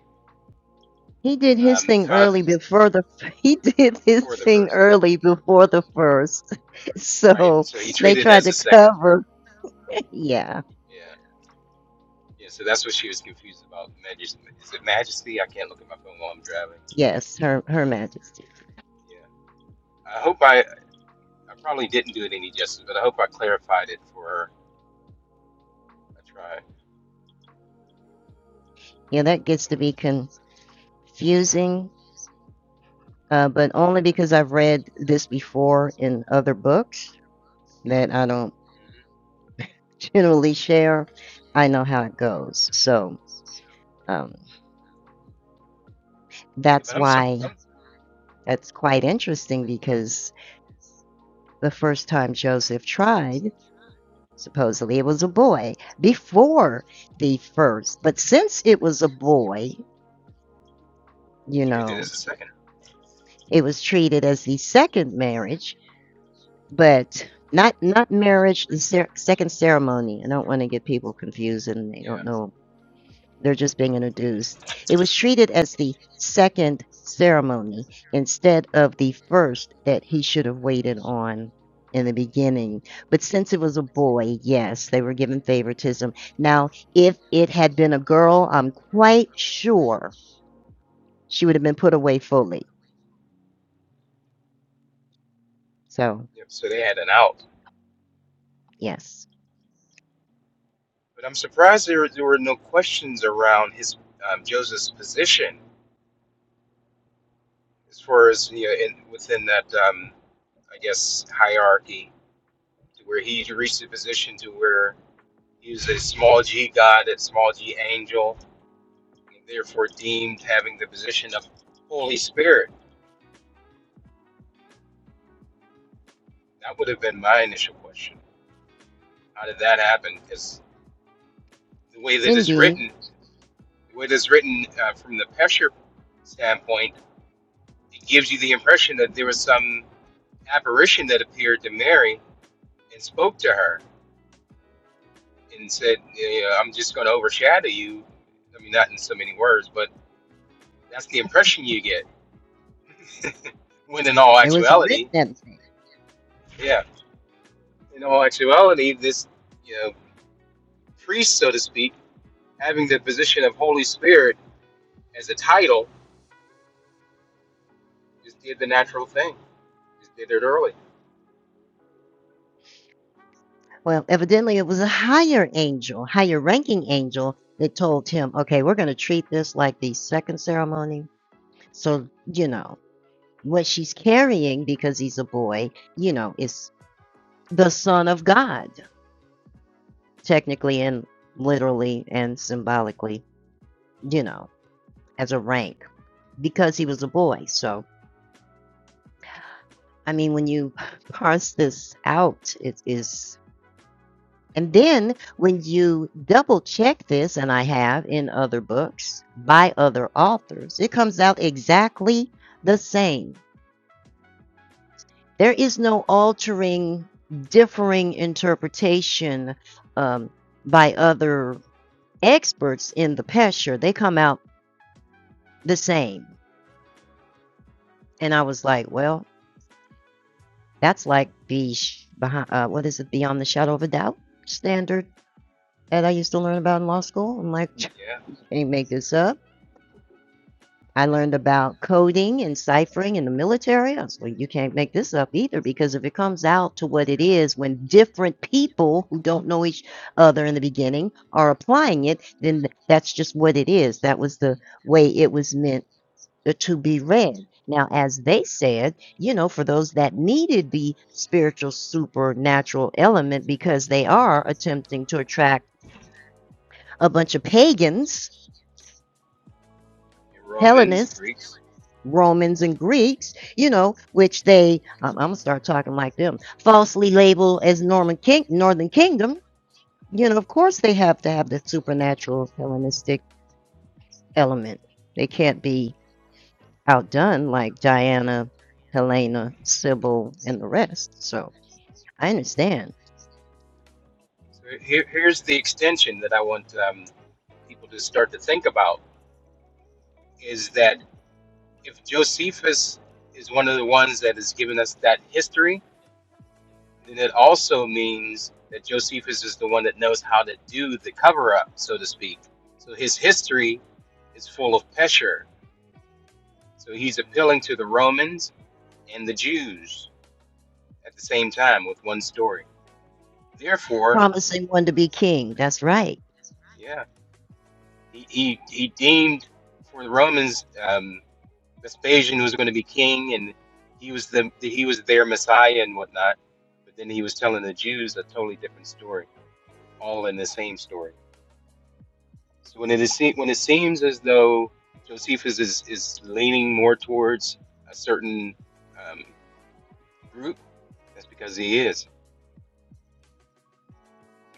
He did his
um,
thing early before the he did his
before the
thing
first,
early before the first.
right?
So
So he
they
treated it
tried
as
to
a second.
cover. Yeah.
Yeah. Yeah, so that's what she was confused about. Majesty. Is it Majesty? I can't look at my phone while I'm driving.
Yes, her her majesty.
Yeah. I hope I, I probably didn't do it any justice, but I hope I clarified it for her. I try
Yeah, that gets to
somewhat to
be
try to do that. Yeah.
confusing, uh, but only because I've read this before in other books that I don't
hmm
generally share. I know how it goes. So um,
Yeah,
that's
but I'm, sur-
why
I'm
that's quite interesting because the first time Joseph tried, Supposedly it was a boy before the first, but since it was a boy,
they
you
treated it
know,
as a second.
it was treated as the second marriage, but not not marriage, the cer- second ceremony. I don't want to get people confused and they
Yeah.
don't know They're just being introduced. It was treated as the second ceremony instead of the first that he should have waited on in the beginning. But since it was a boy, yes, they were given favoritism. Now, if it had been a girl, I'm quite sure she would have been put away fully. So,
Yep. So they had an out.
yes,
But I'm surprised there, there were no questions around his um, Joseph's position as far as you know, in, within that um, I guess hierarchy to where he reached a position to where He's a small g God, a small g angel, and therefore deemed having the position of Holy Spirit. That would have been my initial question. How did that happen? Because the way that it's
indeed,
written, the way that's written uh, from the Pesher standpoint, it gives you the impression that there was some apparition that appeared to Mary and spoke to her and said, "Yeah, I'm just going to overshadow you. I mean, not in so many words, but that's the impression you get. When in all
it was
actuality,
written.
yeah. in all actuality, this you know priest, so to speak, having the position of Holy Spirit as a title, just did the natural thing. Just did it early.
Well, evidently, it was a higher angel, higher ranking angel that told him, okay, we're going to treat this like the second ceremony So, you know, what she's carrying because he's a boy, you know, is the son of God, technically and literally and symbolically, you know, as a rank because he was a boy. So, I mean, when you parse this out, it is. And then when you double check this, and I have in other books by other authors, it comes out exactly the same. There is no altering, differing interpretation um, by other experts in the pesher. They come out the same. And I was like, well, that's like the behind, uh, what is it, beyond the shadow of a doubt standard that I used to learn about in law school. I'm like, I
Yeah.
can't make this up. I
It's,
learned about coding and ciphering in the military. I was like, you can't make this up either, because if it comes out to what it is when different people who don't know each other in the beginning are applying it, then th- that's just what it is. That was the way it was meant uh, to be read. Now, as they said, you know, for those that needed the spiritual supernatural element because they are attempting to attract a bunch of pagans,
in Romans,
Hellenists
Greeks.
Romans and Greeks, you know, which they, I'm, I'm gonna start talking like them, falsely label as Norman King, Northern Kingdom. You know, of course they have to have the supernatural Hellenistic element. They can't be outdone like Diana, Helena, Sybil, and the rest. So I understand.
So here, here's the extension that I want um, people to start to think about is that if Josephus is one of the ones that has given us that history, then it also means that Josephus is the one that knows how to do the cover up, so to speak. So his history is full of Pesher. So he's appealing to the Romans and the Jews at the same time with one story. Therefore,
Promising one to be king. That's right.
yeah, he, he, he deemed for the Romans um, Vespasian was going to be king and he was the he was their Messiah and whatnot. But then he was telling the Jews a totally different story, all in the same story. So when it is se- when it seems as though Josephus is is leaning more towards a certain um, group, that's because he is.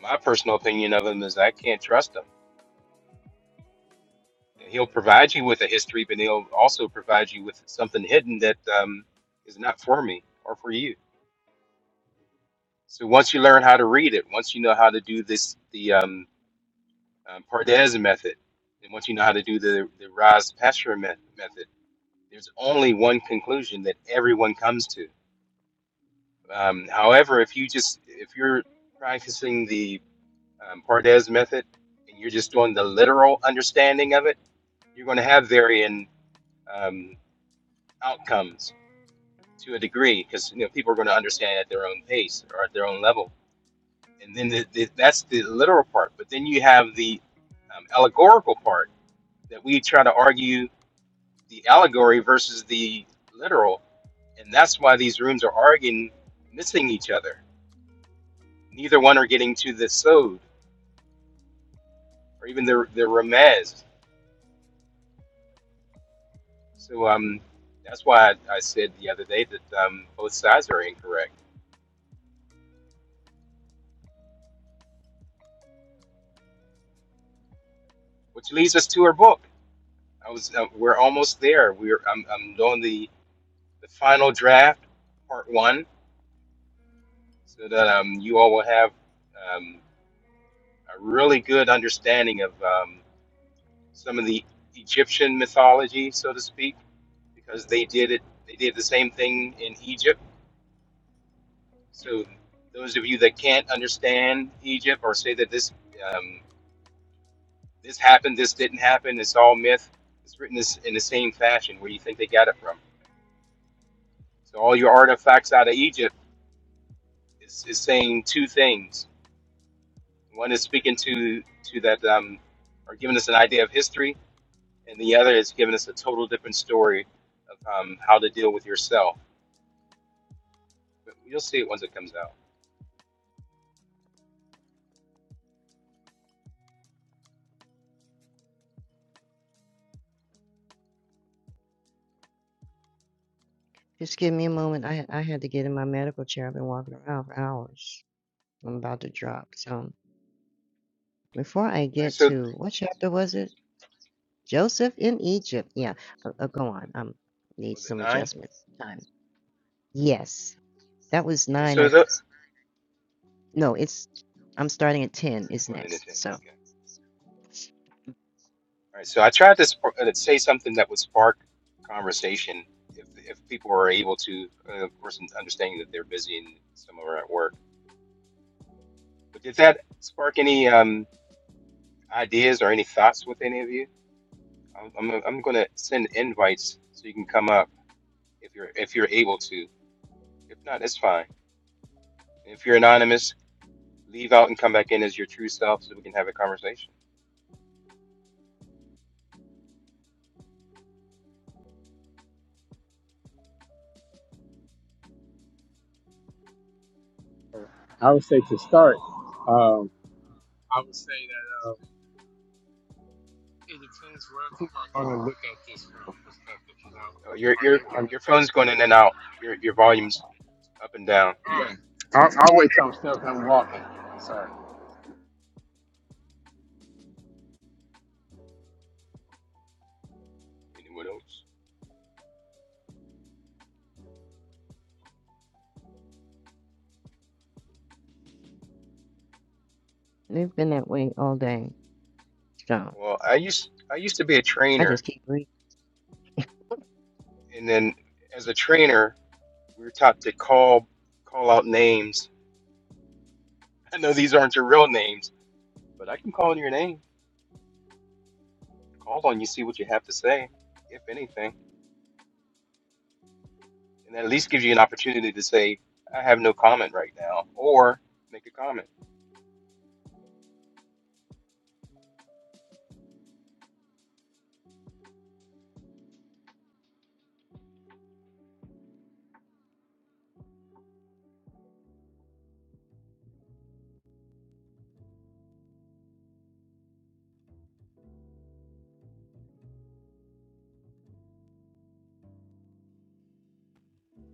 My personal opinion of him is I can't trust him. He'll provide you with a history, but he'll also provide you with something hidden that um, is not for me or for you. So once you learn how to read it, once you know how to do this the um, um, Pardes method, and once you know how to do the the Raz Pasher method, there's only one conclusion that everyone comes to Um, however, if you just if you're practicing the um, Pardes method and you're just doing the literal understanding of it, you're going to have varying um, outcomes to a degree because you know people are going to understand at their own pace or at their own level. And then the, the, that's the literal part. But then you have the um, allegorical part that we try to argue the allegory versus the literal, and that's why these rooms are arguing, missing each other. Neither one are getting to the so. or even the the remez. So um, that's why I, I said the other day that um, both sides are incorrect, which leads us to our book. I was uh, we're almost there. We're I'm I'm doing the the final draft, part one, so that um you all will have um, a really good understanding of um, some of the Egyptian mythology, so to speak, because they did it. They did the same thing in Egypt. So those of you that can't understand Egypt or say that this um. This happened, this didn't happen, it's all myth. It's written this in the same fashion. Where do you think they got it from? So all your artifacts out of Egypt is, is saying two things. One is speaking to to that um, or giving us an idea of history, and the other is giving us a total different story of um, how to deal with yourself. But you'll see it once it comes out.
Just give me a moment. I, I had to get in my medical chair. I've been walking around for hours. I'm about to drop. So before I
All right.
get
So
to what chapter was it? Joseph in Egypt.
was it
Yeah, uh, uh, go on. Um, need
was it
some
nine?
adjustment time. Yes, that was
Okay.
nine.
So
I
the, or
no, it's I'm starting at ten.
you're
Is
going into ten.
next. So
Okay. All right, so I tried to sp- uh, say something that would spark conversation if if people are able to, uh, of course, understanding that they're busy and some are at work. But did that spark any um, ideas or any thoughts with any of you? I'm I'm, I'm going to send invites so you can come up if you're if you're able to. If not, it's fine. If you're anonymous, leave out and come back in as your true self so we can have a conversation.
I would say to start, um, I'm gonna look at
Uh, Your your
they're
your phone's going in and out. Your your volume's up and down.
Mm. I'll, I'll wait till I'm still done walking. Sorry.
Anyone else?
they've been that way all day. So
Well, I used I used to be a
I
trainer,
just keep reading.
and then as a trainer, we were taught to call call out names. I know these aren't your real names, but I can call on your name. Call on you, see what you have to say, if anything, and that at least gives you an opportunity to say, "I have no comment right now," or make a comment.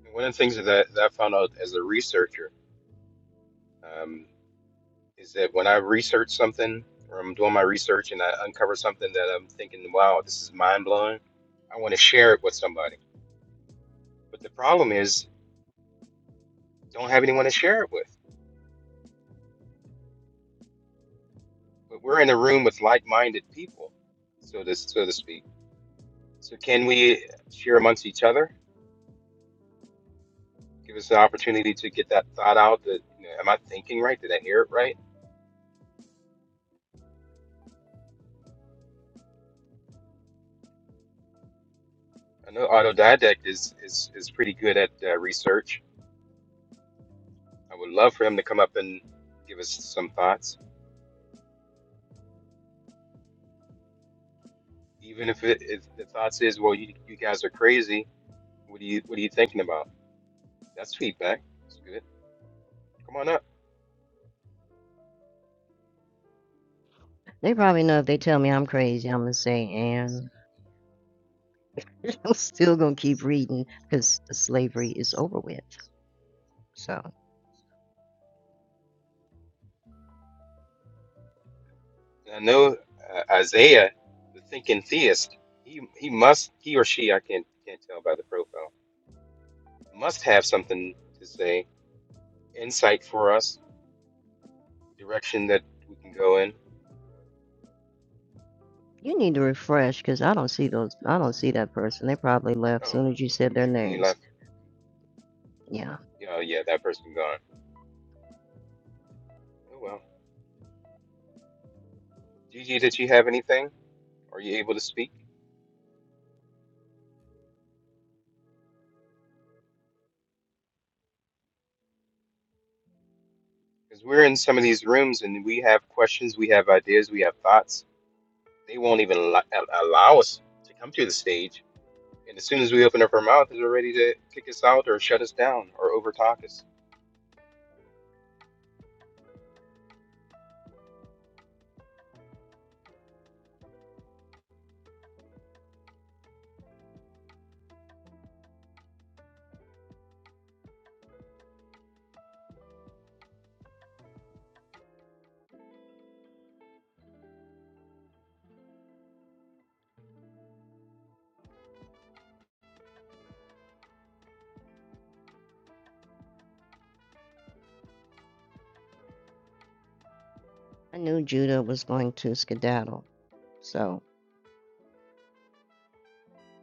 And one of the things that, that I found out as a researcher um, is that when I research something or I'm doing my research and I uncover something that I'm thinking, "Wow, this is mind blowing," I want to share it with somebody But the problem is, don't have anyone to share it with. But we're in a room with like-minded people, so to so to speak. So can we share amongst each other? Give us the opportunity to get that thought out. That you know, am I thinking right? Did I hear it right? I know Autodidact is is is pretty good at uh, research. I would love for him to come up and give us some thoughts, even if it, if the thoughts is, well, you you guys are crazy. What are you what are you thinking about? That's feedback. That's good. Come on up.
They probably know if they tell me I'm crazy, I'm gonna say and I'm still gonna keep reading because slavery is over with. So
I know uh, Isaiah, the thinking theist, he he must he or she I can't can't tell by the profile must have something to say, insight for us, direction that we can go in.
you need to refresh because I don't see those. I don't see that person. They probably left
Oh,
as
well,
soon as you said their
maybe they
name.
left.
Yeah,
Oh yeah, that person gone. Oh well. Gigi, did you have anything? Are you able to speak? Because we're in some of these rooms and we have questions, we have ideas, we have thoughts. They won't even allo- allow us to come to the stage And as soon as we open up our mouth, they're ready to kick us out or shut us down or overtalk us.
I knew Judah was going to skedaddle. So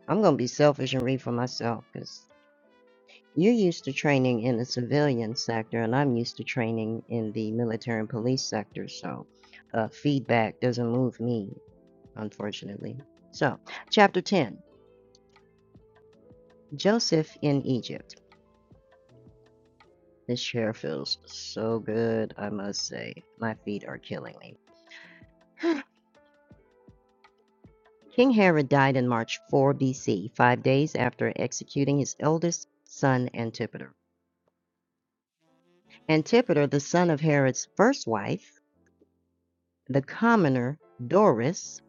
I'm going to be selfish and read for myself because you're used to training in the civilian sector, and I'm used to training in the military and police sector. So, uh, feedback doesn't move me, unfortunately. So, chapter 10 Joseph in Egypt. This chair feels so good, I must say. My feet are killing me. King Herod died in March 4 BC, five days after executing his eldest son Antipater. Antipater, the son of Herod's first wife, the commoner, Doris,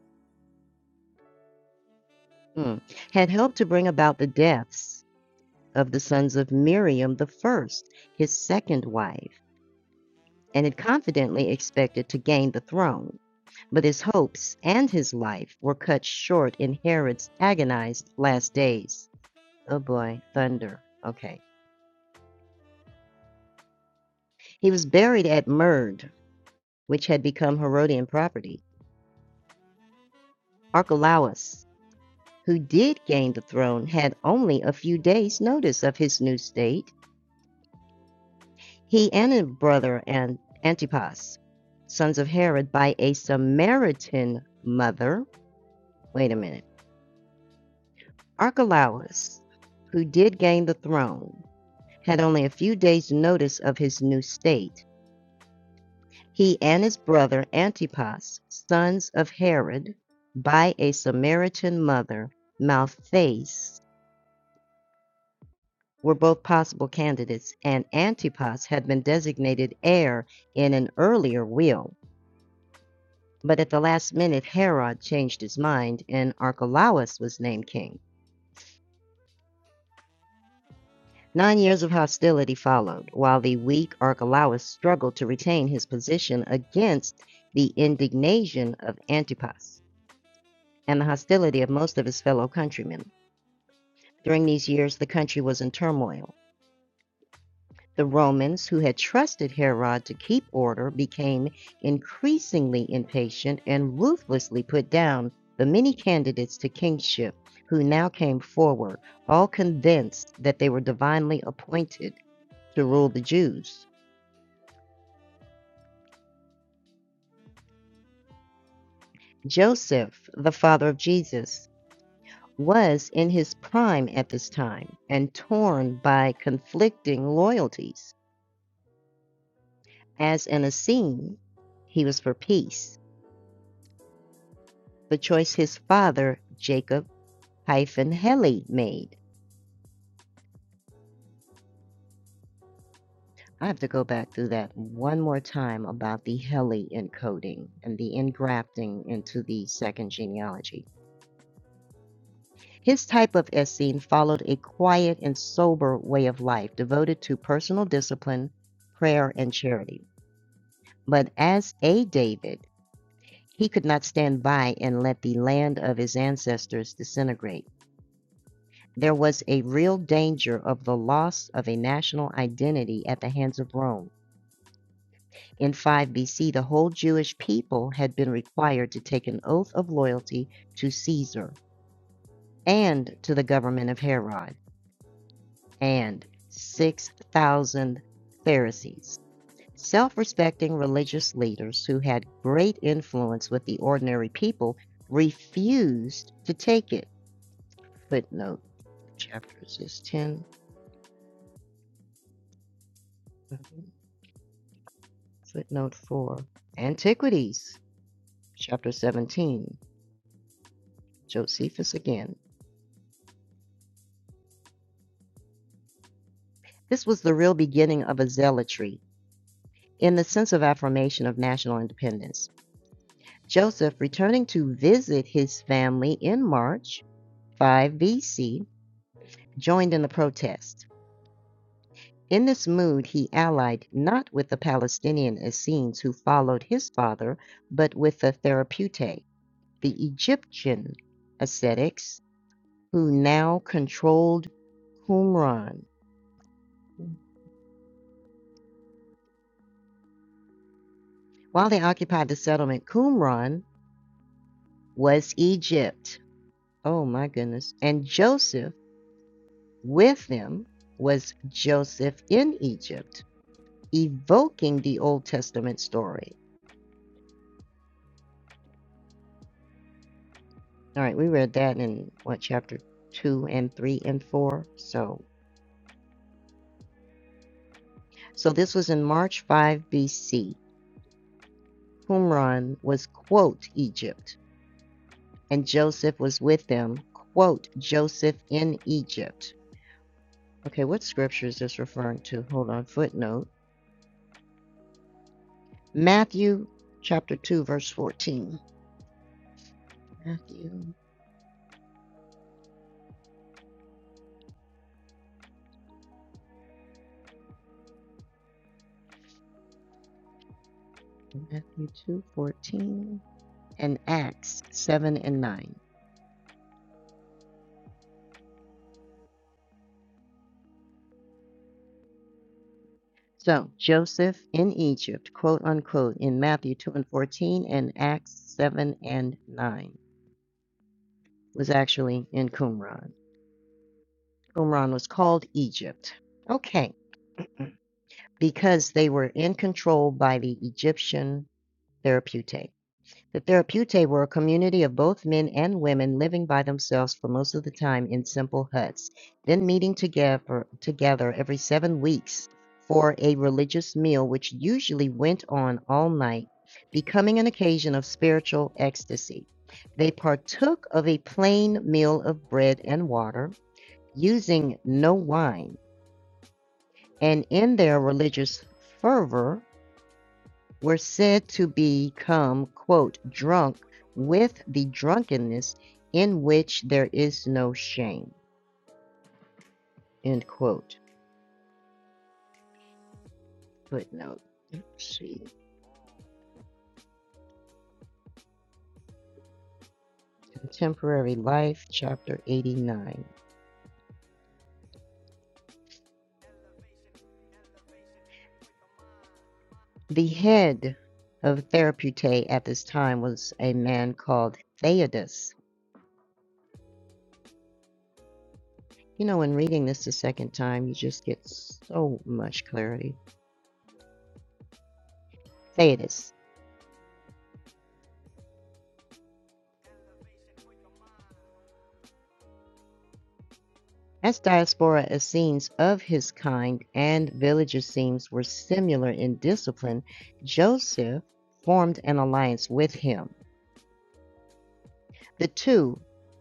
mm, had helped to bring about the deaths of the sons of Miriam the first, his second wife, and had confidently expected to gain the throne. But his hopes and his life were cut short in Herod's agonized last days. Oh boy, thunder. Okay. He was buried at Merd, which had become Herodian property. Archelaus, who did gain the throne, had only a few days' notice of his new state He and his brother and Antipas, sons of Herod, by a Samaritan mother, wait a minute, Archelaus, who did gain the throne, had only a few days' notice of his new state. He and his brother Antipas, sons of Herod, by a Samaritan mother, Malthace, were both possible candidates, and Antipas had been designated heir in an earlier will. But at the last minute, Herod changed his mind, and Archelaus was named king. Nine years of hostility followed, while the weak Archelaus struggled to retain his position against the indignation of Antipas and the hostility of most of his fellow countrymen. During these years, the country was in turmoil. The Romans, who had trusted Herod to keep order, became increasingly impatient and ruthlessly put down the many candidates to kingship who now came forward, all convinced that they were divinely appointed to rule the Jews. Joseph, the father of Jesus, was in his prime at this time and torn by conflicting loyalties. As an Essene, he was for peace, the choice his father, Jacob, hyphen heli made. I have to go back through that one more time about the heli encoding and the engrafting into the second genealogy. His type of Essene followed a quiet and sober way of life devoted to personal discipline, prayer, and charity. But as a David, he could not stand by and let the land of his ancestors disintegrate. There was a real danger of the loss of a national identity at the hands of Rome In 5 BC, the whole Jewish people had been required to take an oath of loyalty to Caesar and to the government of Herod, and 6,000 Pharisees, self respecting religious leaders who had great influence with the ordinary people, refused to take it. Footnote chapters is 10, footnote 4. Antiquities, chapter 17. Josephus again. This was the real beginning of a zealotry in the sense of affirmation of national independence. Joseph, returning to visit his family in March 5 BC, joined in the protest. In this mood, he allied not with the Palestinian Essenes who followed his father, but with the Therapeutae, the Egyptian ascetics who now controlled Qumran. While they occupied the settlement, Qumran was Egypt. Oh my goodness. And Joseph with them was Joseph in Egypt, evoking the Old Testament story. All right, we read that in what chapter 2 and 3 and 4. So, so this was in March 5 BC. Qumran was quote Egypt, and Joseph was with them quote Joseph in Egypt. Okay, what scripture is this referring to? Hold on, footnote. Matthew chapter 2 verse 14. Matthew Matthew 2 14 and Acts 7 and 9. So Joseph in Egypt, quote unquote, in Matthew 2 and 14 and Acts 7 and 9 was actually in Qumran. Qumran was called Egypt. Okay, because they were in control by the Egyptian therapeutic. The Therapeutae were a community of both men and women living by themselves for most of the time in simple huts, then meeting together, together every seven weeks for a religious meal, which usually went on all night, becoming an occasion of spiritual ecstasy. They partook of a plain meal of bread and water, using no wine, and in their religious fervor, were said to become, quote, drunk with the drunkenness in which there is no shame, end quote. Footnote. Let's see. Contemporary Life, Chapter 89. The head of Therapeutae at this time was a man called Theodos. You know, in reading this the second time, you just get so much clarity. Theodos. As diaspora Essenes of his kind and village Essenes were similar in discipline, Joseph formed an alliance with him. The two,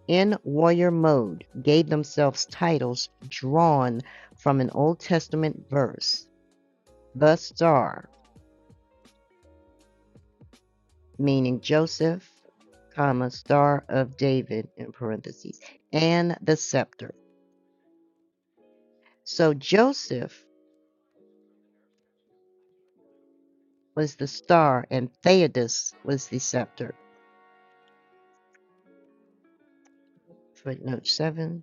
in warrior mode, gave themselves titles drawn from an Old Testament verse, the star, meaning Joseph, comma, star of David in parentheses, and the scepter. So Joseph was the star and Theudas was the scepter. Footnote 7.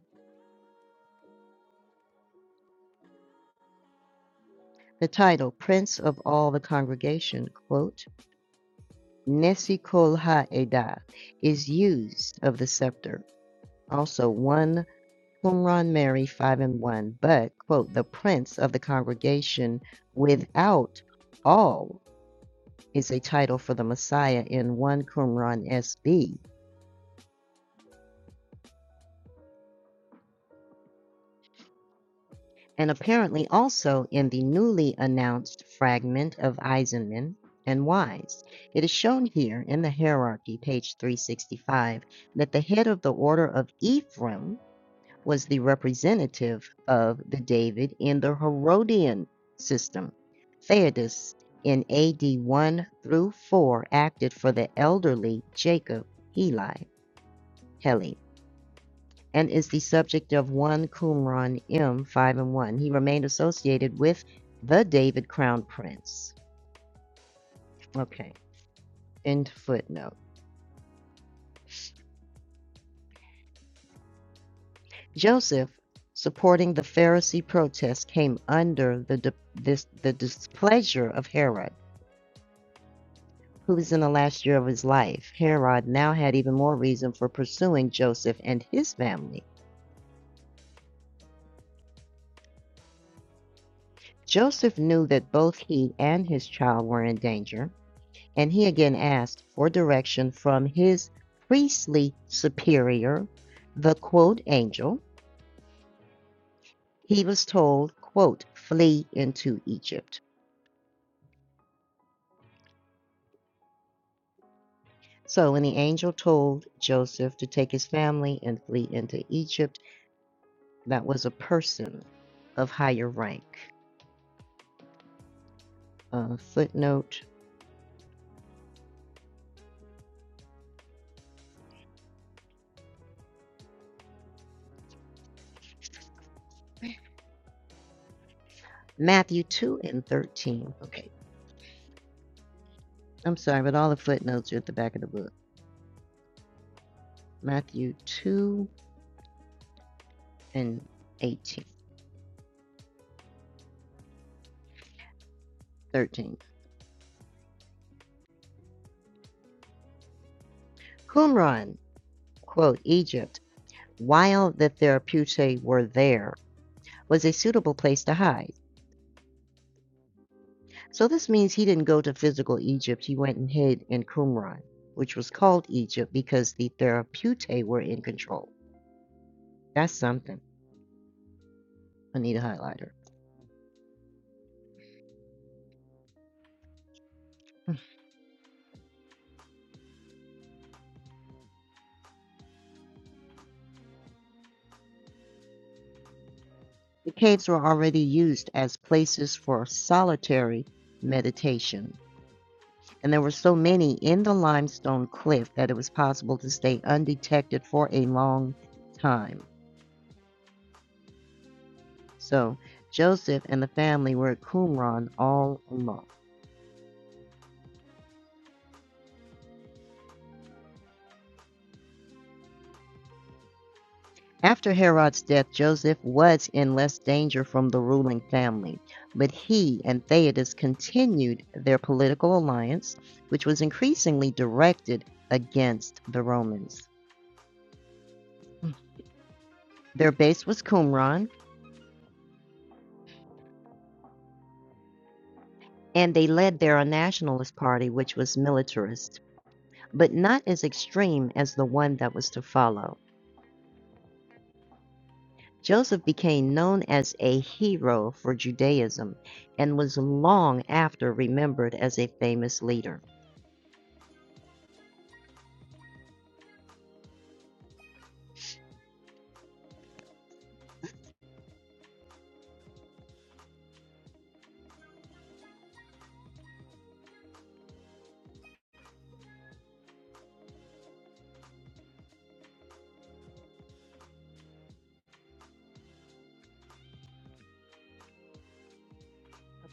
The title, Prince of All the Congregation, quote, Nesi Kol Ha'edah, is used of the scepter. Also, one Qumran Mary, 5 and 1, but, quote, the Prince of the Congregation without all is a title for the Messiah in 1 Qumran SB and apparently also in the newly announced fragment of Eisenman and Wise. It is shown here in the hierarchy, page 365, that the head of the order of Ephraim was the representative of the David in the Herodian system. Theodos in AD 1 through 4 acted for the elderly Jacob Heli, Heli and is the subject of one Qumran M five and one. He remained associated with the David Crown Prince. Okay. End footnote. Joseph, supporting the Pharisee protest, came under the di- this the displeasure of Herod, who was in the last year of his life. Herod now had even more reason for pursuing Joseph and his family. Joseph knew that both he and his child were in danger. and he again asked for direction from his priestly superior, the quote angel. He was told, quote, flee into Egypt. So when the angel told Joseph to take his family and flee into Egypt, that was a person of higher rank. Uh, footnote Matthew 2 and 13. Okay, I'm sorry, but all the footnotes are at the back of the book. Matthew 2 and eighteen, thirteen. Qumran quote, Egypt, while the Therapeutae were there, was a suitable place to hide. So this means he didn't go to physical Egypt, he went and hid in Qumran, which was called Egypt because the Therapeutae were in control. That's something. I need a highlighter. the caves were already used as places for solitary meditation, and there were so many in the limestone cliff that it was possible to stay undetected for a long time. So Joseph and the family were at Qumran all along. After Herod's death, Joseph was in less danger from the ruling family, but he and Theudas continued their political alliance, which was increasingly directed against the Romans. Their base was Qumran, and they led there a nationalist party which was militarist, but not as extreme as the one that was to follow. Joseph became known as a hero for Judaism and was long after remembered as a famous leader.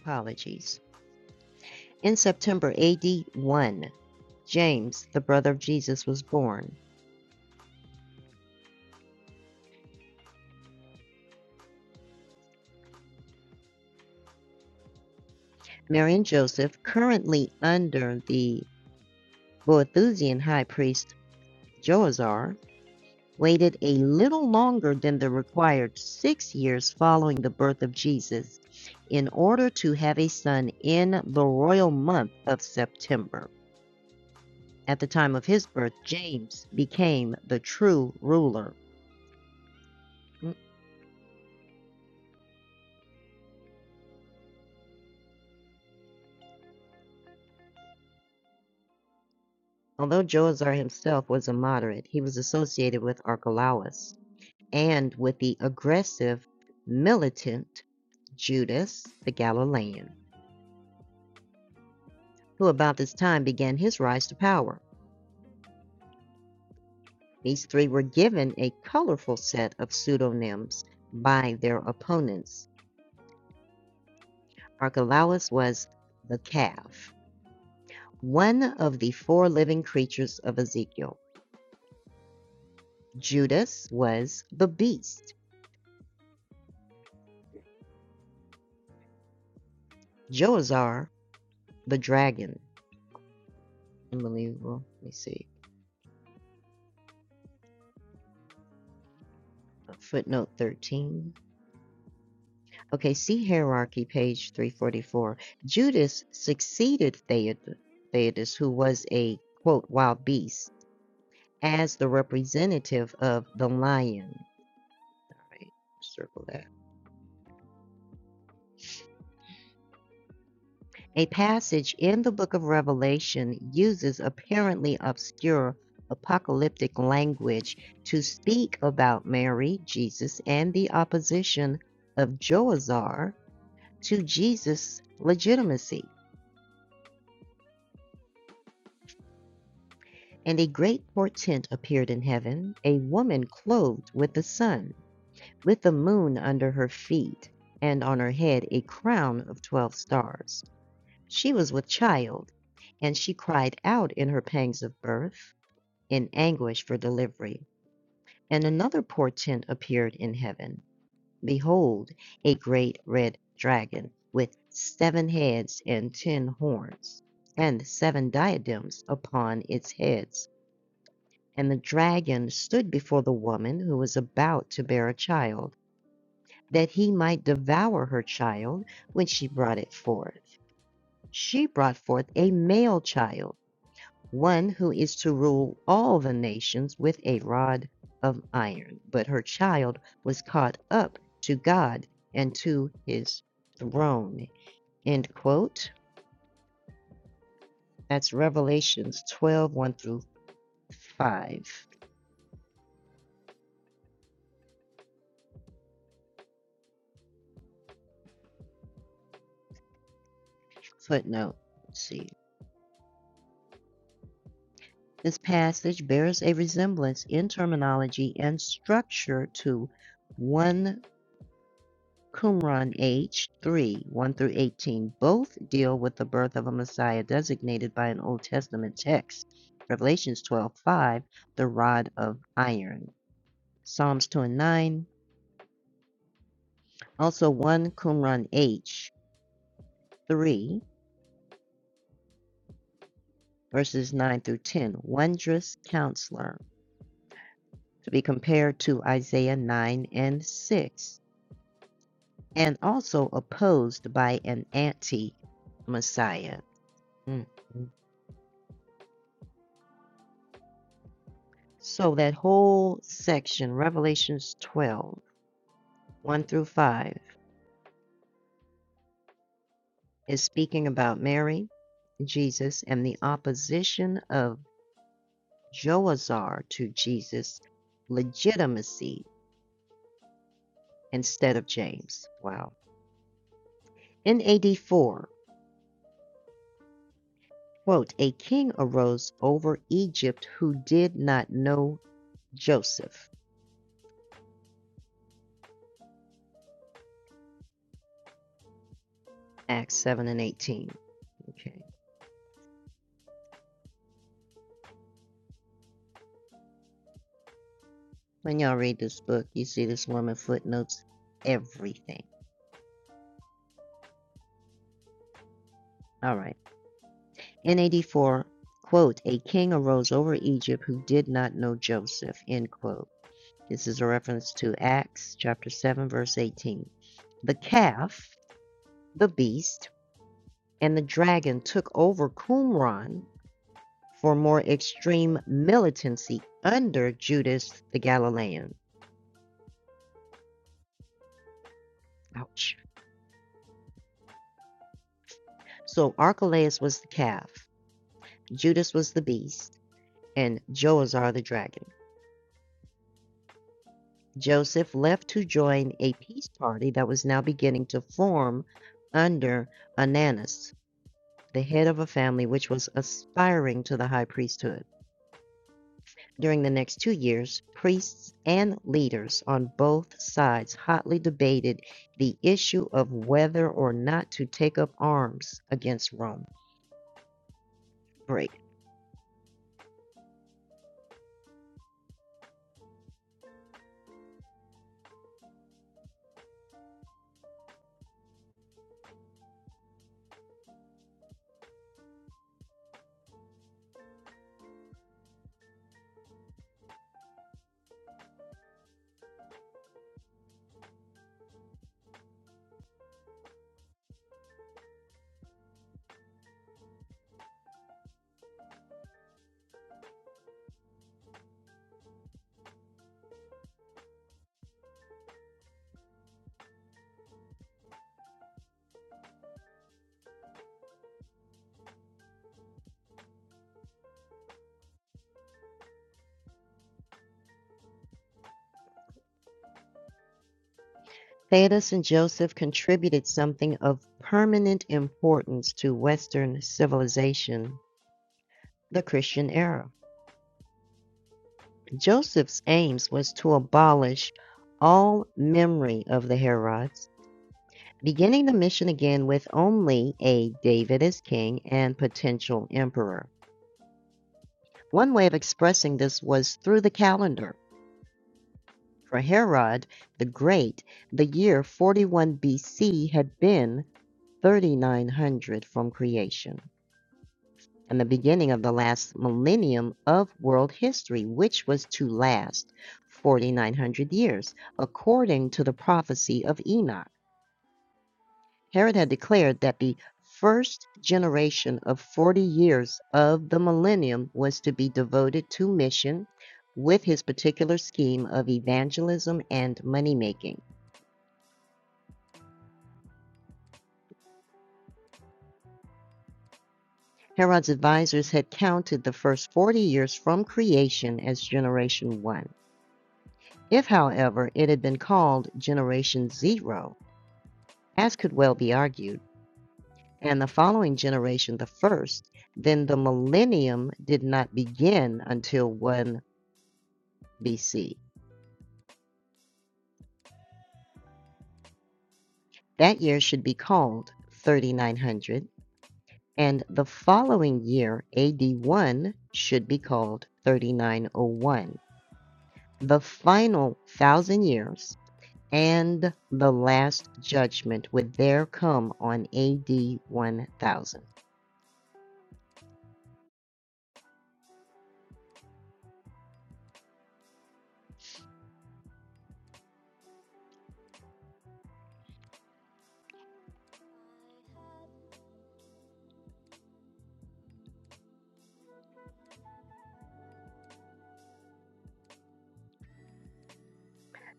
Apologies. In September AD 1, James, the brother of Jesus, was born. Mary and Joseph, currently under the Boethusian high priest Joazar, waited a little longer than the required six years following the birth of Jesus in order to have a son in the royal month of September. At the time of his birth, James became the true ruler. Although Joazar himself was a moderate, he was associated with Archelaus and with the aggressive, militant Judas the Galilean, who about this time began his rise to power. These three were given a colorful set of pseudonyms by their opponents. Archelaus was the calf, one of the four living creatures of Ezekiel. Judas was the beast. Joazar, the dragon. Unbelievable. Let me see. Footnote 13. Okay, see hierarchy, page 344. Judas succeeded Theod- who was a quote, wild beast as the representative of the lion. Right, circle that. A passage in the book of Revelation uses apparently obscure apocalyptic language to speak about Mary, Jesus, and the opposition of Joazar to Jesus' legitimacy. And a great portent appeared in heaven a woman clothed with the sun, with the moon under her feet, and on her head a crown of twelve stars. She was with child, and she cried out in her pangs of birth, in anguish for delivery. And another portent appeared in heaven. Behold, a great red dragon with seven heads and ten horns, and seven diadems upon its heads. And the dragon stood before the woman who was about to bear a child, that he might devour her child when she brought it forth. She brought forth a male child one who is to rule all the nations with a rod of iron. But her child was caught up to God and to his throne. End quote. That's Revelations twelve one through 5. Footnote C. This passage bears a resemblance in terminology and structure to 1 Qumran H. 3, 1 through 18, both deal with the birth of a Messiah designated by an Old Testament text. Revelations 12 5 the rod of iron. Psalms 2 and 9, also 1 Qumran H. 3, verses 9 through 10, wondrous counselor, to be compared to Isaiah 9 and 6, and also opposed by an anti Messiah. So that whole section, Revelations 12, 1 through 5, is speaking about Mary, Jesus, and the opposition of Joazar to Jesus' legitimacy instead of James. Wow. In AD 4, quote, a king arose over Egypt who did not know Joseph. Acts 7 and 18. Okay. When y'all read this book, you see this woman footnotes everything. All right. In 84, quote, a king arose over Egypt who did not know Joseph, end quote. This is a reference to Acts chapter 7, verse 18. The calf, the beast, and the dragon took over Qumran for more extreme militancy under Judas the Galilean. Ouch. So Archelaus was the calf, Judas was the beast, and Joazar the dragon. Joseph left to join a peace party that was now beginning to form under Ananus, the head of a family which was aspiring to the high priesthood. During the next two years, priests and leaders on both sides hotly debated the issue of whether or not to take up arms against Rome. Break. Thaddeus and Joseph contributed something of permanent importance to Western civilization, the Christian era. Joseph's aims was to abolish all memory of the Herods, beginning the mission again with only a David as king and potential emperor. One way of expressing this was through the calendar. For Herod the Great, the year 41 BC had been 3900 from creation. and the beginning of the last millennium of world history, which was to last 4,900 years, according to the prophecy of Enoch. Herod had declared that the first generation of 40 years of the millennium was to be devoted to mission with his particular scheme of evangelism and money making. Herod's advisors had counted the first 40 years from creation as generation one. If, however, it had been called Generation Zero, as could well be argued, and the following generation the first, then the millennium did not begin until 1 BC. That year should be called 3900, and the following year, AD 1, should be called 3901. The final thousand years and the last judgment would there come on AD 1000.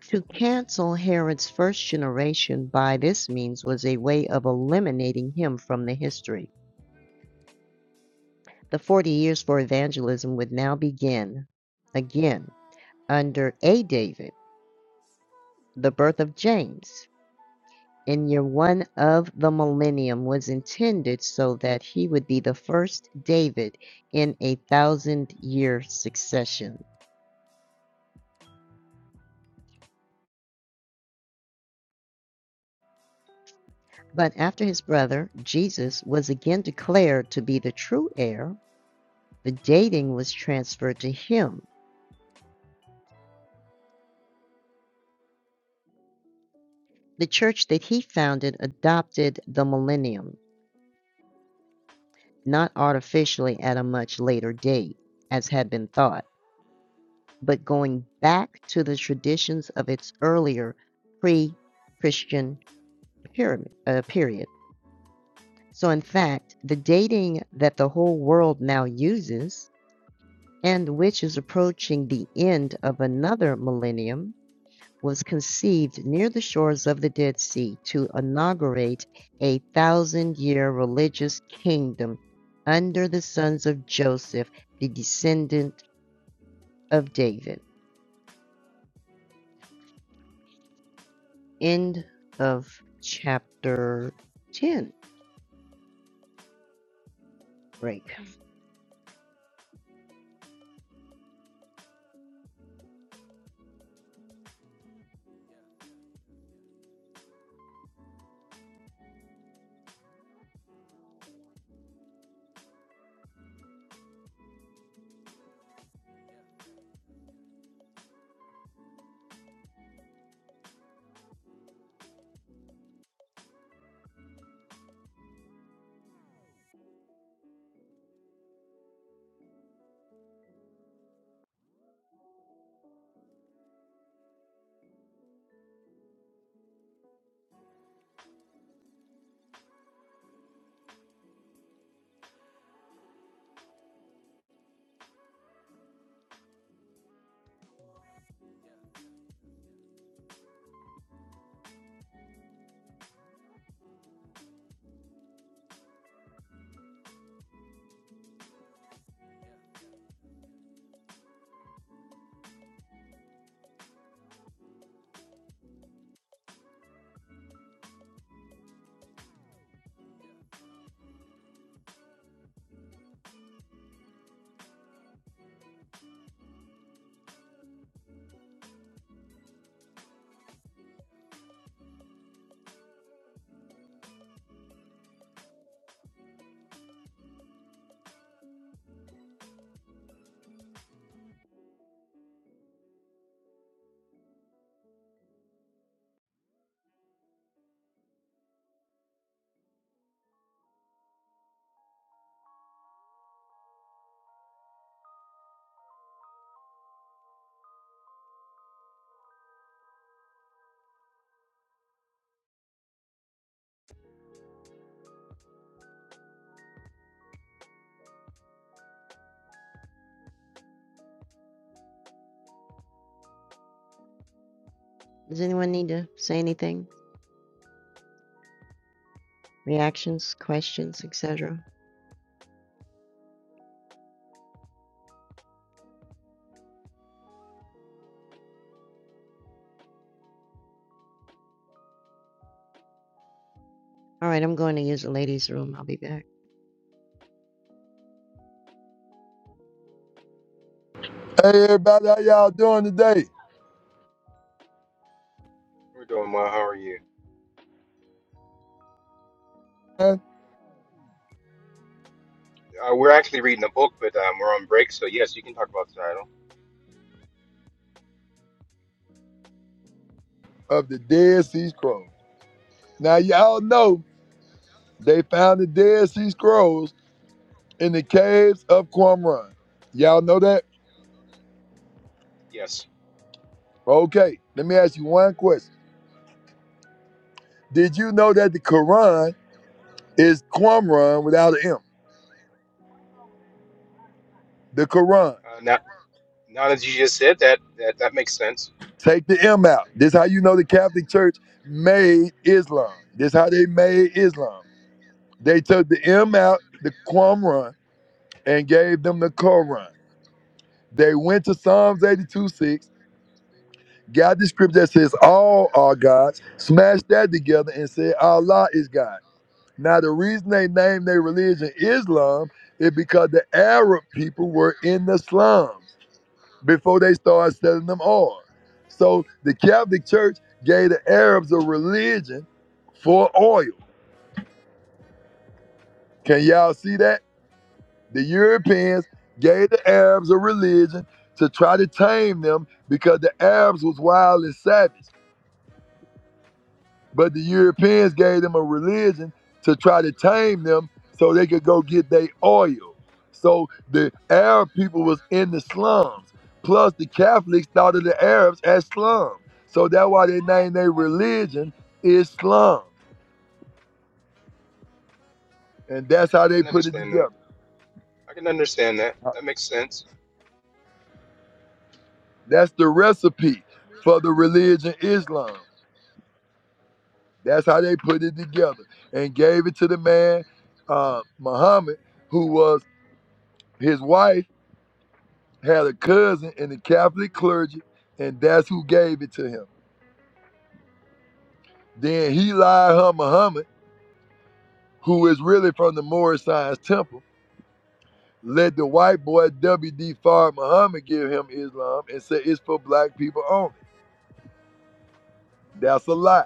To cancel Herod's first generation by this means was a way of eliminating him from the history. The 40 years for evangelism would now begin again under A. David, the birth of James. In year one of the millennium was intended so that he would be the first David in a thousand year succession. But after his brother, Jesus, was again declared to be the true heir, The dating was transferred to him. The church that he founded adopted the millennium, not artificially at a much later date, as had been thought, but going back to the traditions of its earlier pre Christian pyramid, uh, period. So, in fact, the dating that the whole world now uses, and which is approaching the end of another millennium, was conceived near the shores of the Dead Sea to inaugurate a thousand year religious kingdom under the sons of Joseph, the descendant of David. End of chapter 10. Break. Does anyone need to say anything? Reactions, questions, etc.? All right, I'm going to use the ladies' room. I'll be back.
Hey everybody, how y'all doing today?
We're doing well. How are you?
Man,
Uh, we're actually reading a book, but um, we're on break, so yes, you can talk about the title.
Of the Dead Sea Scrolls. Now y'all know they found the Dead Sea Scrolls in the caves of Qumran. Y'all know that?
Yes.
Okay, let me ask you one question. Did you know that the Quran is Qumran without an M? The Quran.
Uh, now, now that you just said that, that, that makes sense.
Take the M out. This how you know the Catholic Church made Islam. This how they made Islam. They took the M out, the Qumran, and gave them the Quran. They went to Psalms 82 6, got the script that says all are gods, smashed that together and said Allah is God. Now, the reason they named their religion Islam is because the Arab people were in the slums before they started selling them oil. So the Catholic Church gave the Arabs a religion for oil. Can y'all see that? The Europeans gave the Arabs a religion to try to tame them because the Arabs was wild and savage. But the Europeans gave them a religion to try to tame them so they could go get their oil. So the Arab people was in the slums. Plus the Catholics thought of the Arabs as slum. So that's why they named their religion Islam. And
Okay,
that's
I
how they
can
put it
understand that.
together.
I can understand that. That makes sense.
That's the recipe for the religion Islam. That's how they put it together and gave it to the man, uh, Muhammad, who was his wife had a cousin in the Catholic clergy, and that's who gave it to him. Then Heli Muhammad, who is really from the Moorish Science Temple, let the white boy W.D. Farr Muhammad give him Islam and say it's for black people only. That's a lie.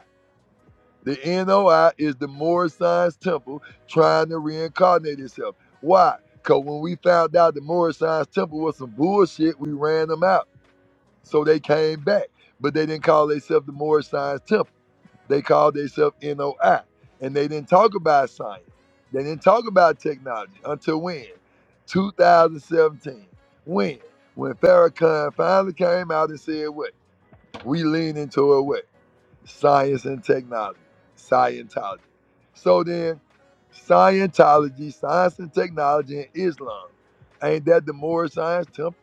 The NOI is the Moorish Science Temple trying to reincarnate itself. Why? Because when we found out the Moorish Science Temple was some bullshit, we ran them out. So they came back, but they didn't call themselves the Moorish Science Temple. They called themselves NOI. And they didn't talk about science. They didn't talk about technology until when? 2017. When? When Farrakhan finally came out and said what? We lean into a what? Science and technology. Scientology. So then, Scientology, science and technology, and Islam. Ain't that the more science temple?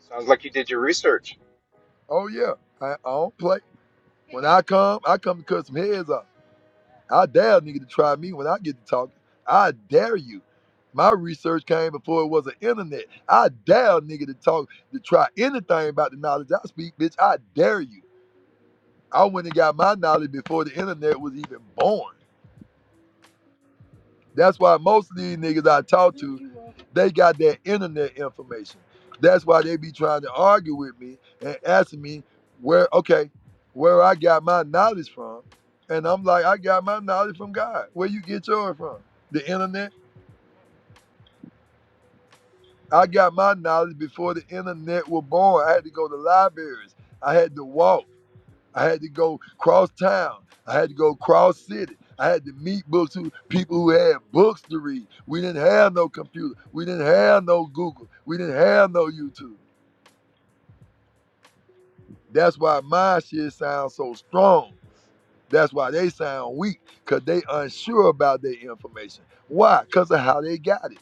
Sounds like you did your research.
Oh yeah. I, I don't play. When I come, I come to cut some heads off. I dare a nigga to try me when I get to talking. I dare you. My research came before it was an internet. I dare a nigga to talk to try anything about the knowledge I speak, bitch. I dare you. I went and got my knowledge before the internet was even born. That's why most of these niggas I talk to, they got their internet information. That's why they be trying to argue with me and asking me where, okay, where I got my knowledge from. And I'm like, I got my knowledge from God. Where you get yours from? The internet? I got my knowledge before the internet was born. I had to go to libraries. I had to walk. I had to go cross town. I had to go cross city. I had to meet books who, people who had books to read. We didn't have no computer. We didn't have no Google. We didn't have no YouTube. That's why my shit sounds so strong. That's why they sound weak, because they unsure about their information. Why? Because of how they got it.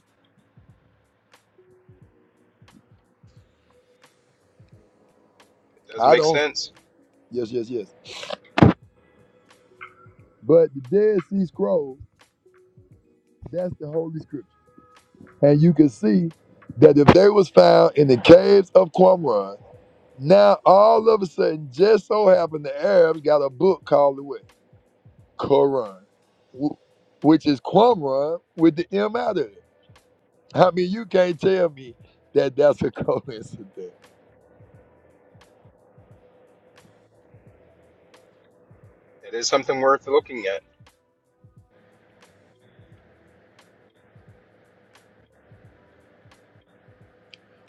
It does
I
make
don't,
sense.
yes, yes, yes. But the Dead Sea Scrolls, that's the Holy Scripture. And you can see that if they was found in the caves of Qumran, Now, all of a sudden, just so happened the Arabs got a book called the what? Quran, wh- which is Qumran with the M out of it. I mean, you can't tell me that that's a coincidence.
That is something worth looking at.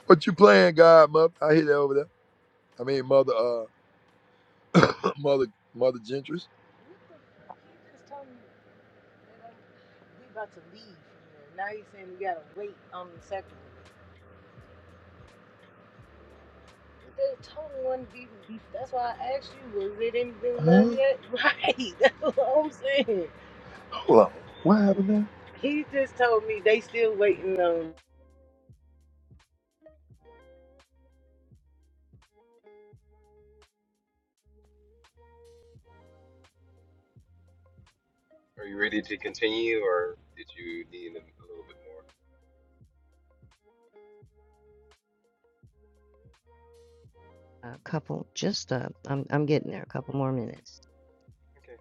What you playing, Godmother? I hear that over there. I mean, Mother, uh, Mother, Mother Gentry's. Hold on. What happened there?
Are you ready to continue, or did you need a a little bit more?
A couple, just uh, I'm, I'm getting there. A couple more minutes.
Okay.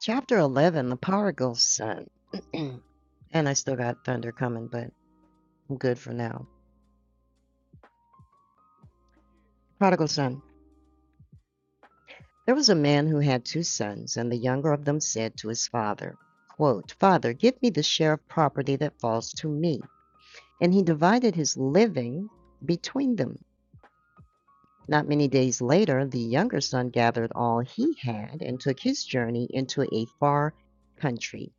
Chapter 11, The Prodigal Son. and I still got thunder coming, but I'm good for now. Prodigal Son. There was a man who had two sons, and the younger of them said to his father, quote, Father, give me the share of property that falls to me. And he divided his living between them. Not many days later, the younger son gathered all he had and took his journey into a far country,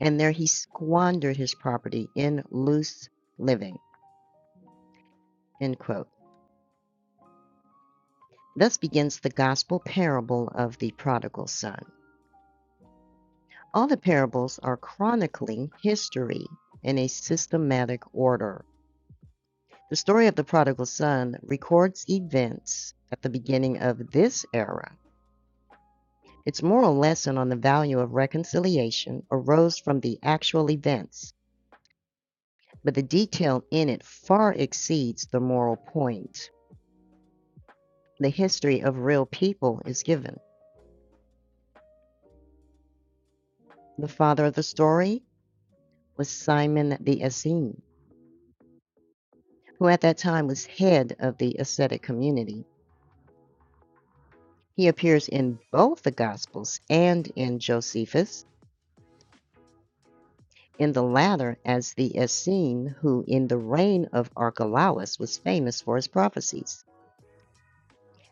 and there he squandered his property in loose living. End quote. Thus begins the gospel parable of the prodigal son. All the parables are chronicling history in a systematic order. The story of the prodigal son records events at the beginning of this era Its moral lesson on the value of reconciliation arose from the actual events, but the detail in it far exceeds the moral point. The history of real people is given. The father of the story was Simon the Essene, who at that time was head of the ascetic community. He appears in both the Gospels and in Josephus, in the latter as the Essene who in the reign of Archelaus was famous for his prophecies.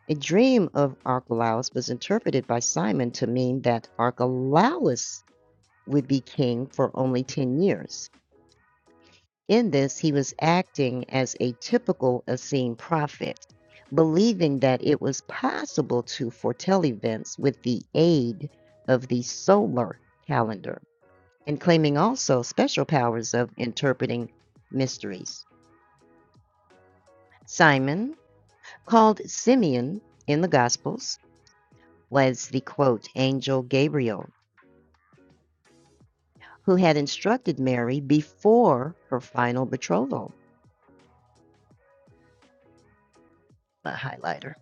A dream of Archelaus was interpreted by Simon to mean that Archelaus would be king for only 10 years. In this, he was acting as a typical Essene prophet, believing that it was possible to foretell events with the aid of the solar calendar, and claiming also special powers of interpreting mysteries. Simon, called Simeon in the Gospels, was the quote, angel Gabriel who had instructed Mary before her final betrothal, a highlighter,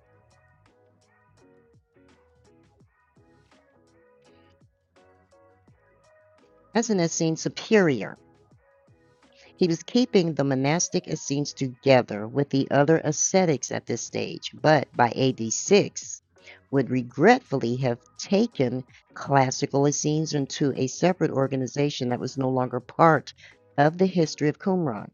as an Essene superior. He was keeping the monastic Essenes together with the other ascetics at this stage, but by AD 6, would regretfully have taken classical Essenes into a separate organization that was no longer part of the history of Qumran.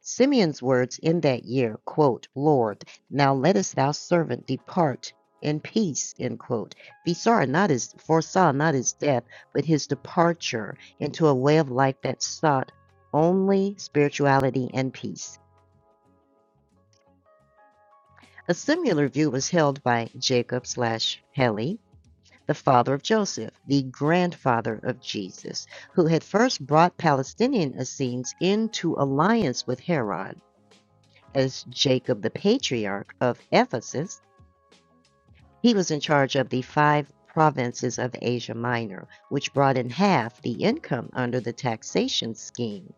Simeon's words in that year, quote, Lord, now lettest thou servant depart in peace, end quote. He saw not his foresaw not his death, but his departure into a way of life that sought only spirituality and peace. A similar view was held by Jacob slash Heli, the father of Joseph, the grandfather of Jesus, who had first brought Palestinian Essenes into alliance with Herod. as Jacob the Patriarch of Ephesus, he was in charge of the five provinces of Asia Minor, which brought in half the income under the taxation scheme.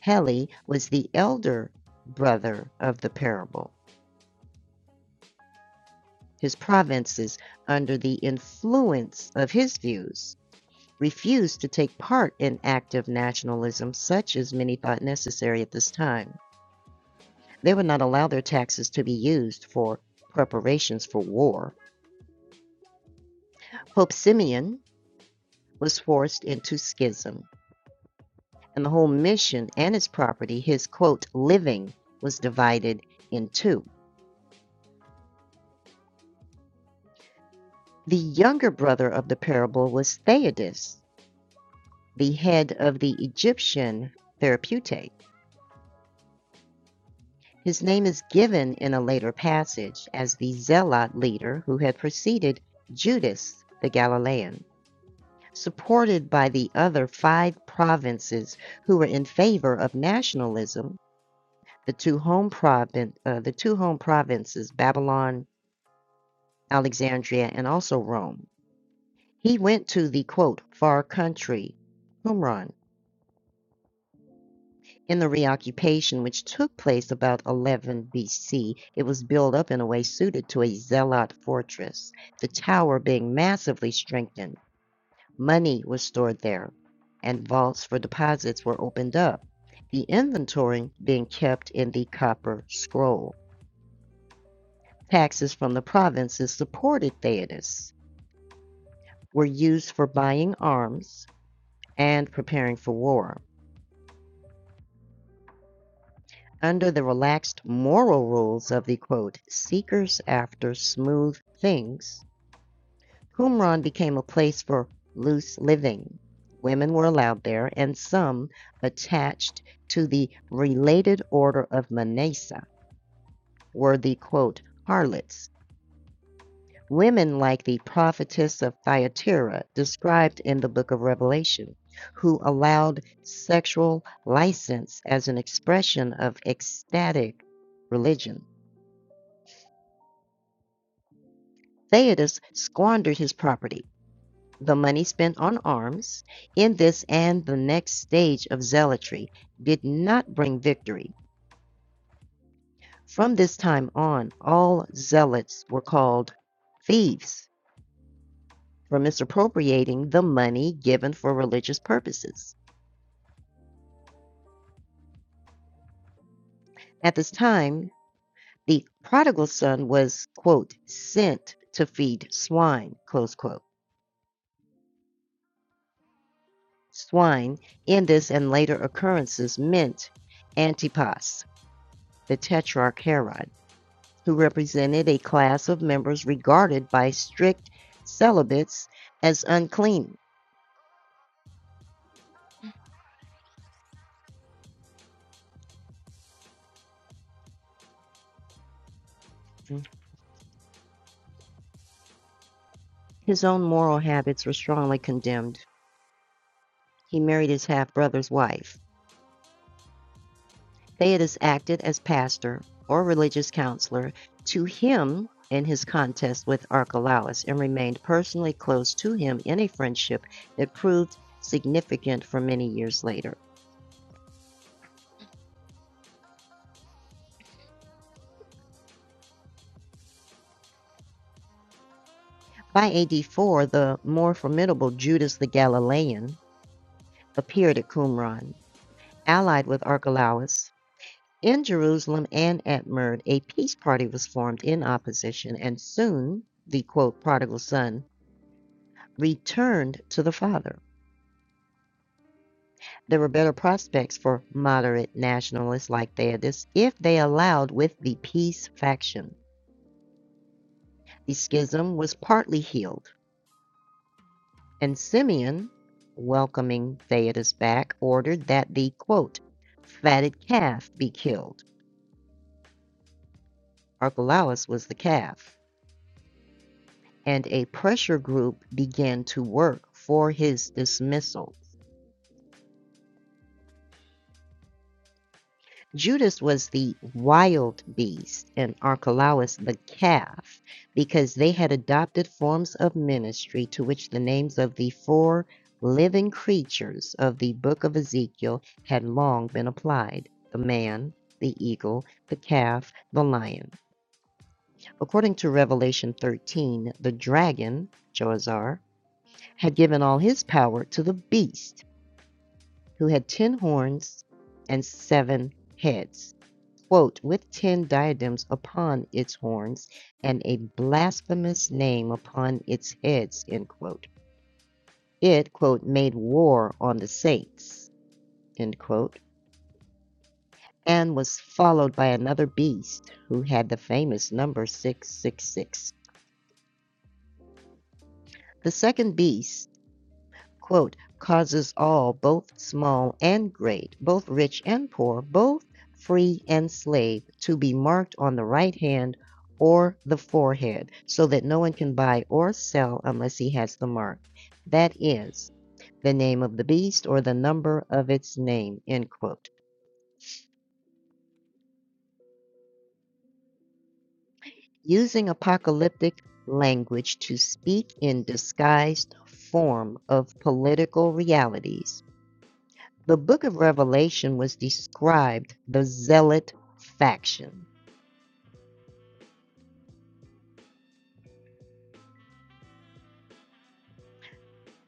Heli was the elder brother of the parable. His provinces, under the influence of his views, refused to take part in active nationalism such as many thought necessary at this time. They would not allow their taxes to be used for preparations for war Pope Simeon was forced into schism, and the whole mission and its property, his quote, living, was divided in two. The younger brother of the parable was Theudas, the head of the Egyptian therapeutic. His name is given in a later passage as the zealot leader who had preceded Judas the Galilean, supported by the other five provinces who were in favor of nationalism The two home provin- uh, the two home provinces, Babylon, Alexandria, and also Rome. He went to the quote far country, Qumran, in the reoccupation which took place about 11 BC. It was built up in a way suited to a zealot fortress, the tower being massively strengthened. Money was stored there, and vaults for deposits were opened up. The inventory being kept in the copper scroll. Taxes from the provinces supported Theudas were used for buying arms and preparing for war. Under the relaxed moral rules of the quote, seekers after smooth things, Qumran became a place for loose living. Women were allowed there, and some attached to the related order of Manasa were the quote, harlots Women like the prophetess of Thyatira, described in the book of Revelation, who allowed sexual license as an expression of ecstatic religion. Theudas squandered his property, the money spent on arms, in this and the next stage of zealotry, did not bring victory. From this time on, all zealots were called thieves for misappropriating the money given for religious purposes. At this time, the prodigal son was, quote, sent to feed swine, close quote. Swine in this and later occurrences meant Antipas, the Tetrarch Herod, who represented a class of members regarded by strict celibates as unclean. His own moral habits were strongly condemned. He married his half brother's wife, Theodas acted as pastor or religious counselor to him in his contest with Archelaus and remained personally close to him in a friendship that proved significant for many years later. By AD 4, the more formidable Judas the Galilean appeared at Qumran, allied with Archelaus. In Jerusalem and at Murd, a peace party was formed in opposition, and soon the quote, prodigal son returned to the father. There were better prospects for moderate nationalists like Theodas if they allowed with the peace faction. The schism was partly healed, and Simeon, welcoming Theodas back, ordered that the quote, fatted calf be killed. Archelaus was the calf, and a pressure group began to work for his dismissal. Judas was the wild beast and Archelaus the calf because they had adopted forms of ministry to which the names of the four living creatures of the book of Ezekiel had long been applied the man, the eagle, the calf, the lion. According to Revelation 13, the dragon, Joazar, had given all his power to the beast, who had ten horns and seven heads quote, with ten diadems upon its horns and a blasphemous name upon its heads, end quote. It, quote, made war on the saints, end quote, and was followed by another beast who had the famous number 666. The second beast quote, causes all, both small and great, both rich and poor, both free and slave, to be marked on the right hand or the forehead, so that no one can buy or sell unless he has the mark. That is, the name of the beast or the number of its name, end quote. Using apocalyptic language to speak in disguised form of political realities The book of Revelation was described the zealot faction.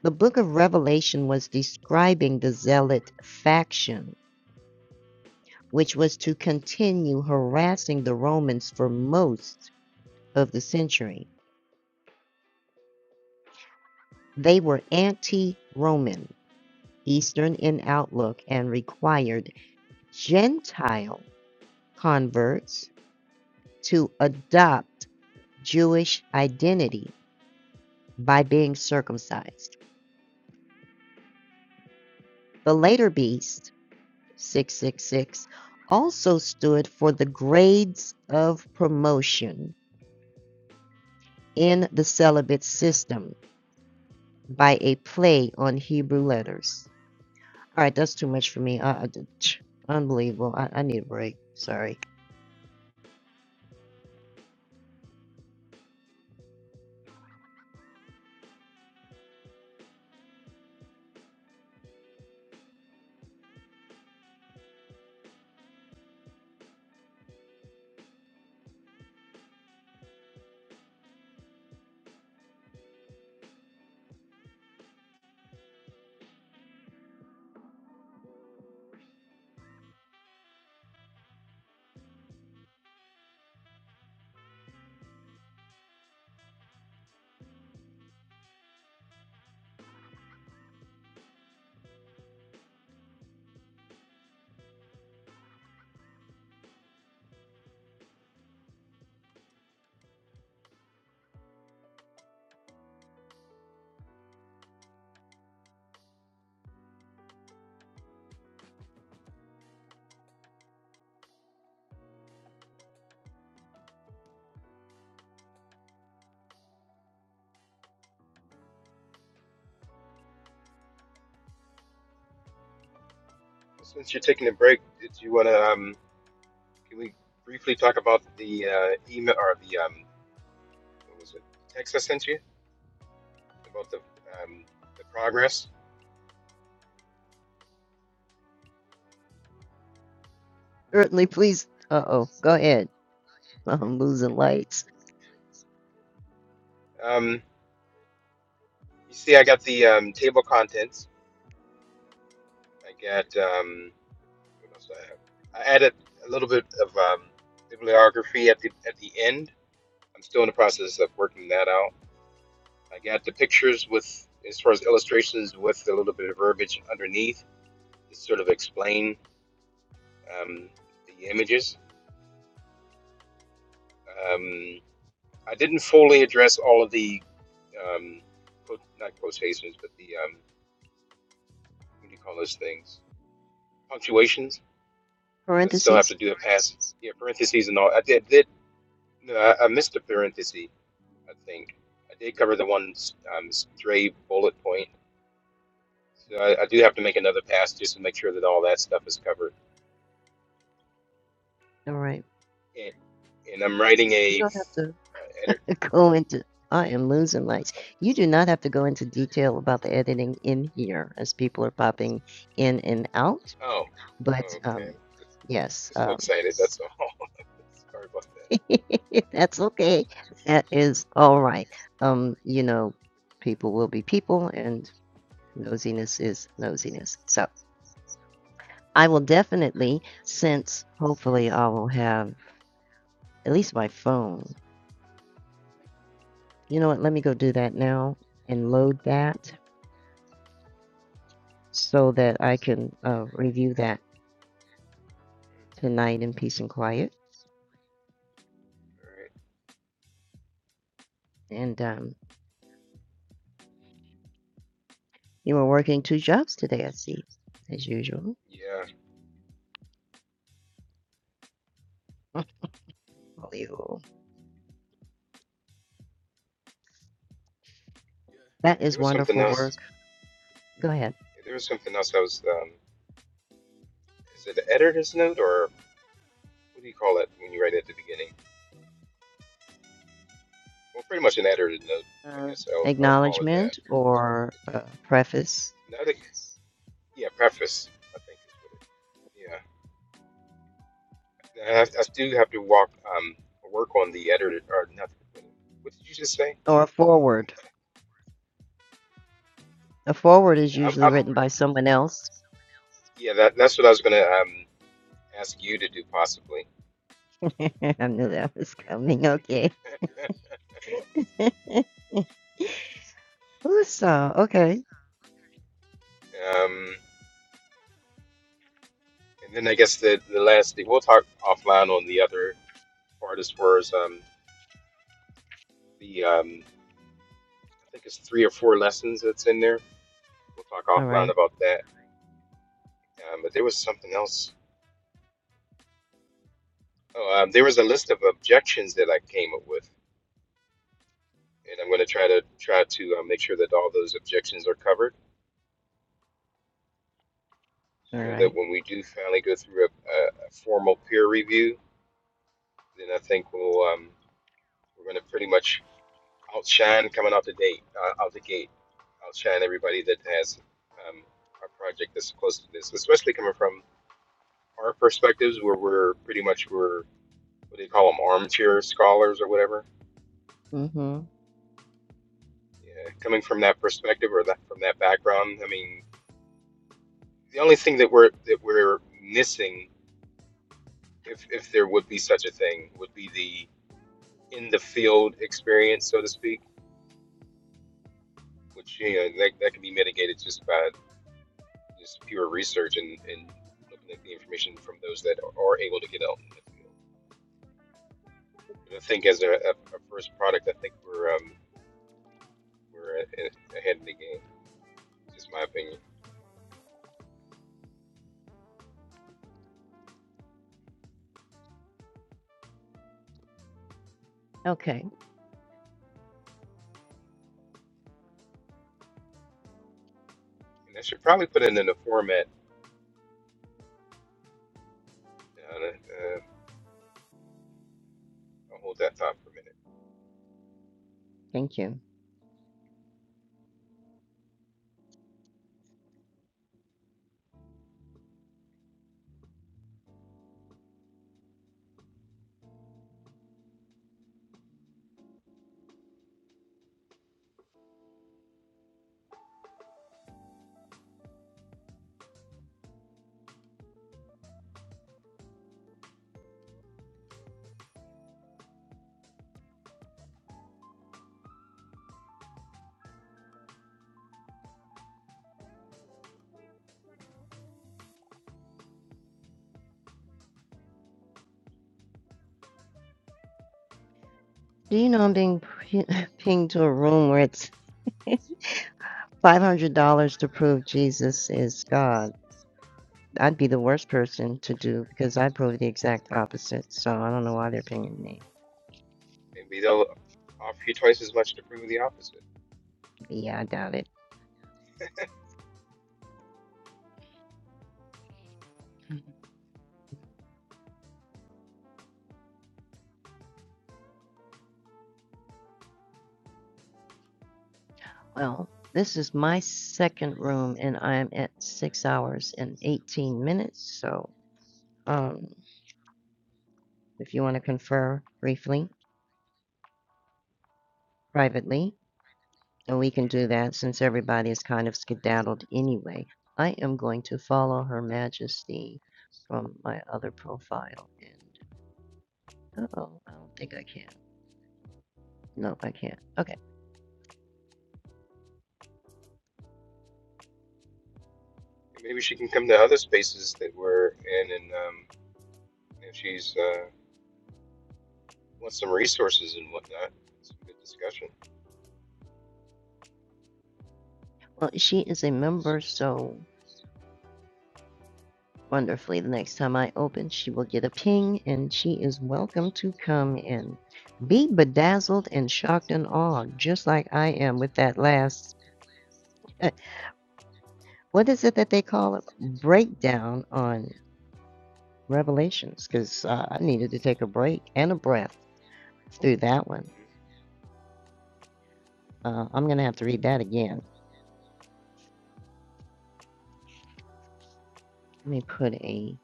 The book of Revelation was describing the zealot faction, which was to continue harassing the Romans for most of the century. They were anti Roman, Eastern in outlook, and required Gentile converts to adopt Jewish identity by being circumcised. The later beast 666 also stood for the grades of promotion in the celibate system by a play on Hebrew letters. All right, that's too much for me. I, unbelievable. I, I need a break. Sorry.
Well, since you're taking a break, did you want to? um, Can we briefly talk about the uh, email or the um, what was it? Text I sent you about the um, the progress.
Certainly, please. Uh oh. Go ahead. I'm losing lights.
Um, you see, I got the um, table contents. I got um, what else do I have? I added a little bit of um, bibliography at the at the end. I'm still in the process of working that out. I got the pictures with as far as illustrations with a little bit of verbiage underneath to sort of explain um, the images. Um, I didn't fully address all of the um, quote, not quotations, but the um, what do you call those things? Punctuations. I still have
Parentheses.
to do the pass. Yeah, parentheses and all. I did. did no, I, I missed a parenthesis. I think I did cover the one um, stray bullet point. So I, I do have to make another pass just to make sure that all that stuff is covered.
All right.
And, and I'm writing
You
a
don't have to
uh, edit.
go into. I am
Hmm?
losing lights. You do not have to go into detail about the editing in here as people are popping in and out.
Oh,
But um,
okay. Just,
yes,
just so
um,
excited. That's all. Sorry about that.
that's okay. That is all right. Um, you know, people will be people, and
Mm-hmm,
nosiness is nosiness. So I will definitely, since hopefully I will have at least my phone. You know what? Let me go do that now and load that so that I can uh, review that
mm-hmm.
tonight in peace and quiet.
All right.
And um, you were working two jobs today, I see, as usual.
Yeah.
Oh, you. That
There
is
was something
wonderful work.
else.
Go ahead.
There was something else I was. Um, is it an editor's note or what do you call it when you write at the beginning? Well, pretty much an editor's note. I
Uh,
guess I'll, I'll call it that.
acknowledgement or a preface
No, I think- yeah, preface. I think is what it. Yeah. And I, have- I do have to walk. Um, work on the editor or nothing. What what did you just say?
or a forward. A forward is
Yeah. I'm,
usually
I'm,
written by someone else.
yeah. That, that's what I was gonna um ask you to do possibly.
I knew that was coming. Okay. Ooh, so, okay.
Um, and then I guess the the last thing we'll talk offline on the other. artist were is um, the um, I think it's three or four lessons that's in there. We'll talk
All
offline
right.
about that. Um, but there was something else. Oh, um, there was a list of objections that I came up with, and I'm going to try to try to uh, make sure that all those objections are covered,
All
so that
right.
when we do finally go through a, a, a formal peer review, then I think we'll um, we're going to pretty much outshine coming out the date uh, out the gate, outshine everybody that has um, a project that's close to this, especially coming from our perspectives where we're pretty much we're what do you call them armchair scholars or whatever
Mm-hmm.
yeah, coming from that perspective or that from that background i mean the only thing that we're that we're missing if if there would be such a thing would be the in the field experience so to speak which you know that, that can be mitigated just by just pure research and and looking at the information from those that are able to get out in the field but i think as a, a, a first product i think we're um we're ahead of the game just my opinion
Okay.
And I should probably put it in the format. Uh, uh, I'll hold that thought for a minute.
Thank you. Do you know I'm being p- pinged to a room where it's $500 to prove Jesus is God? I'd be the worst person to do because I prove the exact opposite. So I don't know why they're pinging me.
Maybe they'll offer you twice as much to prove the opposite.
Yeah, I doubt it. Well, this is my second room, and I'm at six hours and 18 minutes. So, um, if you want to confer briefly, privately, and we can
Mhm.
do that since everybody is kind of skedaddled anyway. I am going to follow Her Majesty from my other profile. And, uh oh, I don't think I can. No, I can't. Okay.
And maybe she can come to other spaces that we're in, and um, if she's uh, wants some resources and whatnot, some good discussion.
Well, she is a member, so wonderfully. The next time I open, she will get a ping and she is welcome to come in. Be bedazzled and shocked and awed, just like I am with that last, uh, what is it that they call it? Breakdown on Revelations, because uh, I needed to take a break and a breath through that one.
hmm
Uh, I'm going to have to read that again. Let me put a.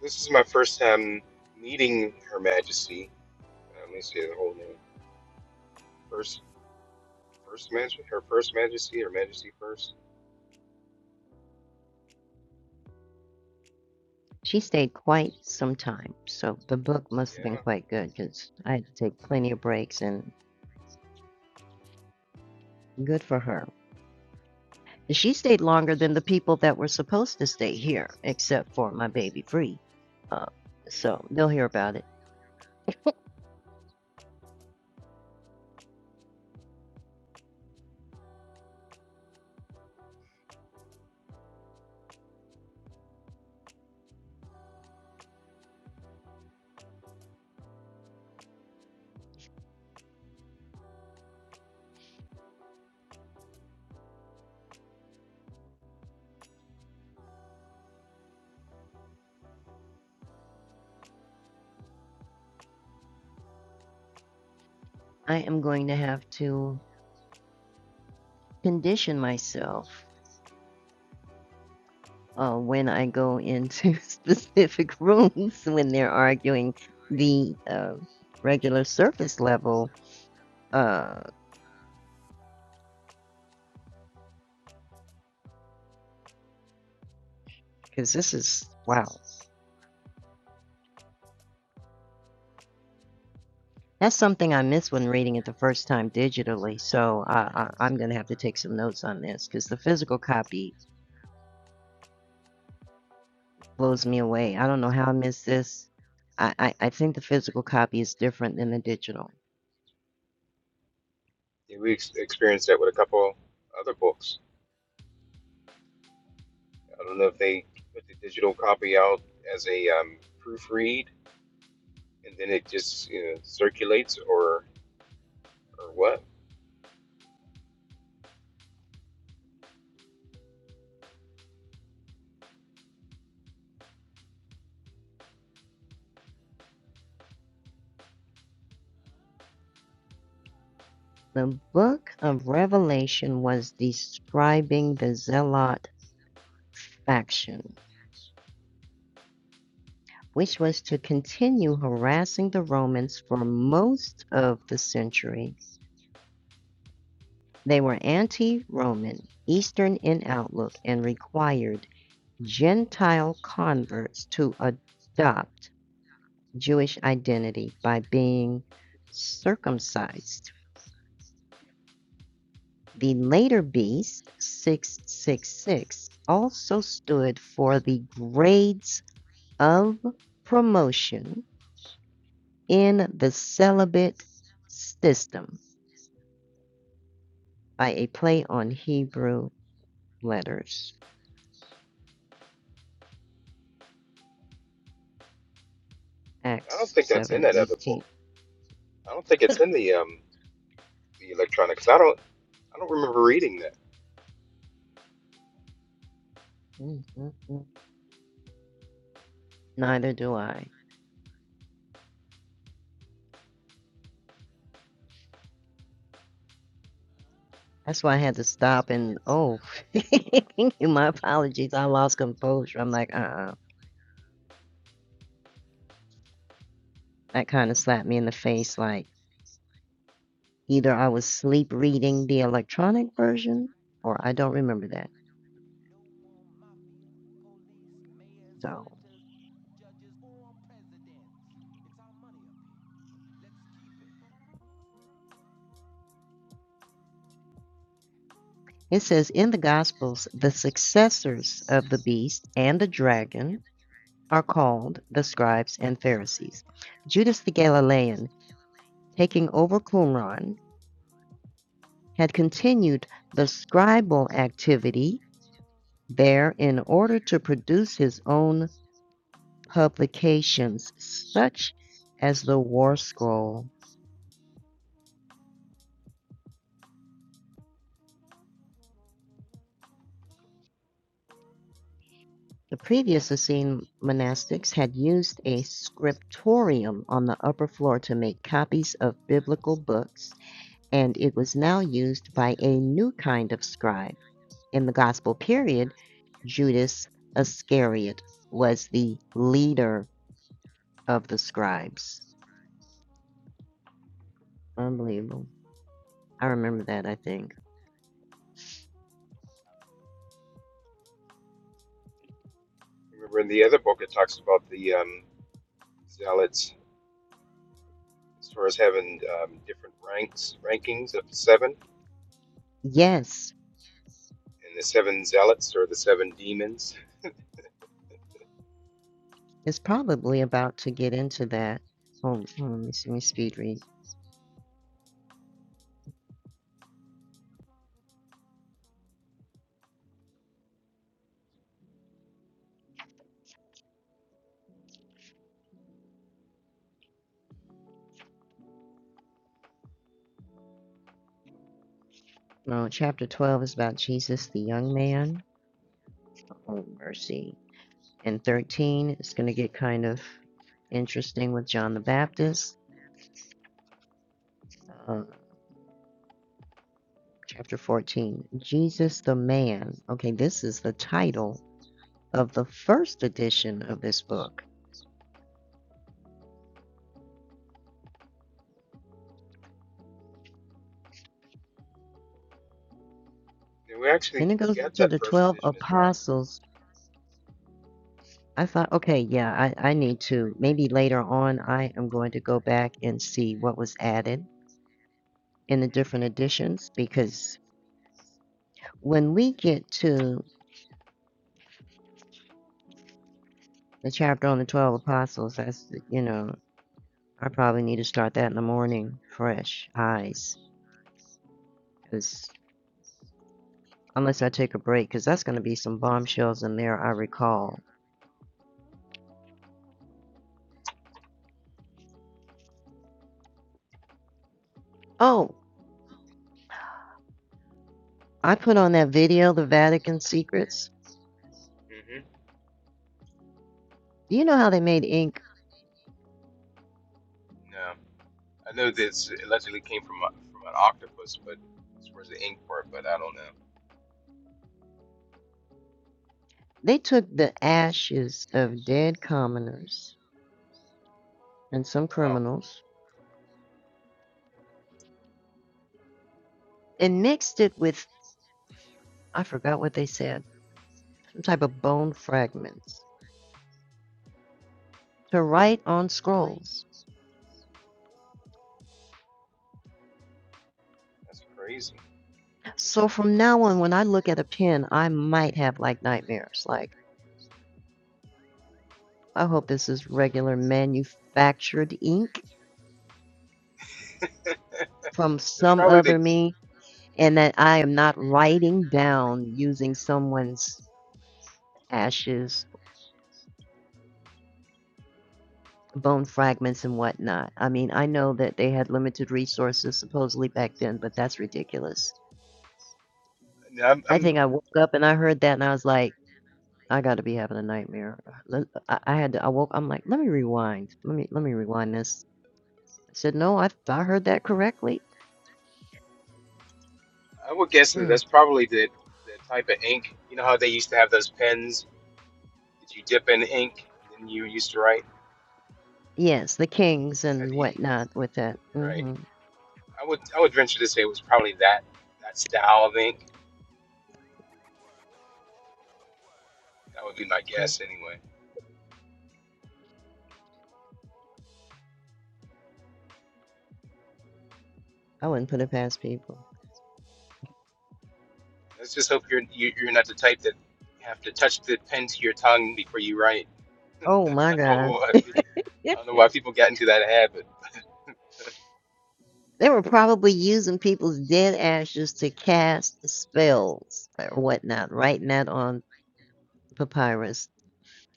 This is my first time meeting Her Majesty. Uh, let me see the whole name. First, first Majesty, her first Majesty, her Majesty first.
She stayed quite some time, so the book must have been
Yeah.
quite good because I had to take plenty of breaks and good for her. She stayed longer than the people that were supposed to stay here, except for my baby Free. Uh,
hmm
so they'll hear about it. I am going to have to condition myself uh, when I go into specific rooms when they're arguing the uh, regular surface level. Because uh, this is, wow. That's something I missed when reading it the first time digitally. So I, I, I'm going to have to take some notes on this because the physical copy Blows me away. I don't know how I missed this. I, I, I think the physical copy is different than the digital.
Yeah, we ex- experienced that with a couple other books. I don't know if they put the digital copy out as a um, proofread and then it just you know, circulates or or what.
The book of Revelation was describing the Zealot faction, which was to continue harassing the Romans for most of the century. They were anti Roman, Eastern in outlook, and required Gentile converts to adopt Jewish identity by being circumcised. The later beast, 666, also stood for the grades of promotion in the celibate system by a play on Hebrew letters,
I don't
Acts
think that's
7
in that
and
other book.
18.
I don't think it's in the um, the electronic, Because I don't I don't remember reading that.
Neither do I. That's why I had to stop and, oh, my apologies. I lost composure. I'm like, uh uh That kind of slapped me in the face, like, Either I was sleep reading the electronic version or I don't remember that. So it says in the Gospels, the successors of the beast and the dragon are called the scribes and Pharisees. Judas the Galilean, taking over Qumran, had continued the scribal activity there in order to produce his own publications, such as the War Scroll The previous Essene monastics had used a scriptorium on the upper floor to make copies of biblical books, and it was now used by a new kind of scribe. In the Gospel period, Judas Iscariot was the leader of the scribes. Unbelievable. I remember that, I think.
I Remember in the other book it talks about the um, zealots as far as having um, different ranks rankings of seven
Yes,
and the seven zealots or the seven demons.
it's probably about to get into that. Hold, on, let me see, let me
hmm
speed read. No, chapter 12 is about Jesus, the young man. Oh, mercy. And 13 is going to get kind of interesting with John the Baptist. Uh, chapter 14 Jesus the Man. Okay, this is the title of the first edition of this book.
we
Then
actually
it goes
got
into
that
the
first
12
edition as well.
apostles. I thought, okay, yeah, I, I need to. Maybe later on, I am going to go back and see what was added in the different editions because when we get to the chapter on the 12 apostles, that's, you know, I probably need to start that in the morning, fresh eyes, because unless I take a break, because that's going to be some bombshells in there. I recall. Oh, I put on that video, the Vatican secrets.
hmm hmm
Do you know how they made ink?
No. I know this allegedly came from a, from an octopus, but as far as the ink part, but I don't know.
They took the ashes of dead commoners and some
Oh wow,
criminals and mixed it with I forgot what they said, some type of bone fragments to write on scrolls.
that's crazy.
So from now on, when I look at a pen, I might have like nightmares. Like I hope this is regular manufactured ink from
it's
some
probably the.
other
it's-
me and that I am not writing down using someone's ashes, bone fragments, and whatnot. I mean, I know that they had limited resources supposedly back then, but that's ridiculous.
I'm,
I
I'm
think I woke up and I heard that and I was like, I got to be having a nightmare. I I had to, I woke, I'm like, let me rewind. Let me, let me rewind this. I said, no, I, I heard that correctly.
I would guess that
Hmm.
that's probably the the type of ink. You know how they used to have those pens that you dip in ink and then you used to write.
Yes, the Kings
How
and
do you-
whatnot with that.
Right.
hmm
I would I would venture to say it was probably that that style of ink. That would be my guess anyway.
I wouldn't put it past people.
Let's just hope you're you, you're not the type that have to touch the pen to your tongue before you write.
Oh my
I don't know
God.
why, I don't know why people got into that habit.
They were probably using people's dead ashes to cast spells or whatnot, writing that on papyrus.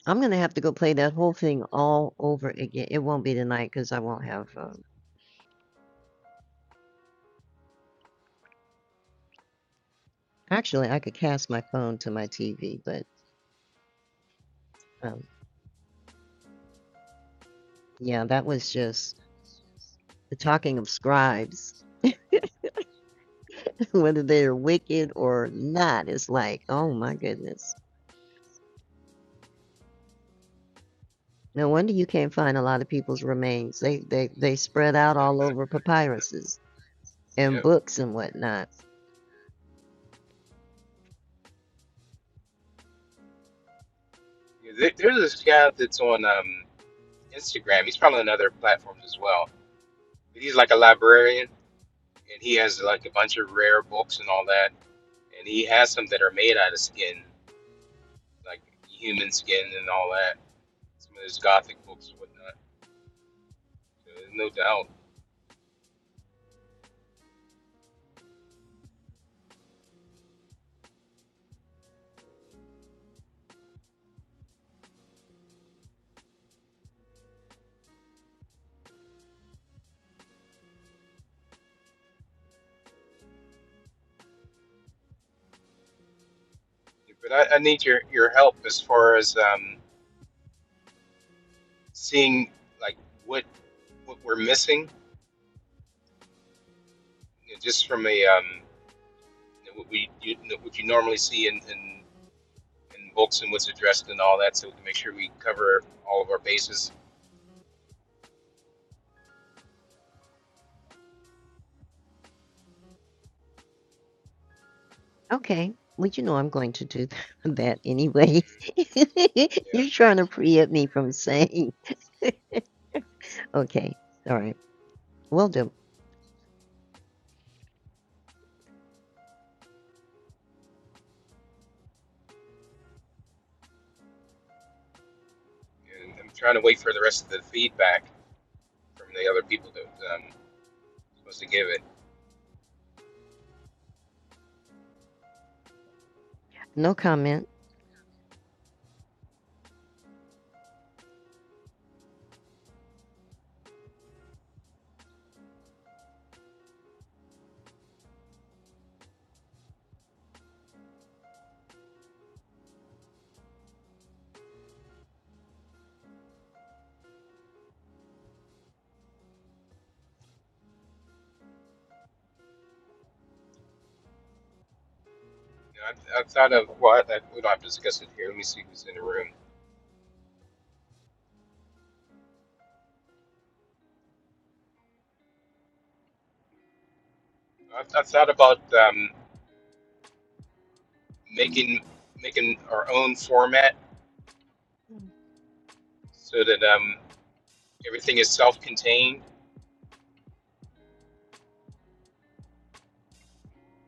I'm going to have to go play that whole thing all over again. It won't be tonight because I won't have. Um, actually, I could cast my phone to my TV, but um, yeah, that was just the talking of scribes, whether they're wicked or not. It's like, oh my goodness. No wonder you can't find a lot of people's remains. They they they spread out all over papyruses and
yep.
books and whatnot.
Yeah, There, there's this guy that's on um, Instagram. He's probably on other platforms as well. But he's like a librarian, and he has like a bunch of rare books and all that. And he has some that are made out of skin, like human skin and all that. Some of his gothic books and whatnot. So, no doubt. But I, I need your your help as far as um, seeing like what what we're missing, you know, just from a um, you know, what we you you know, what you normally see in, in in books and what's addressed and all that, so we can make sure we cover all of our bases.
Okay. Well, you know I'm going to do that anyway.
hmm
You're trying to preempt me from saying. Okay. All right. Will do.
Yeah, and I'm trying to wait for the rest of the feedback from the other people that um, supposed to give it.
No comment.
You know, I've, I've thought of well, I, I, we don't have to discuss it here. Let me see who's in the room. I've, I've thought about um, making making our own format so that um, everything is self-contained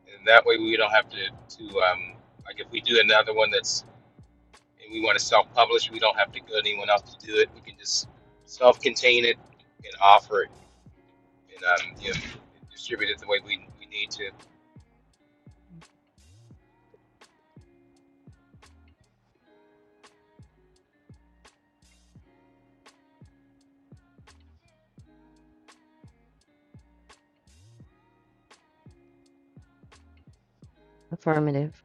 and that way we don't have to to um, like if we do another one that's and we want to self-publish, we don't have to go to anyone else to do it. We can just self-contain it and offer it and um, you know, distribute it the way we, we need to.
Affirmative.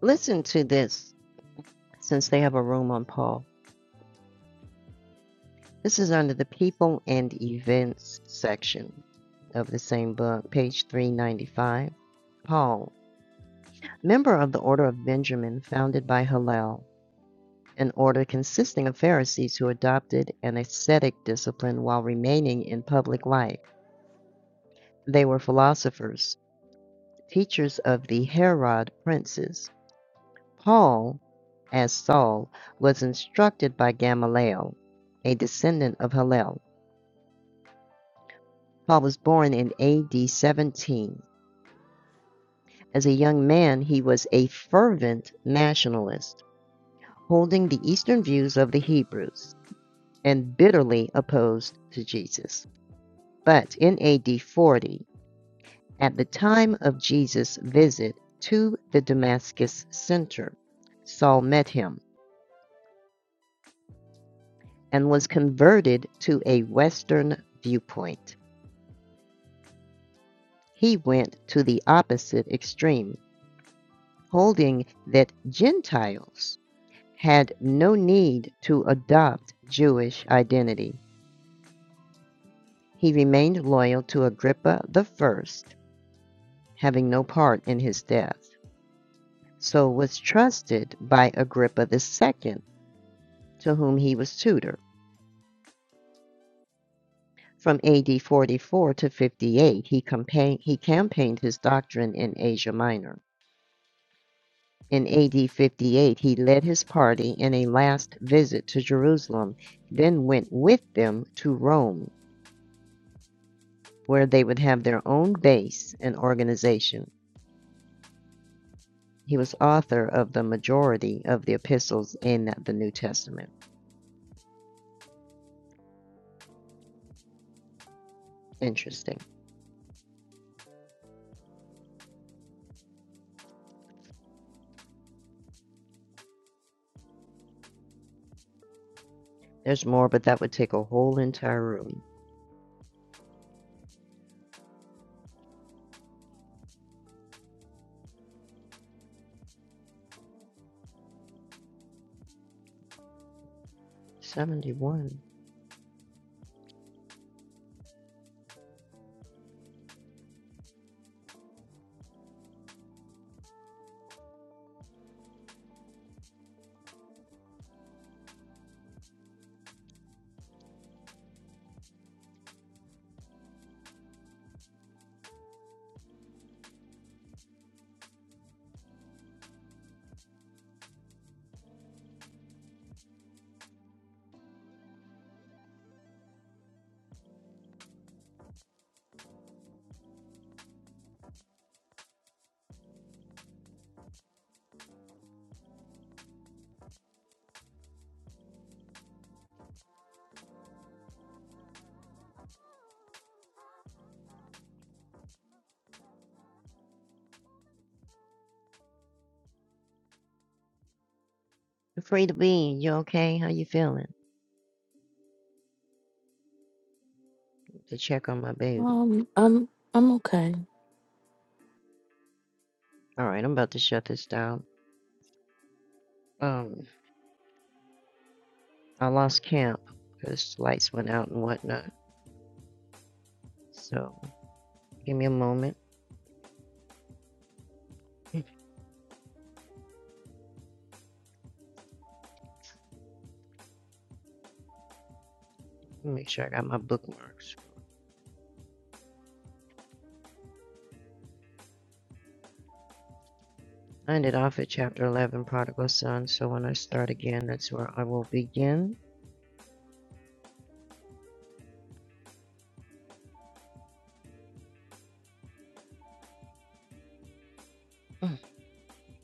Listen to this since they have a room on Paul. This is under the people and events section of the same book, page 395. Paul, Member of the Order of Benjamin founded by Hillel, an order consisting of Pharisees who adopted an ascetic discipline while remaining in public life. They were philosophers, teachers of the Herod princes. Paul, as Saul, was instructed by Gamaliel, a descendant of Hillel. Paul was born in AD 17. As a young man, he was a fervent nationalist, holding the Eastern views of the Hebrews. and bitterly opposed to Jesus. But in AD 40, at the time of Jesus' visit to the Damascus center, Saul met him and was converted to a Western viewpoint. He went to the opposite extreme, holding that Gentiles had no need to adopt Jewish identity. He remained loyal to Agrippa the First, having no part in his death. so was trusted by Agrippa the Second, to whom he was tutor. From AD 44 to 58, he, campaign, he campaigned his doctrine in Asia Minor. In AD 58, he led his party in a last visit to Jerusalem, then went with them to Rome, where they would have their own base and organization. He was author of the majority of the epistles in the New Testament. Interesting. There's more, but that would take a whole entire room. 71. You're free to be. You okay? How you feeling? To check on my baby.
Um, I'm I'm okay.
All right, I'm about to shut this down. Um, I lost camp because the lights went out and whatnot. So give me a moment. Make sure I got my bookmarks. I ended off at chapter 11, Prodigal Son. So when I start again, that's where I will begin.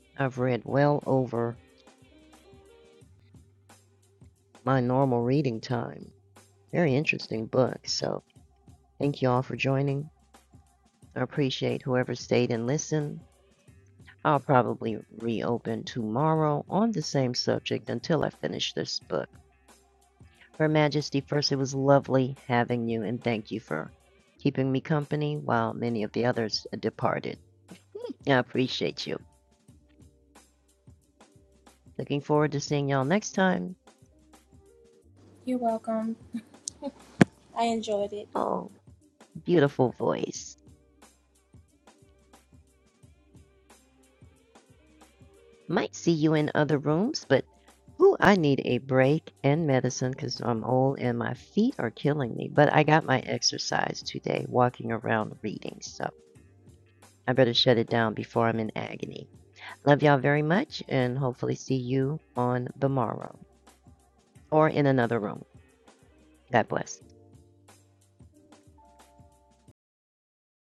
I've read well over my normal reading time. Very interesting book. So thank you all for joining. I appreciate whoever stayed and listened. I'll probably reopen tomorrow on the same subject until I finish this book. Her Majesty, first, it was lovely having you, and thank you for keeping me company while many of the others uh, departed. Hmm, I appreciate you. Looking forward to seeing y'all next time.
You're welcome. I enjoyed it.
Oh, beautiful voice. Might see you in other rooms, but ooh, I need a break and medicine because I'm old and my feet are killing me. But I got my exercise today, walking around reading. So I better shut it down before I'm in agony. Love y'all very much and hopefully see you on tomorrow or in another room. God bless.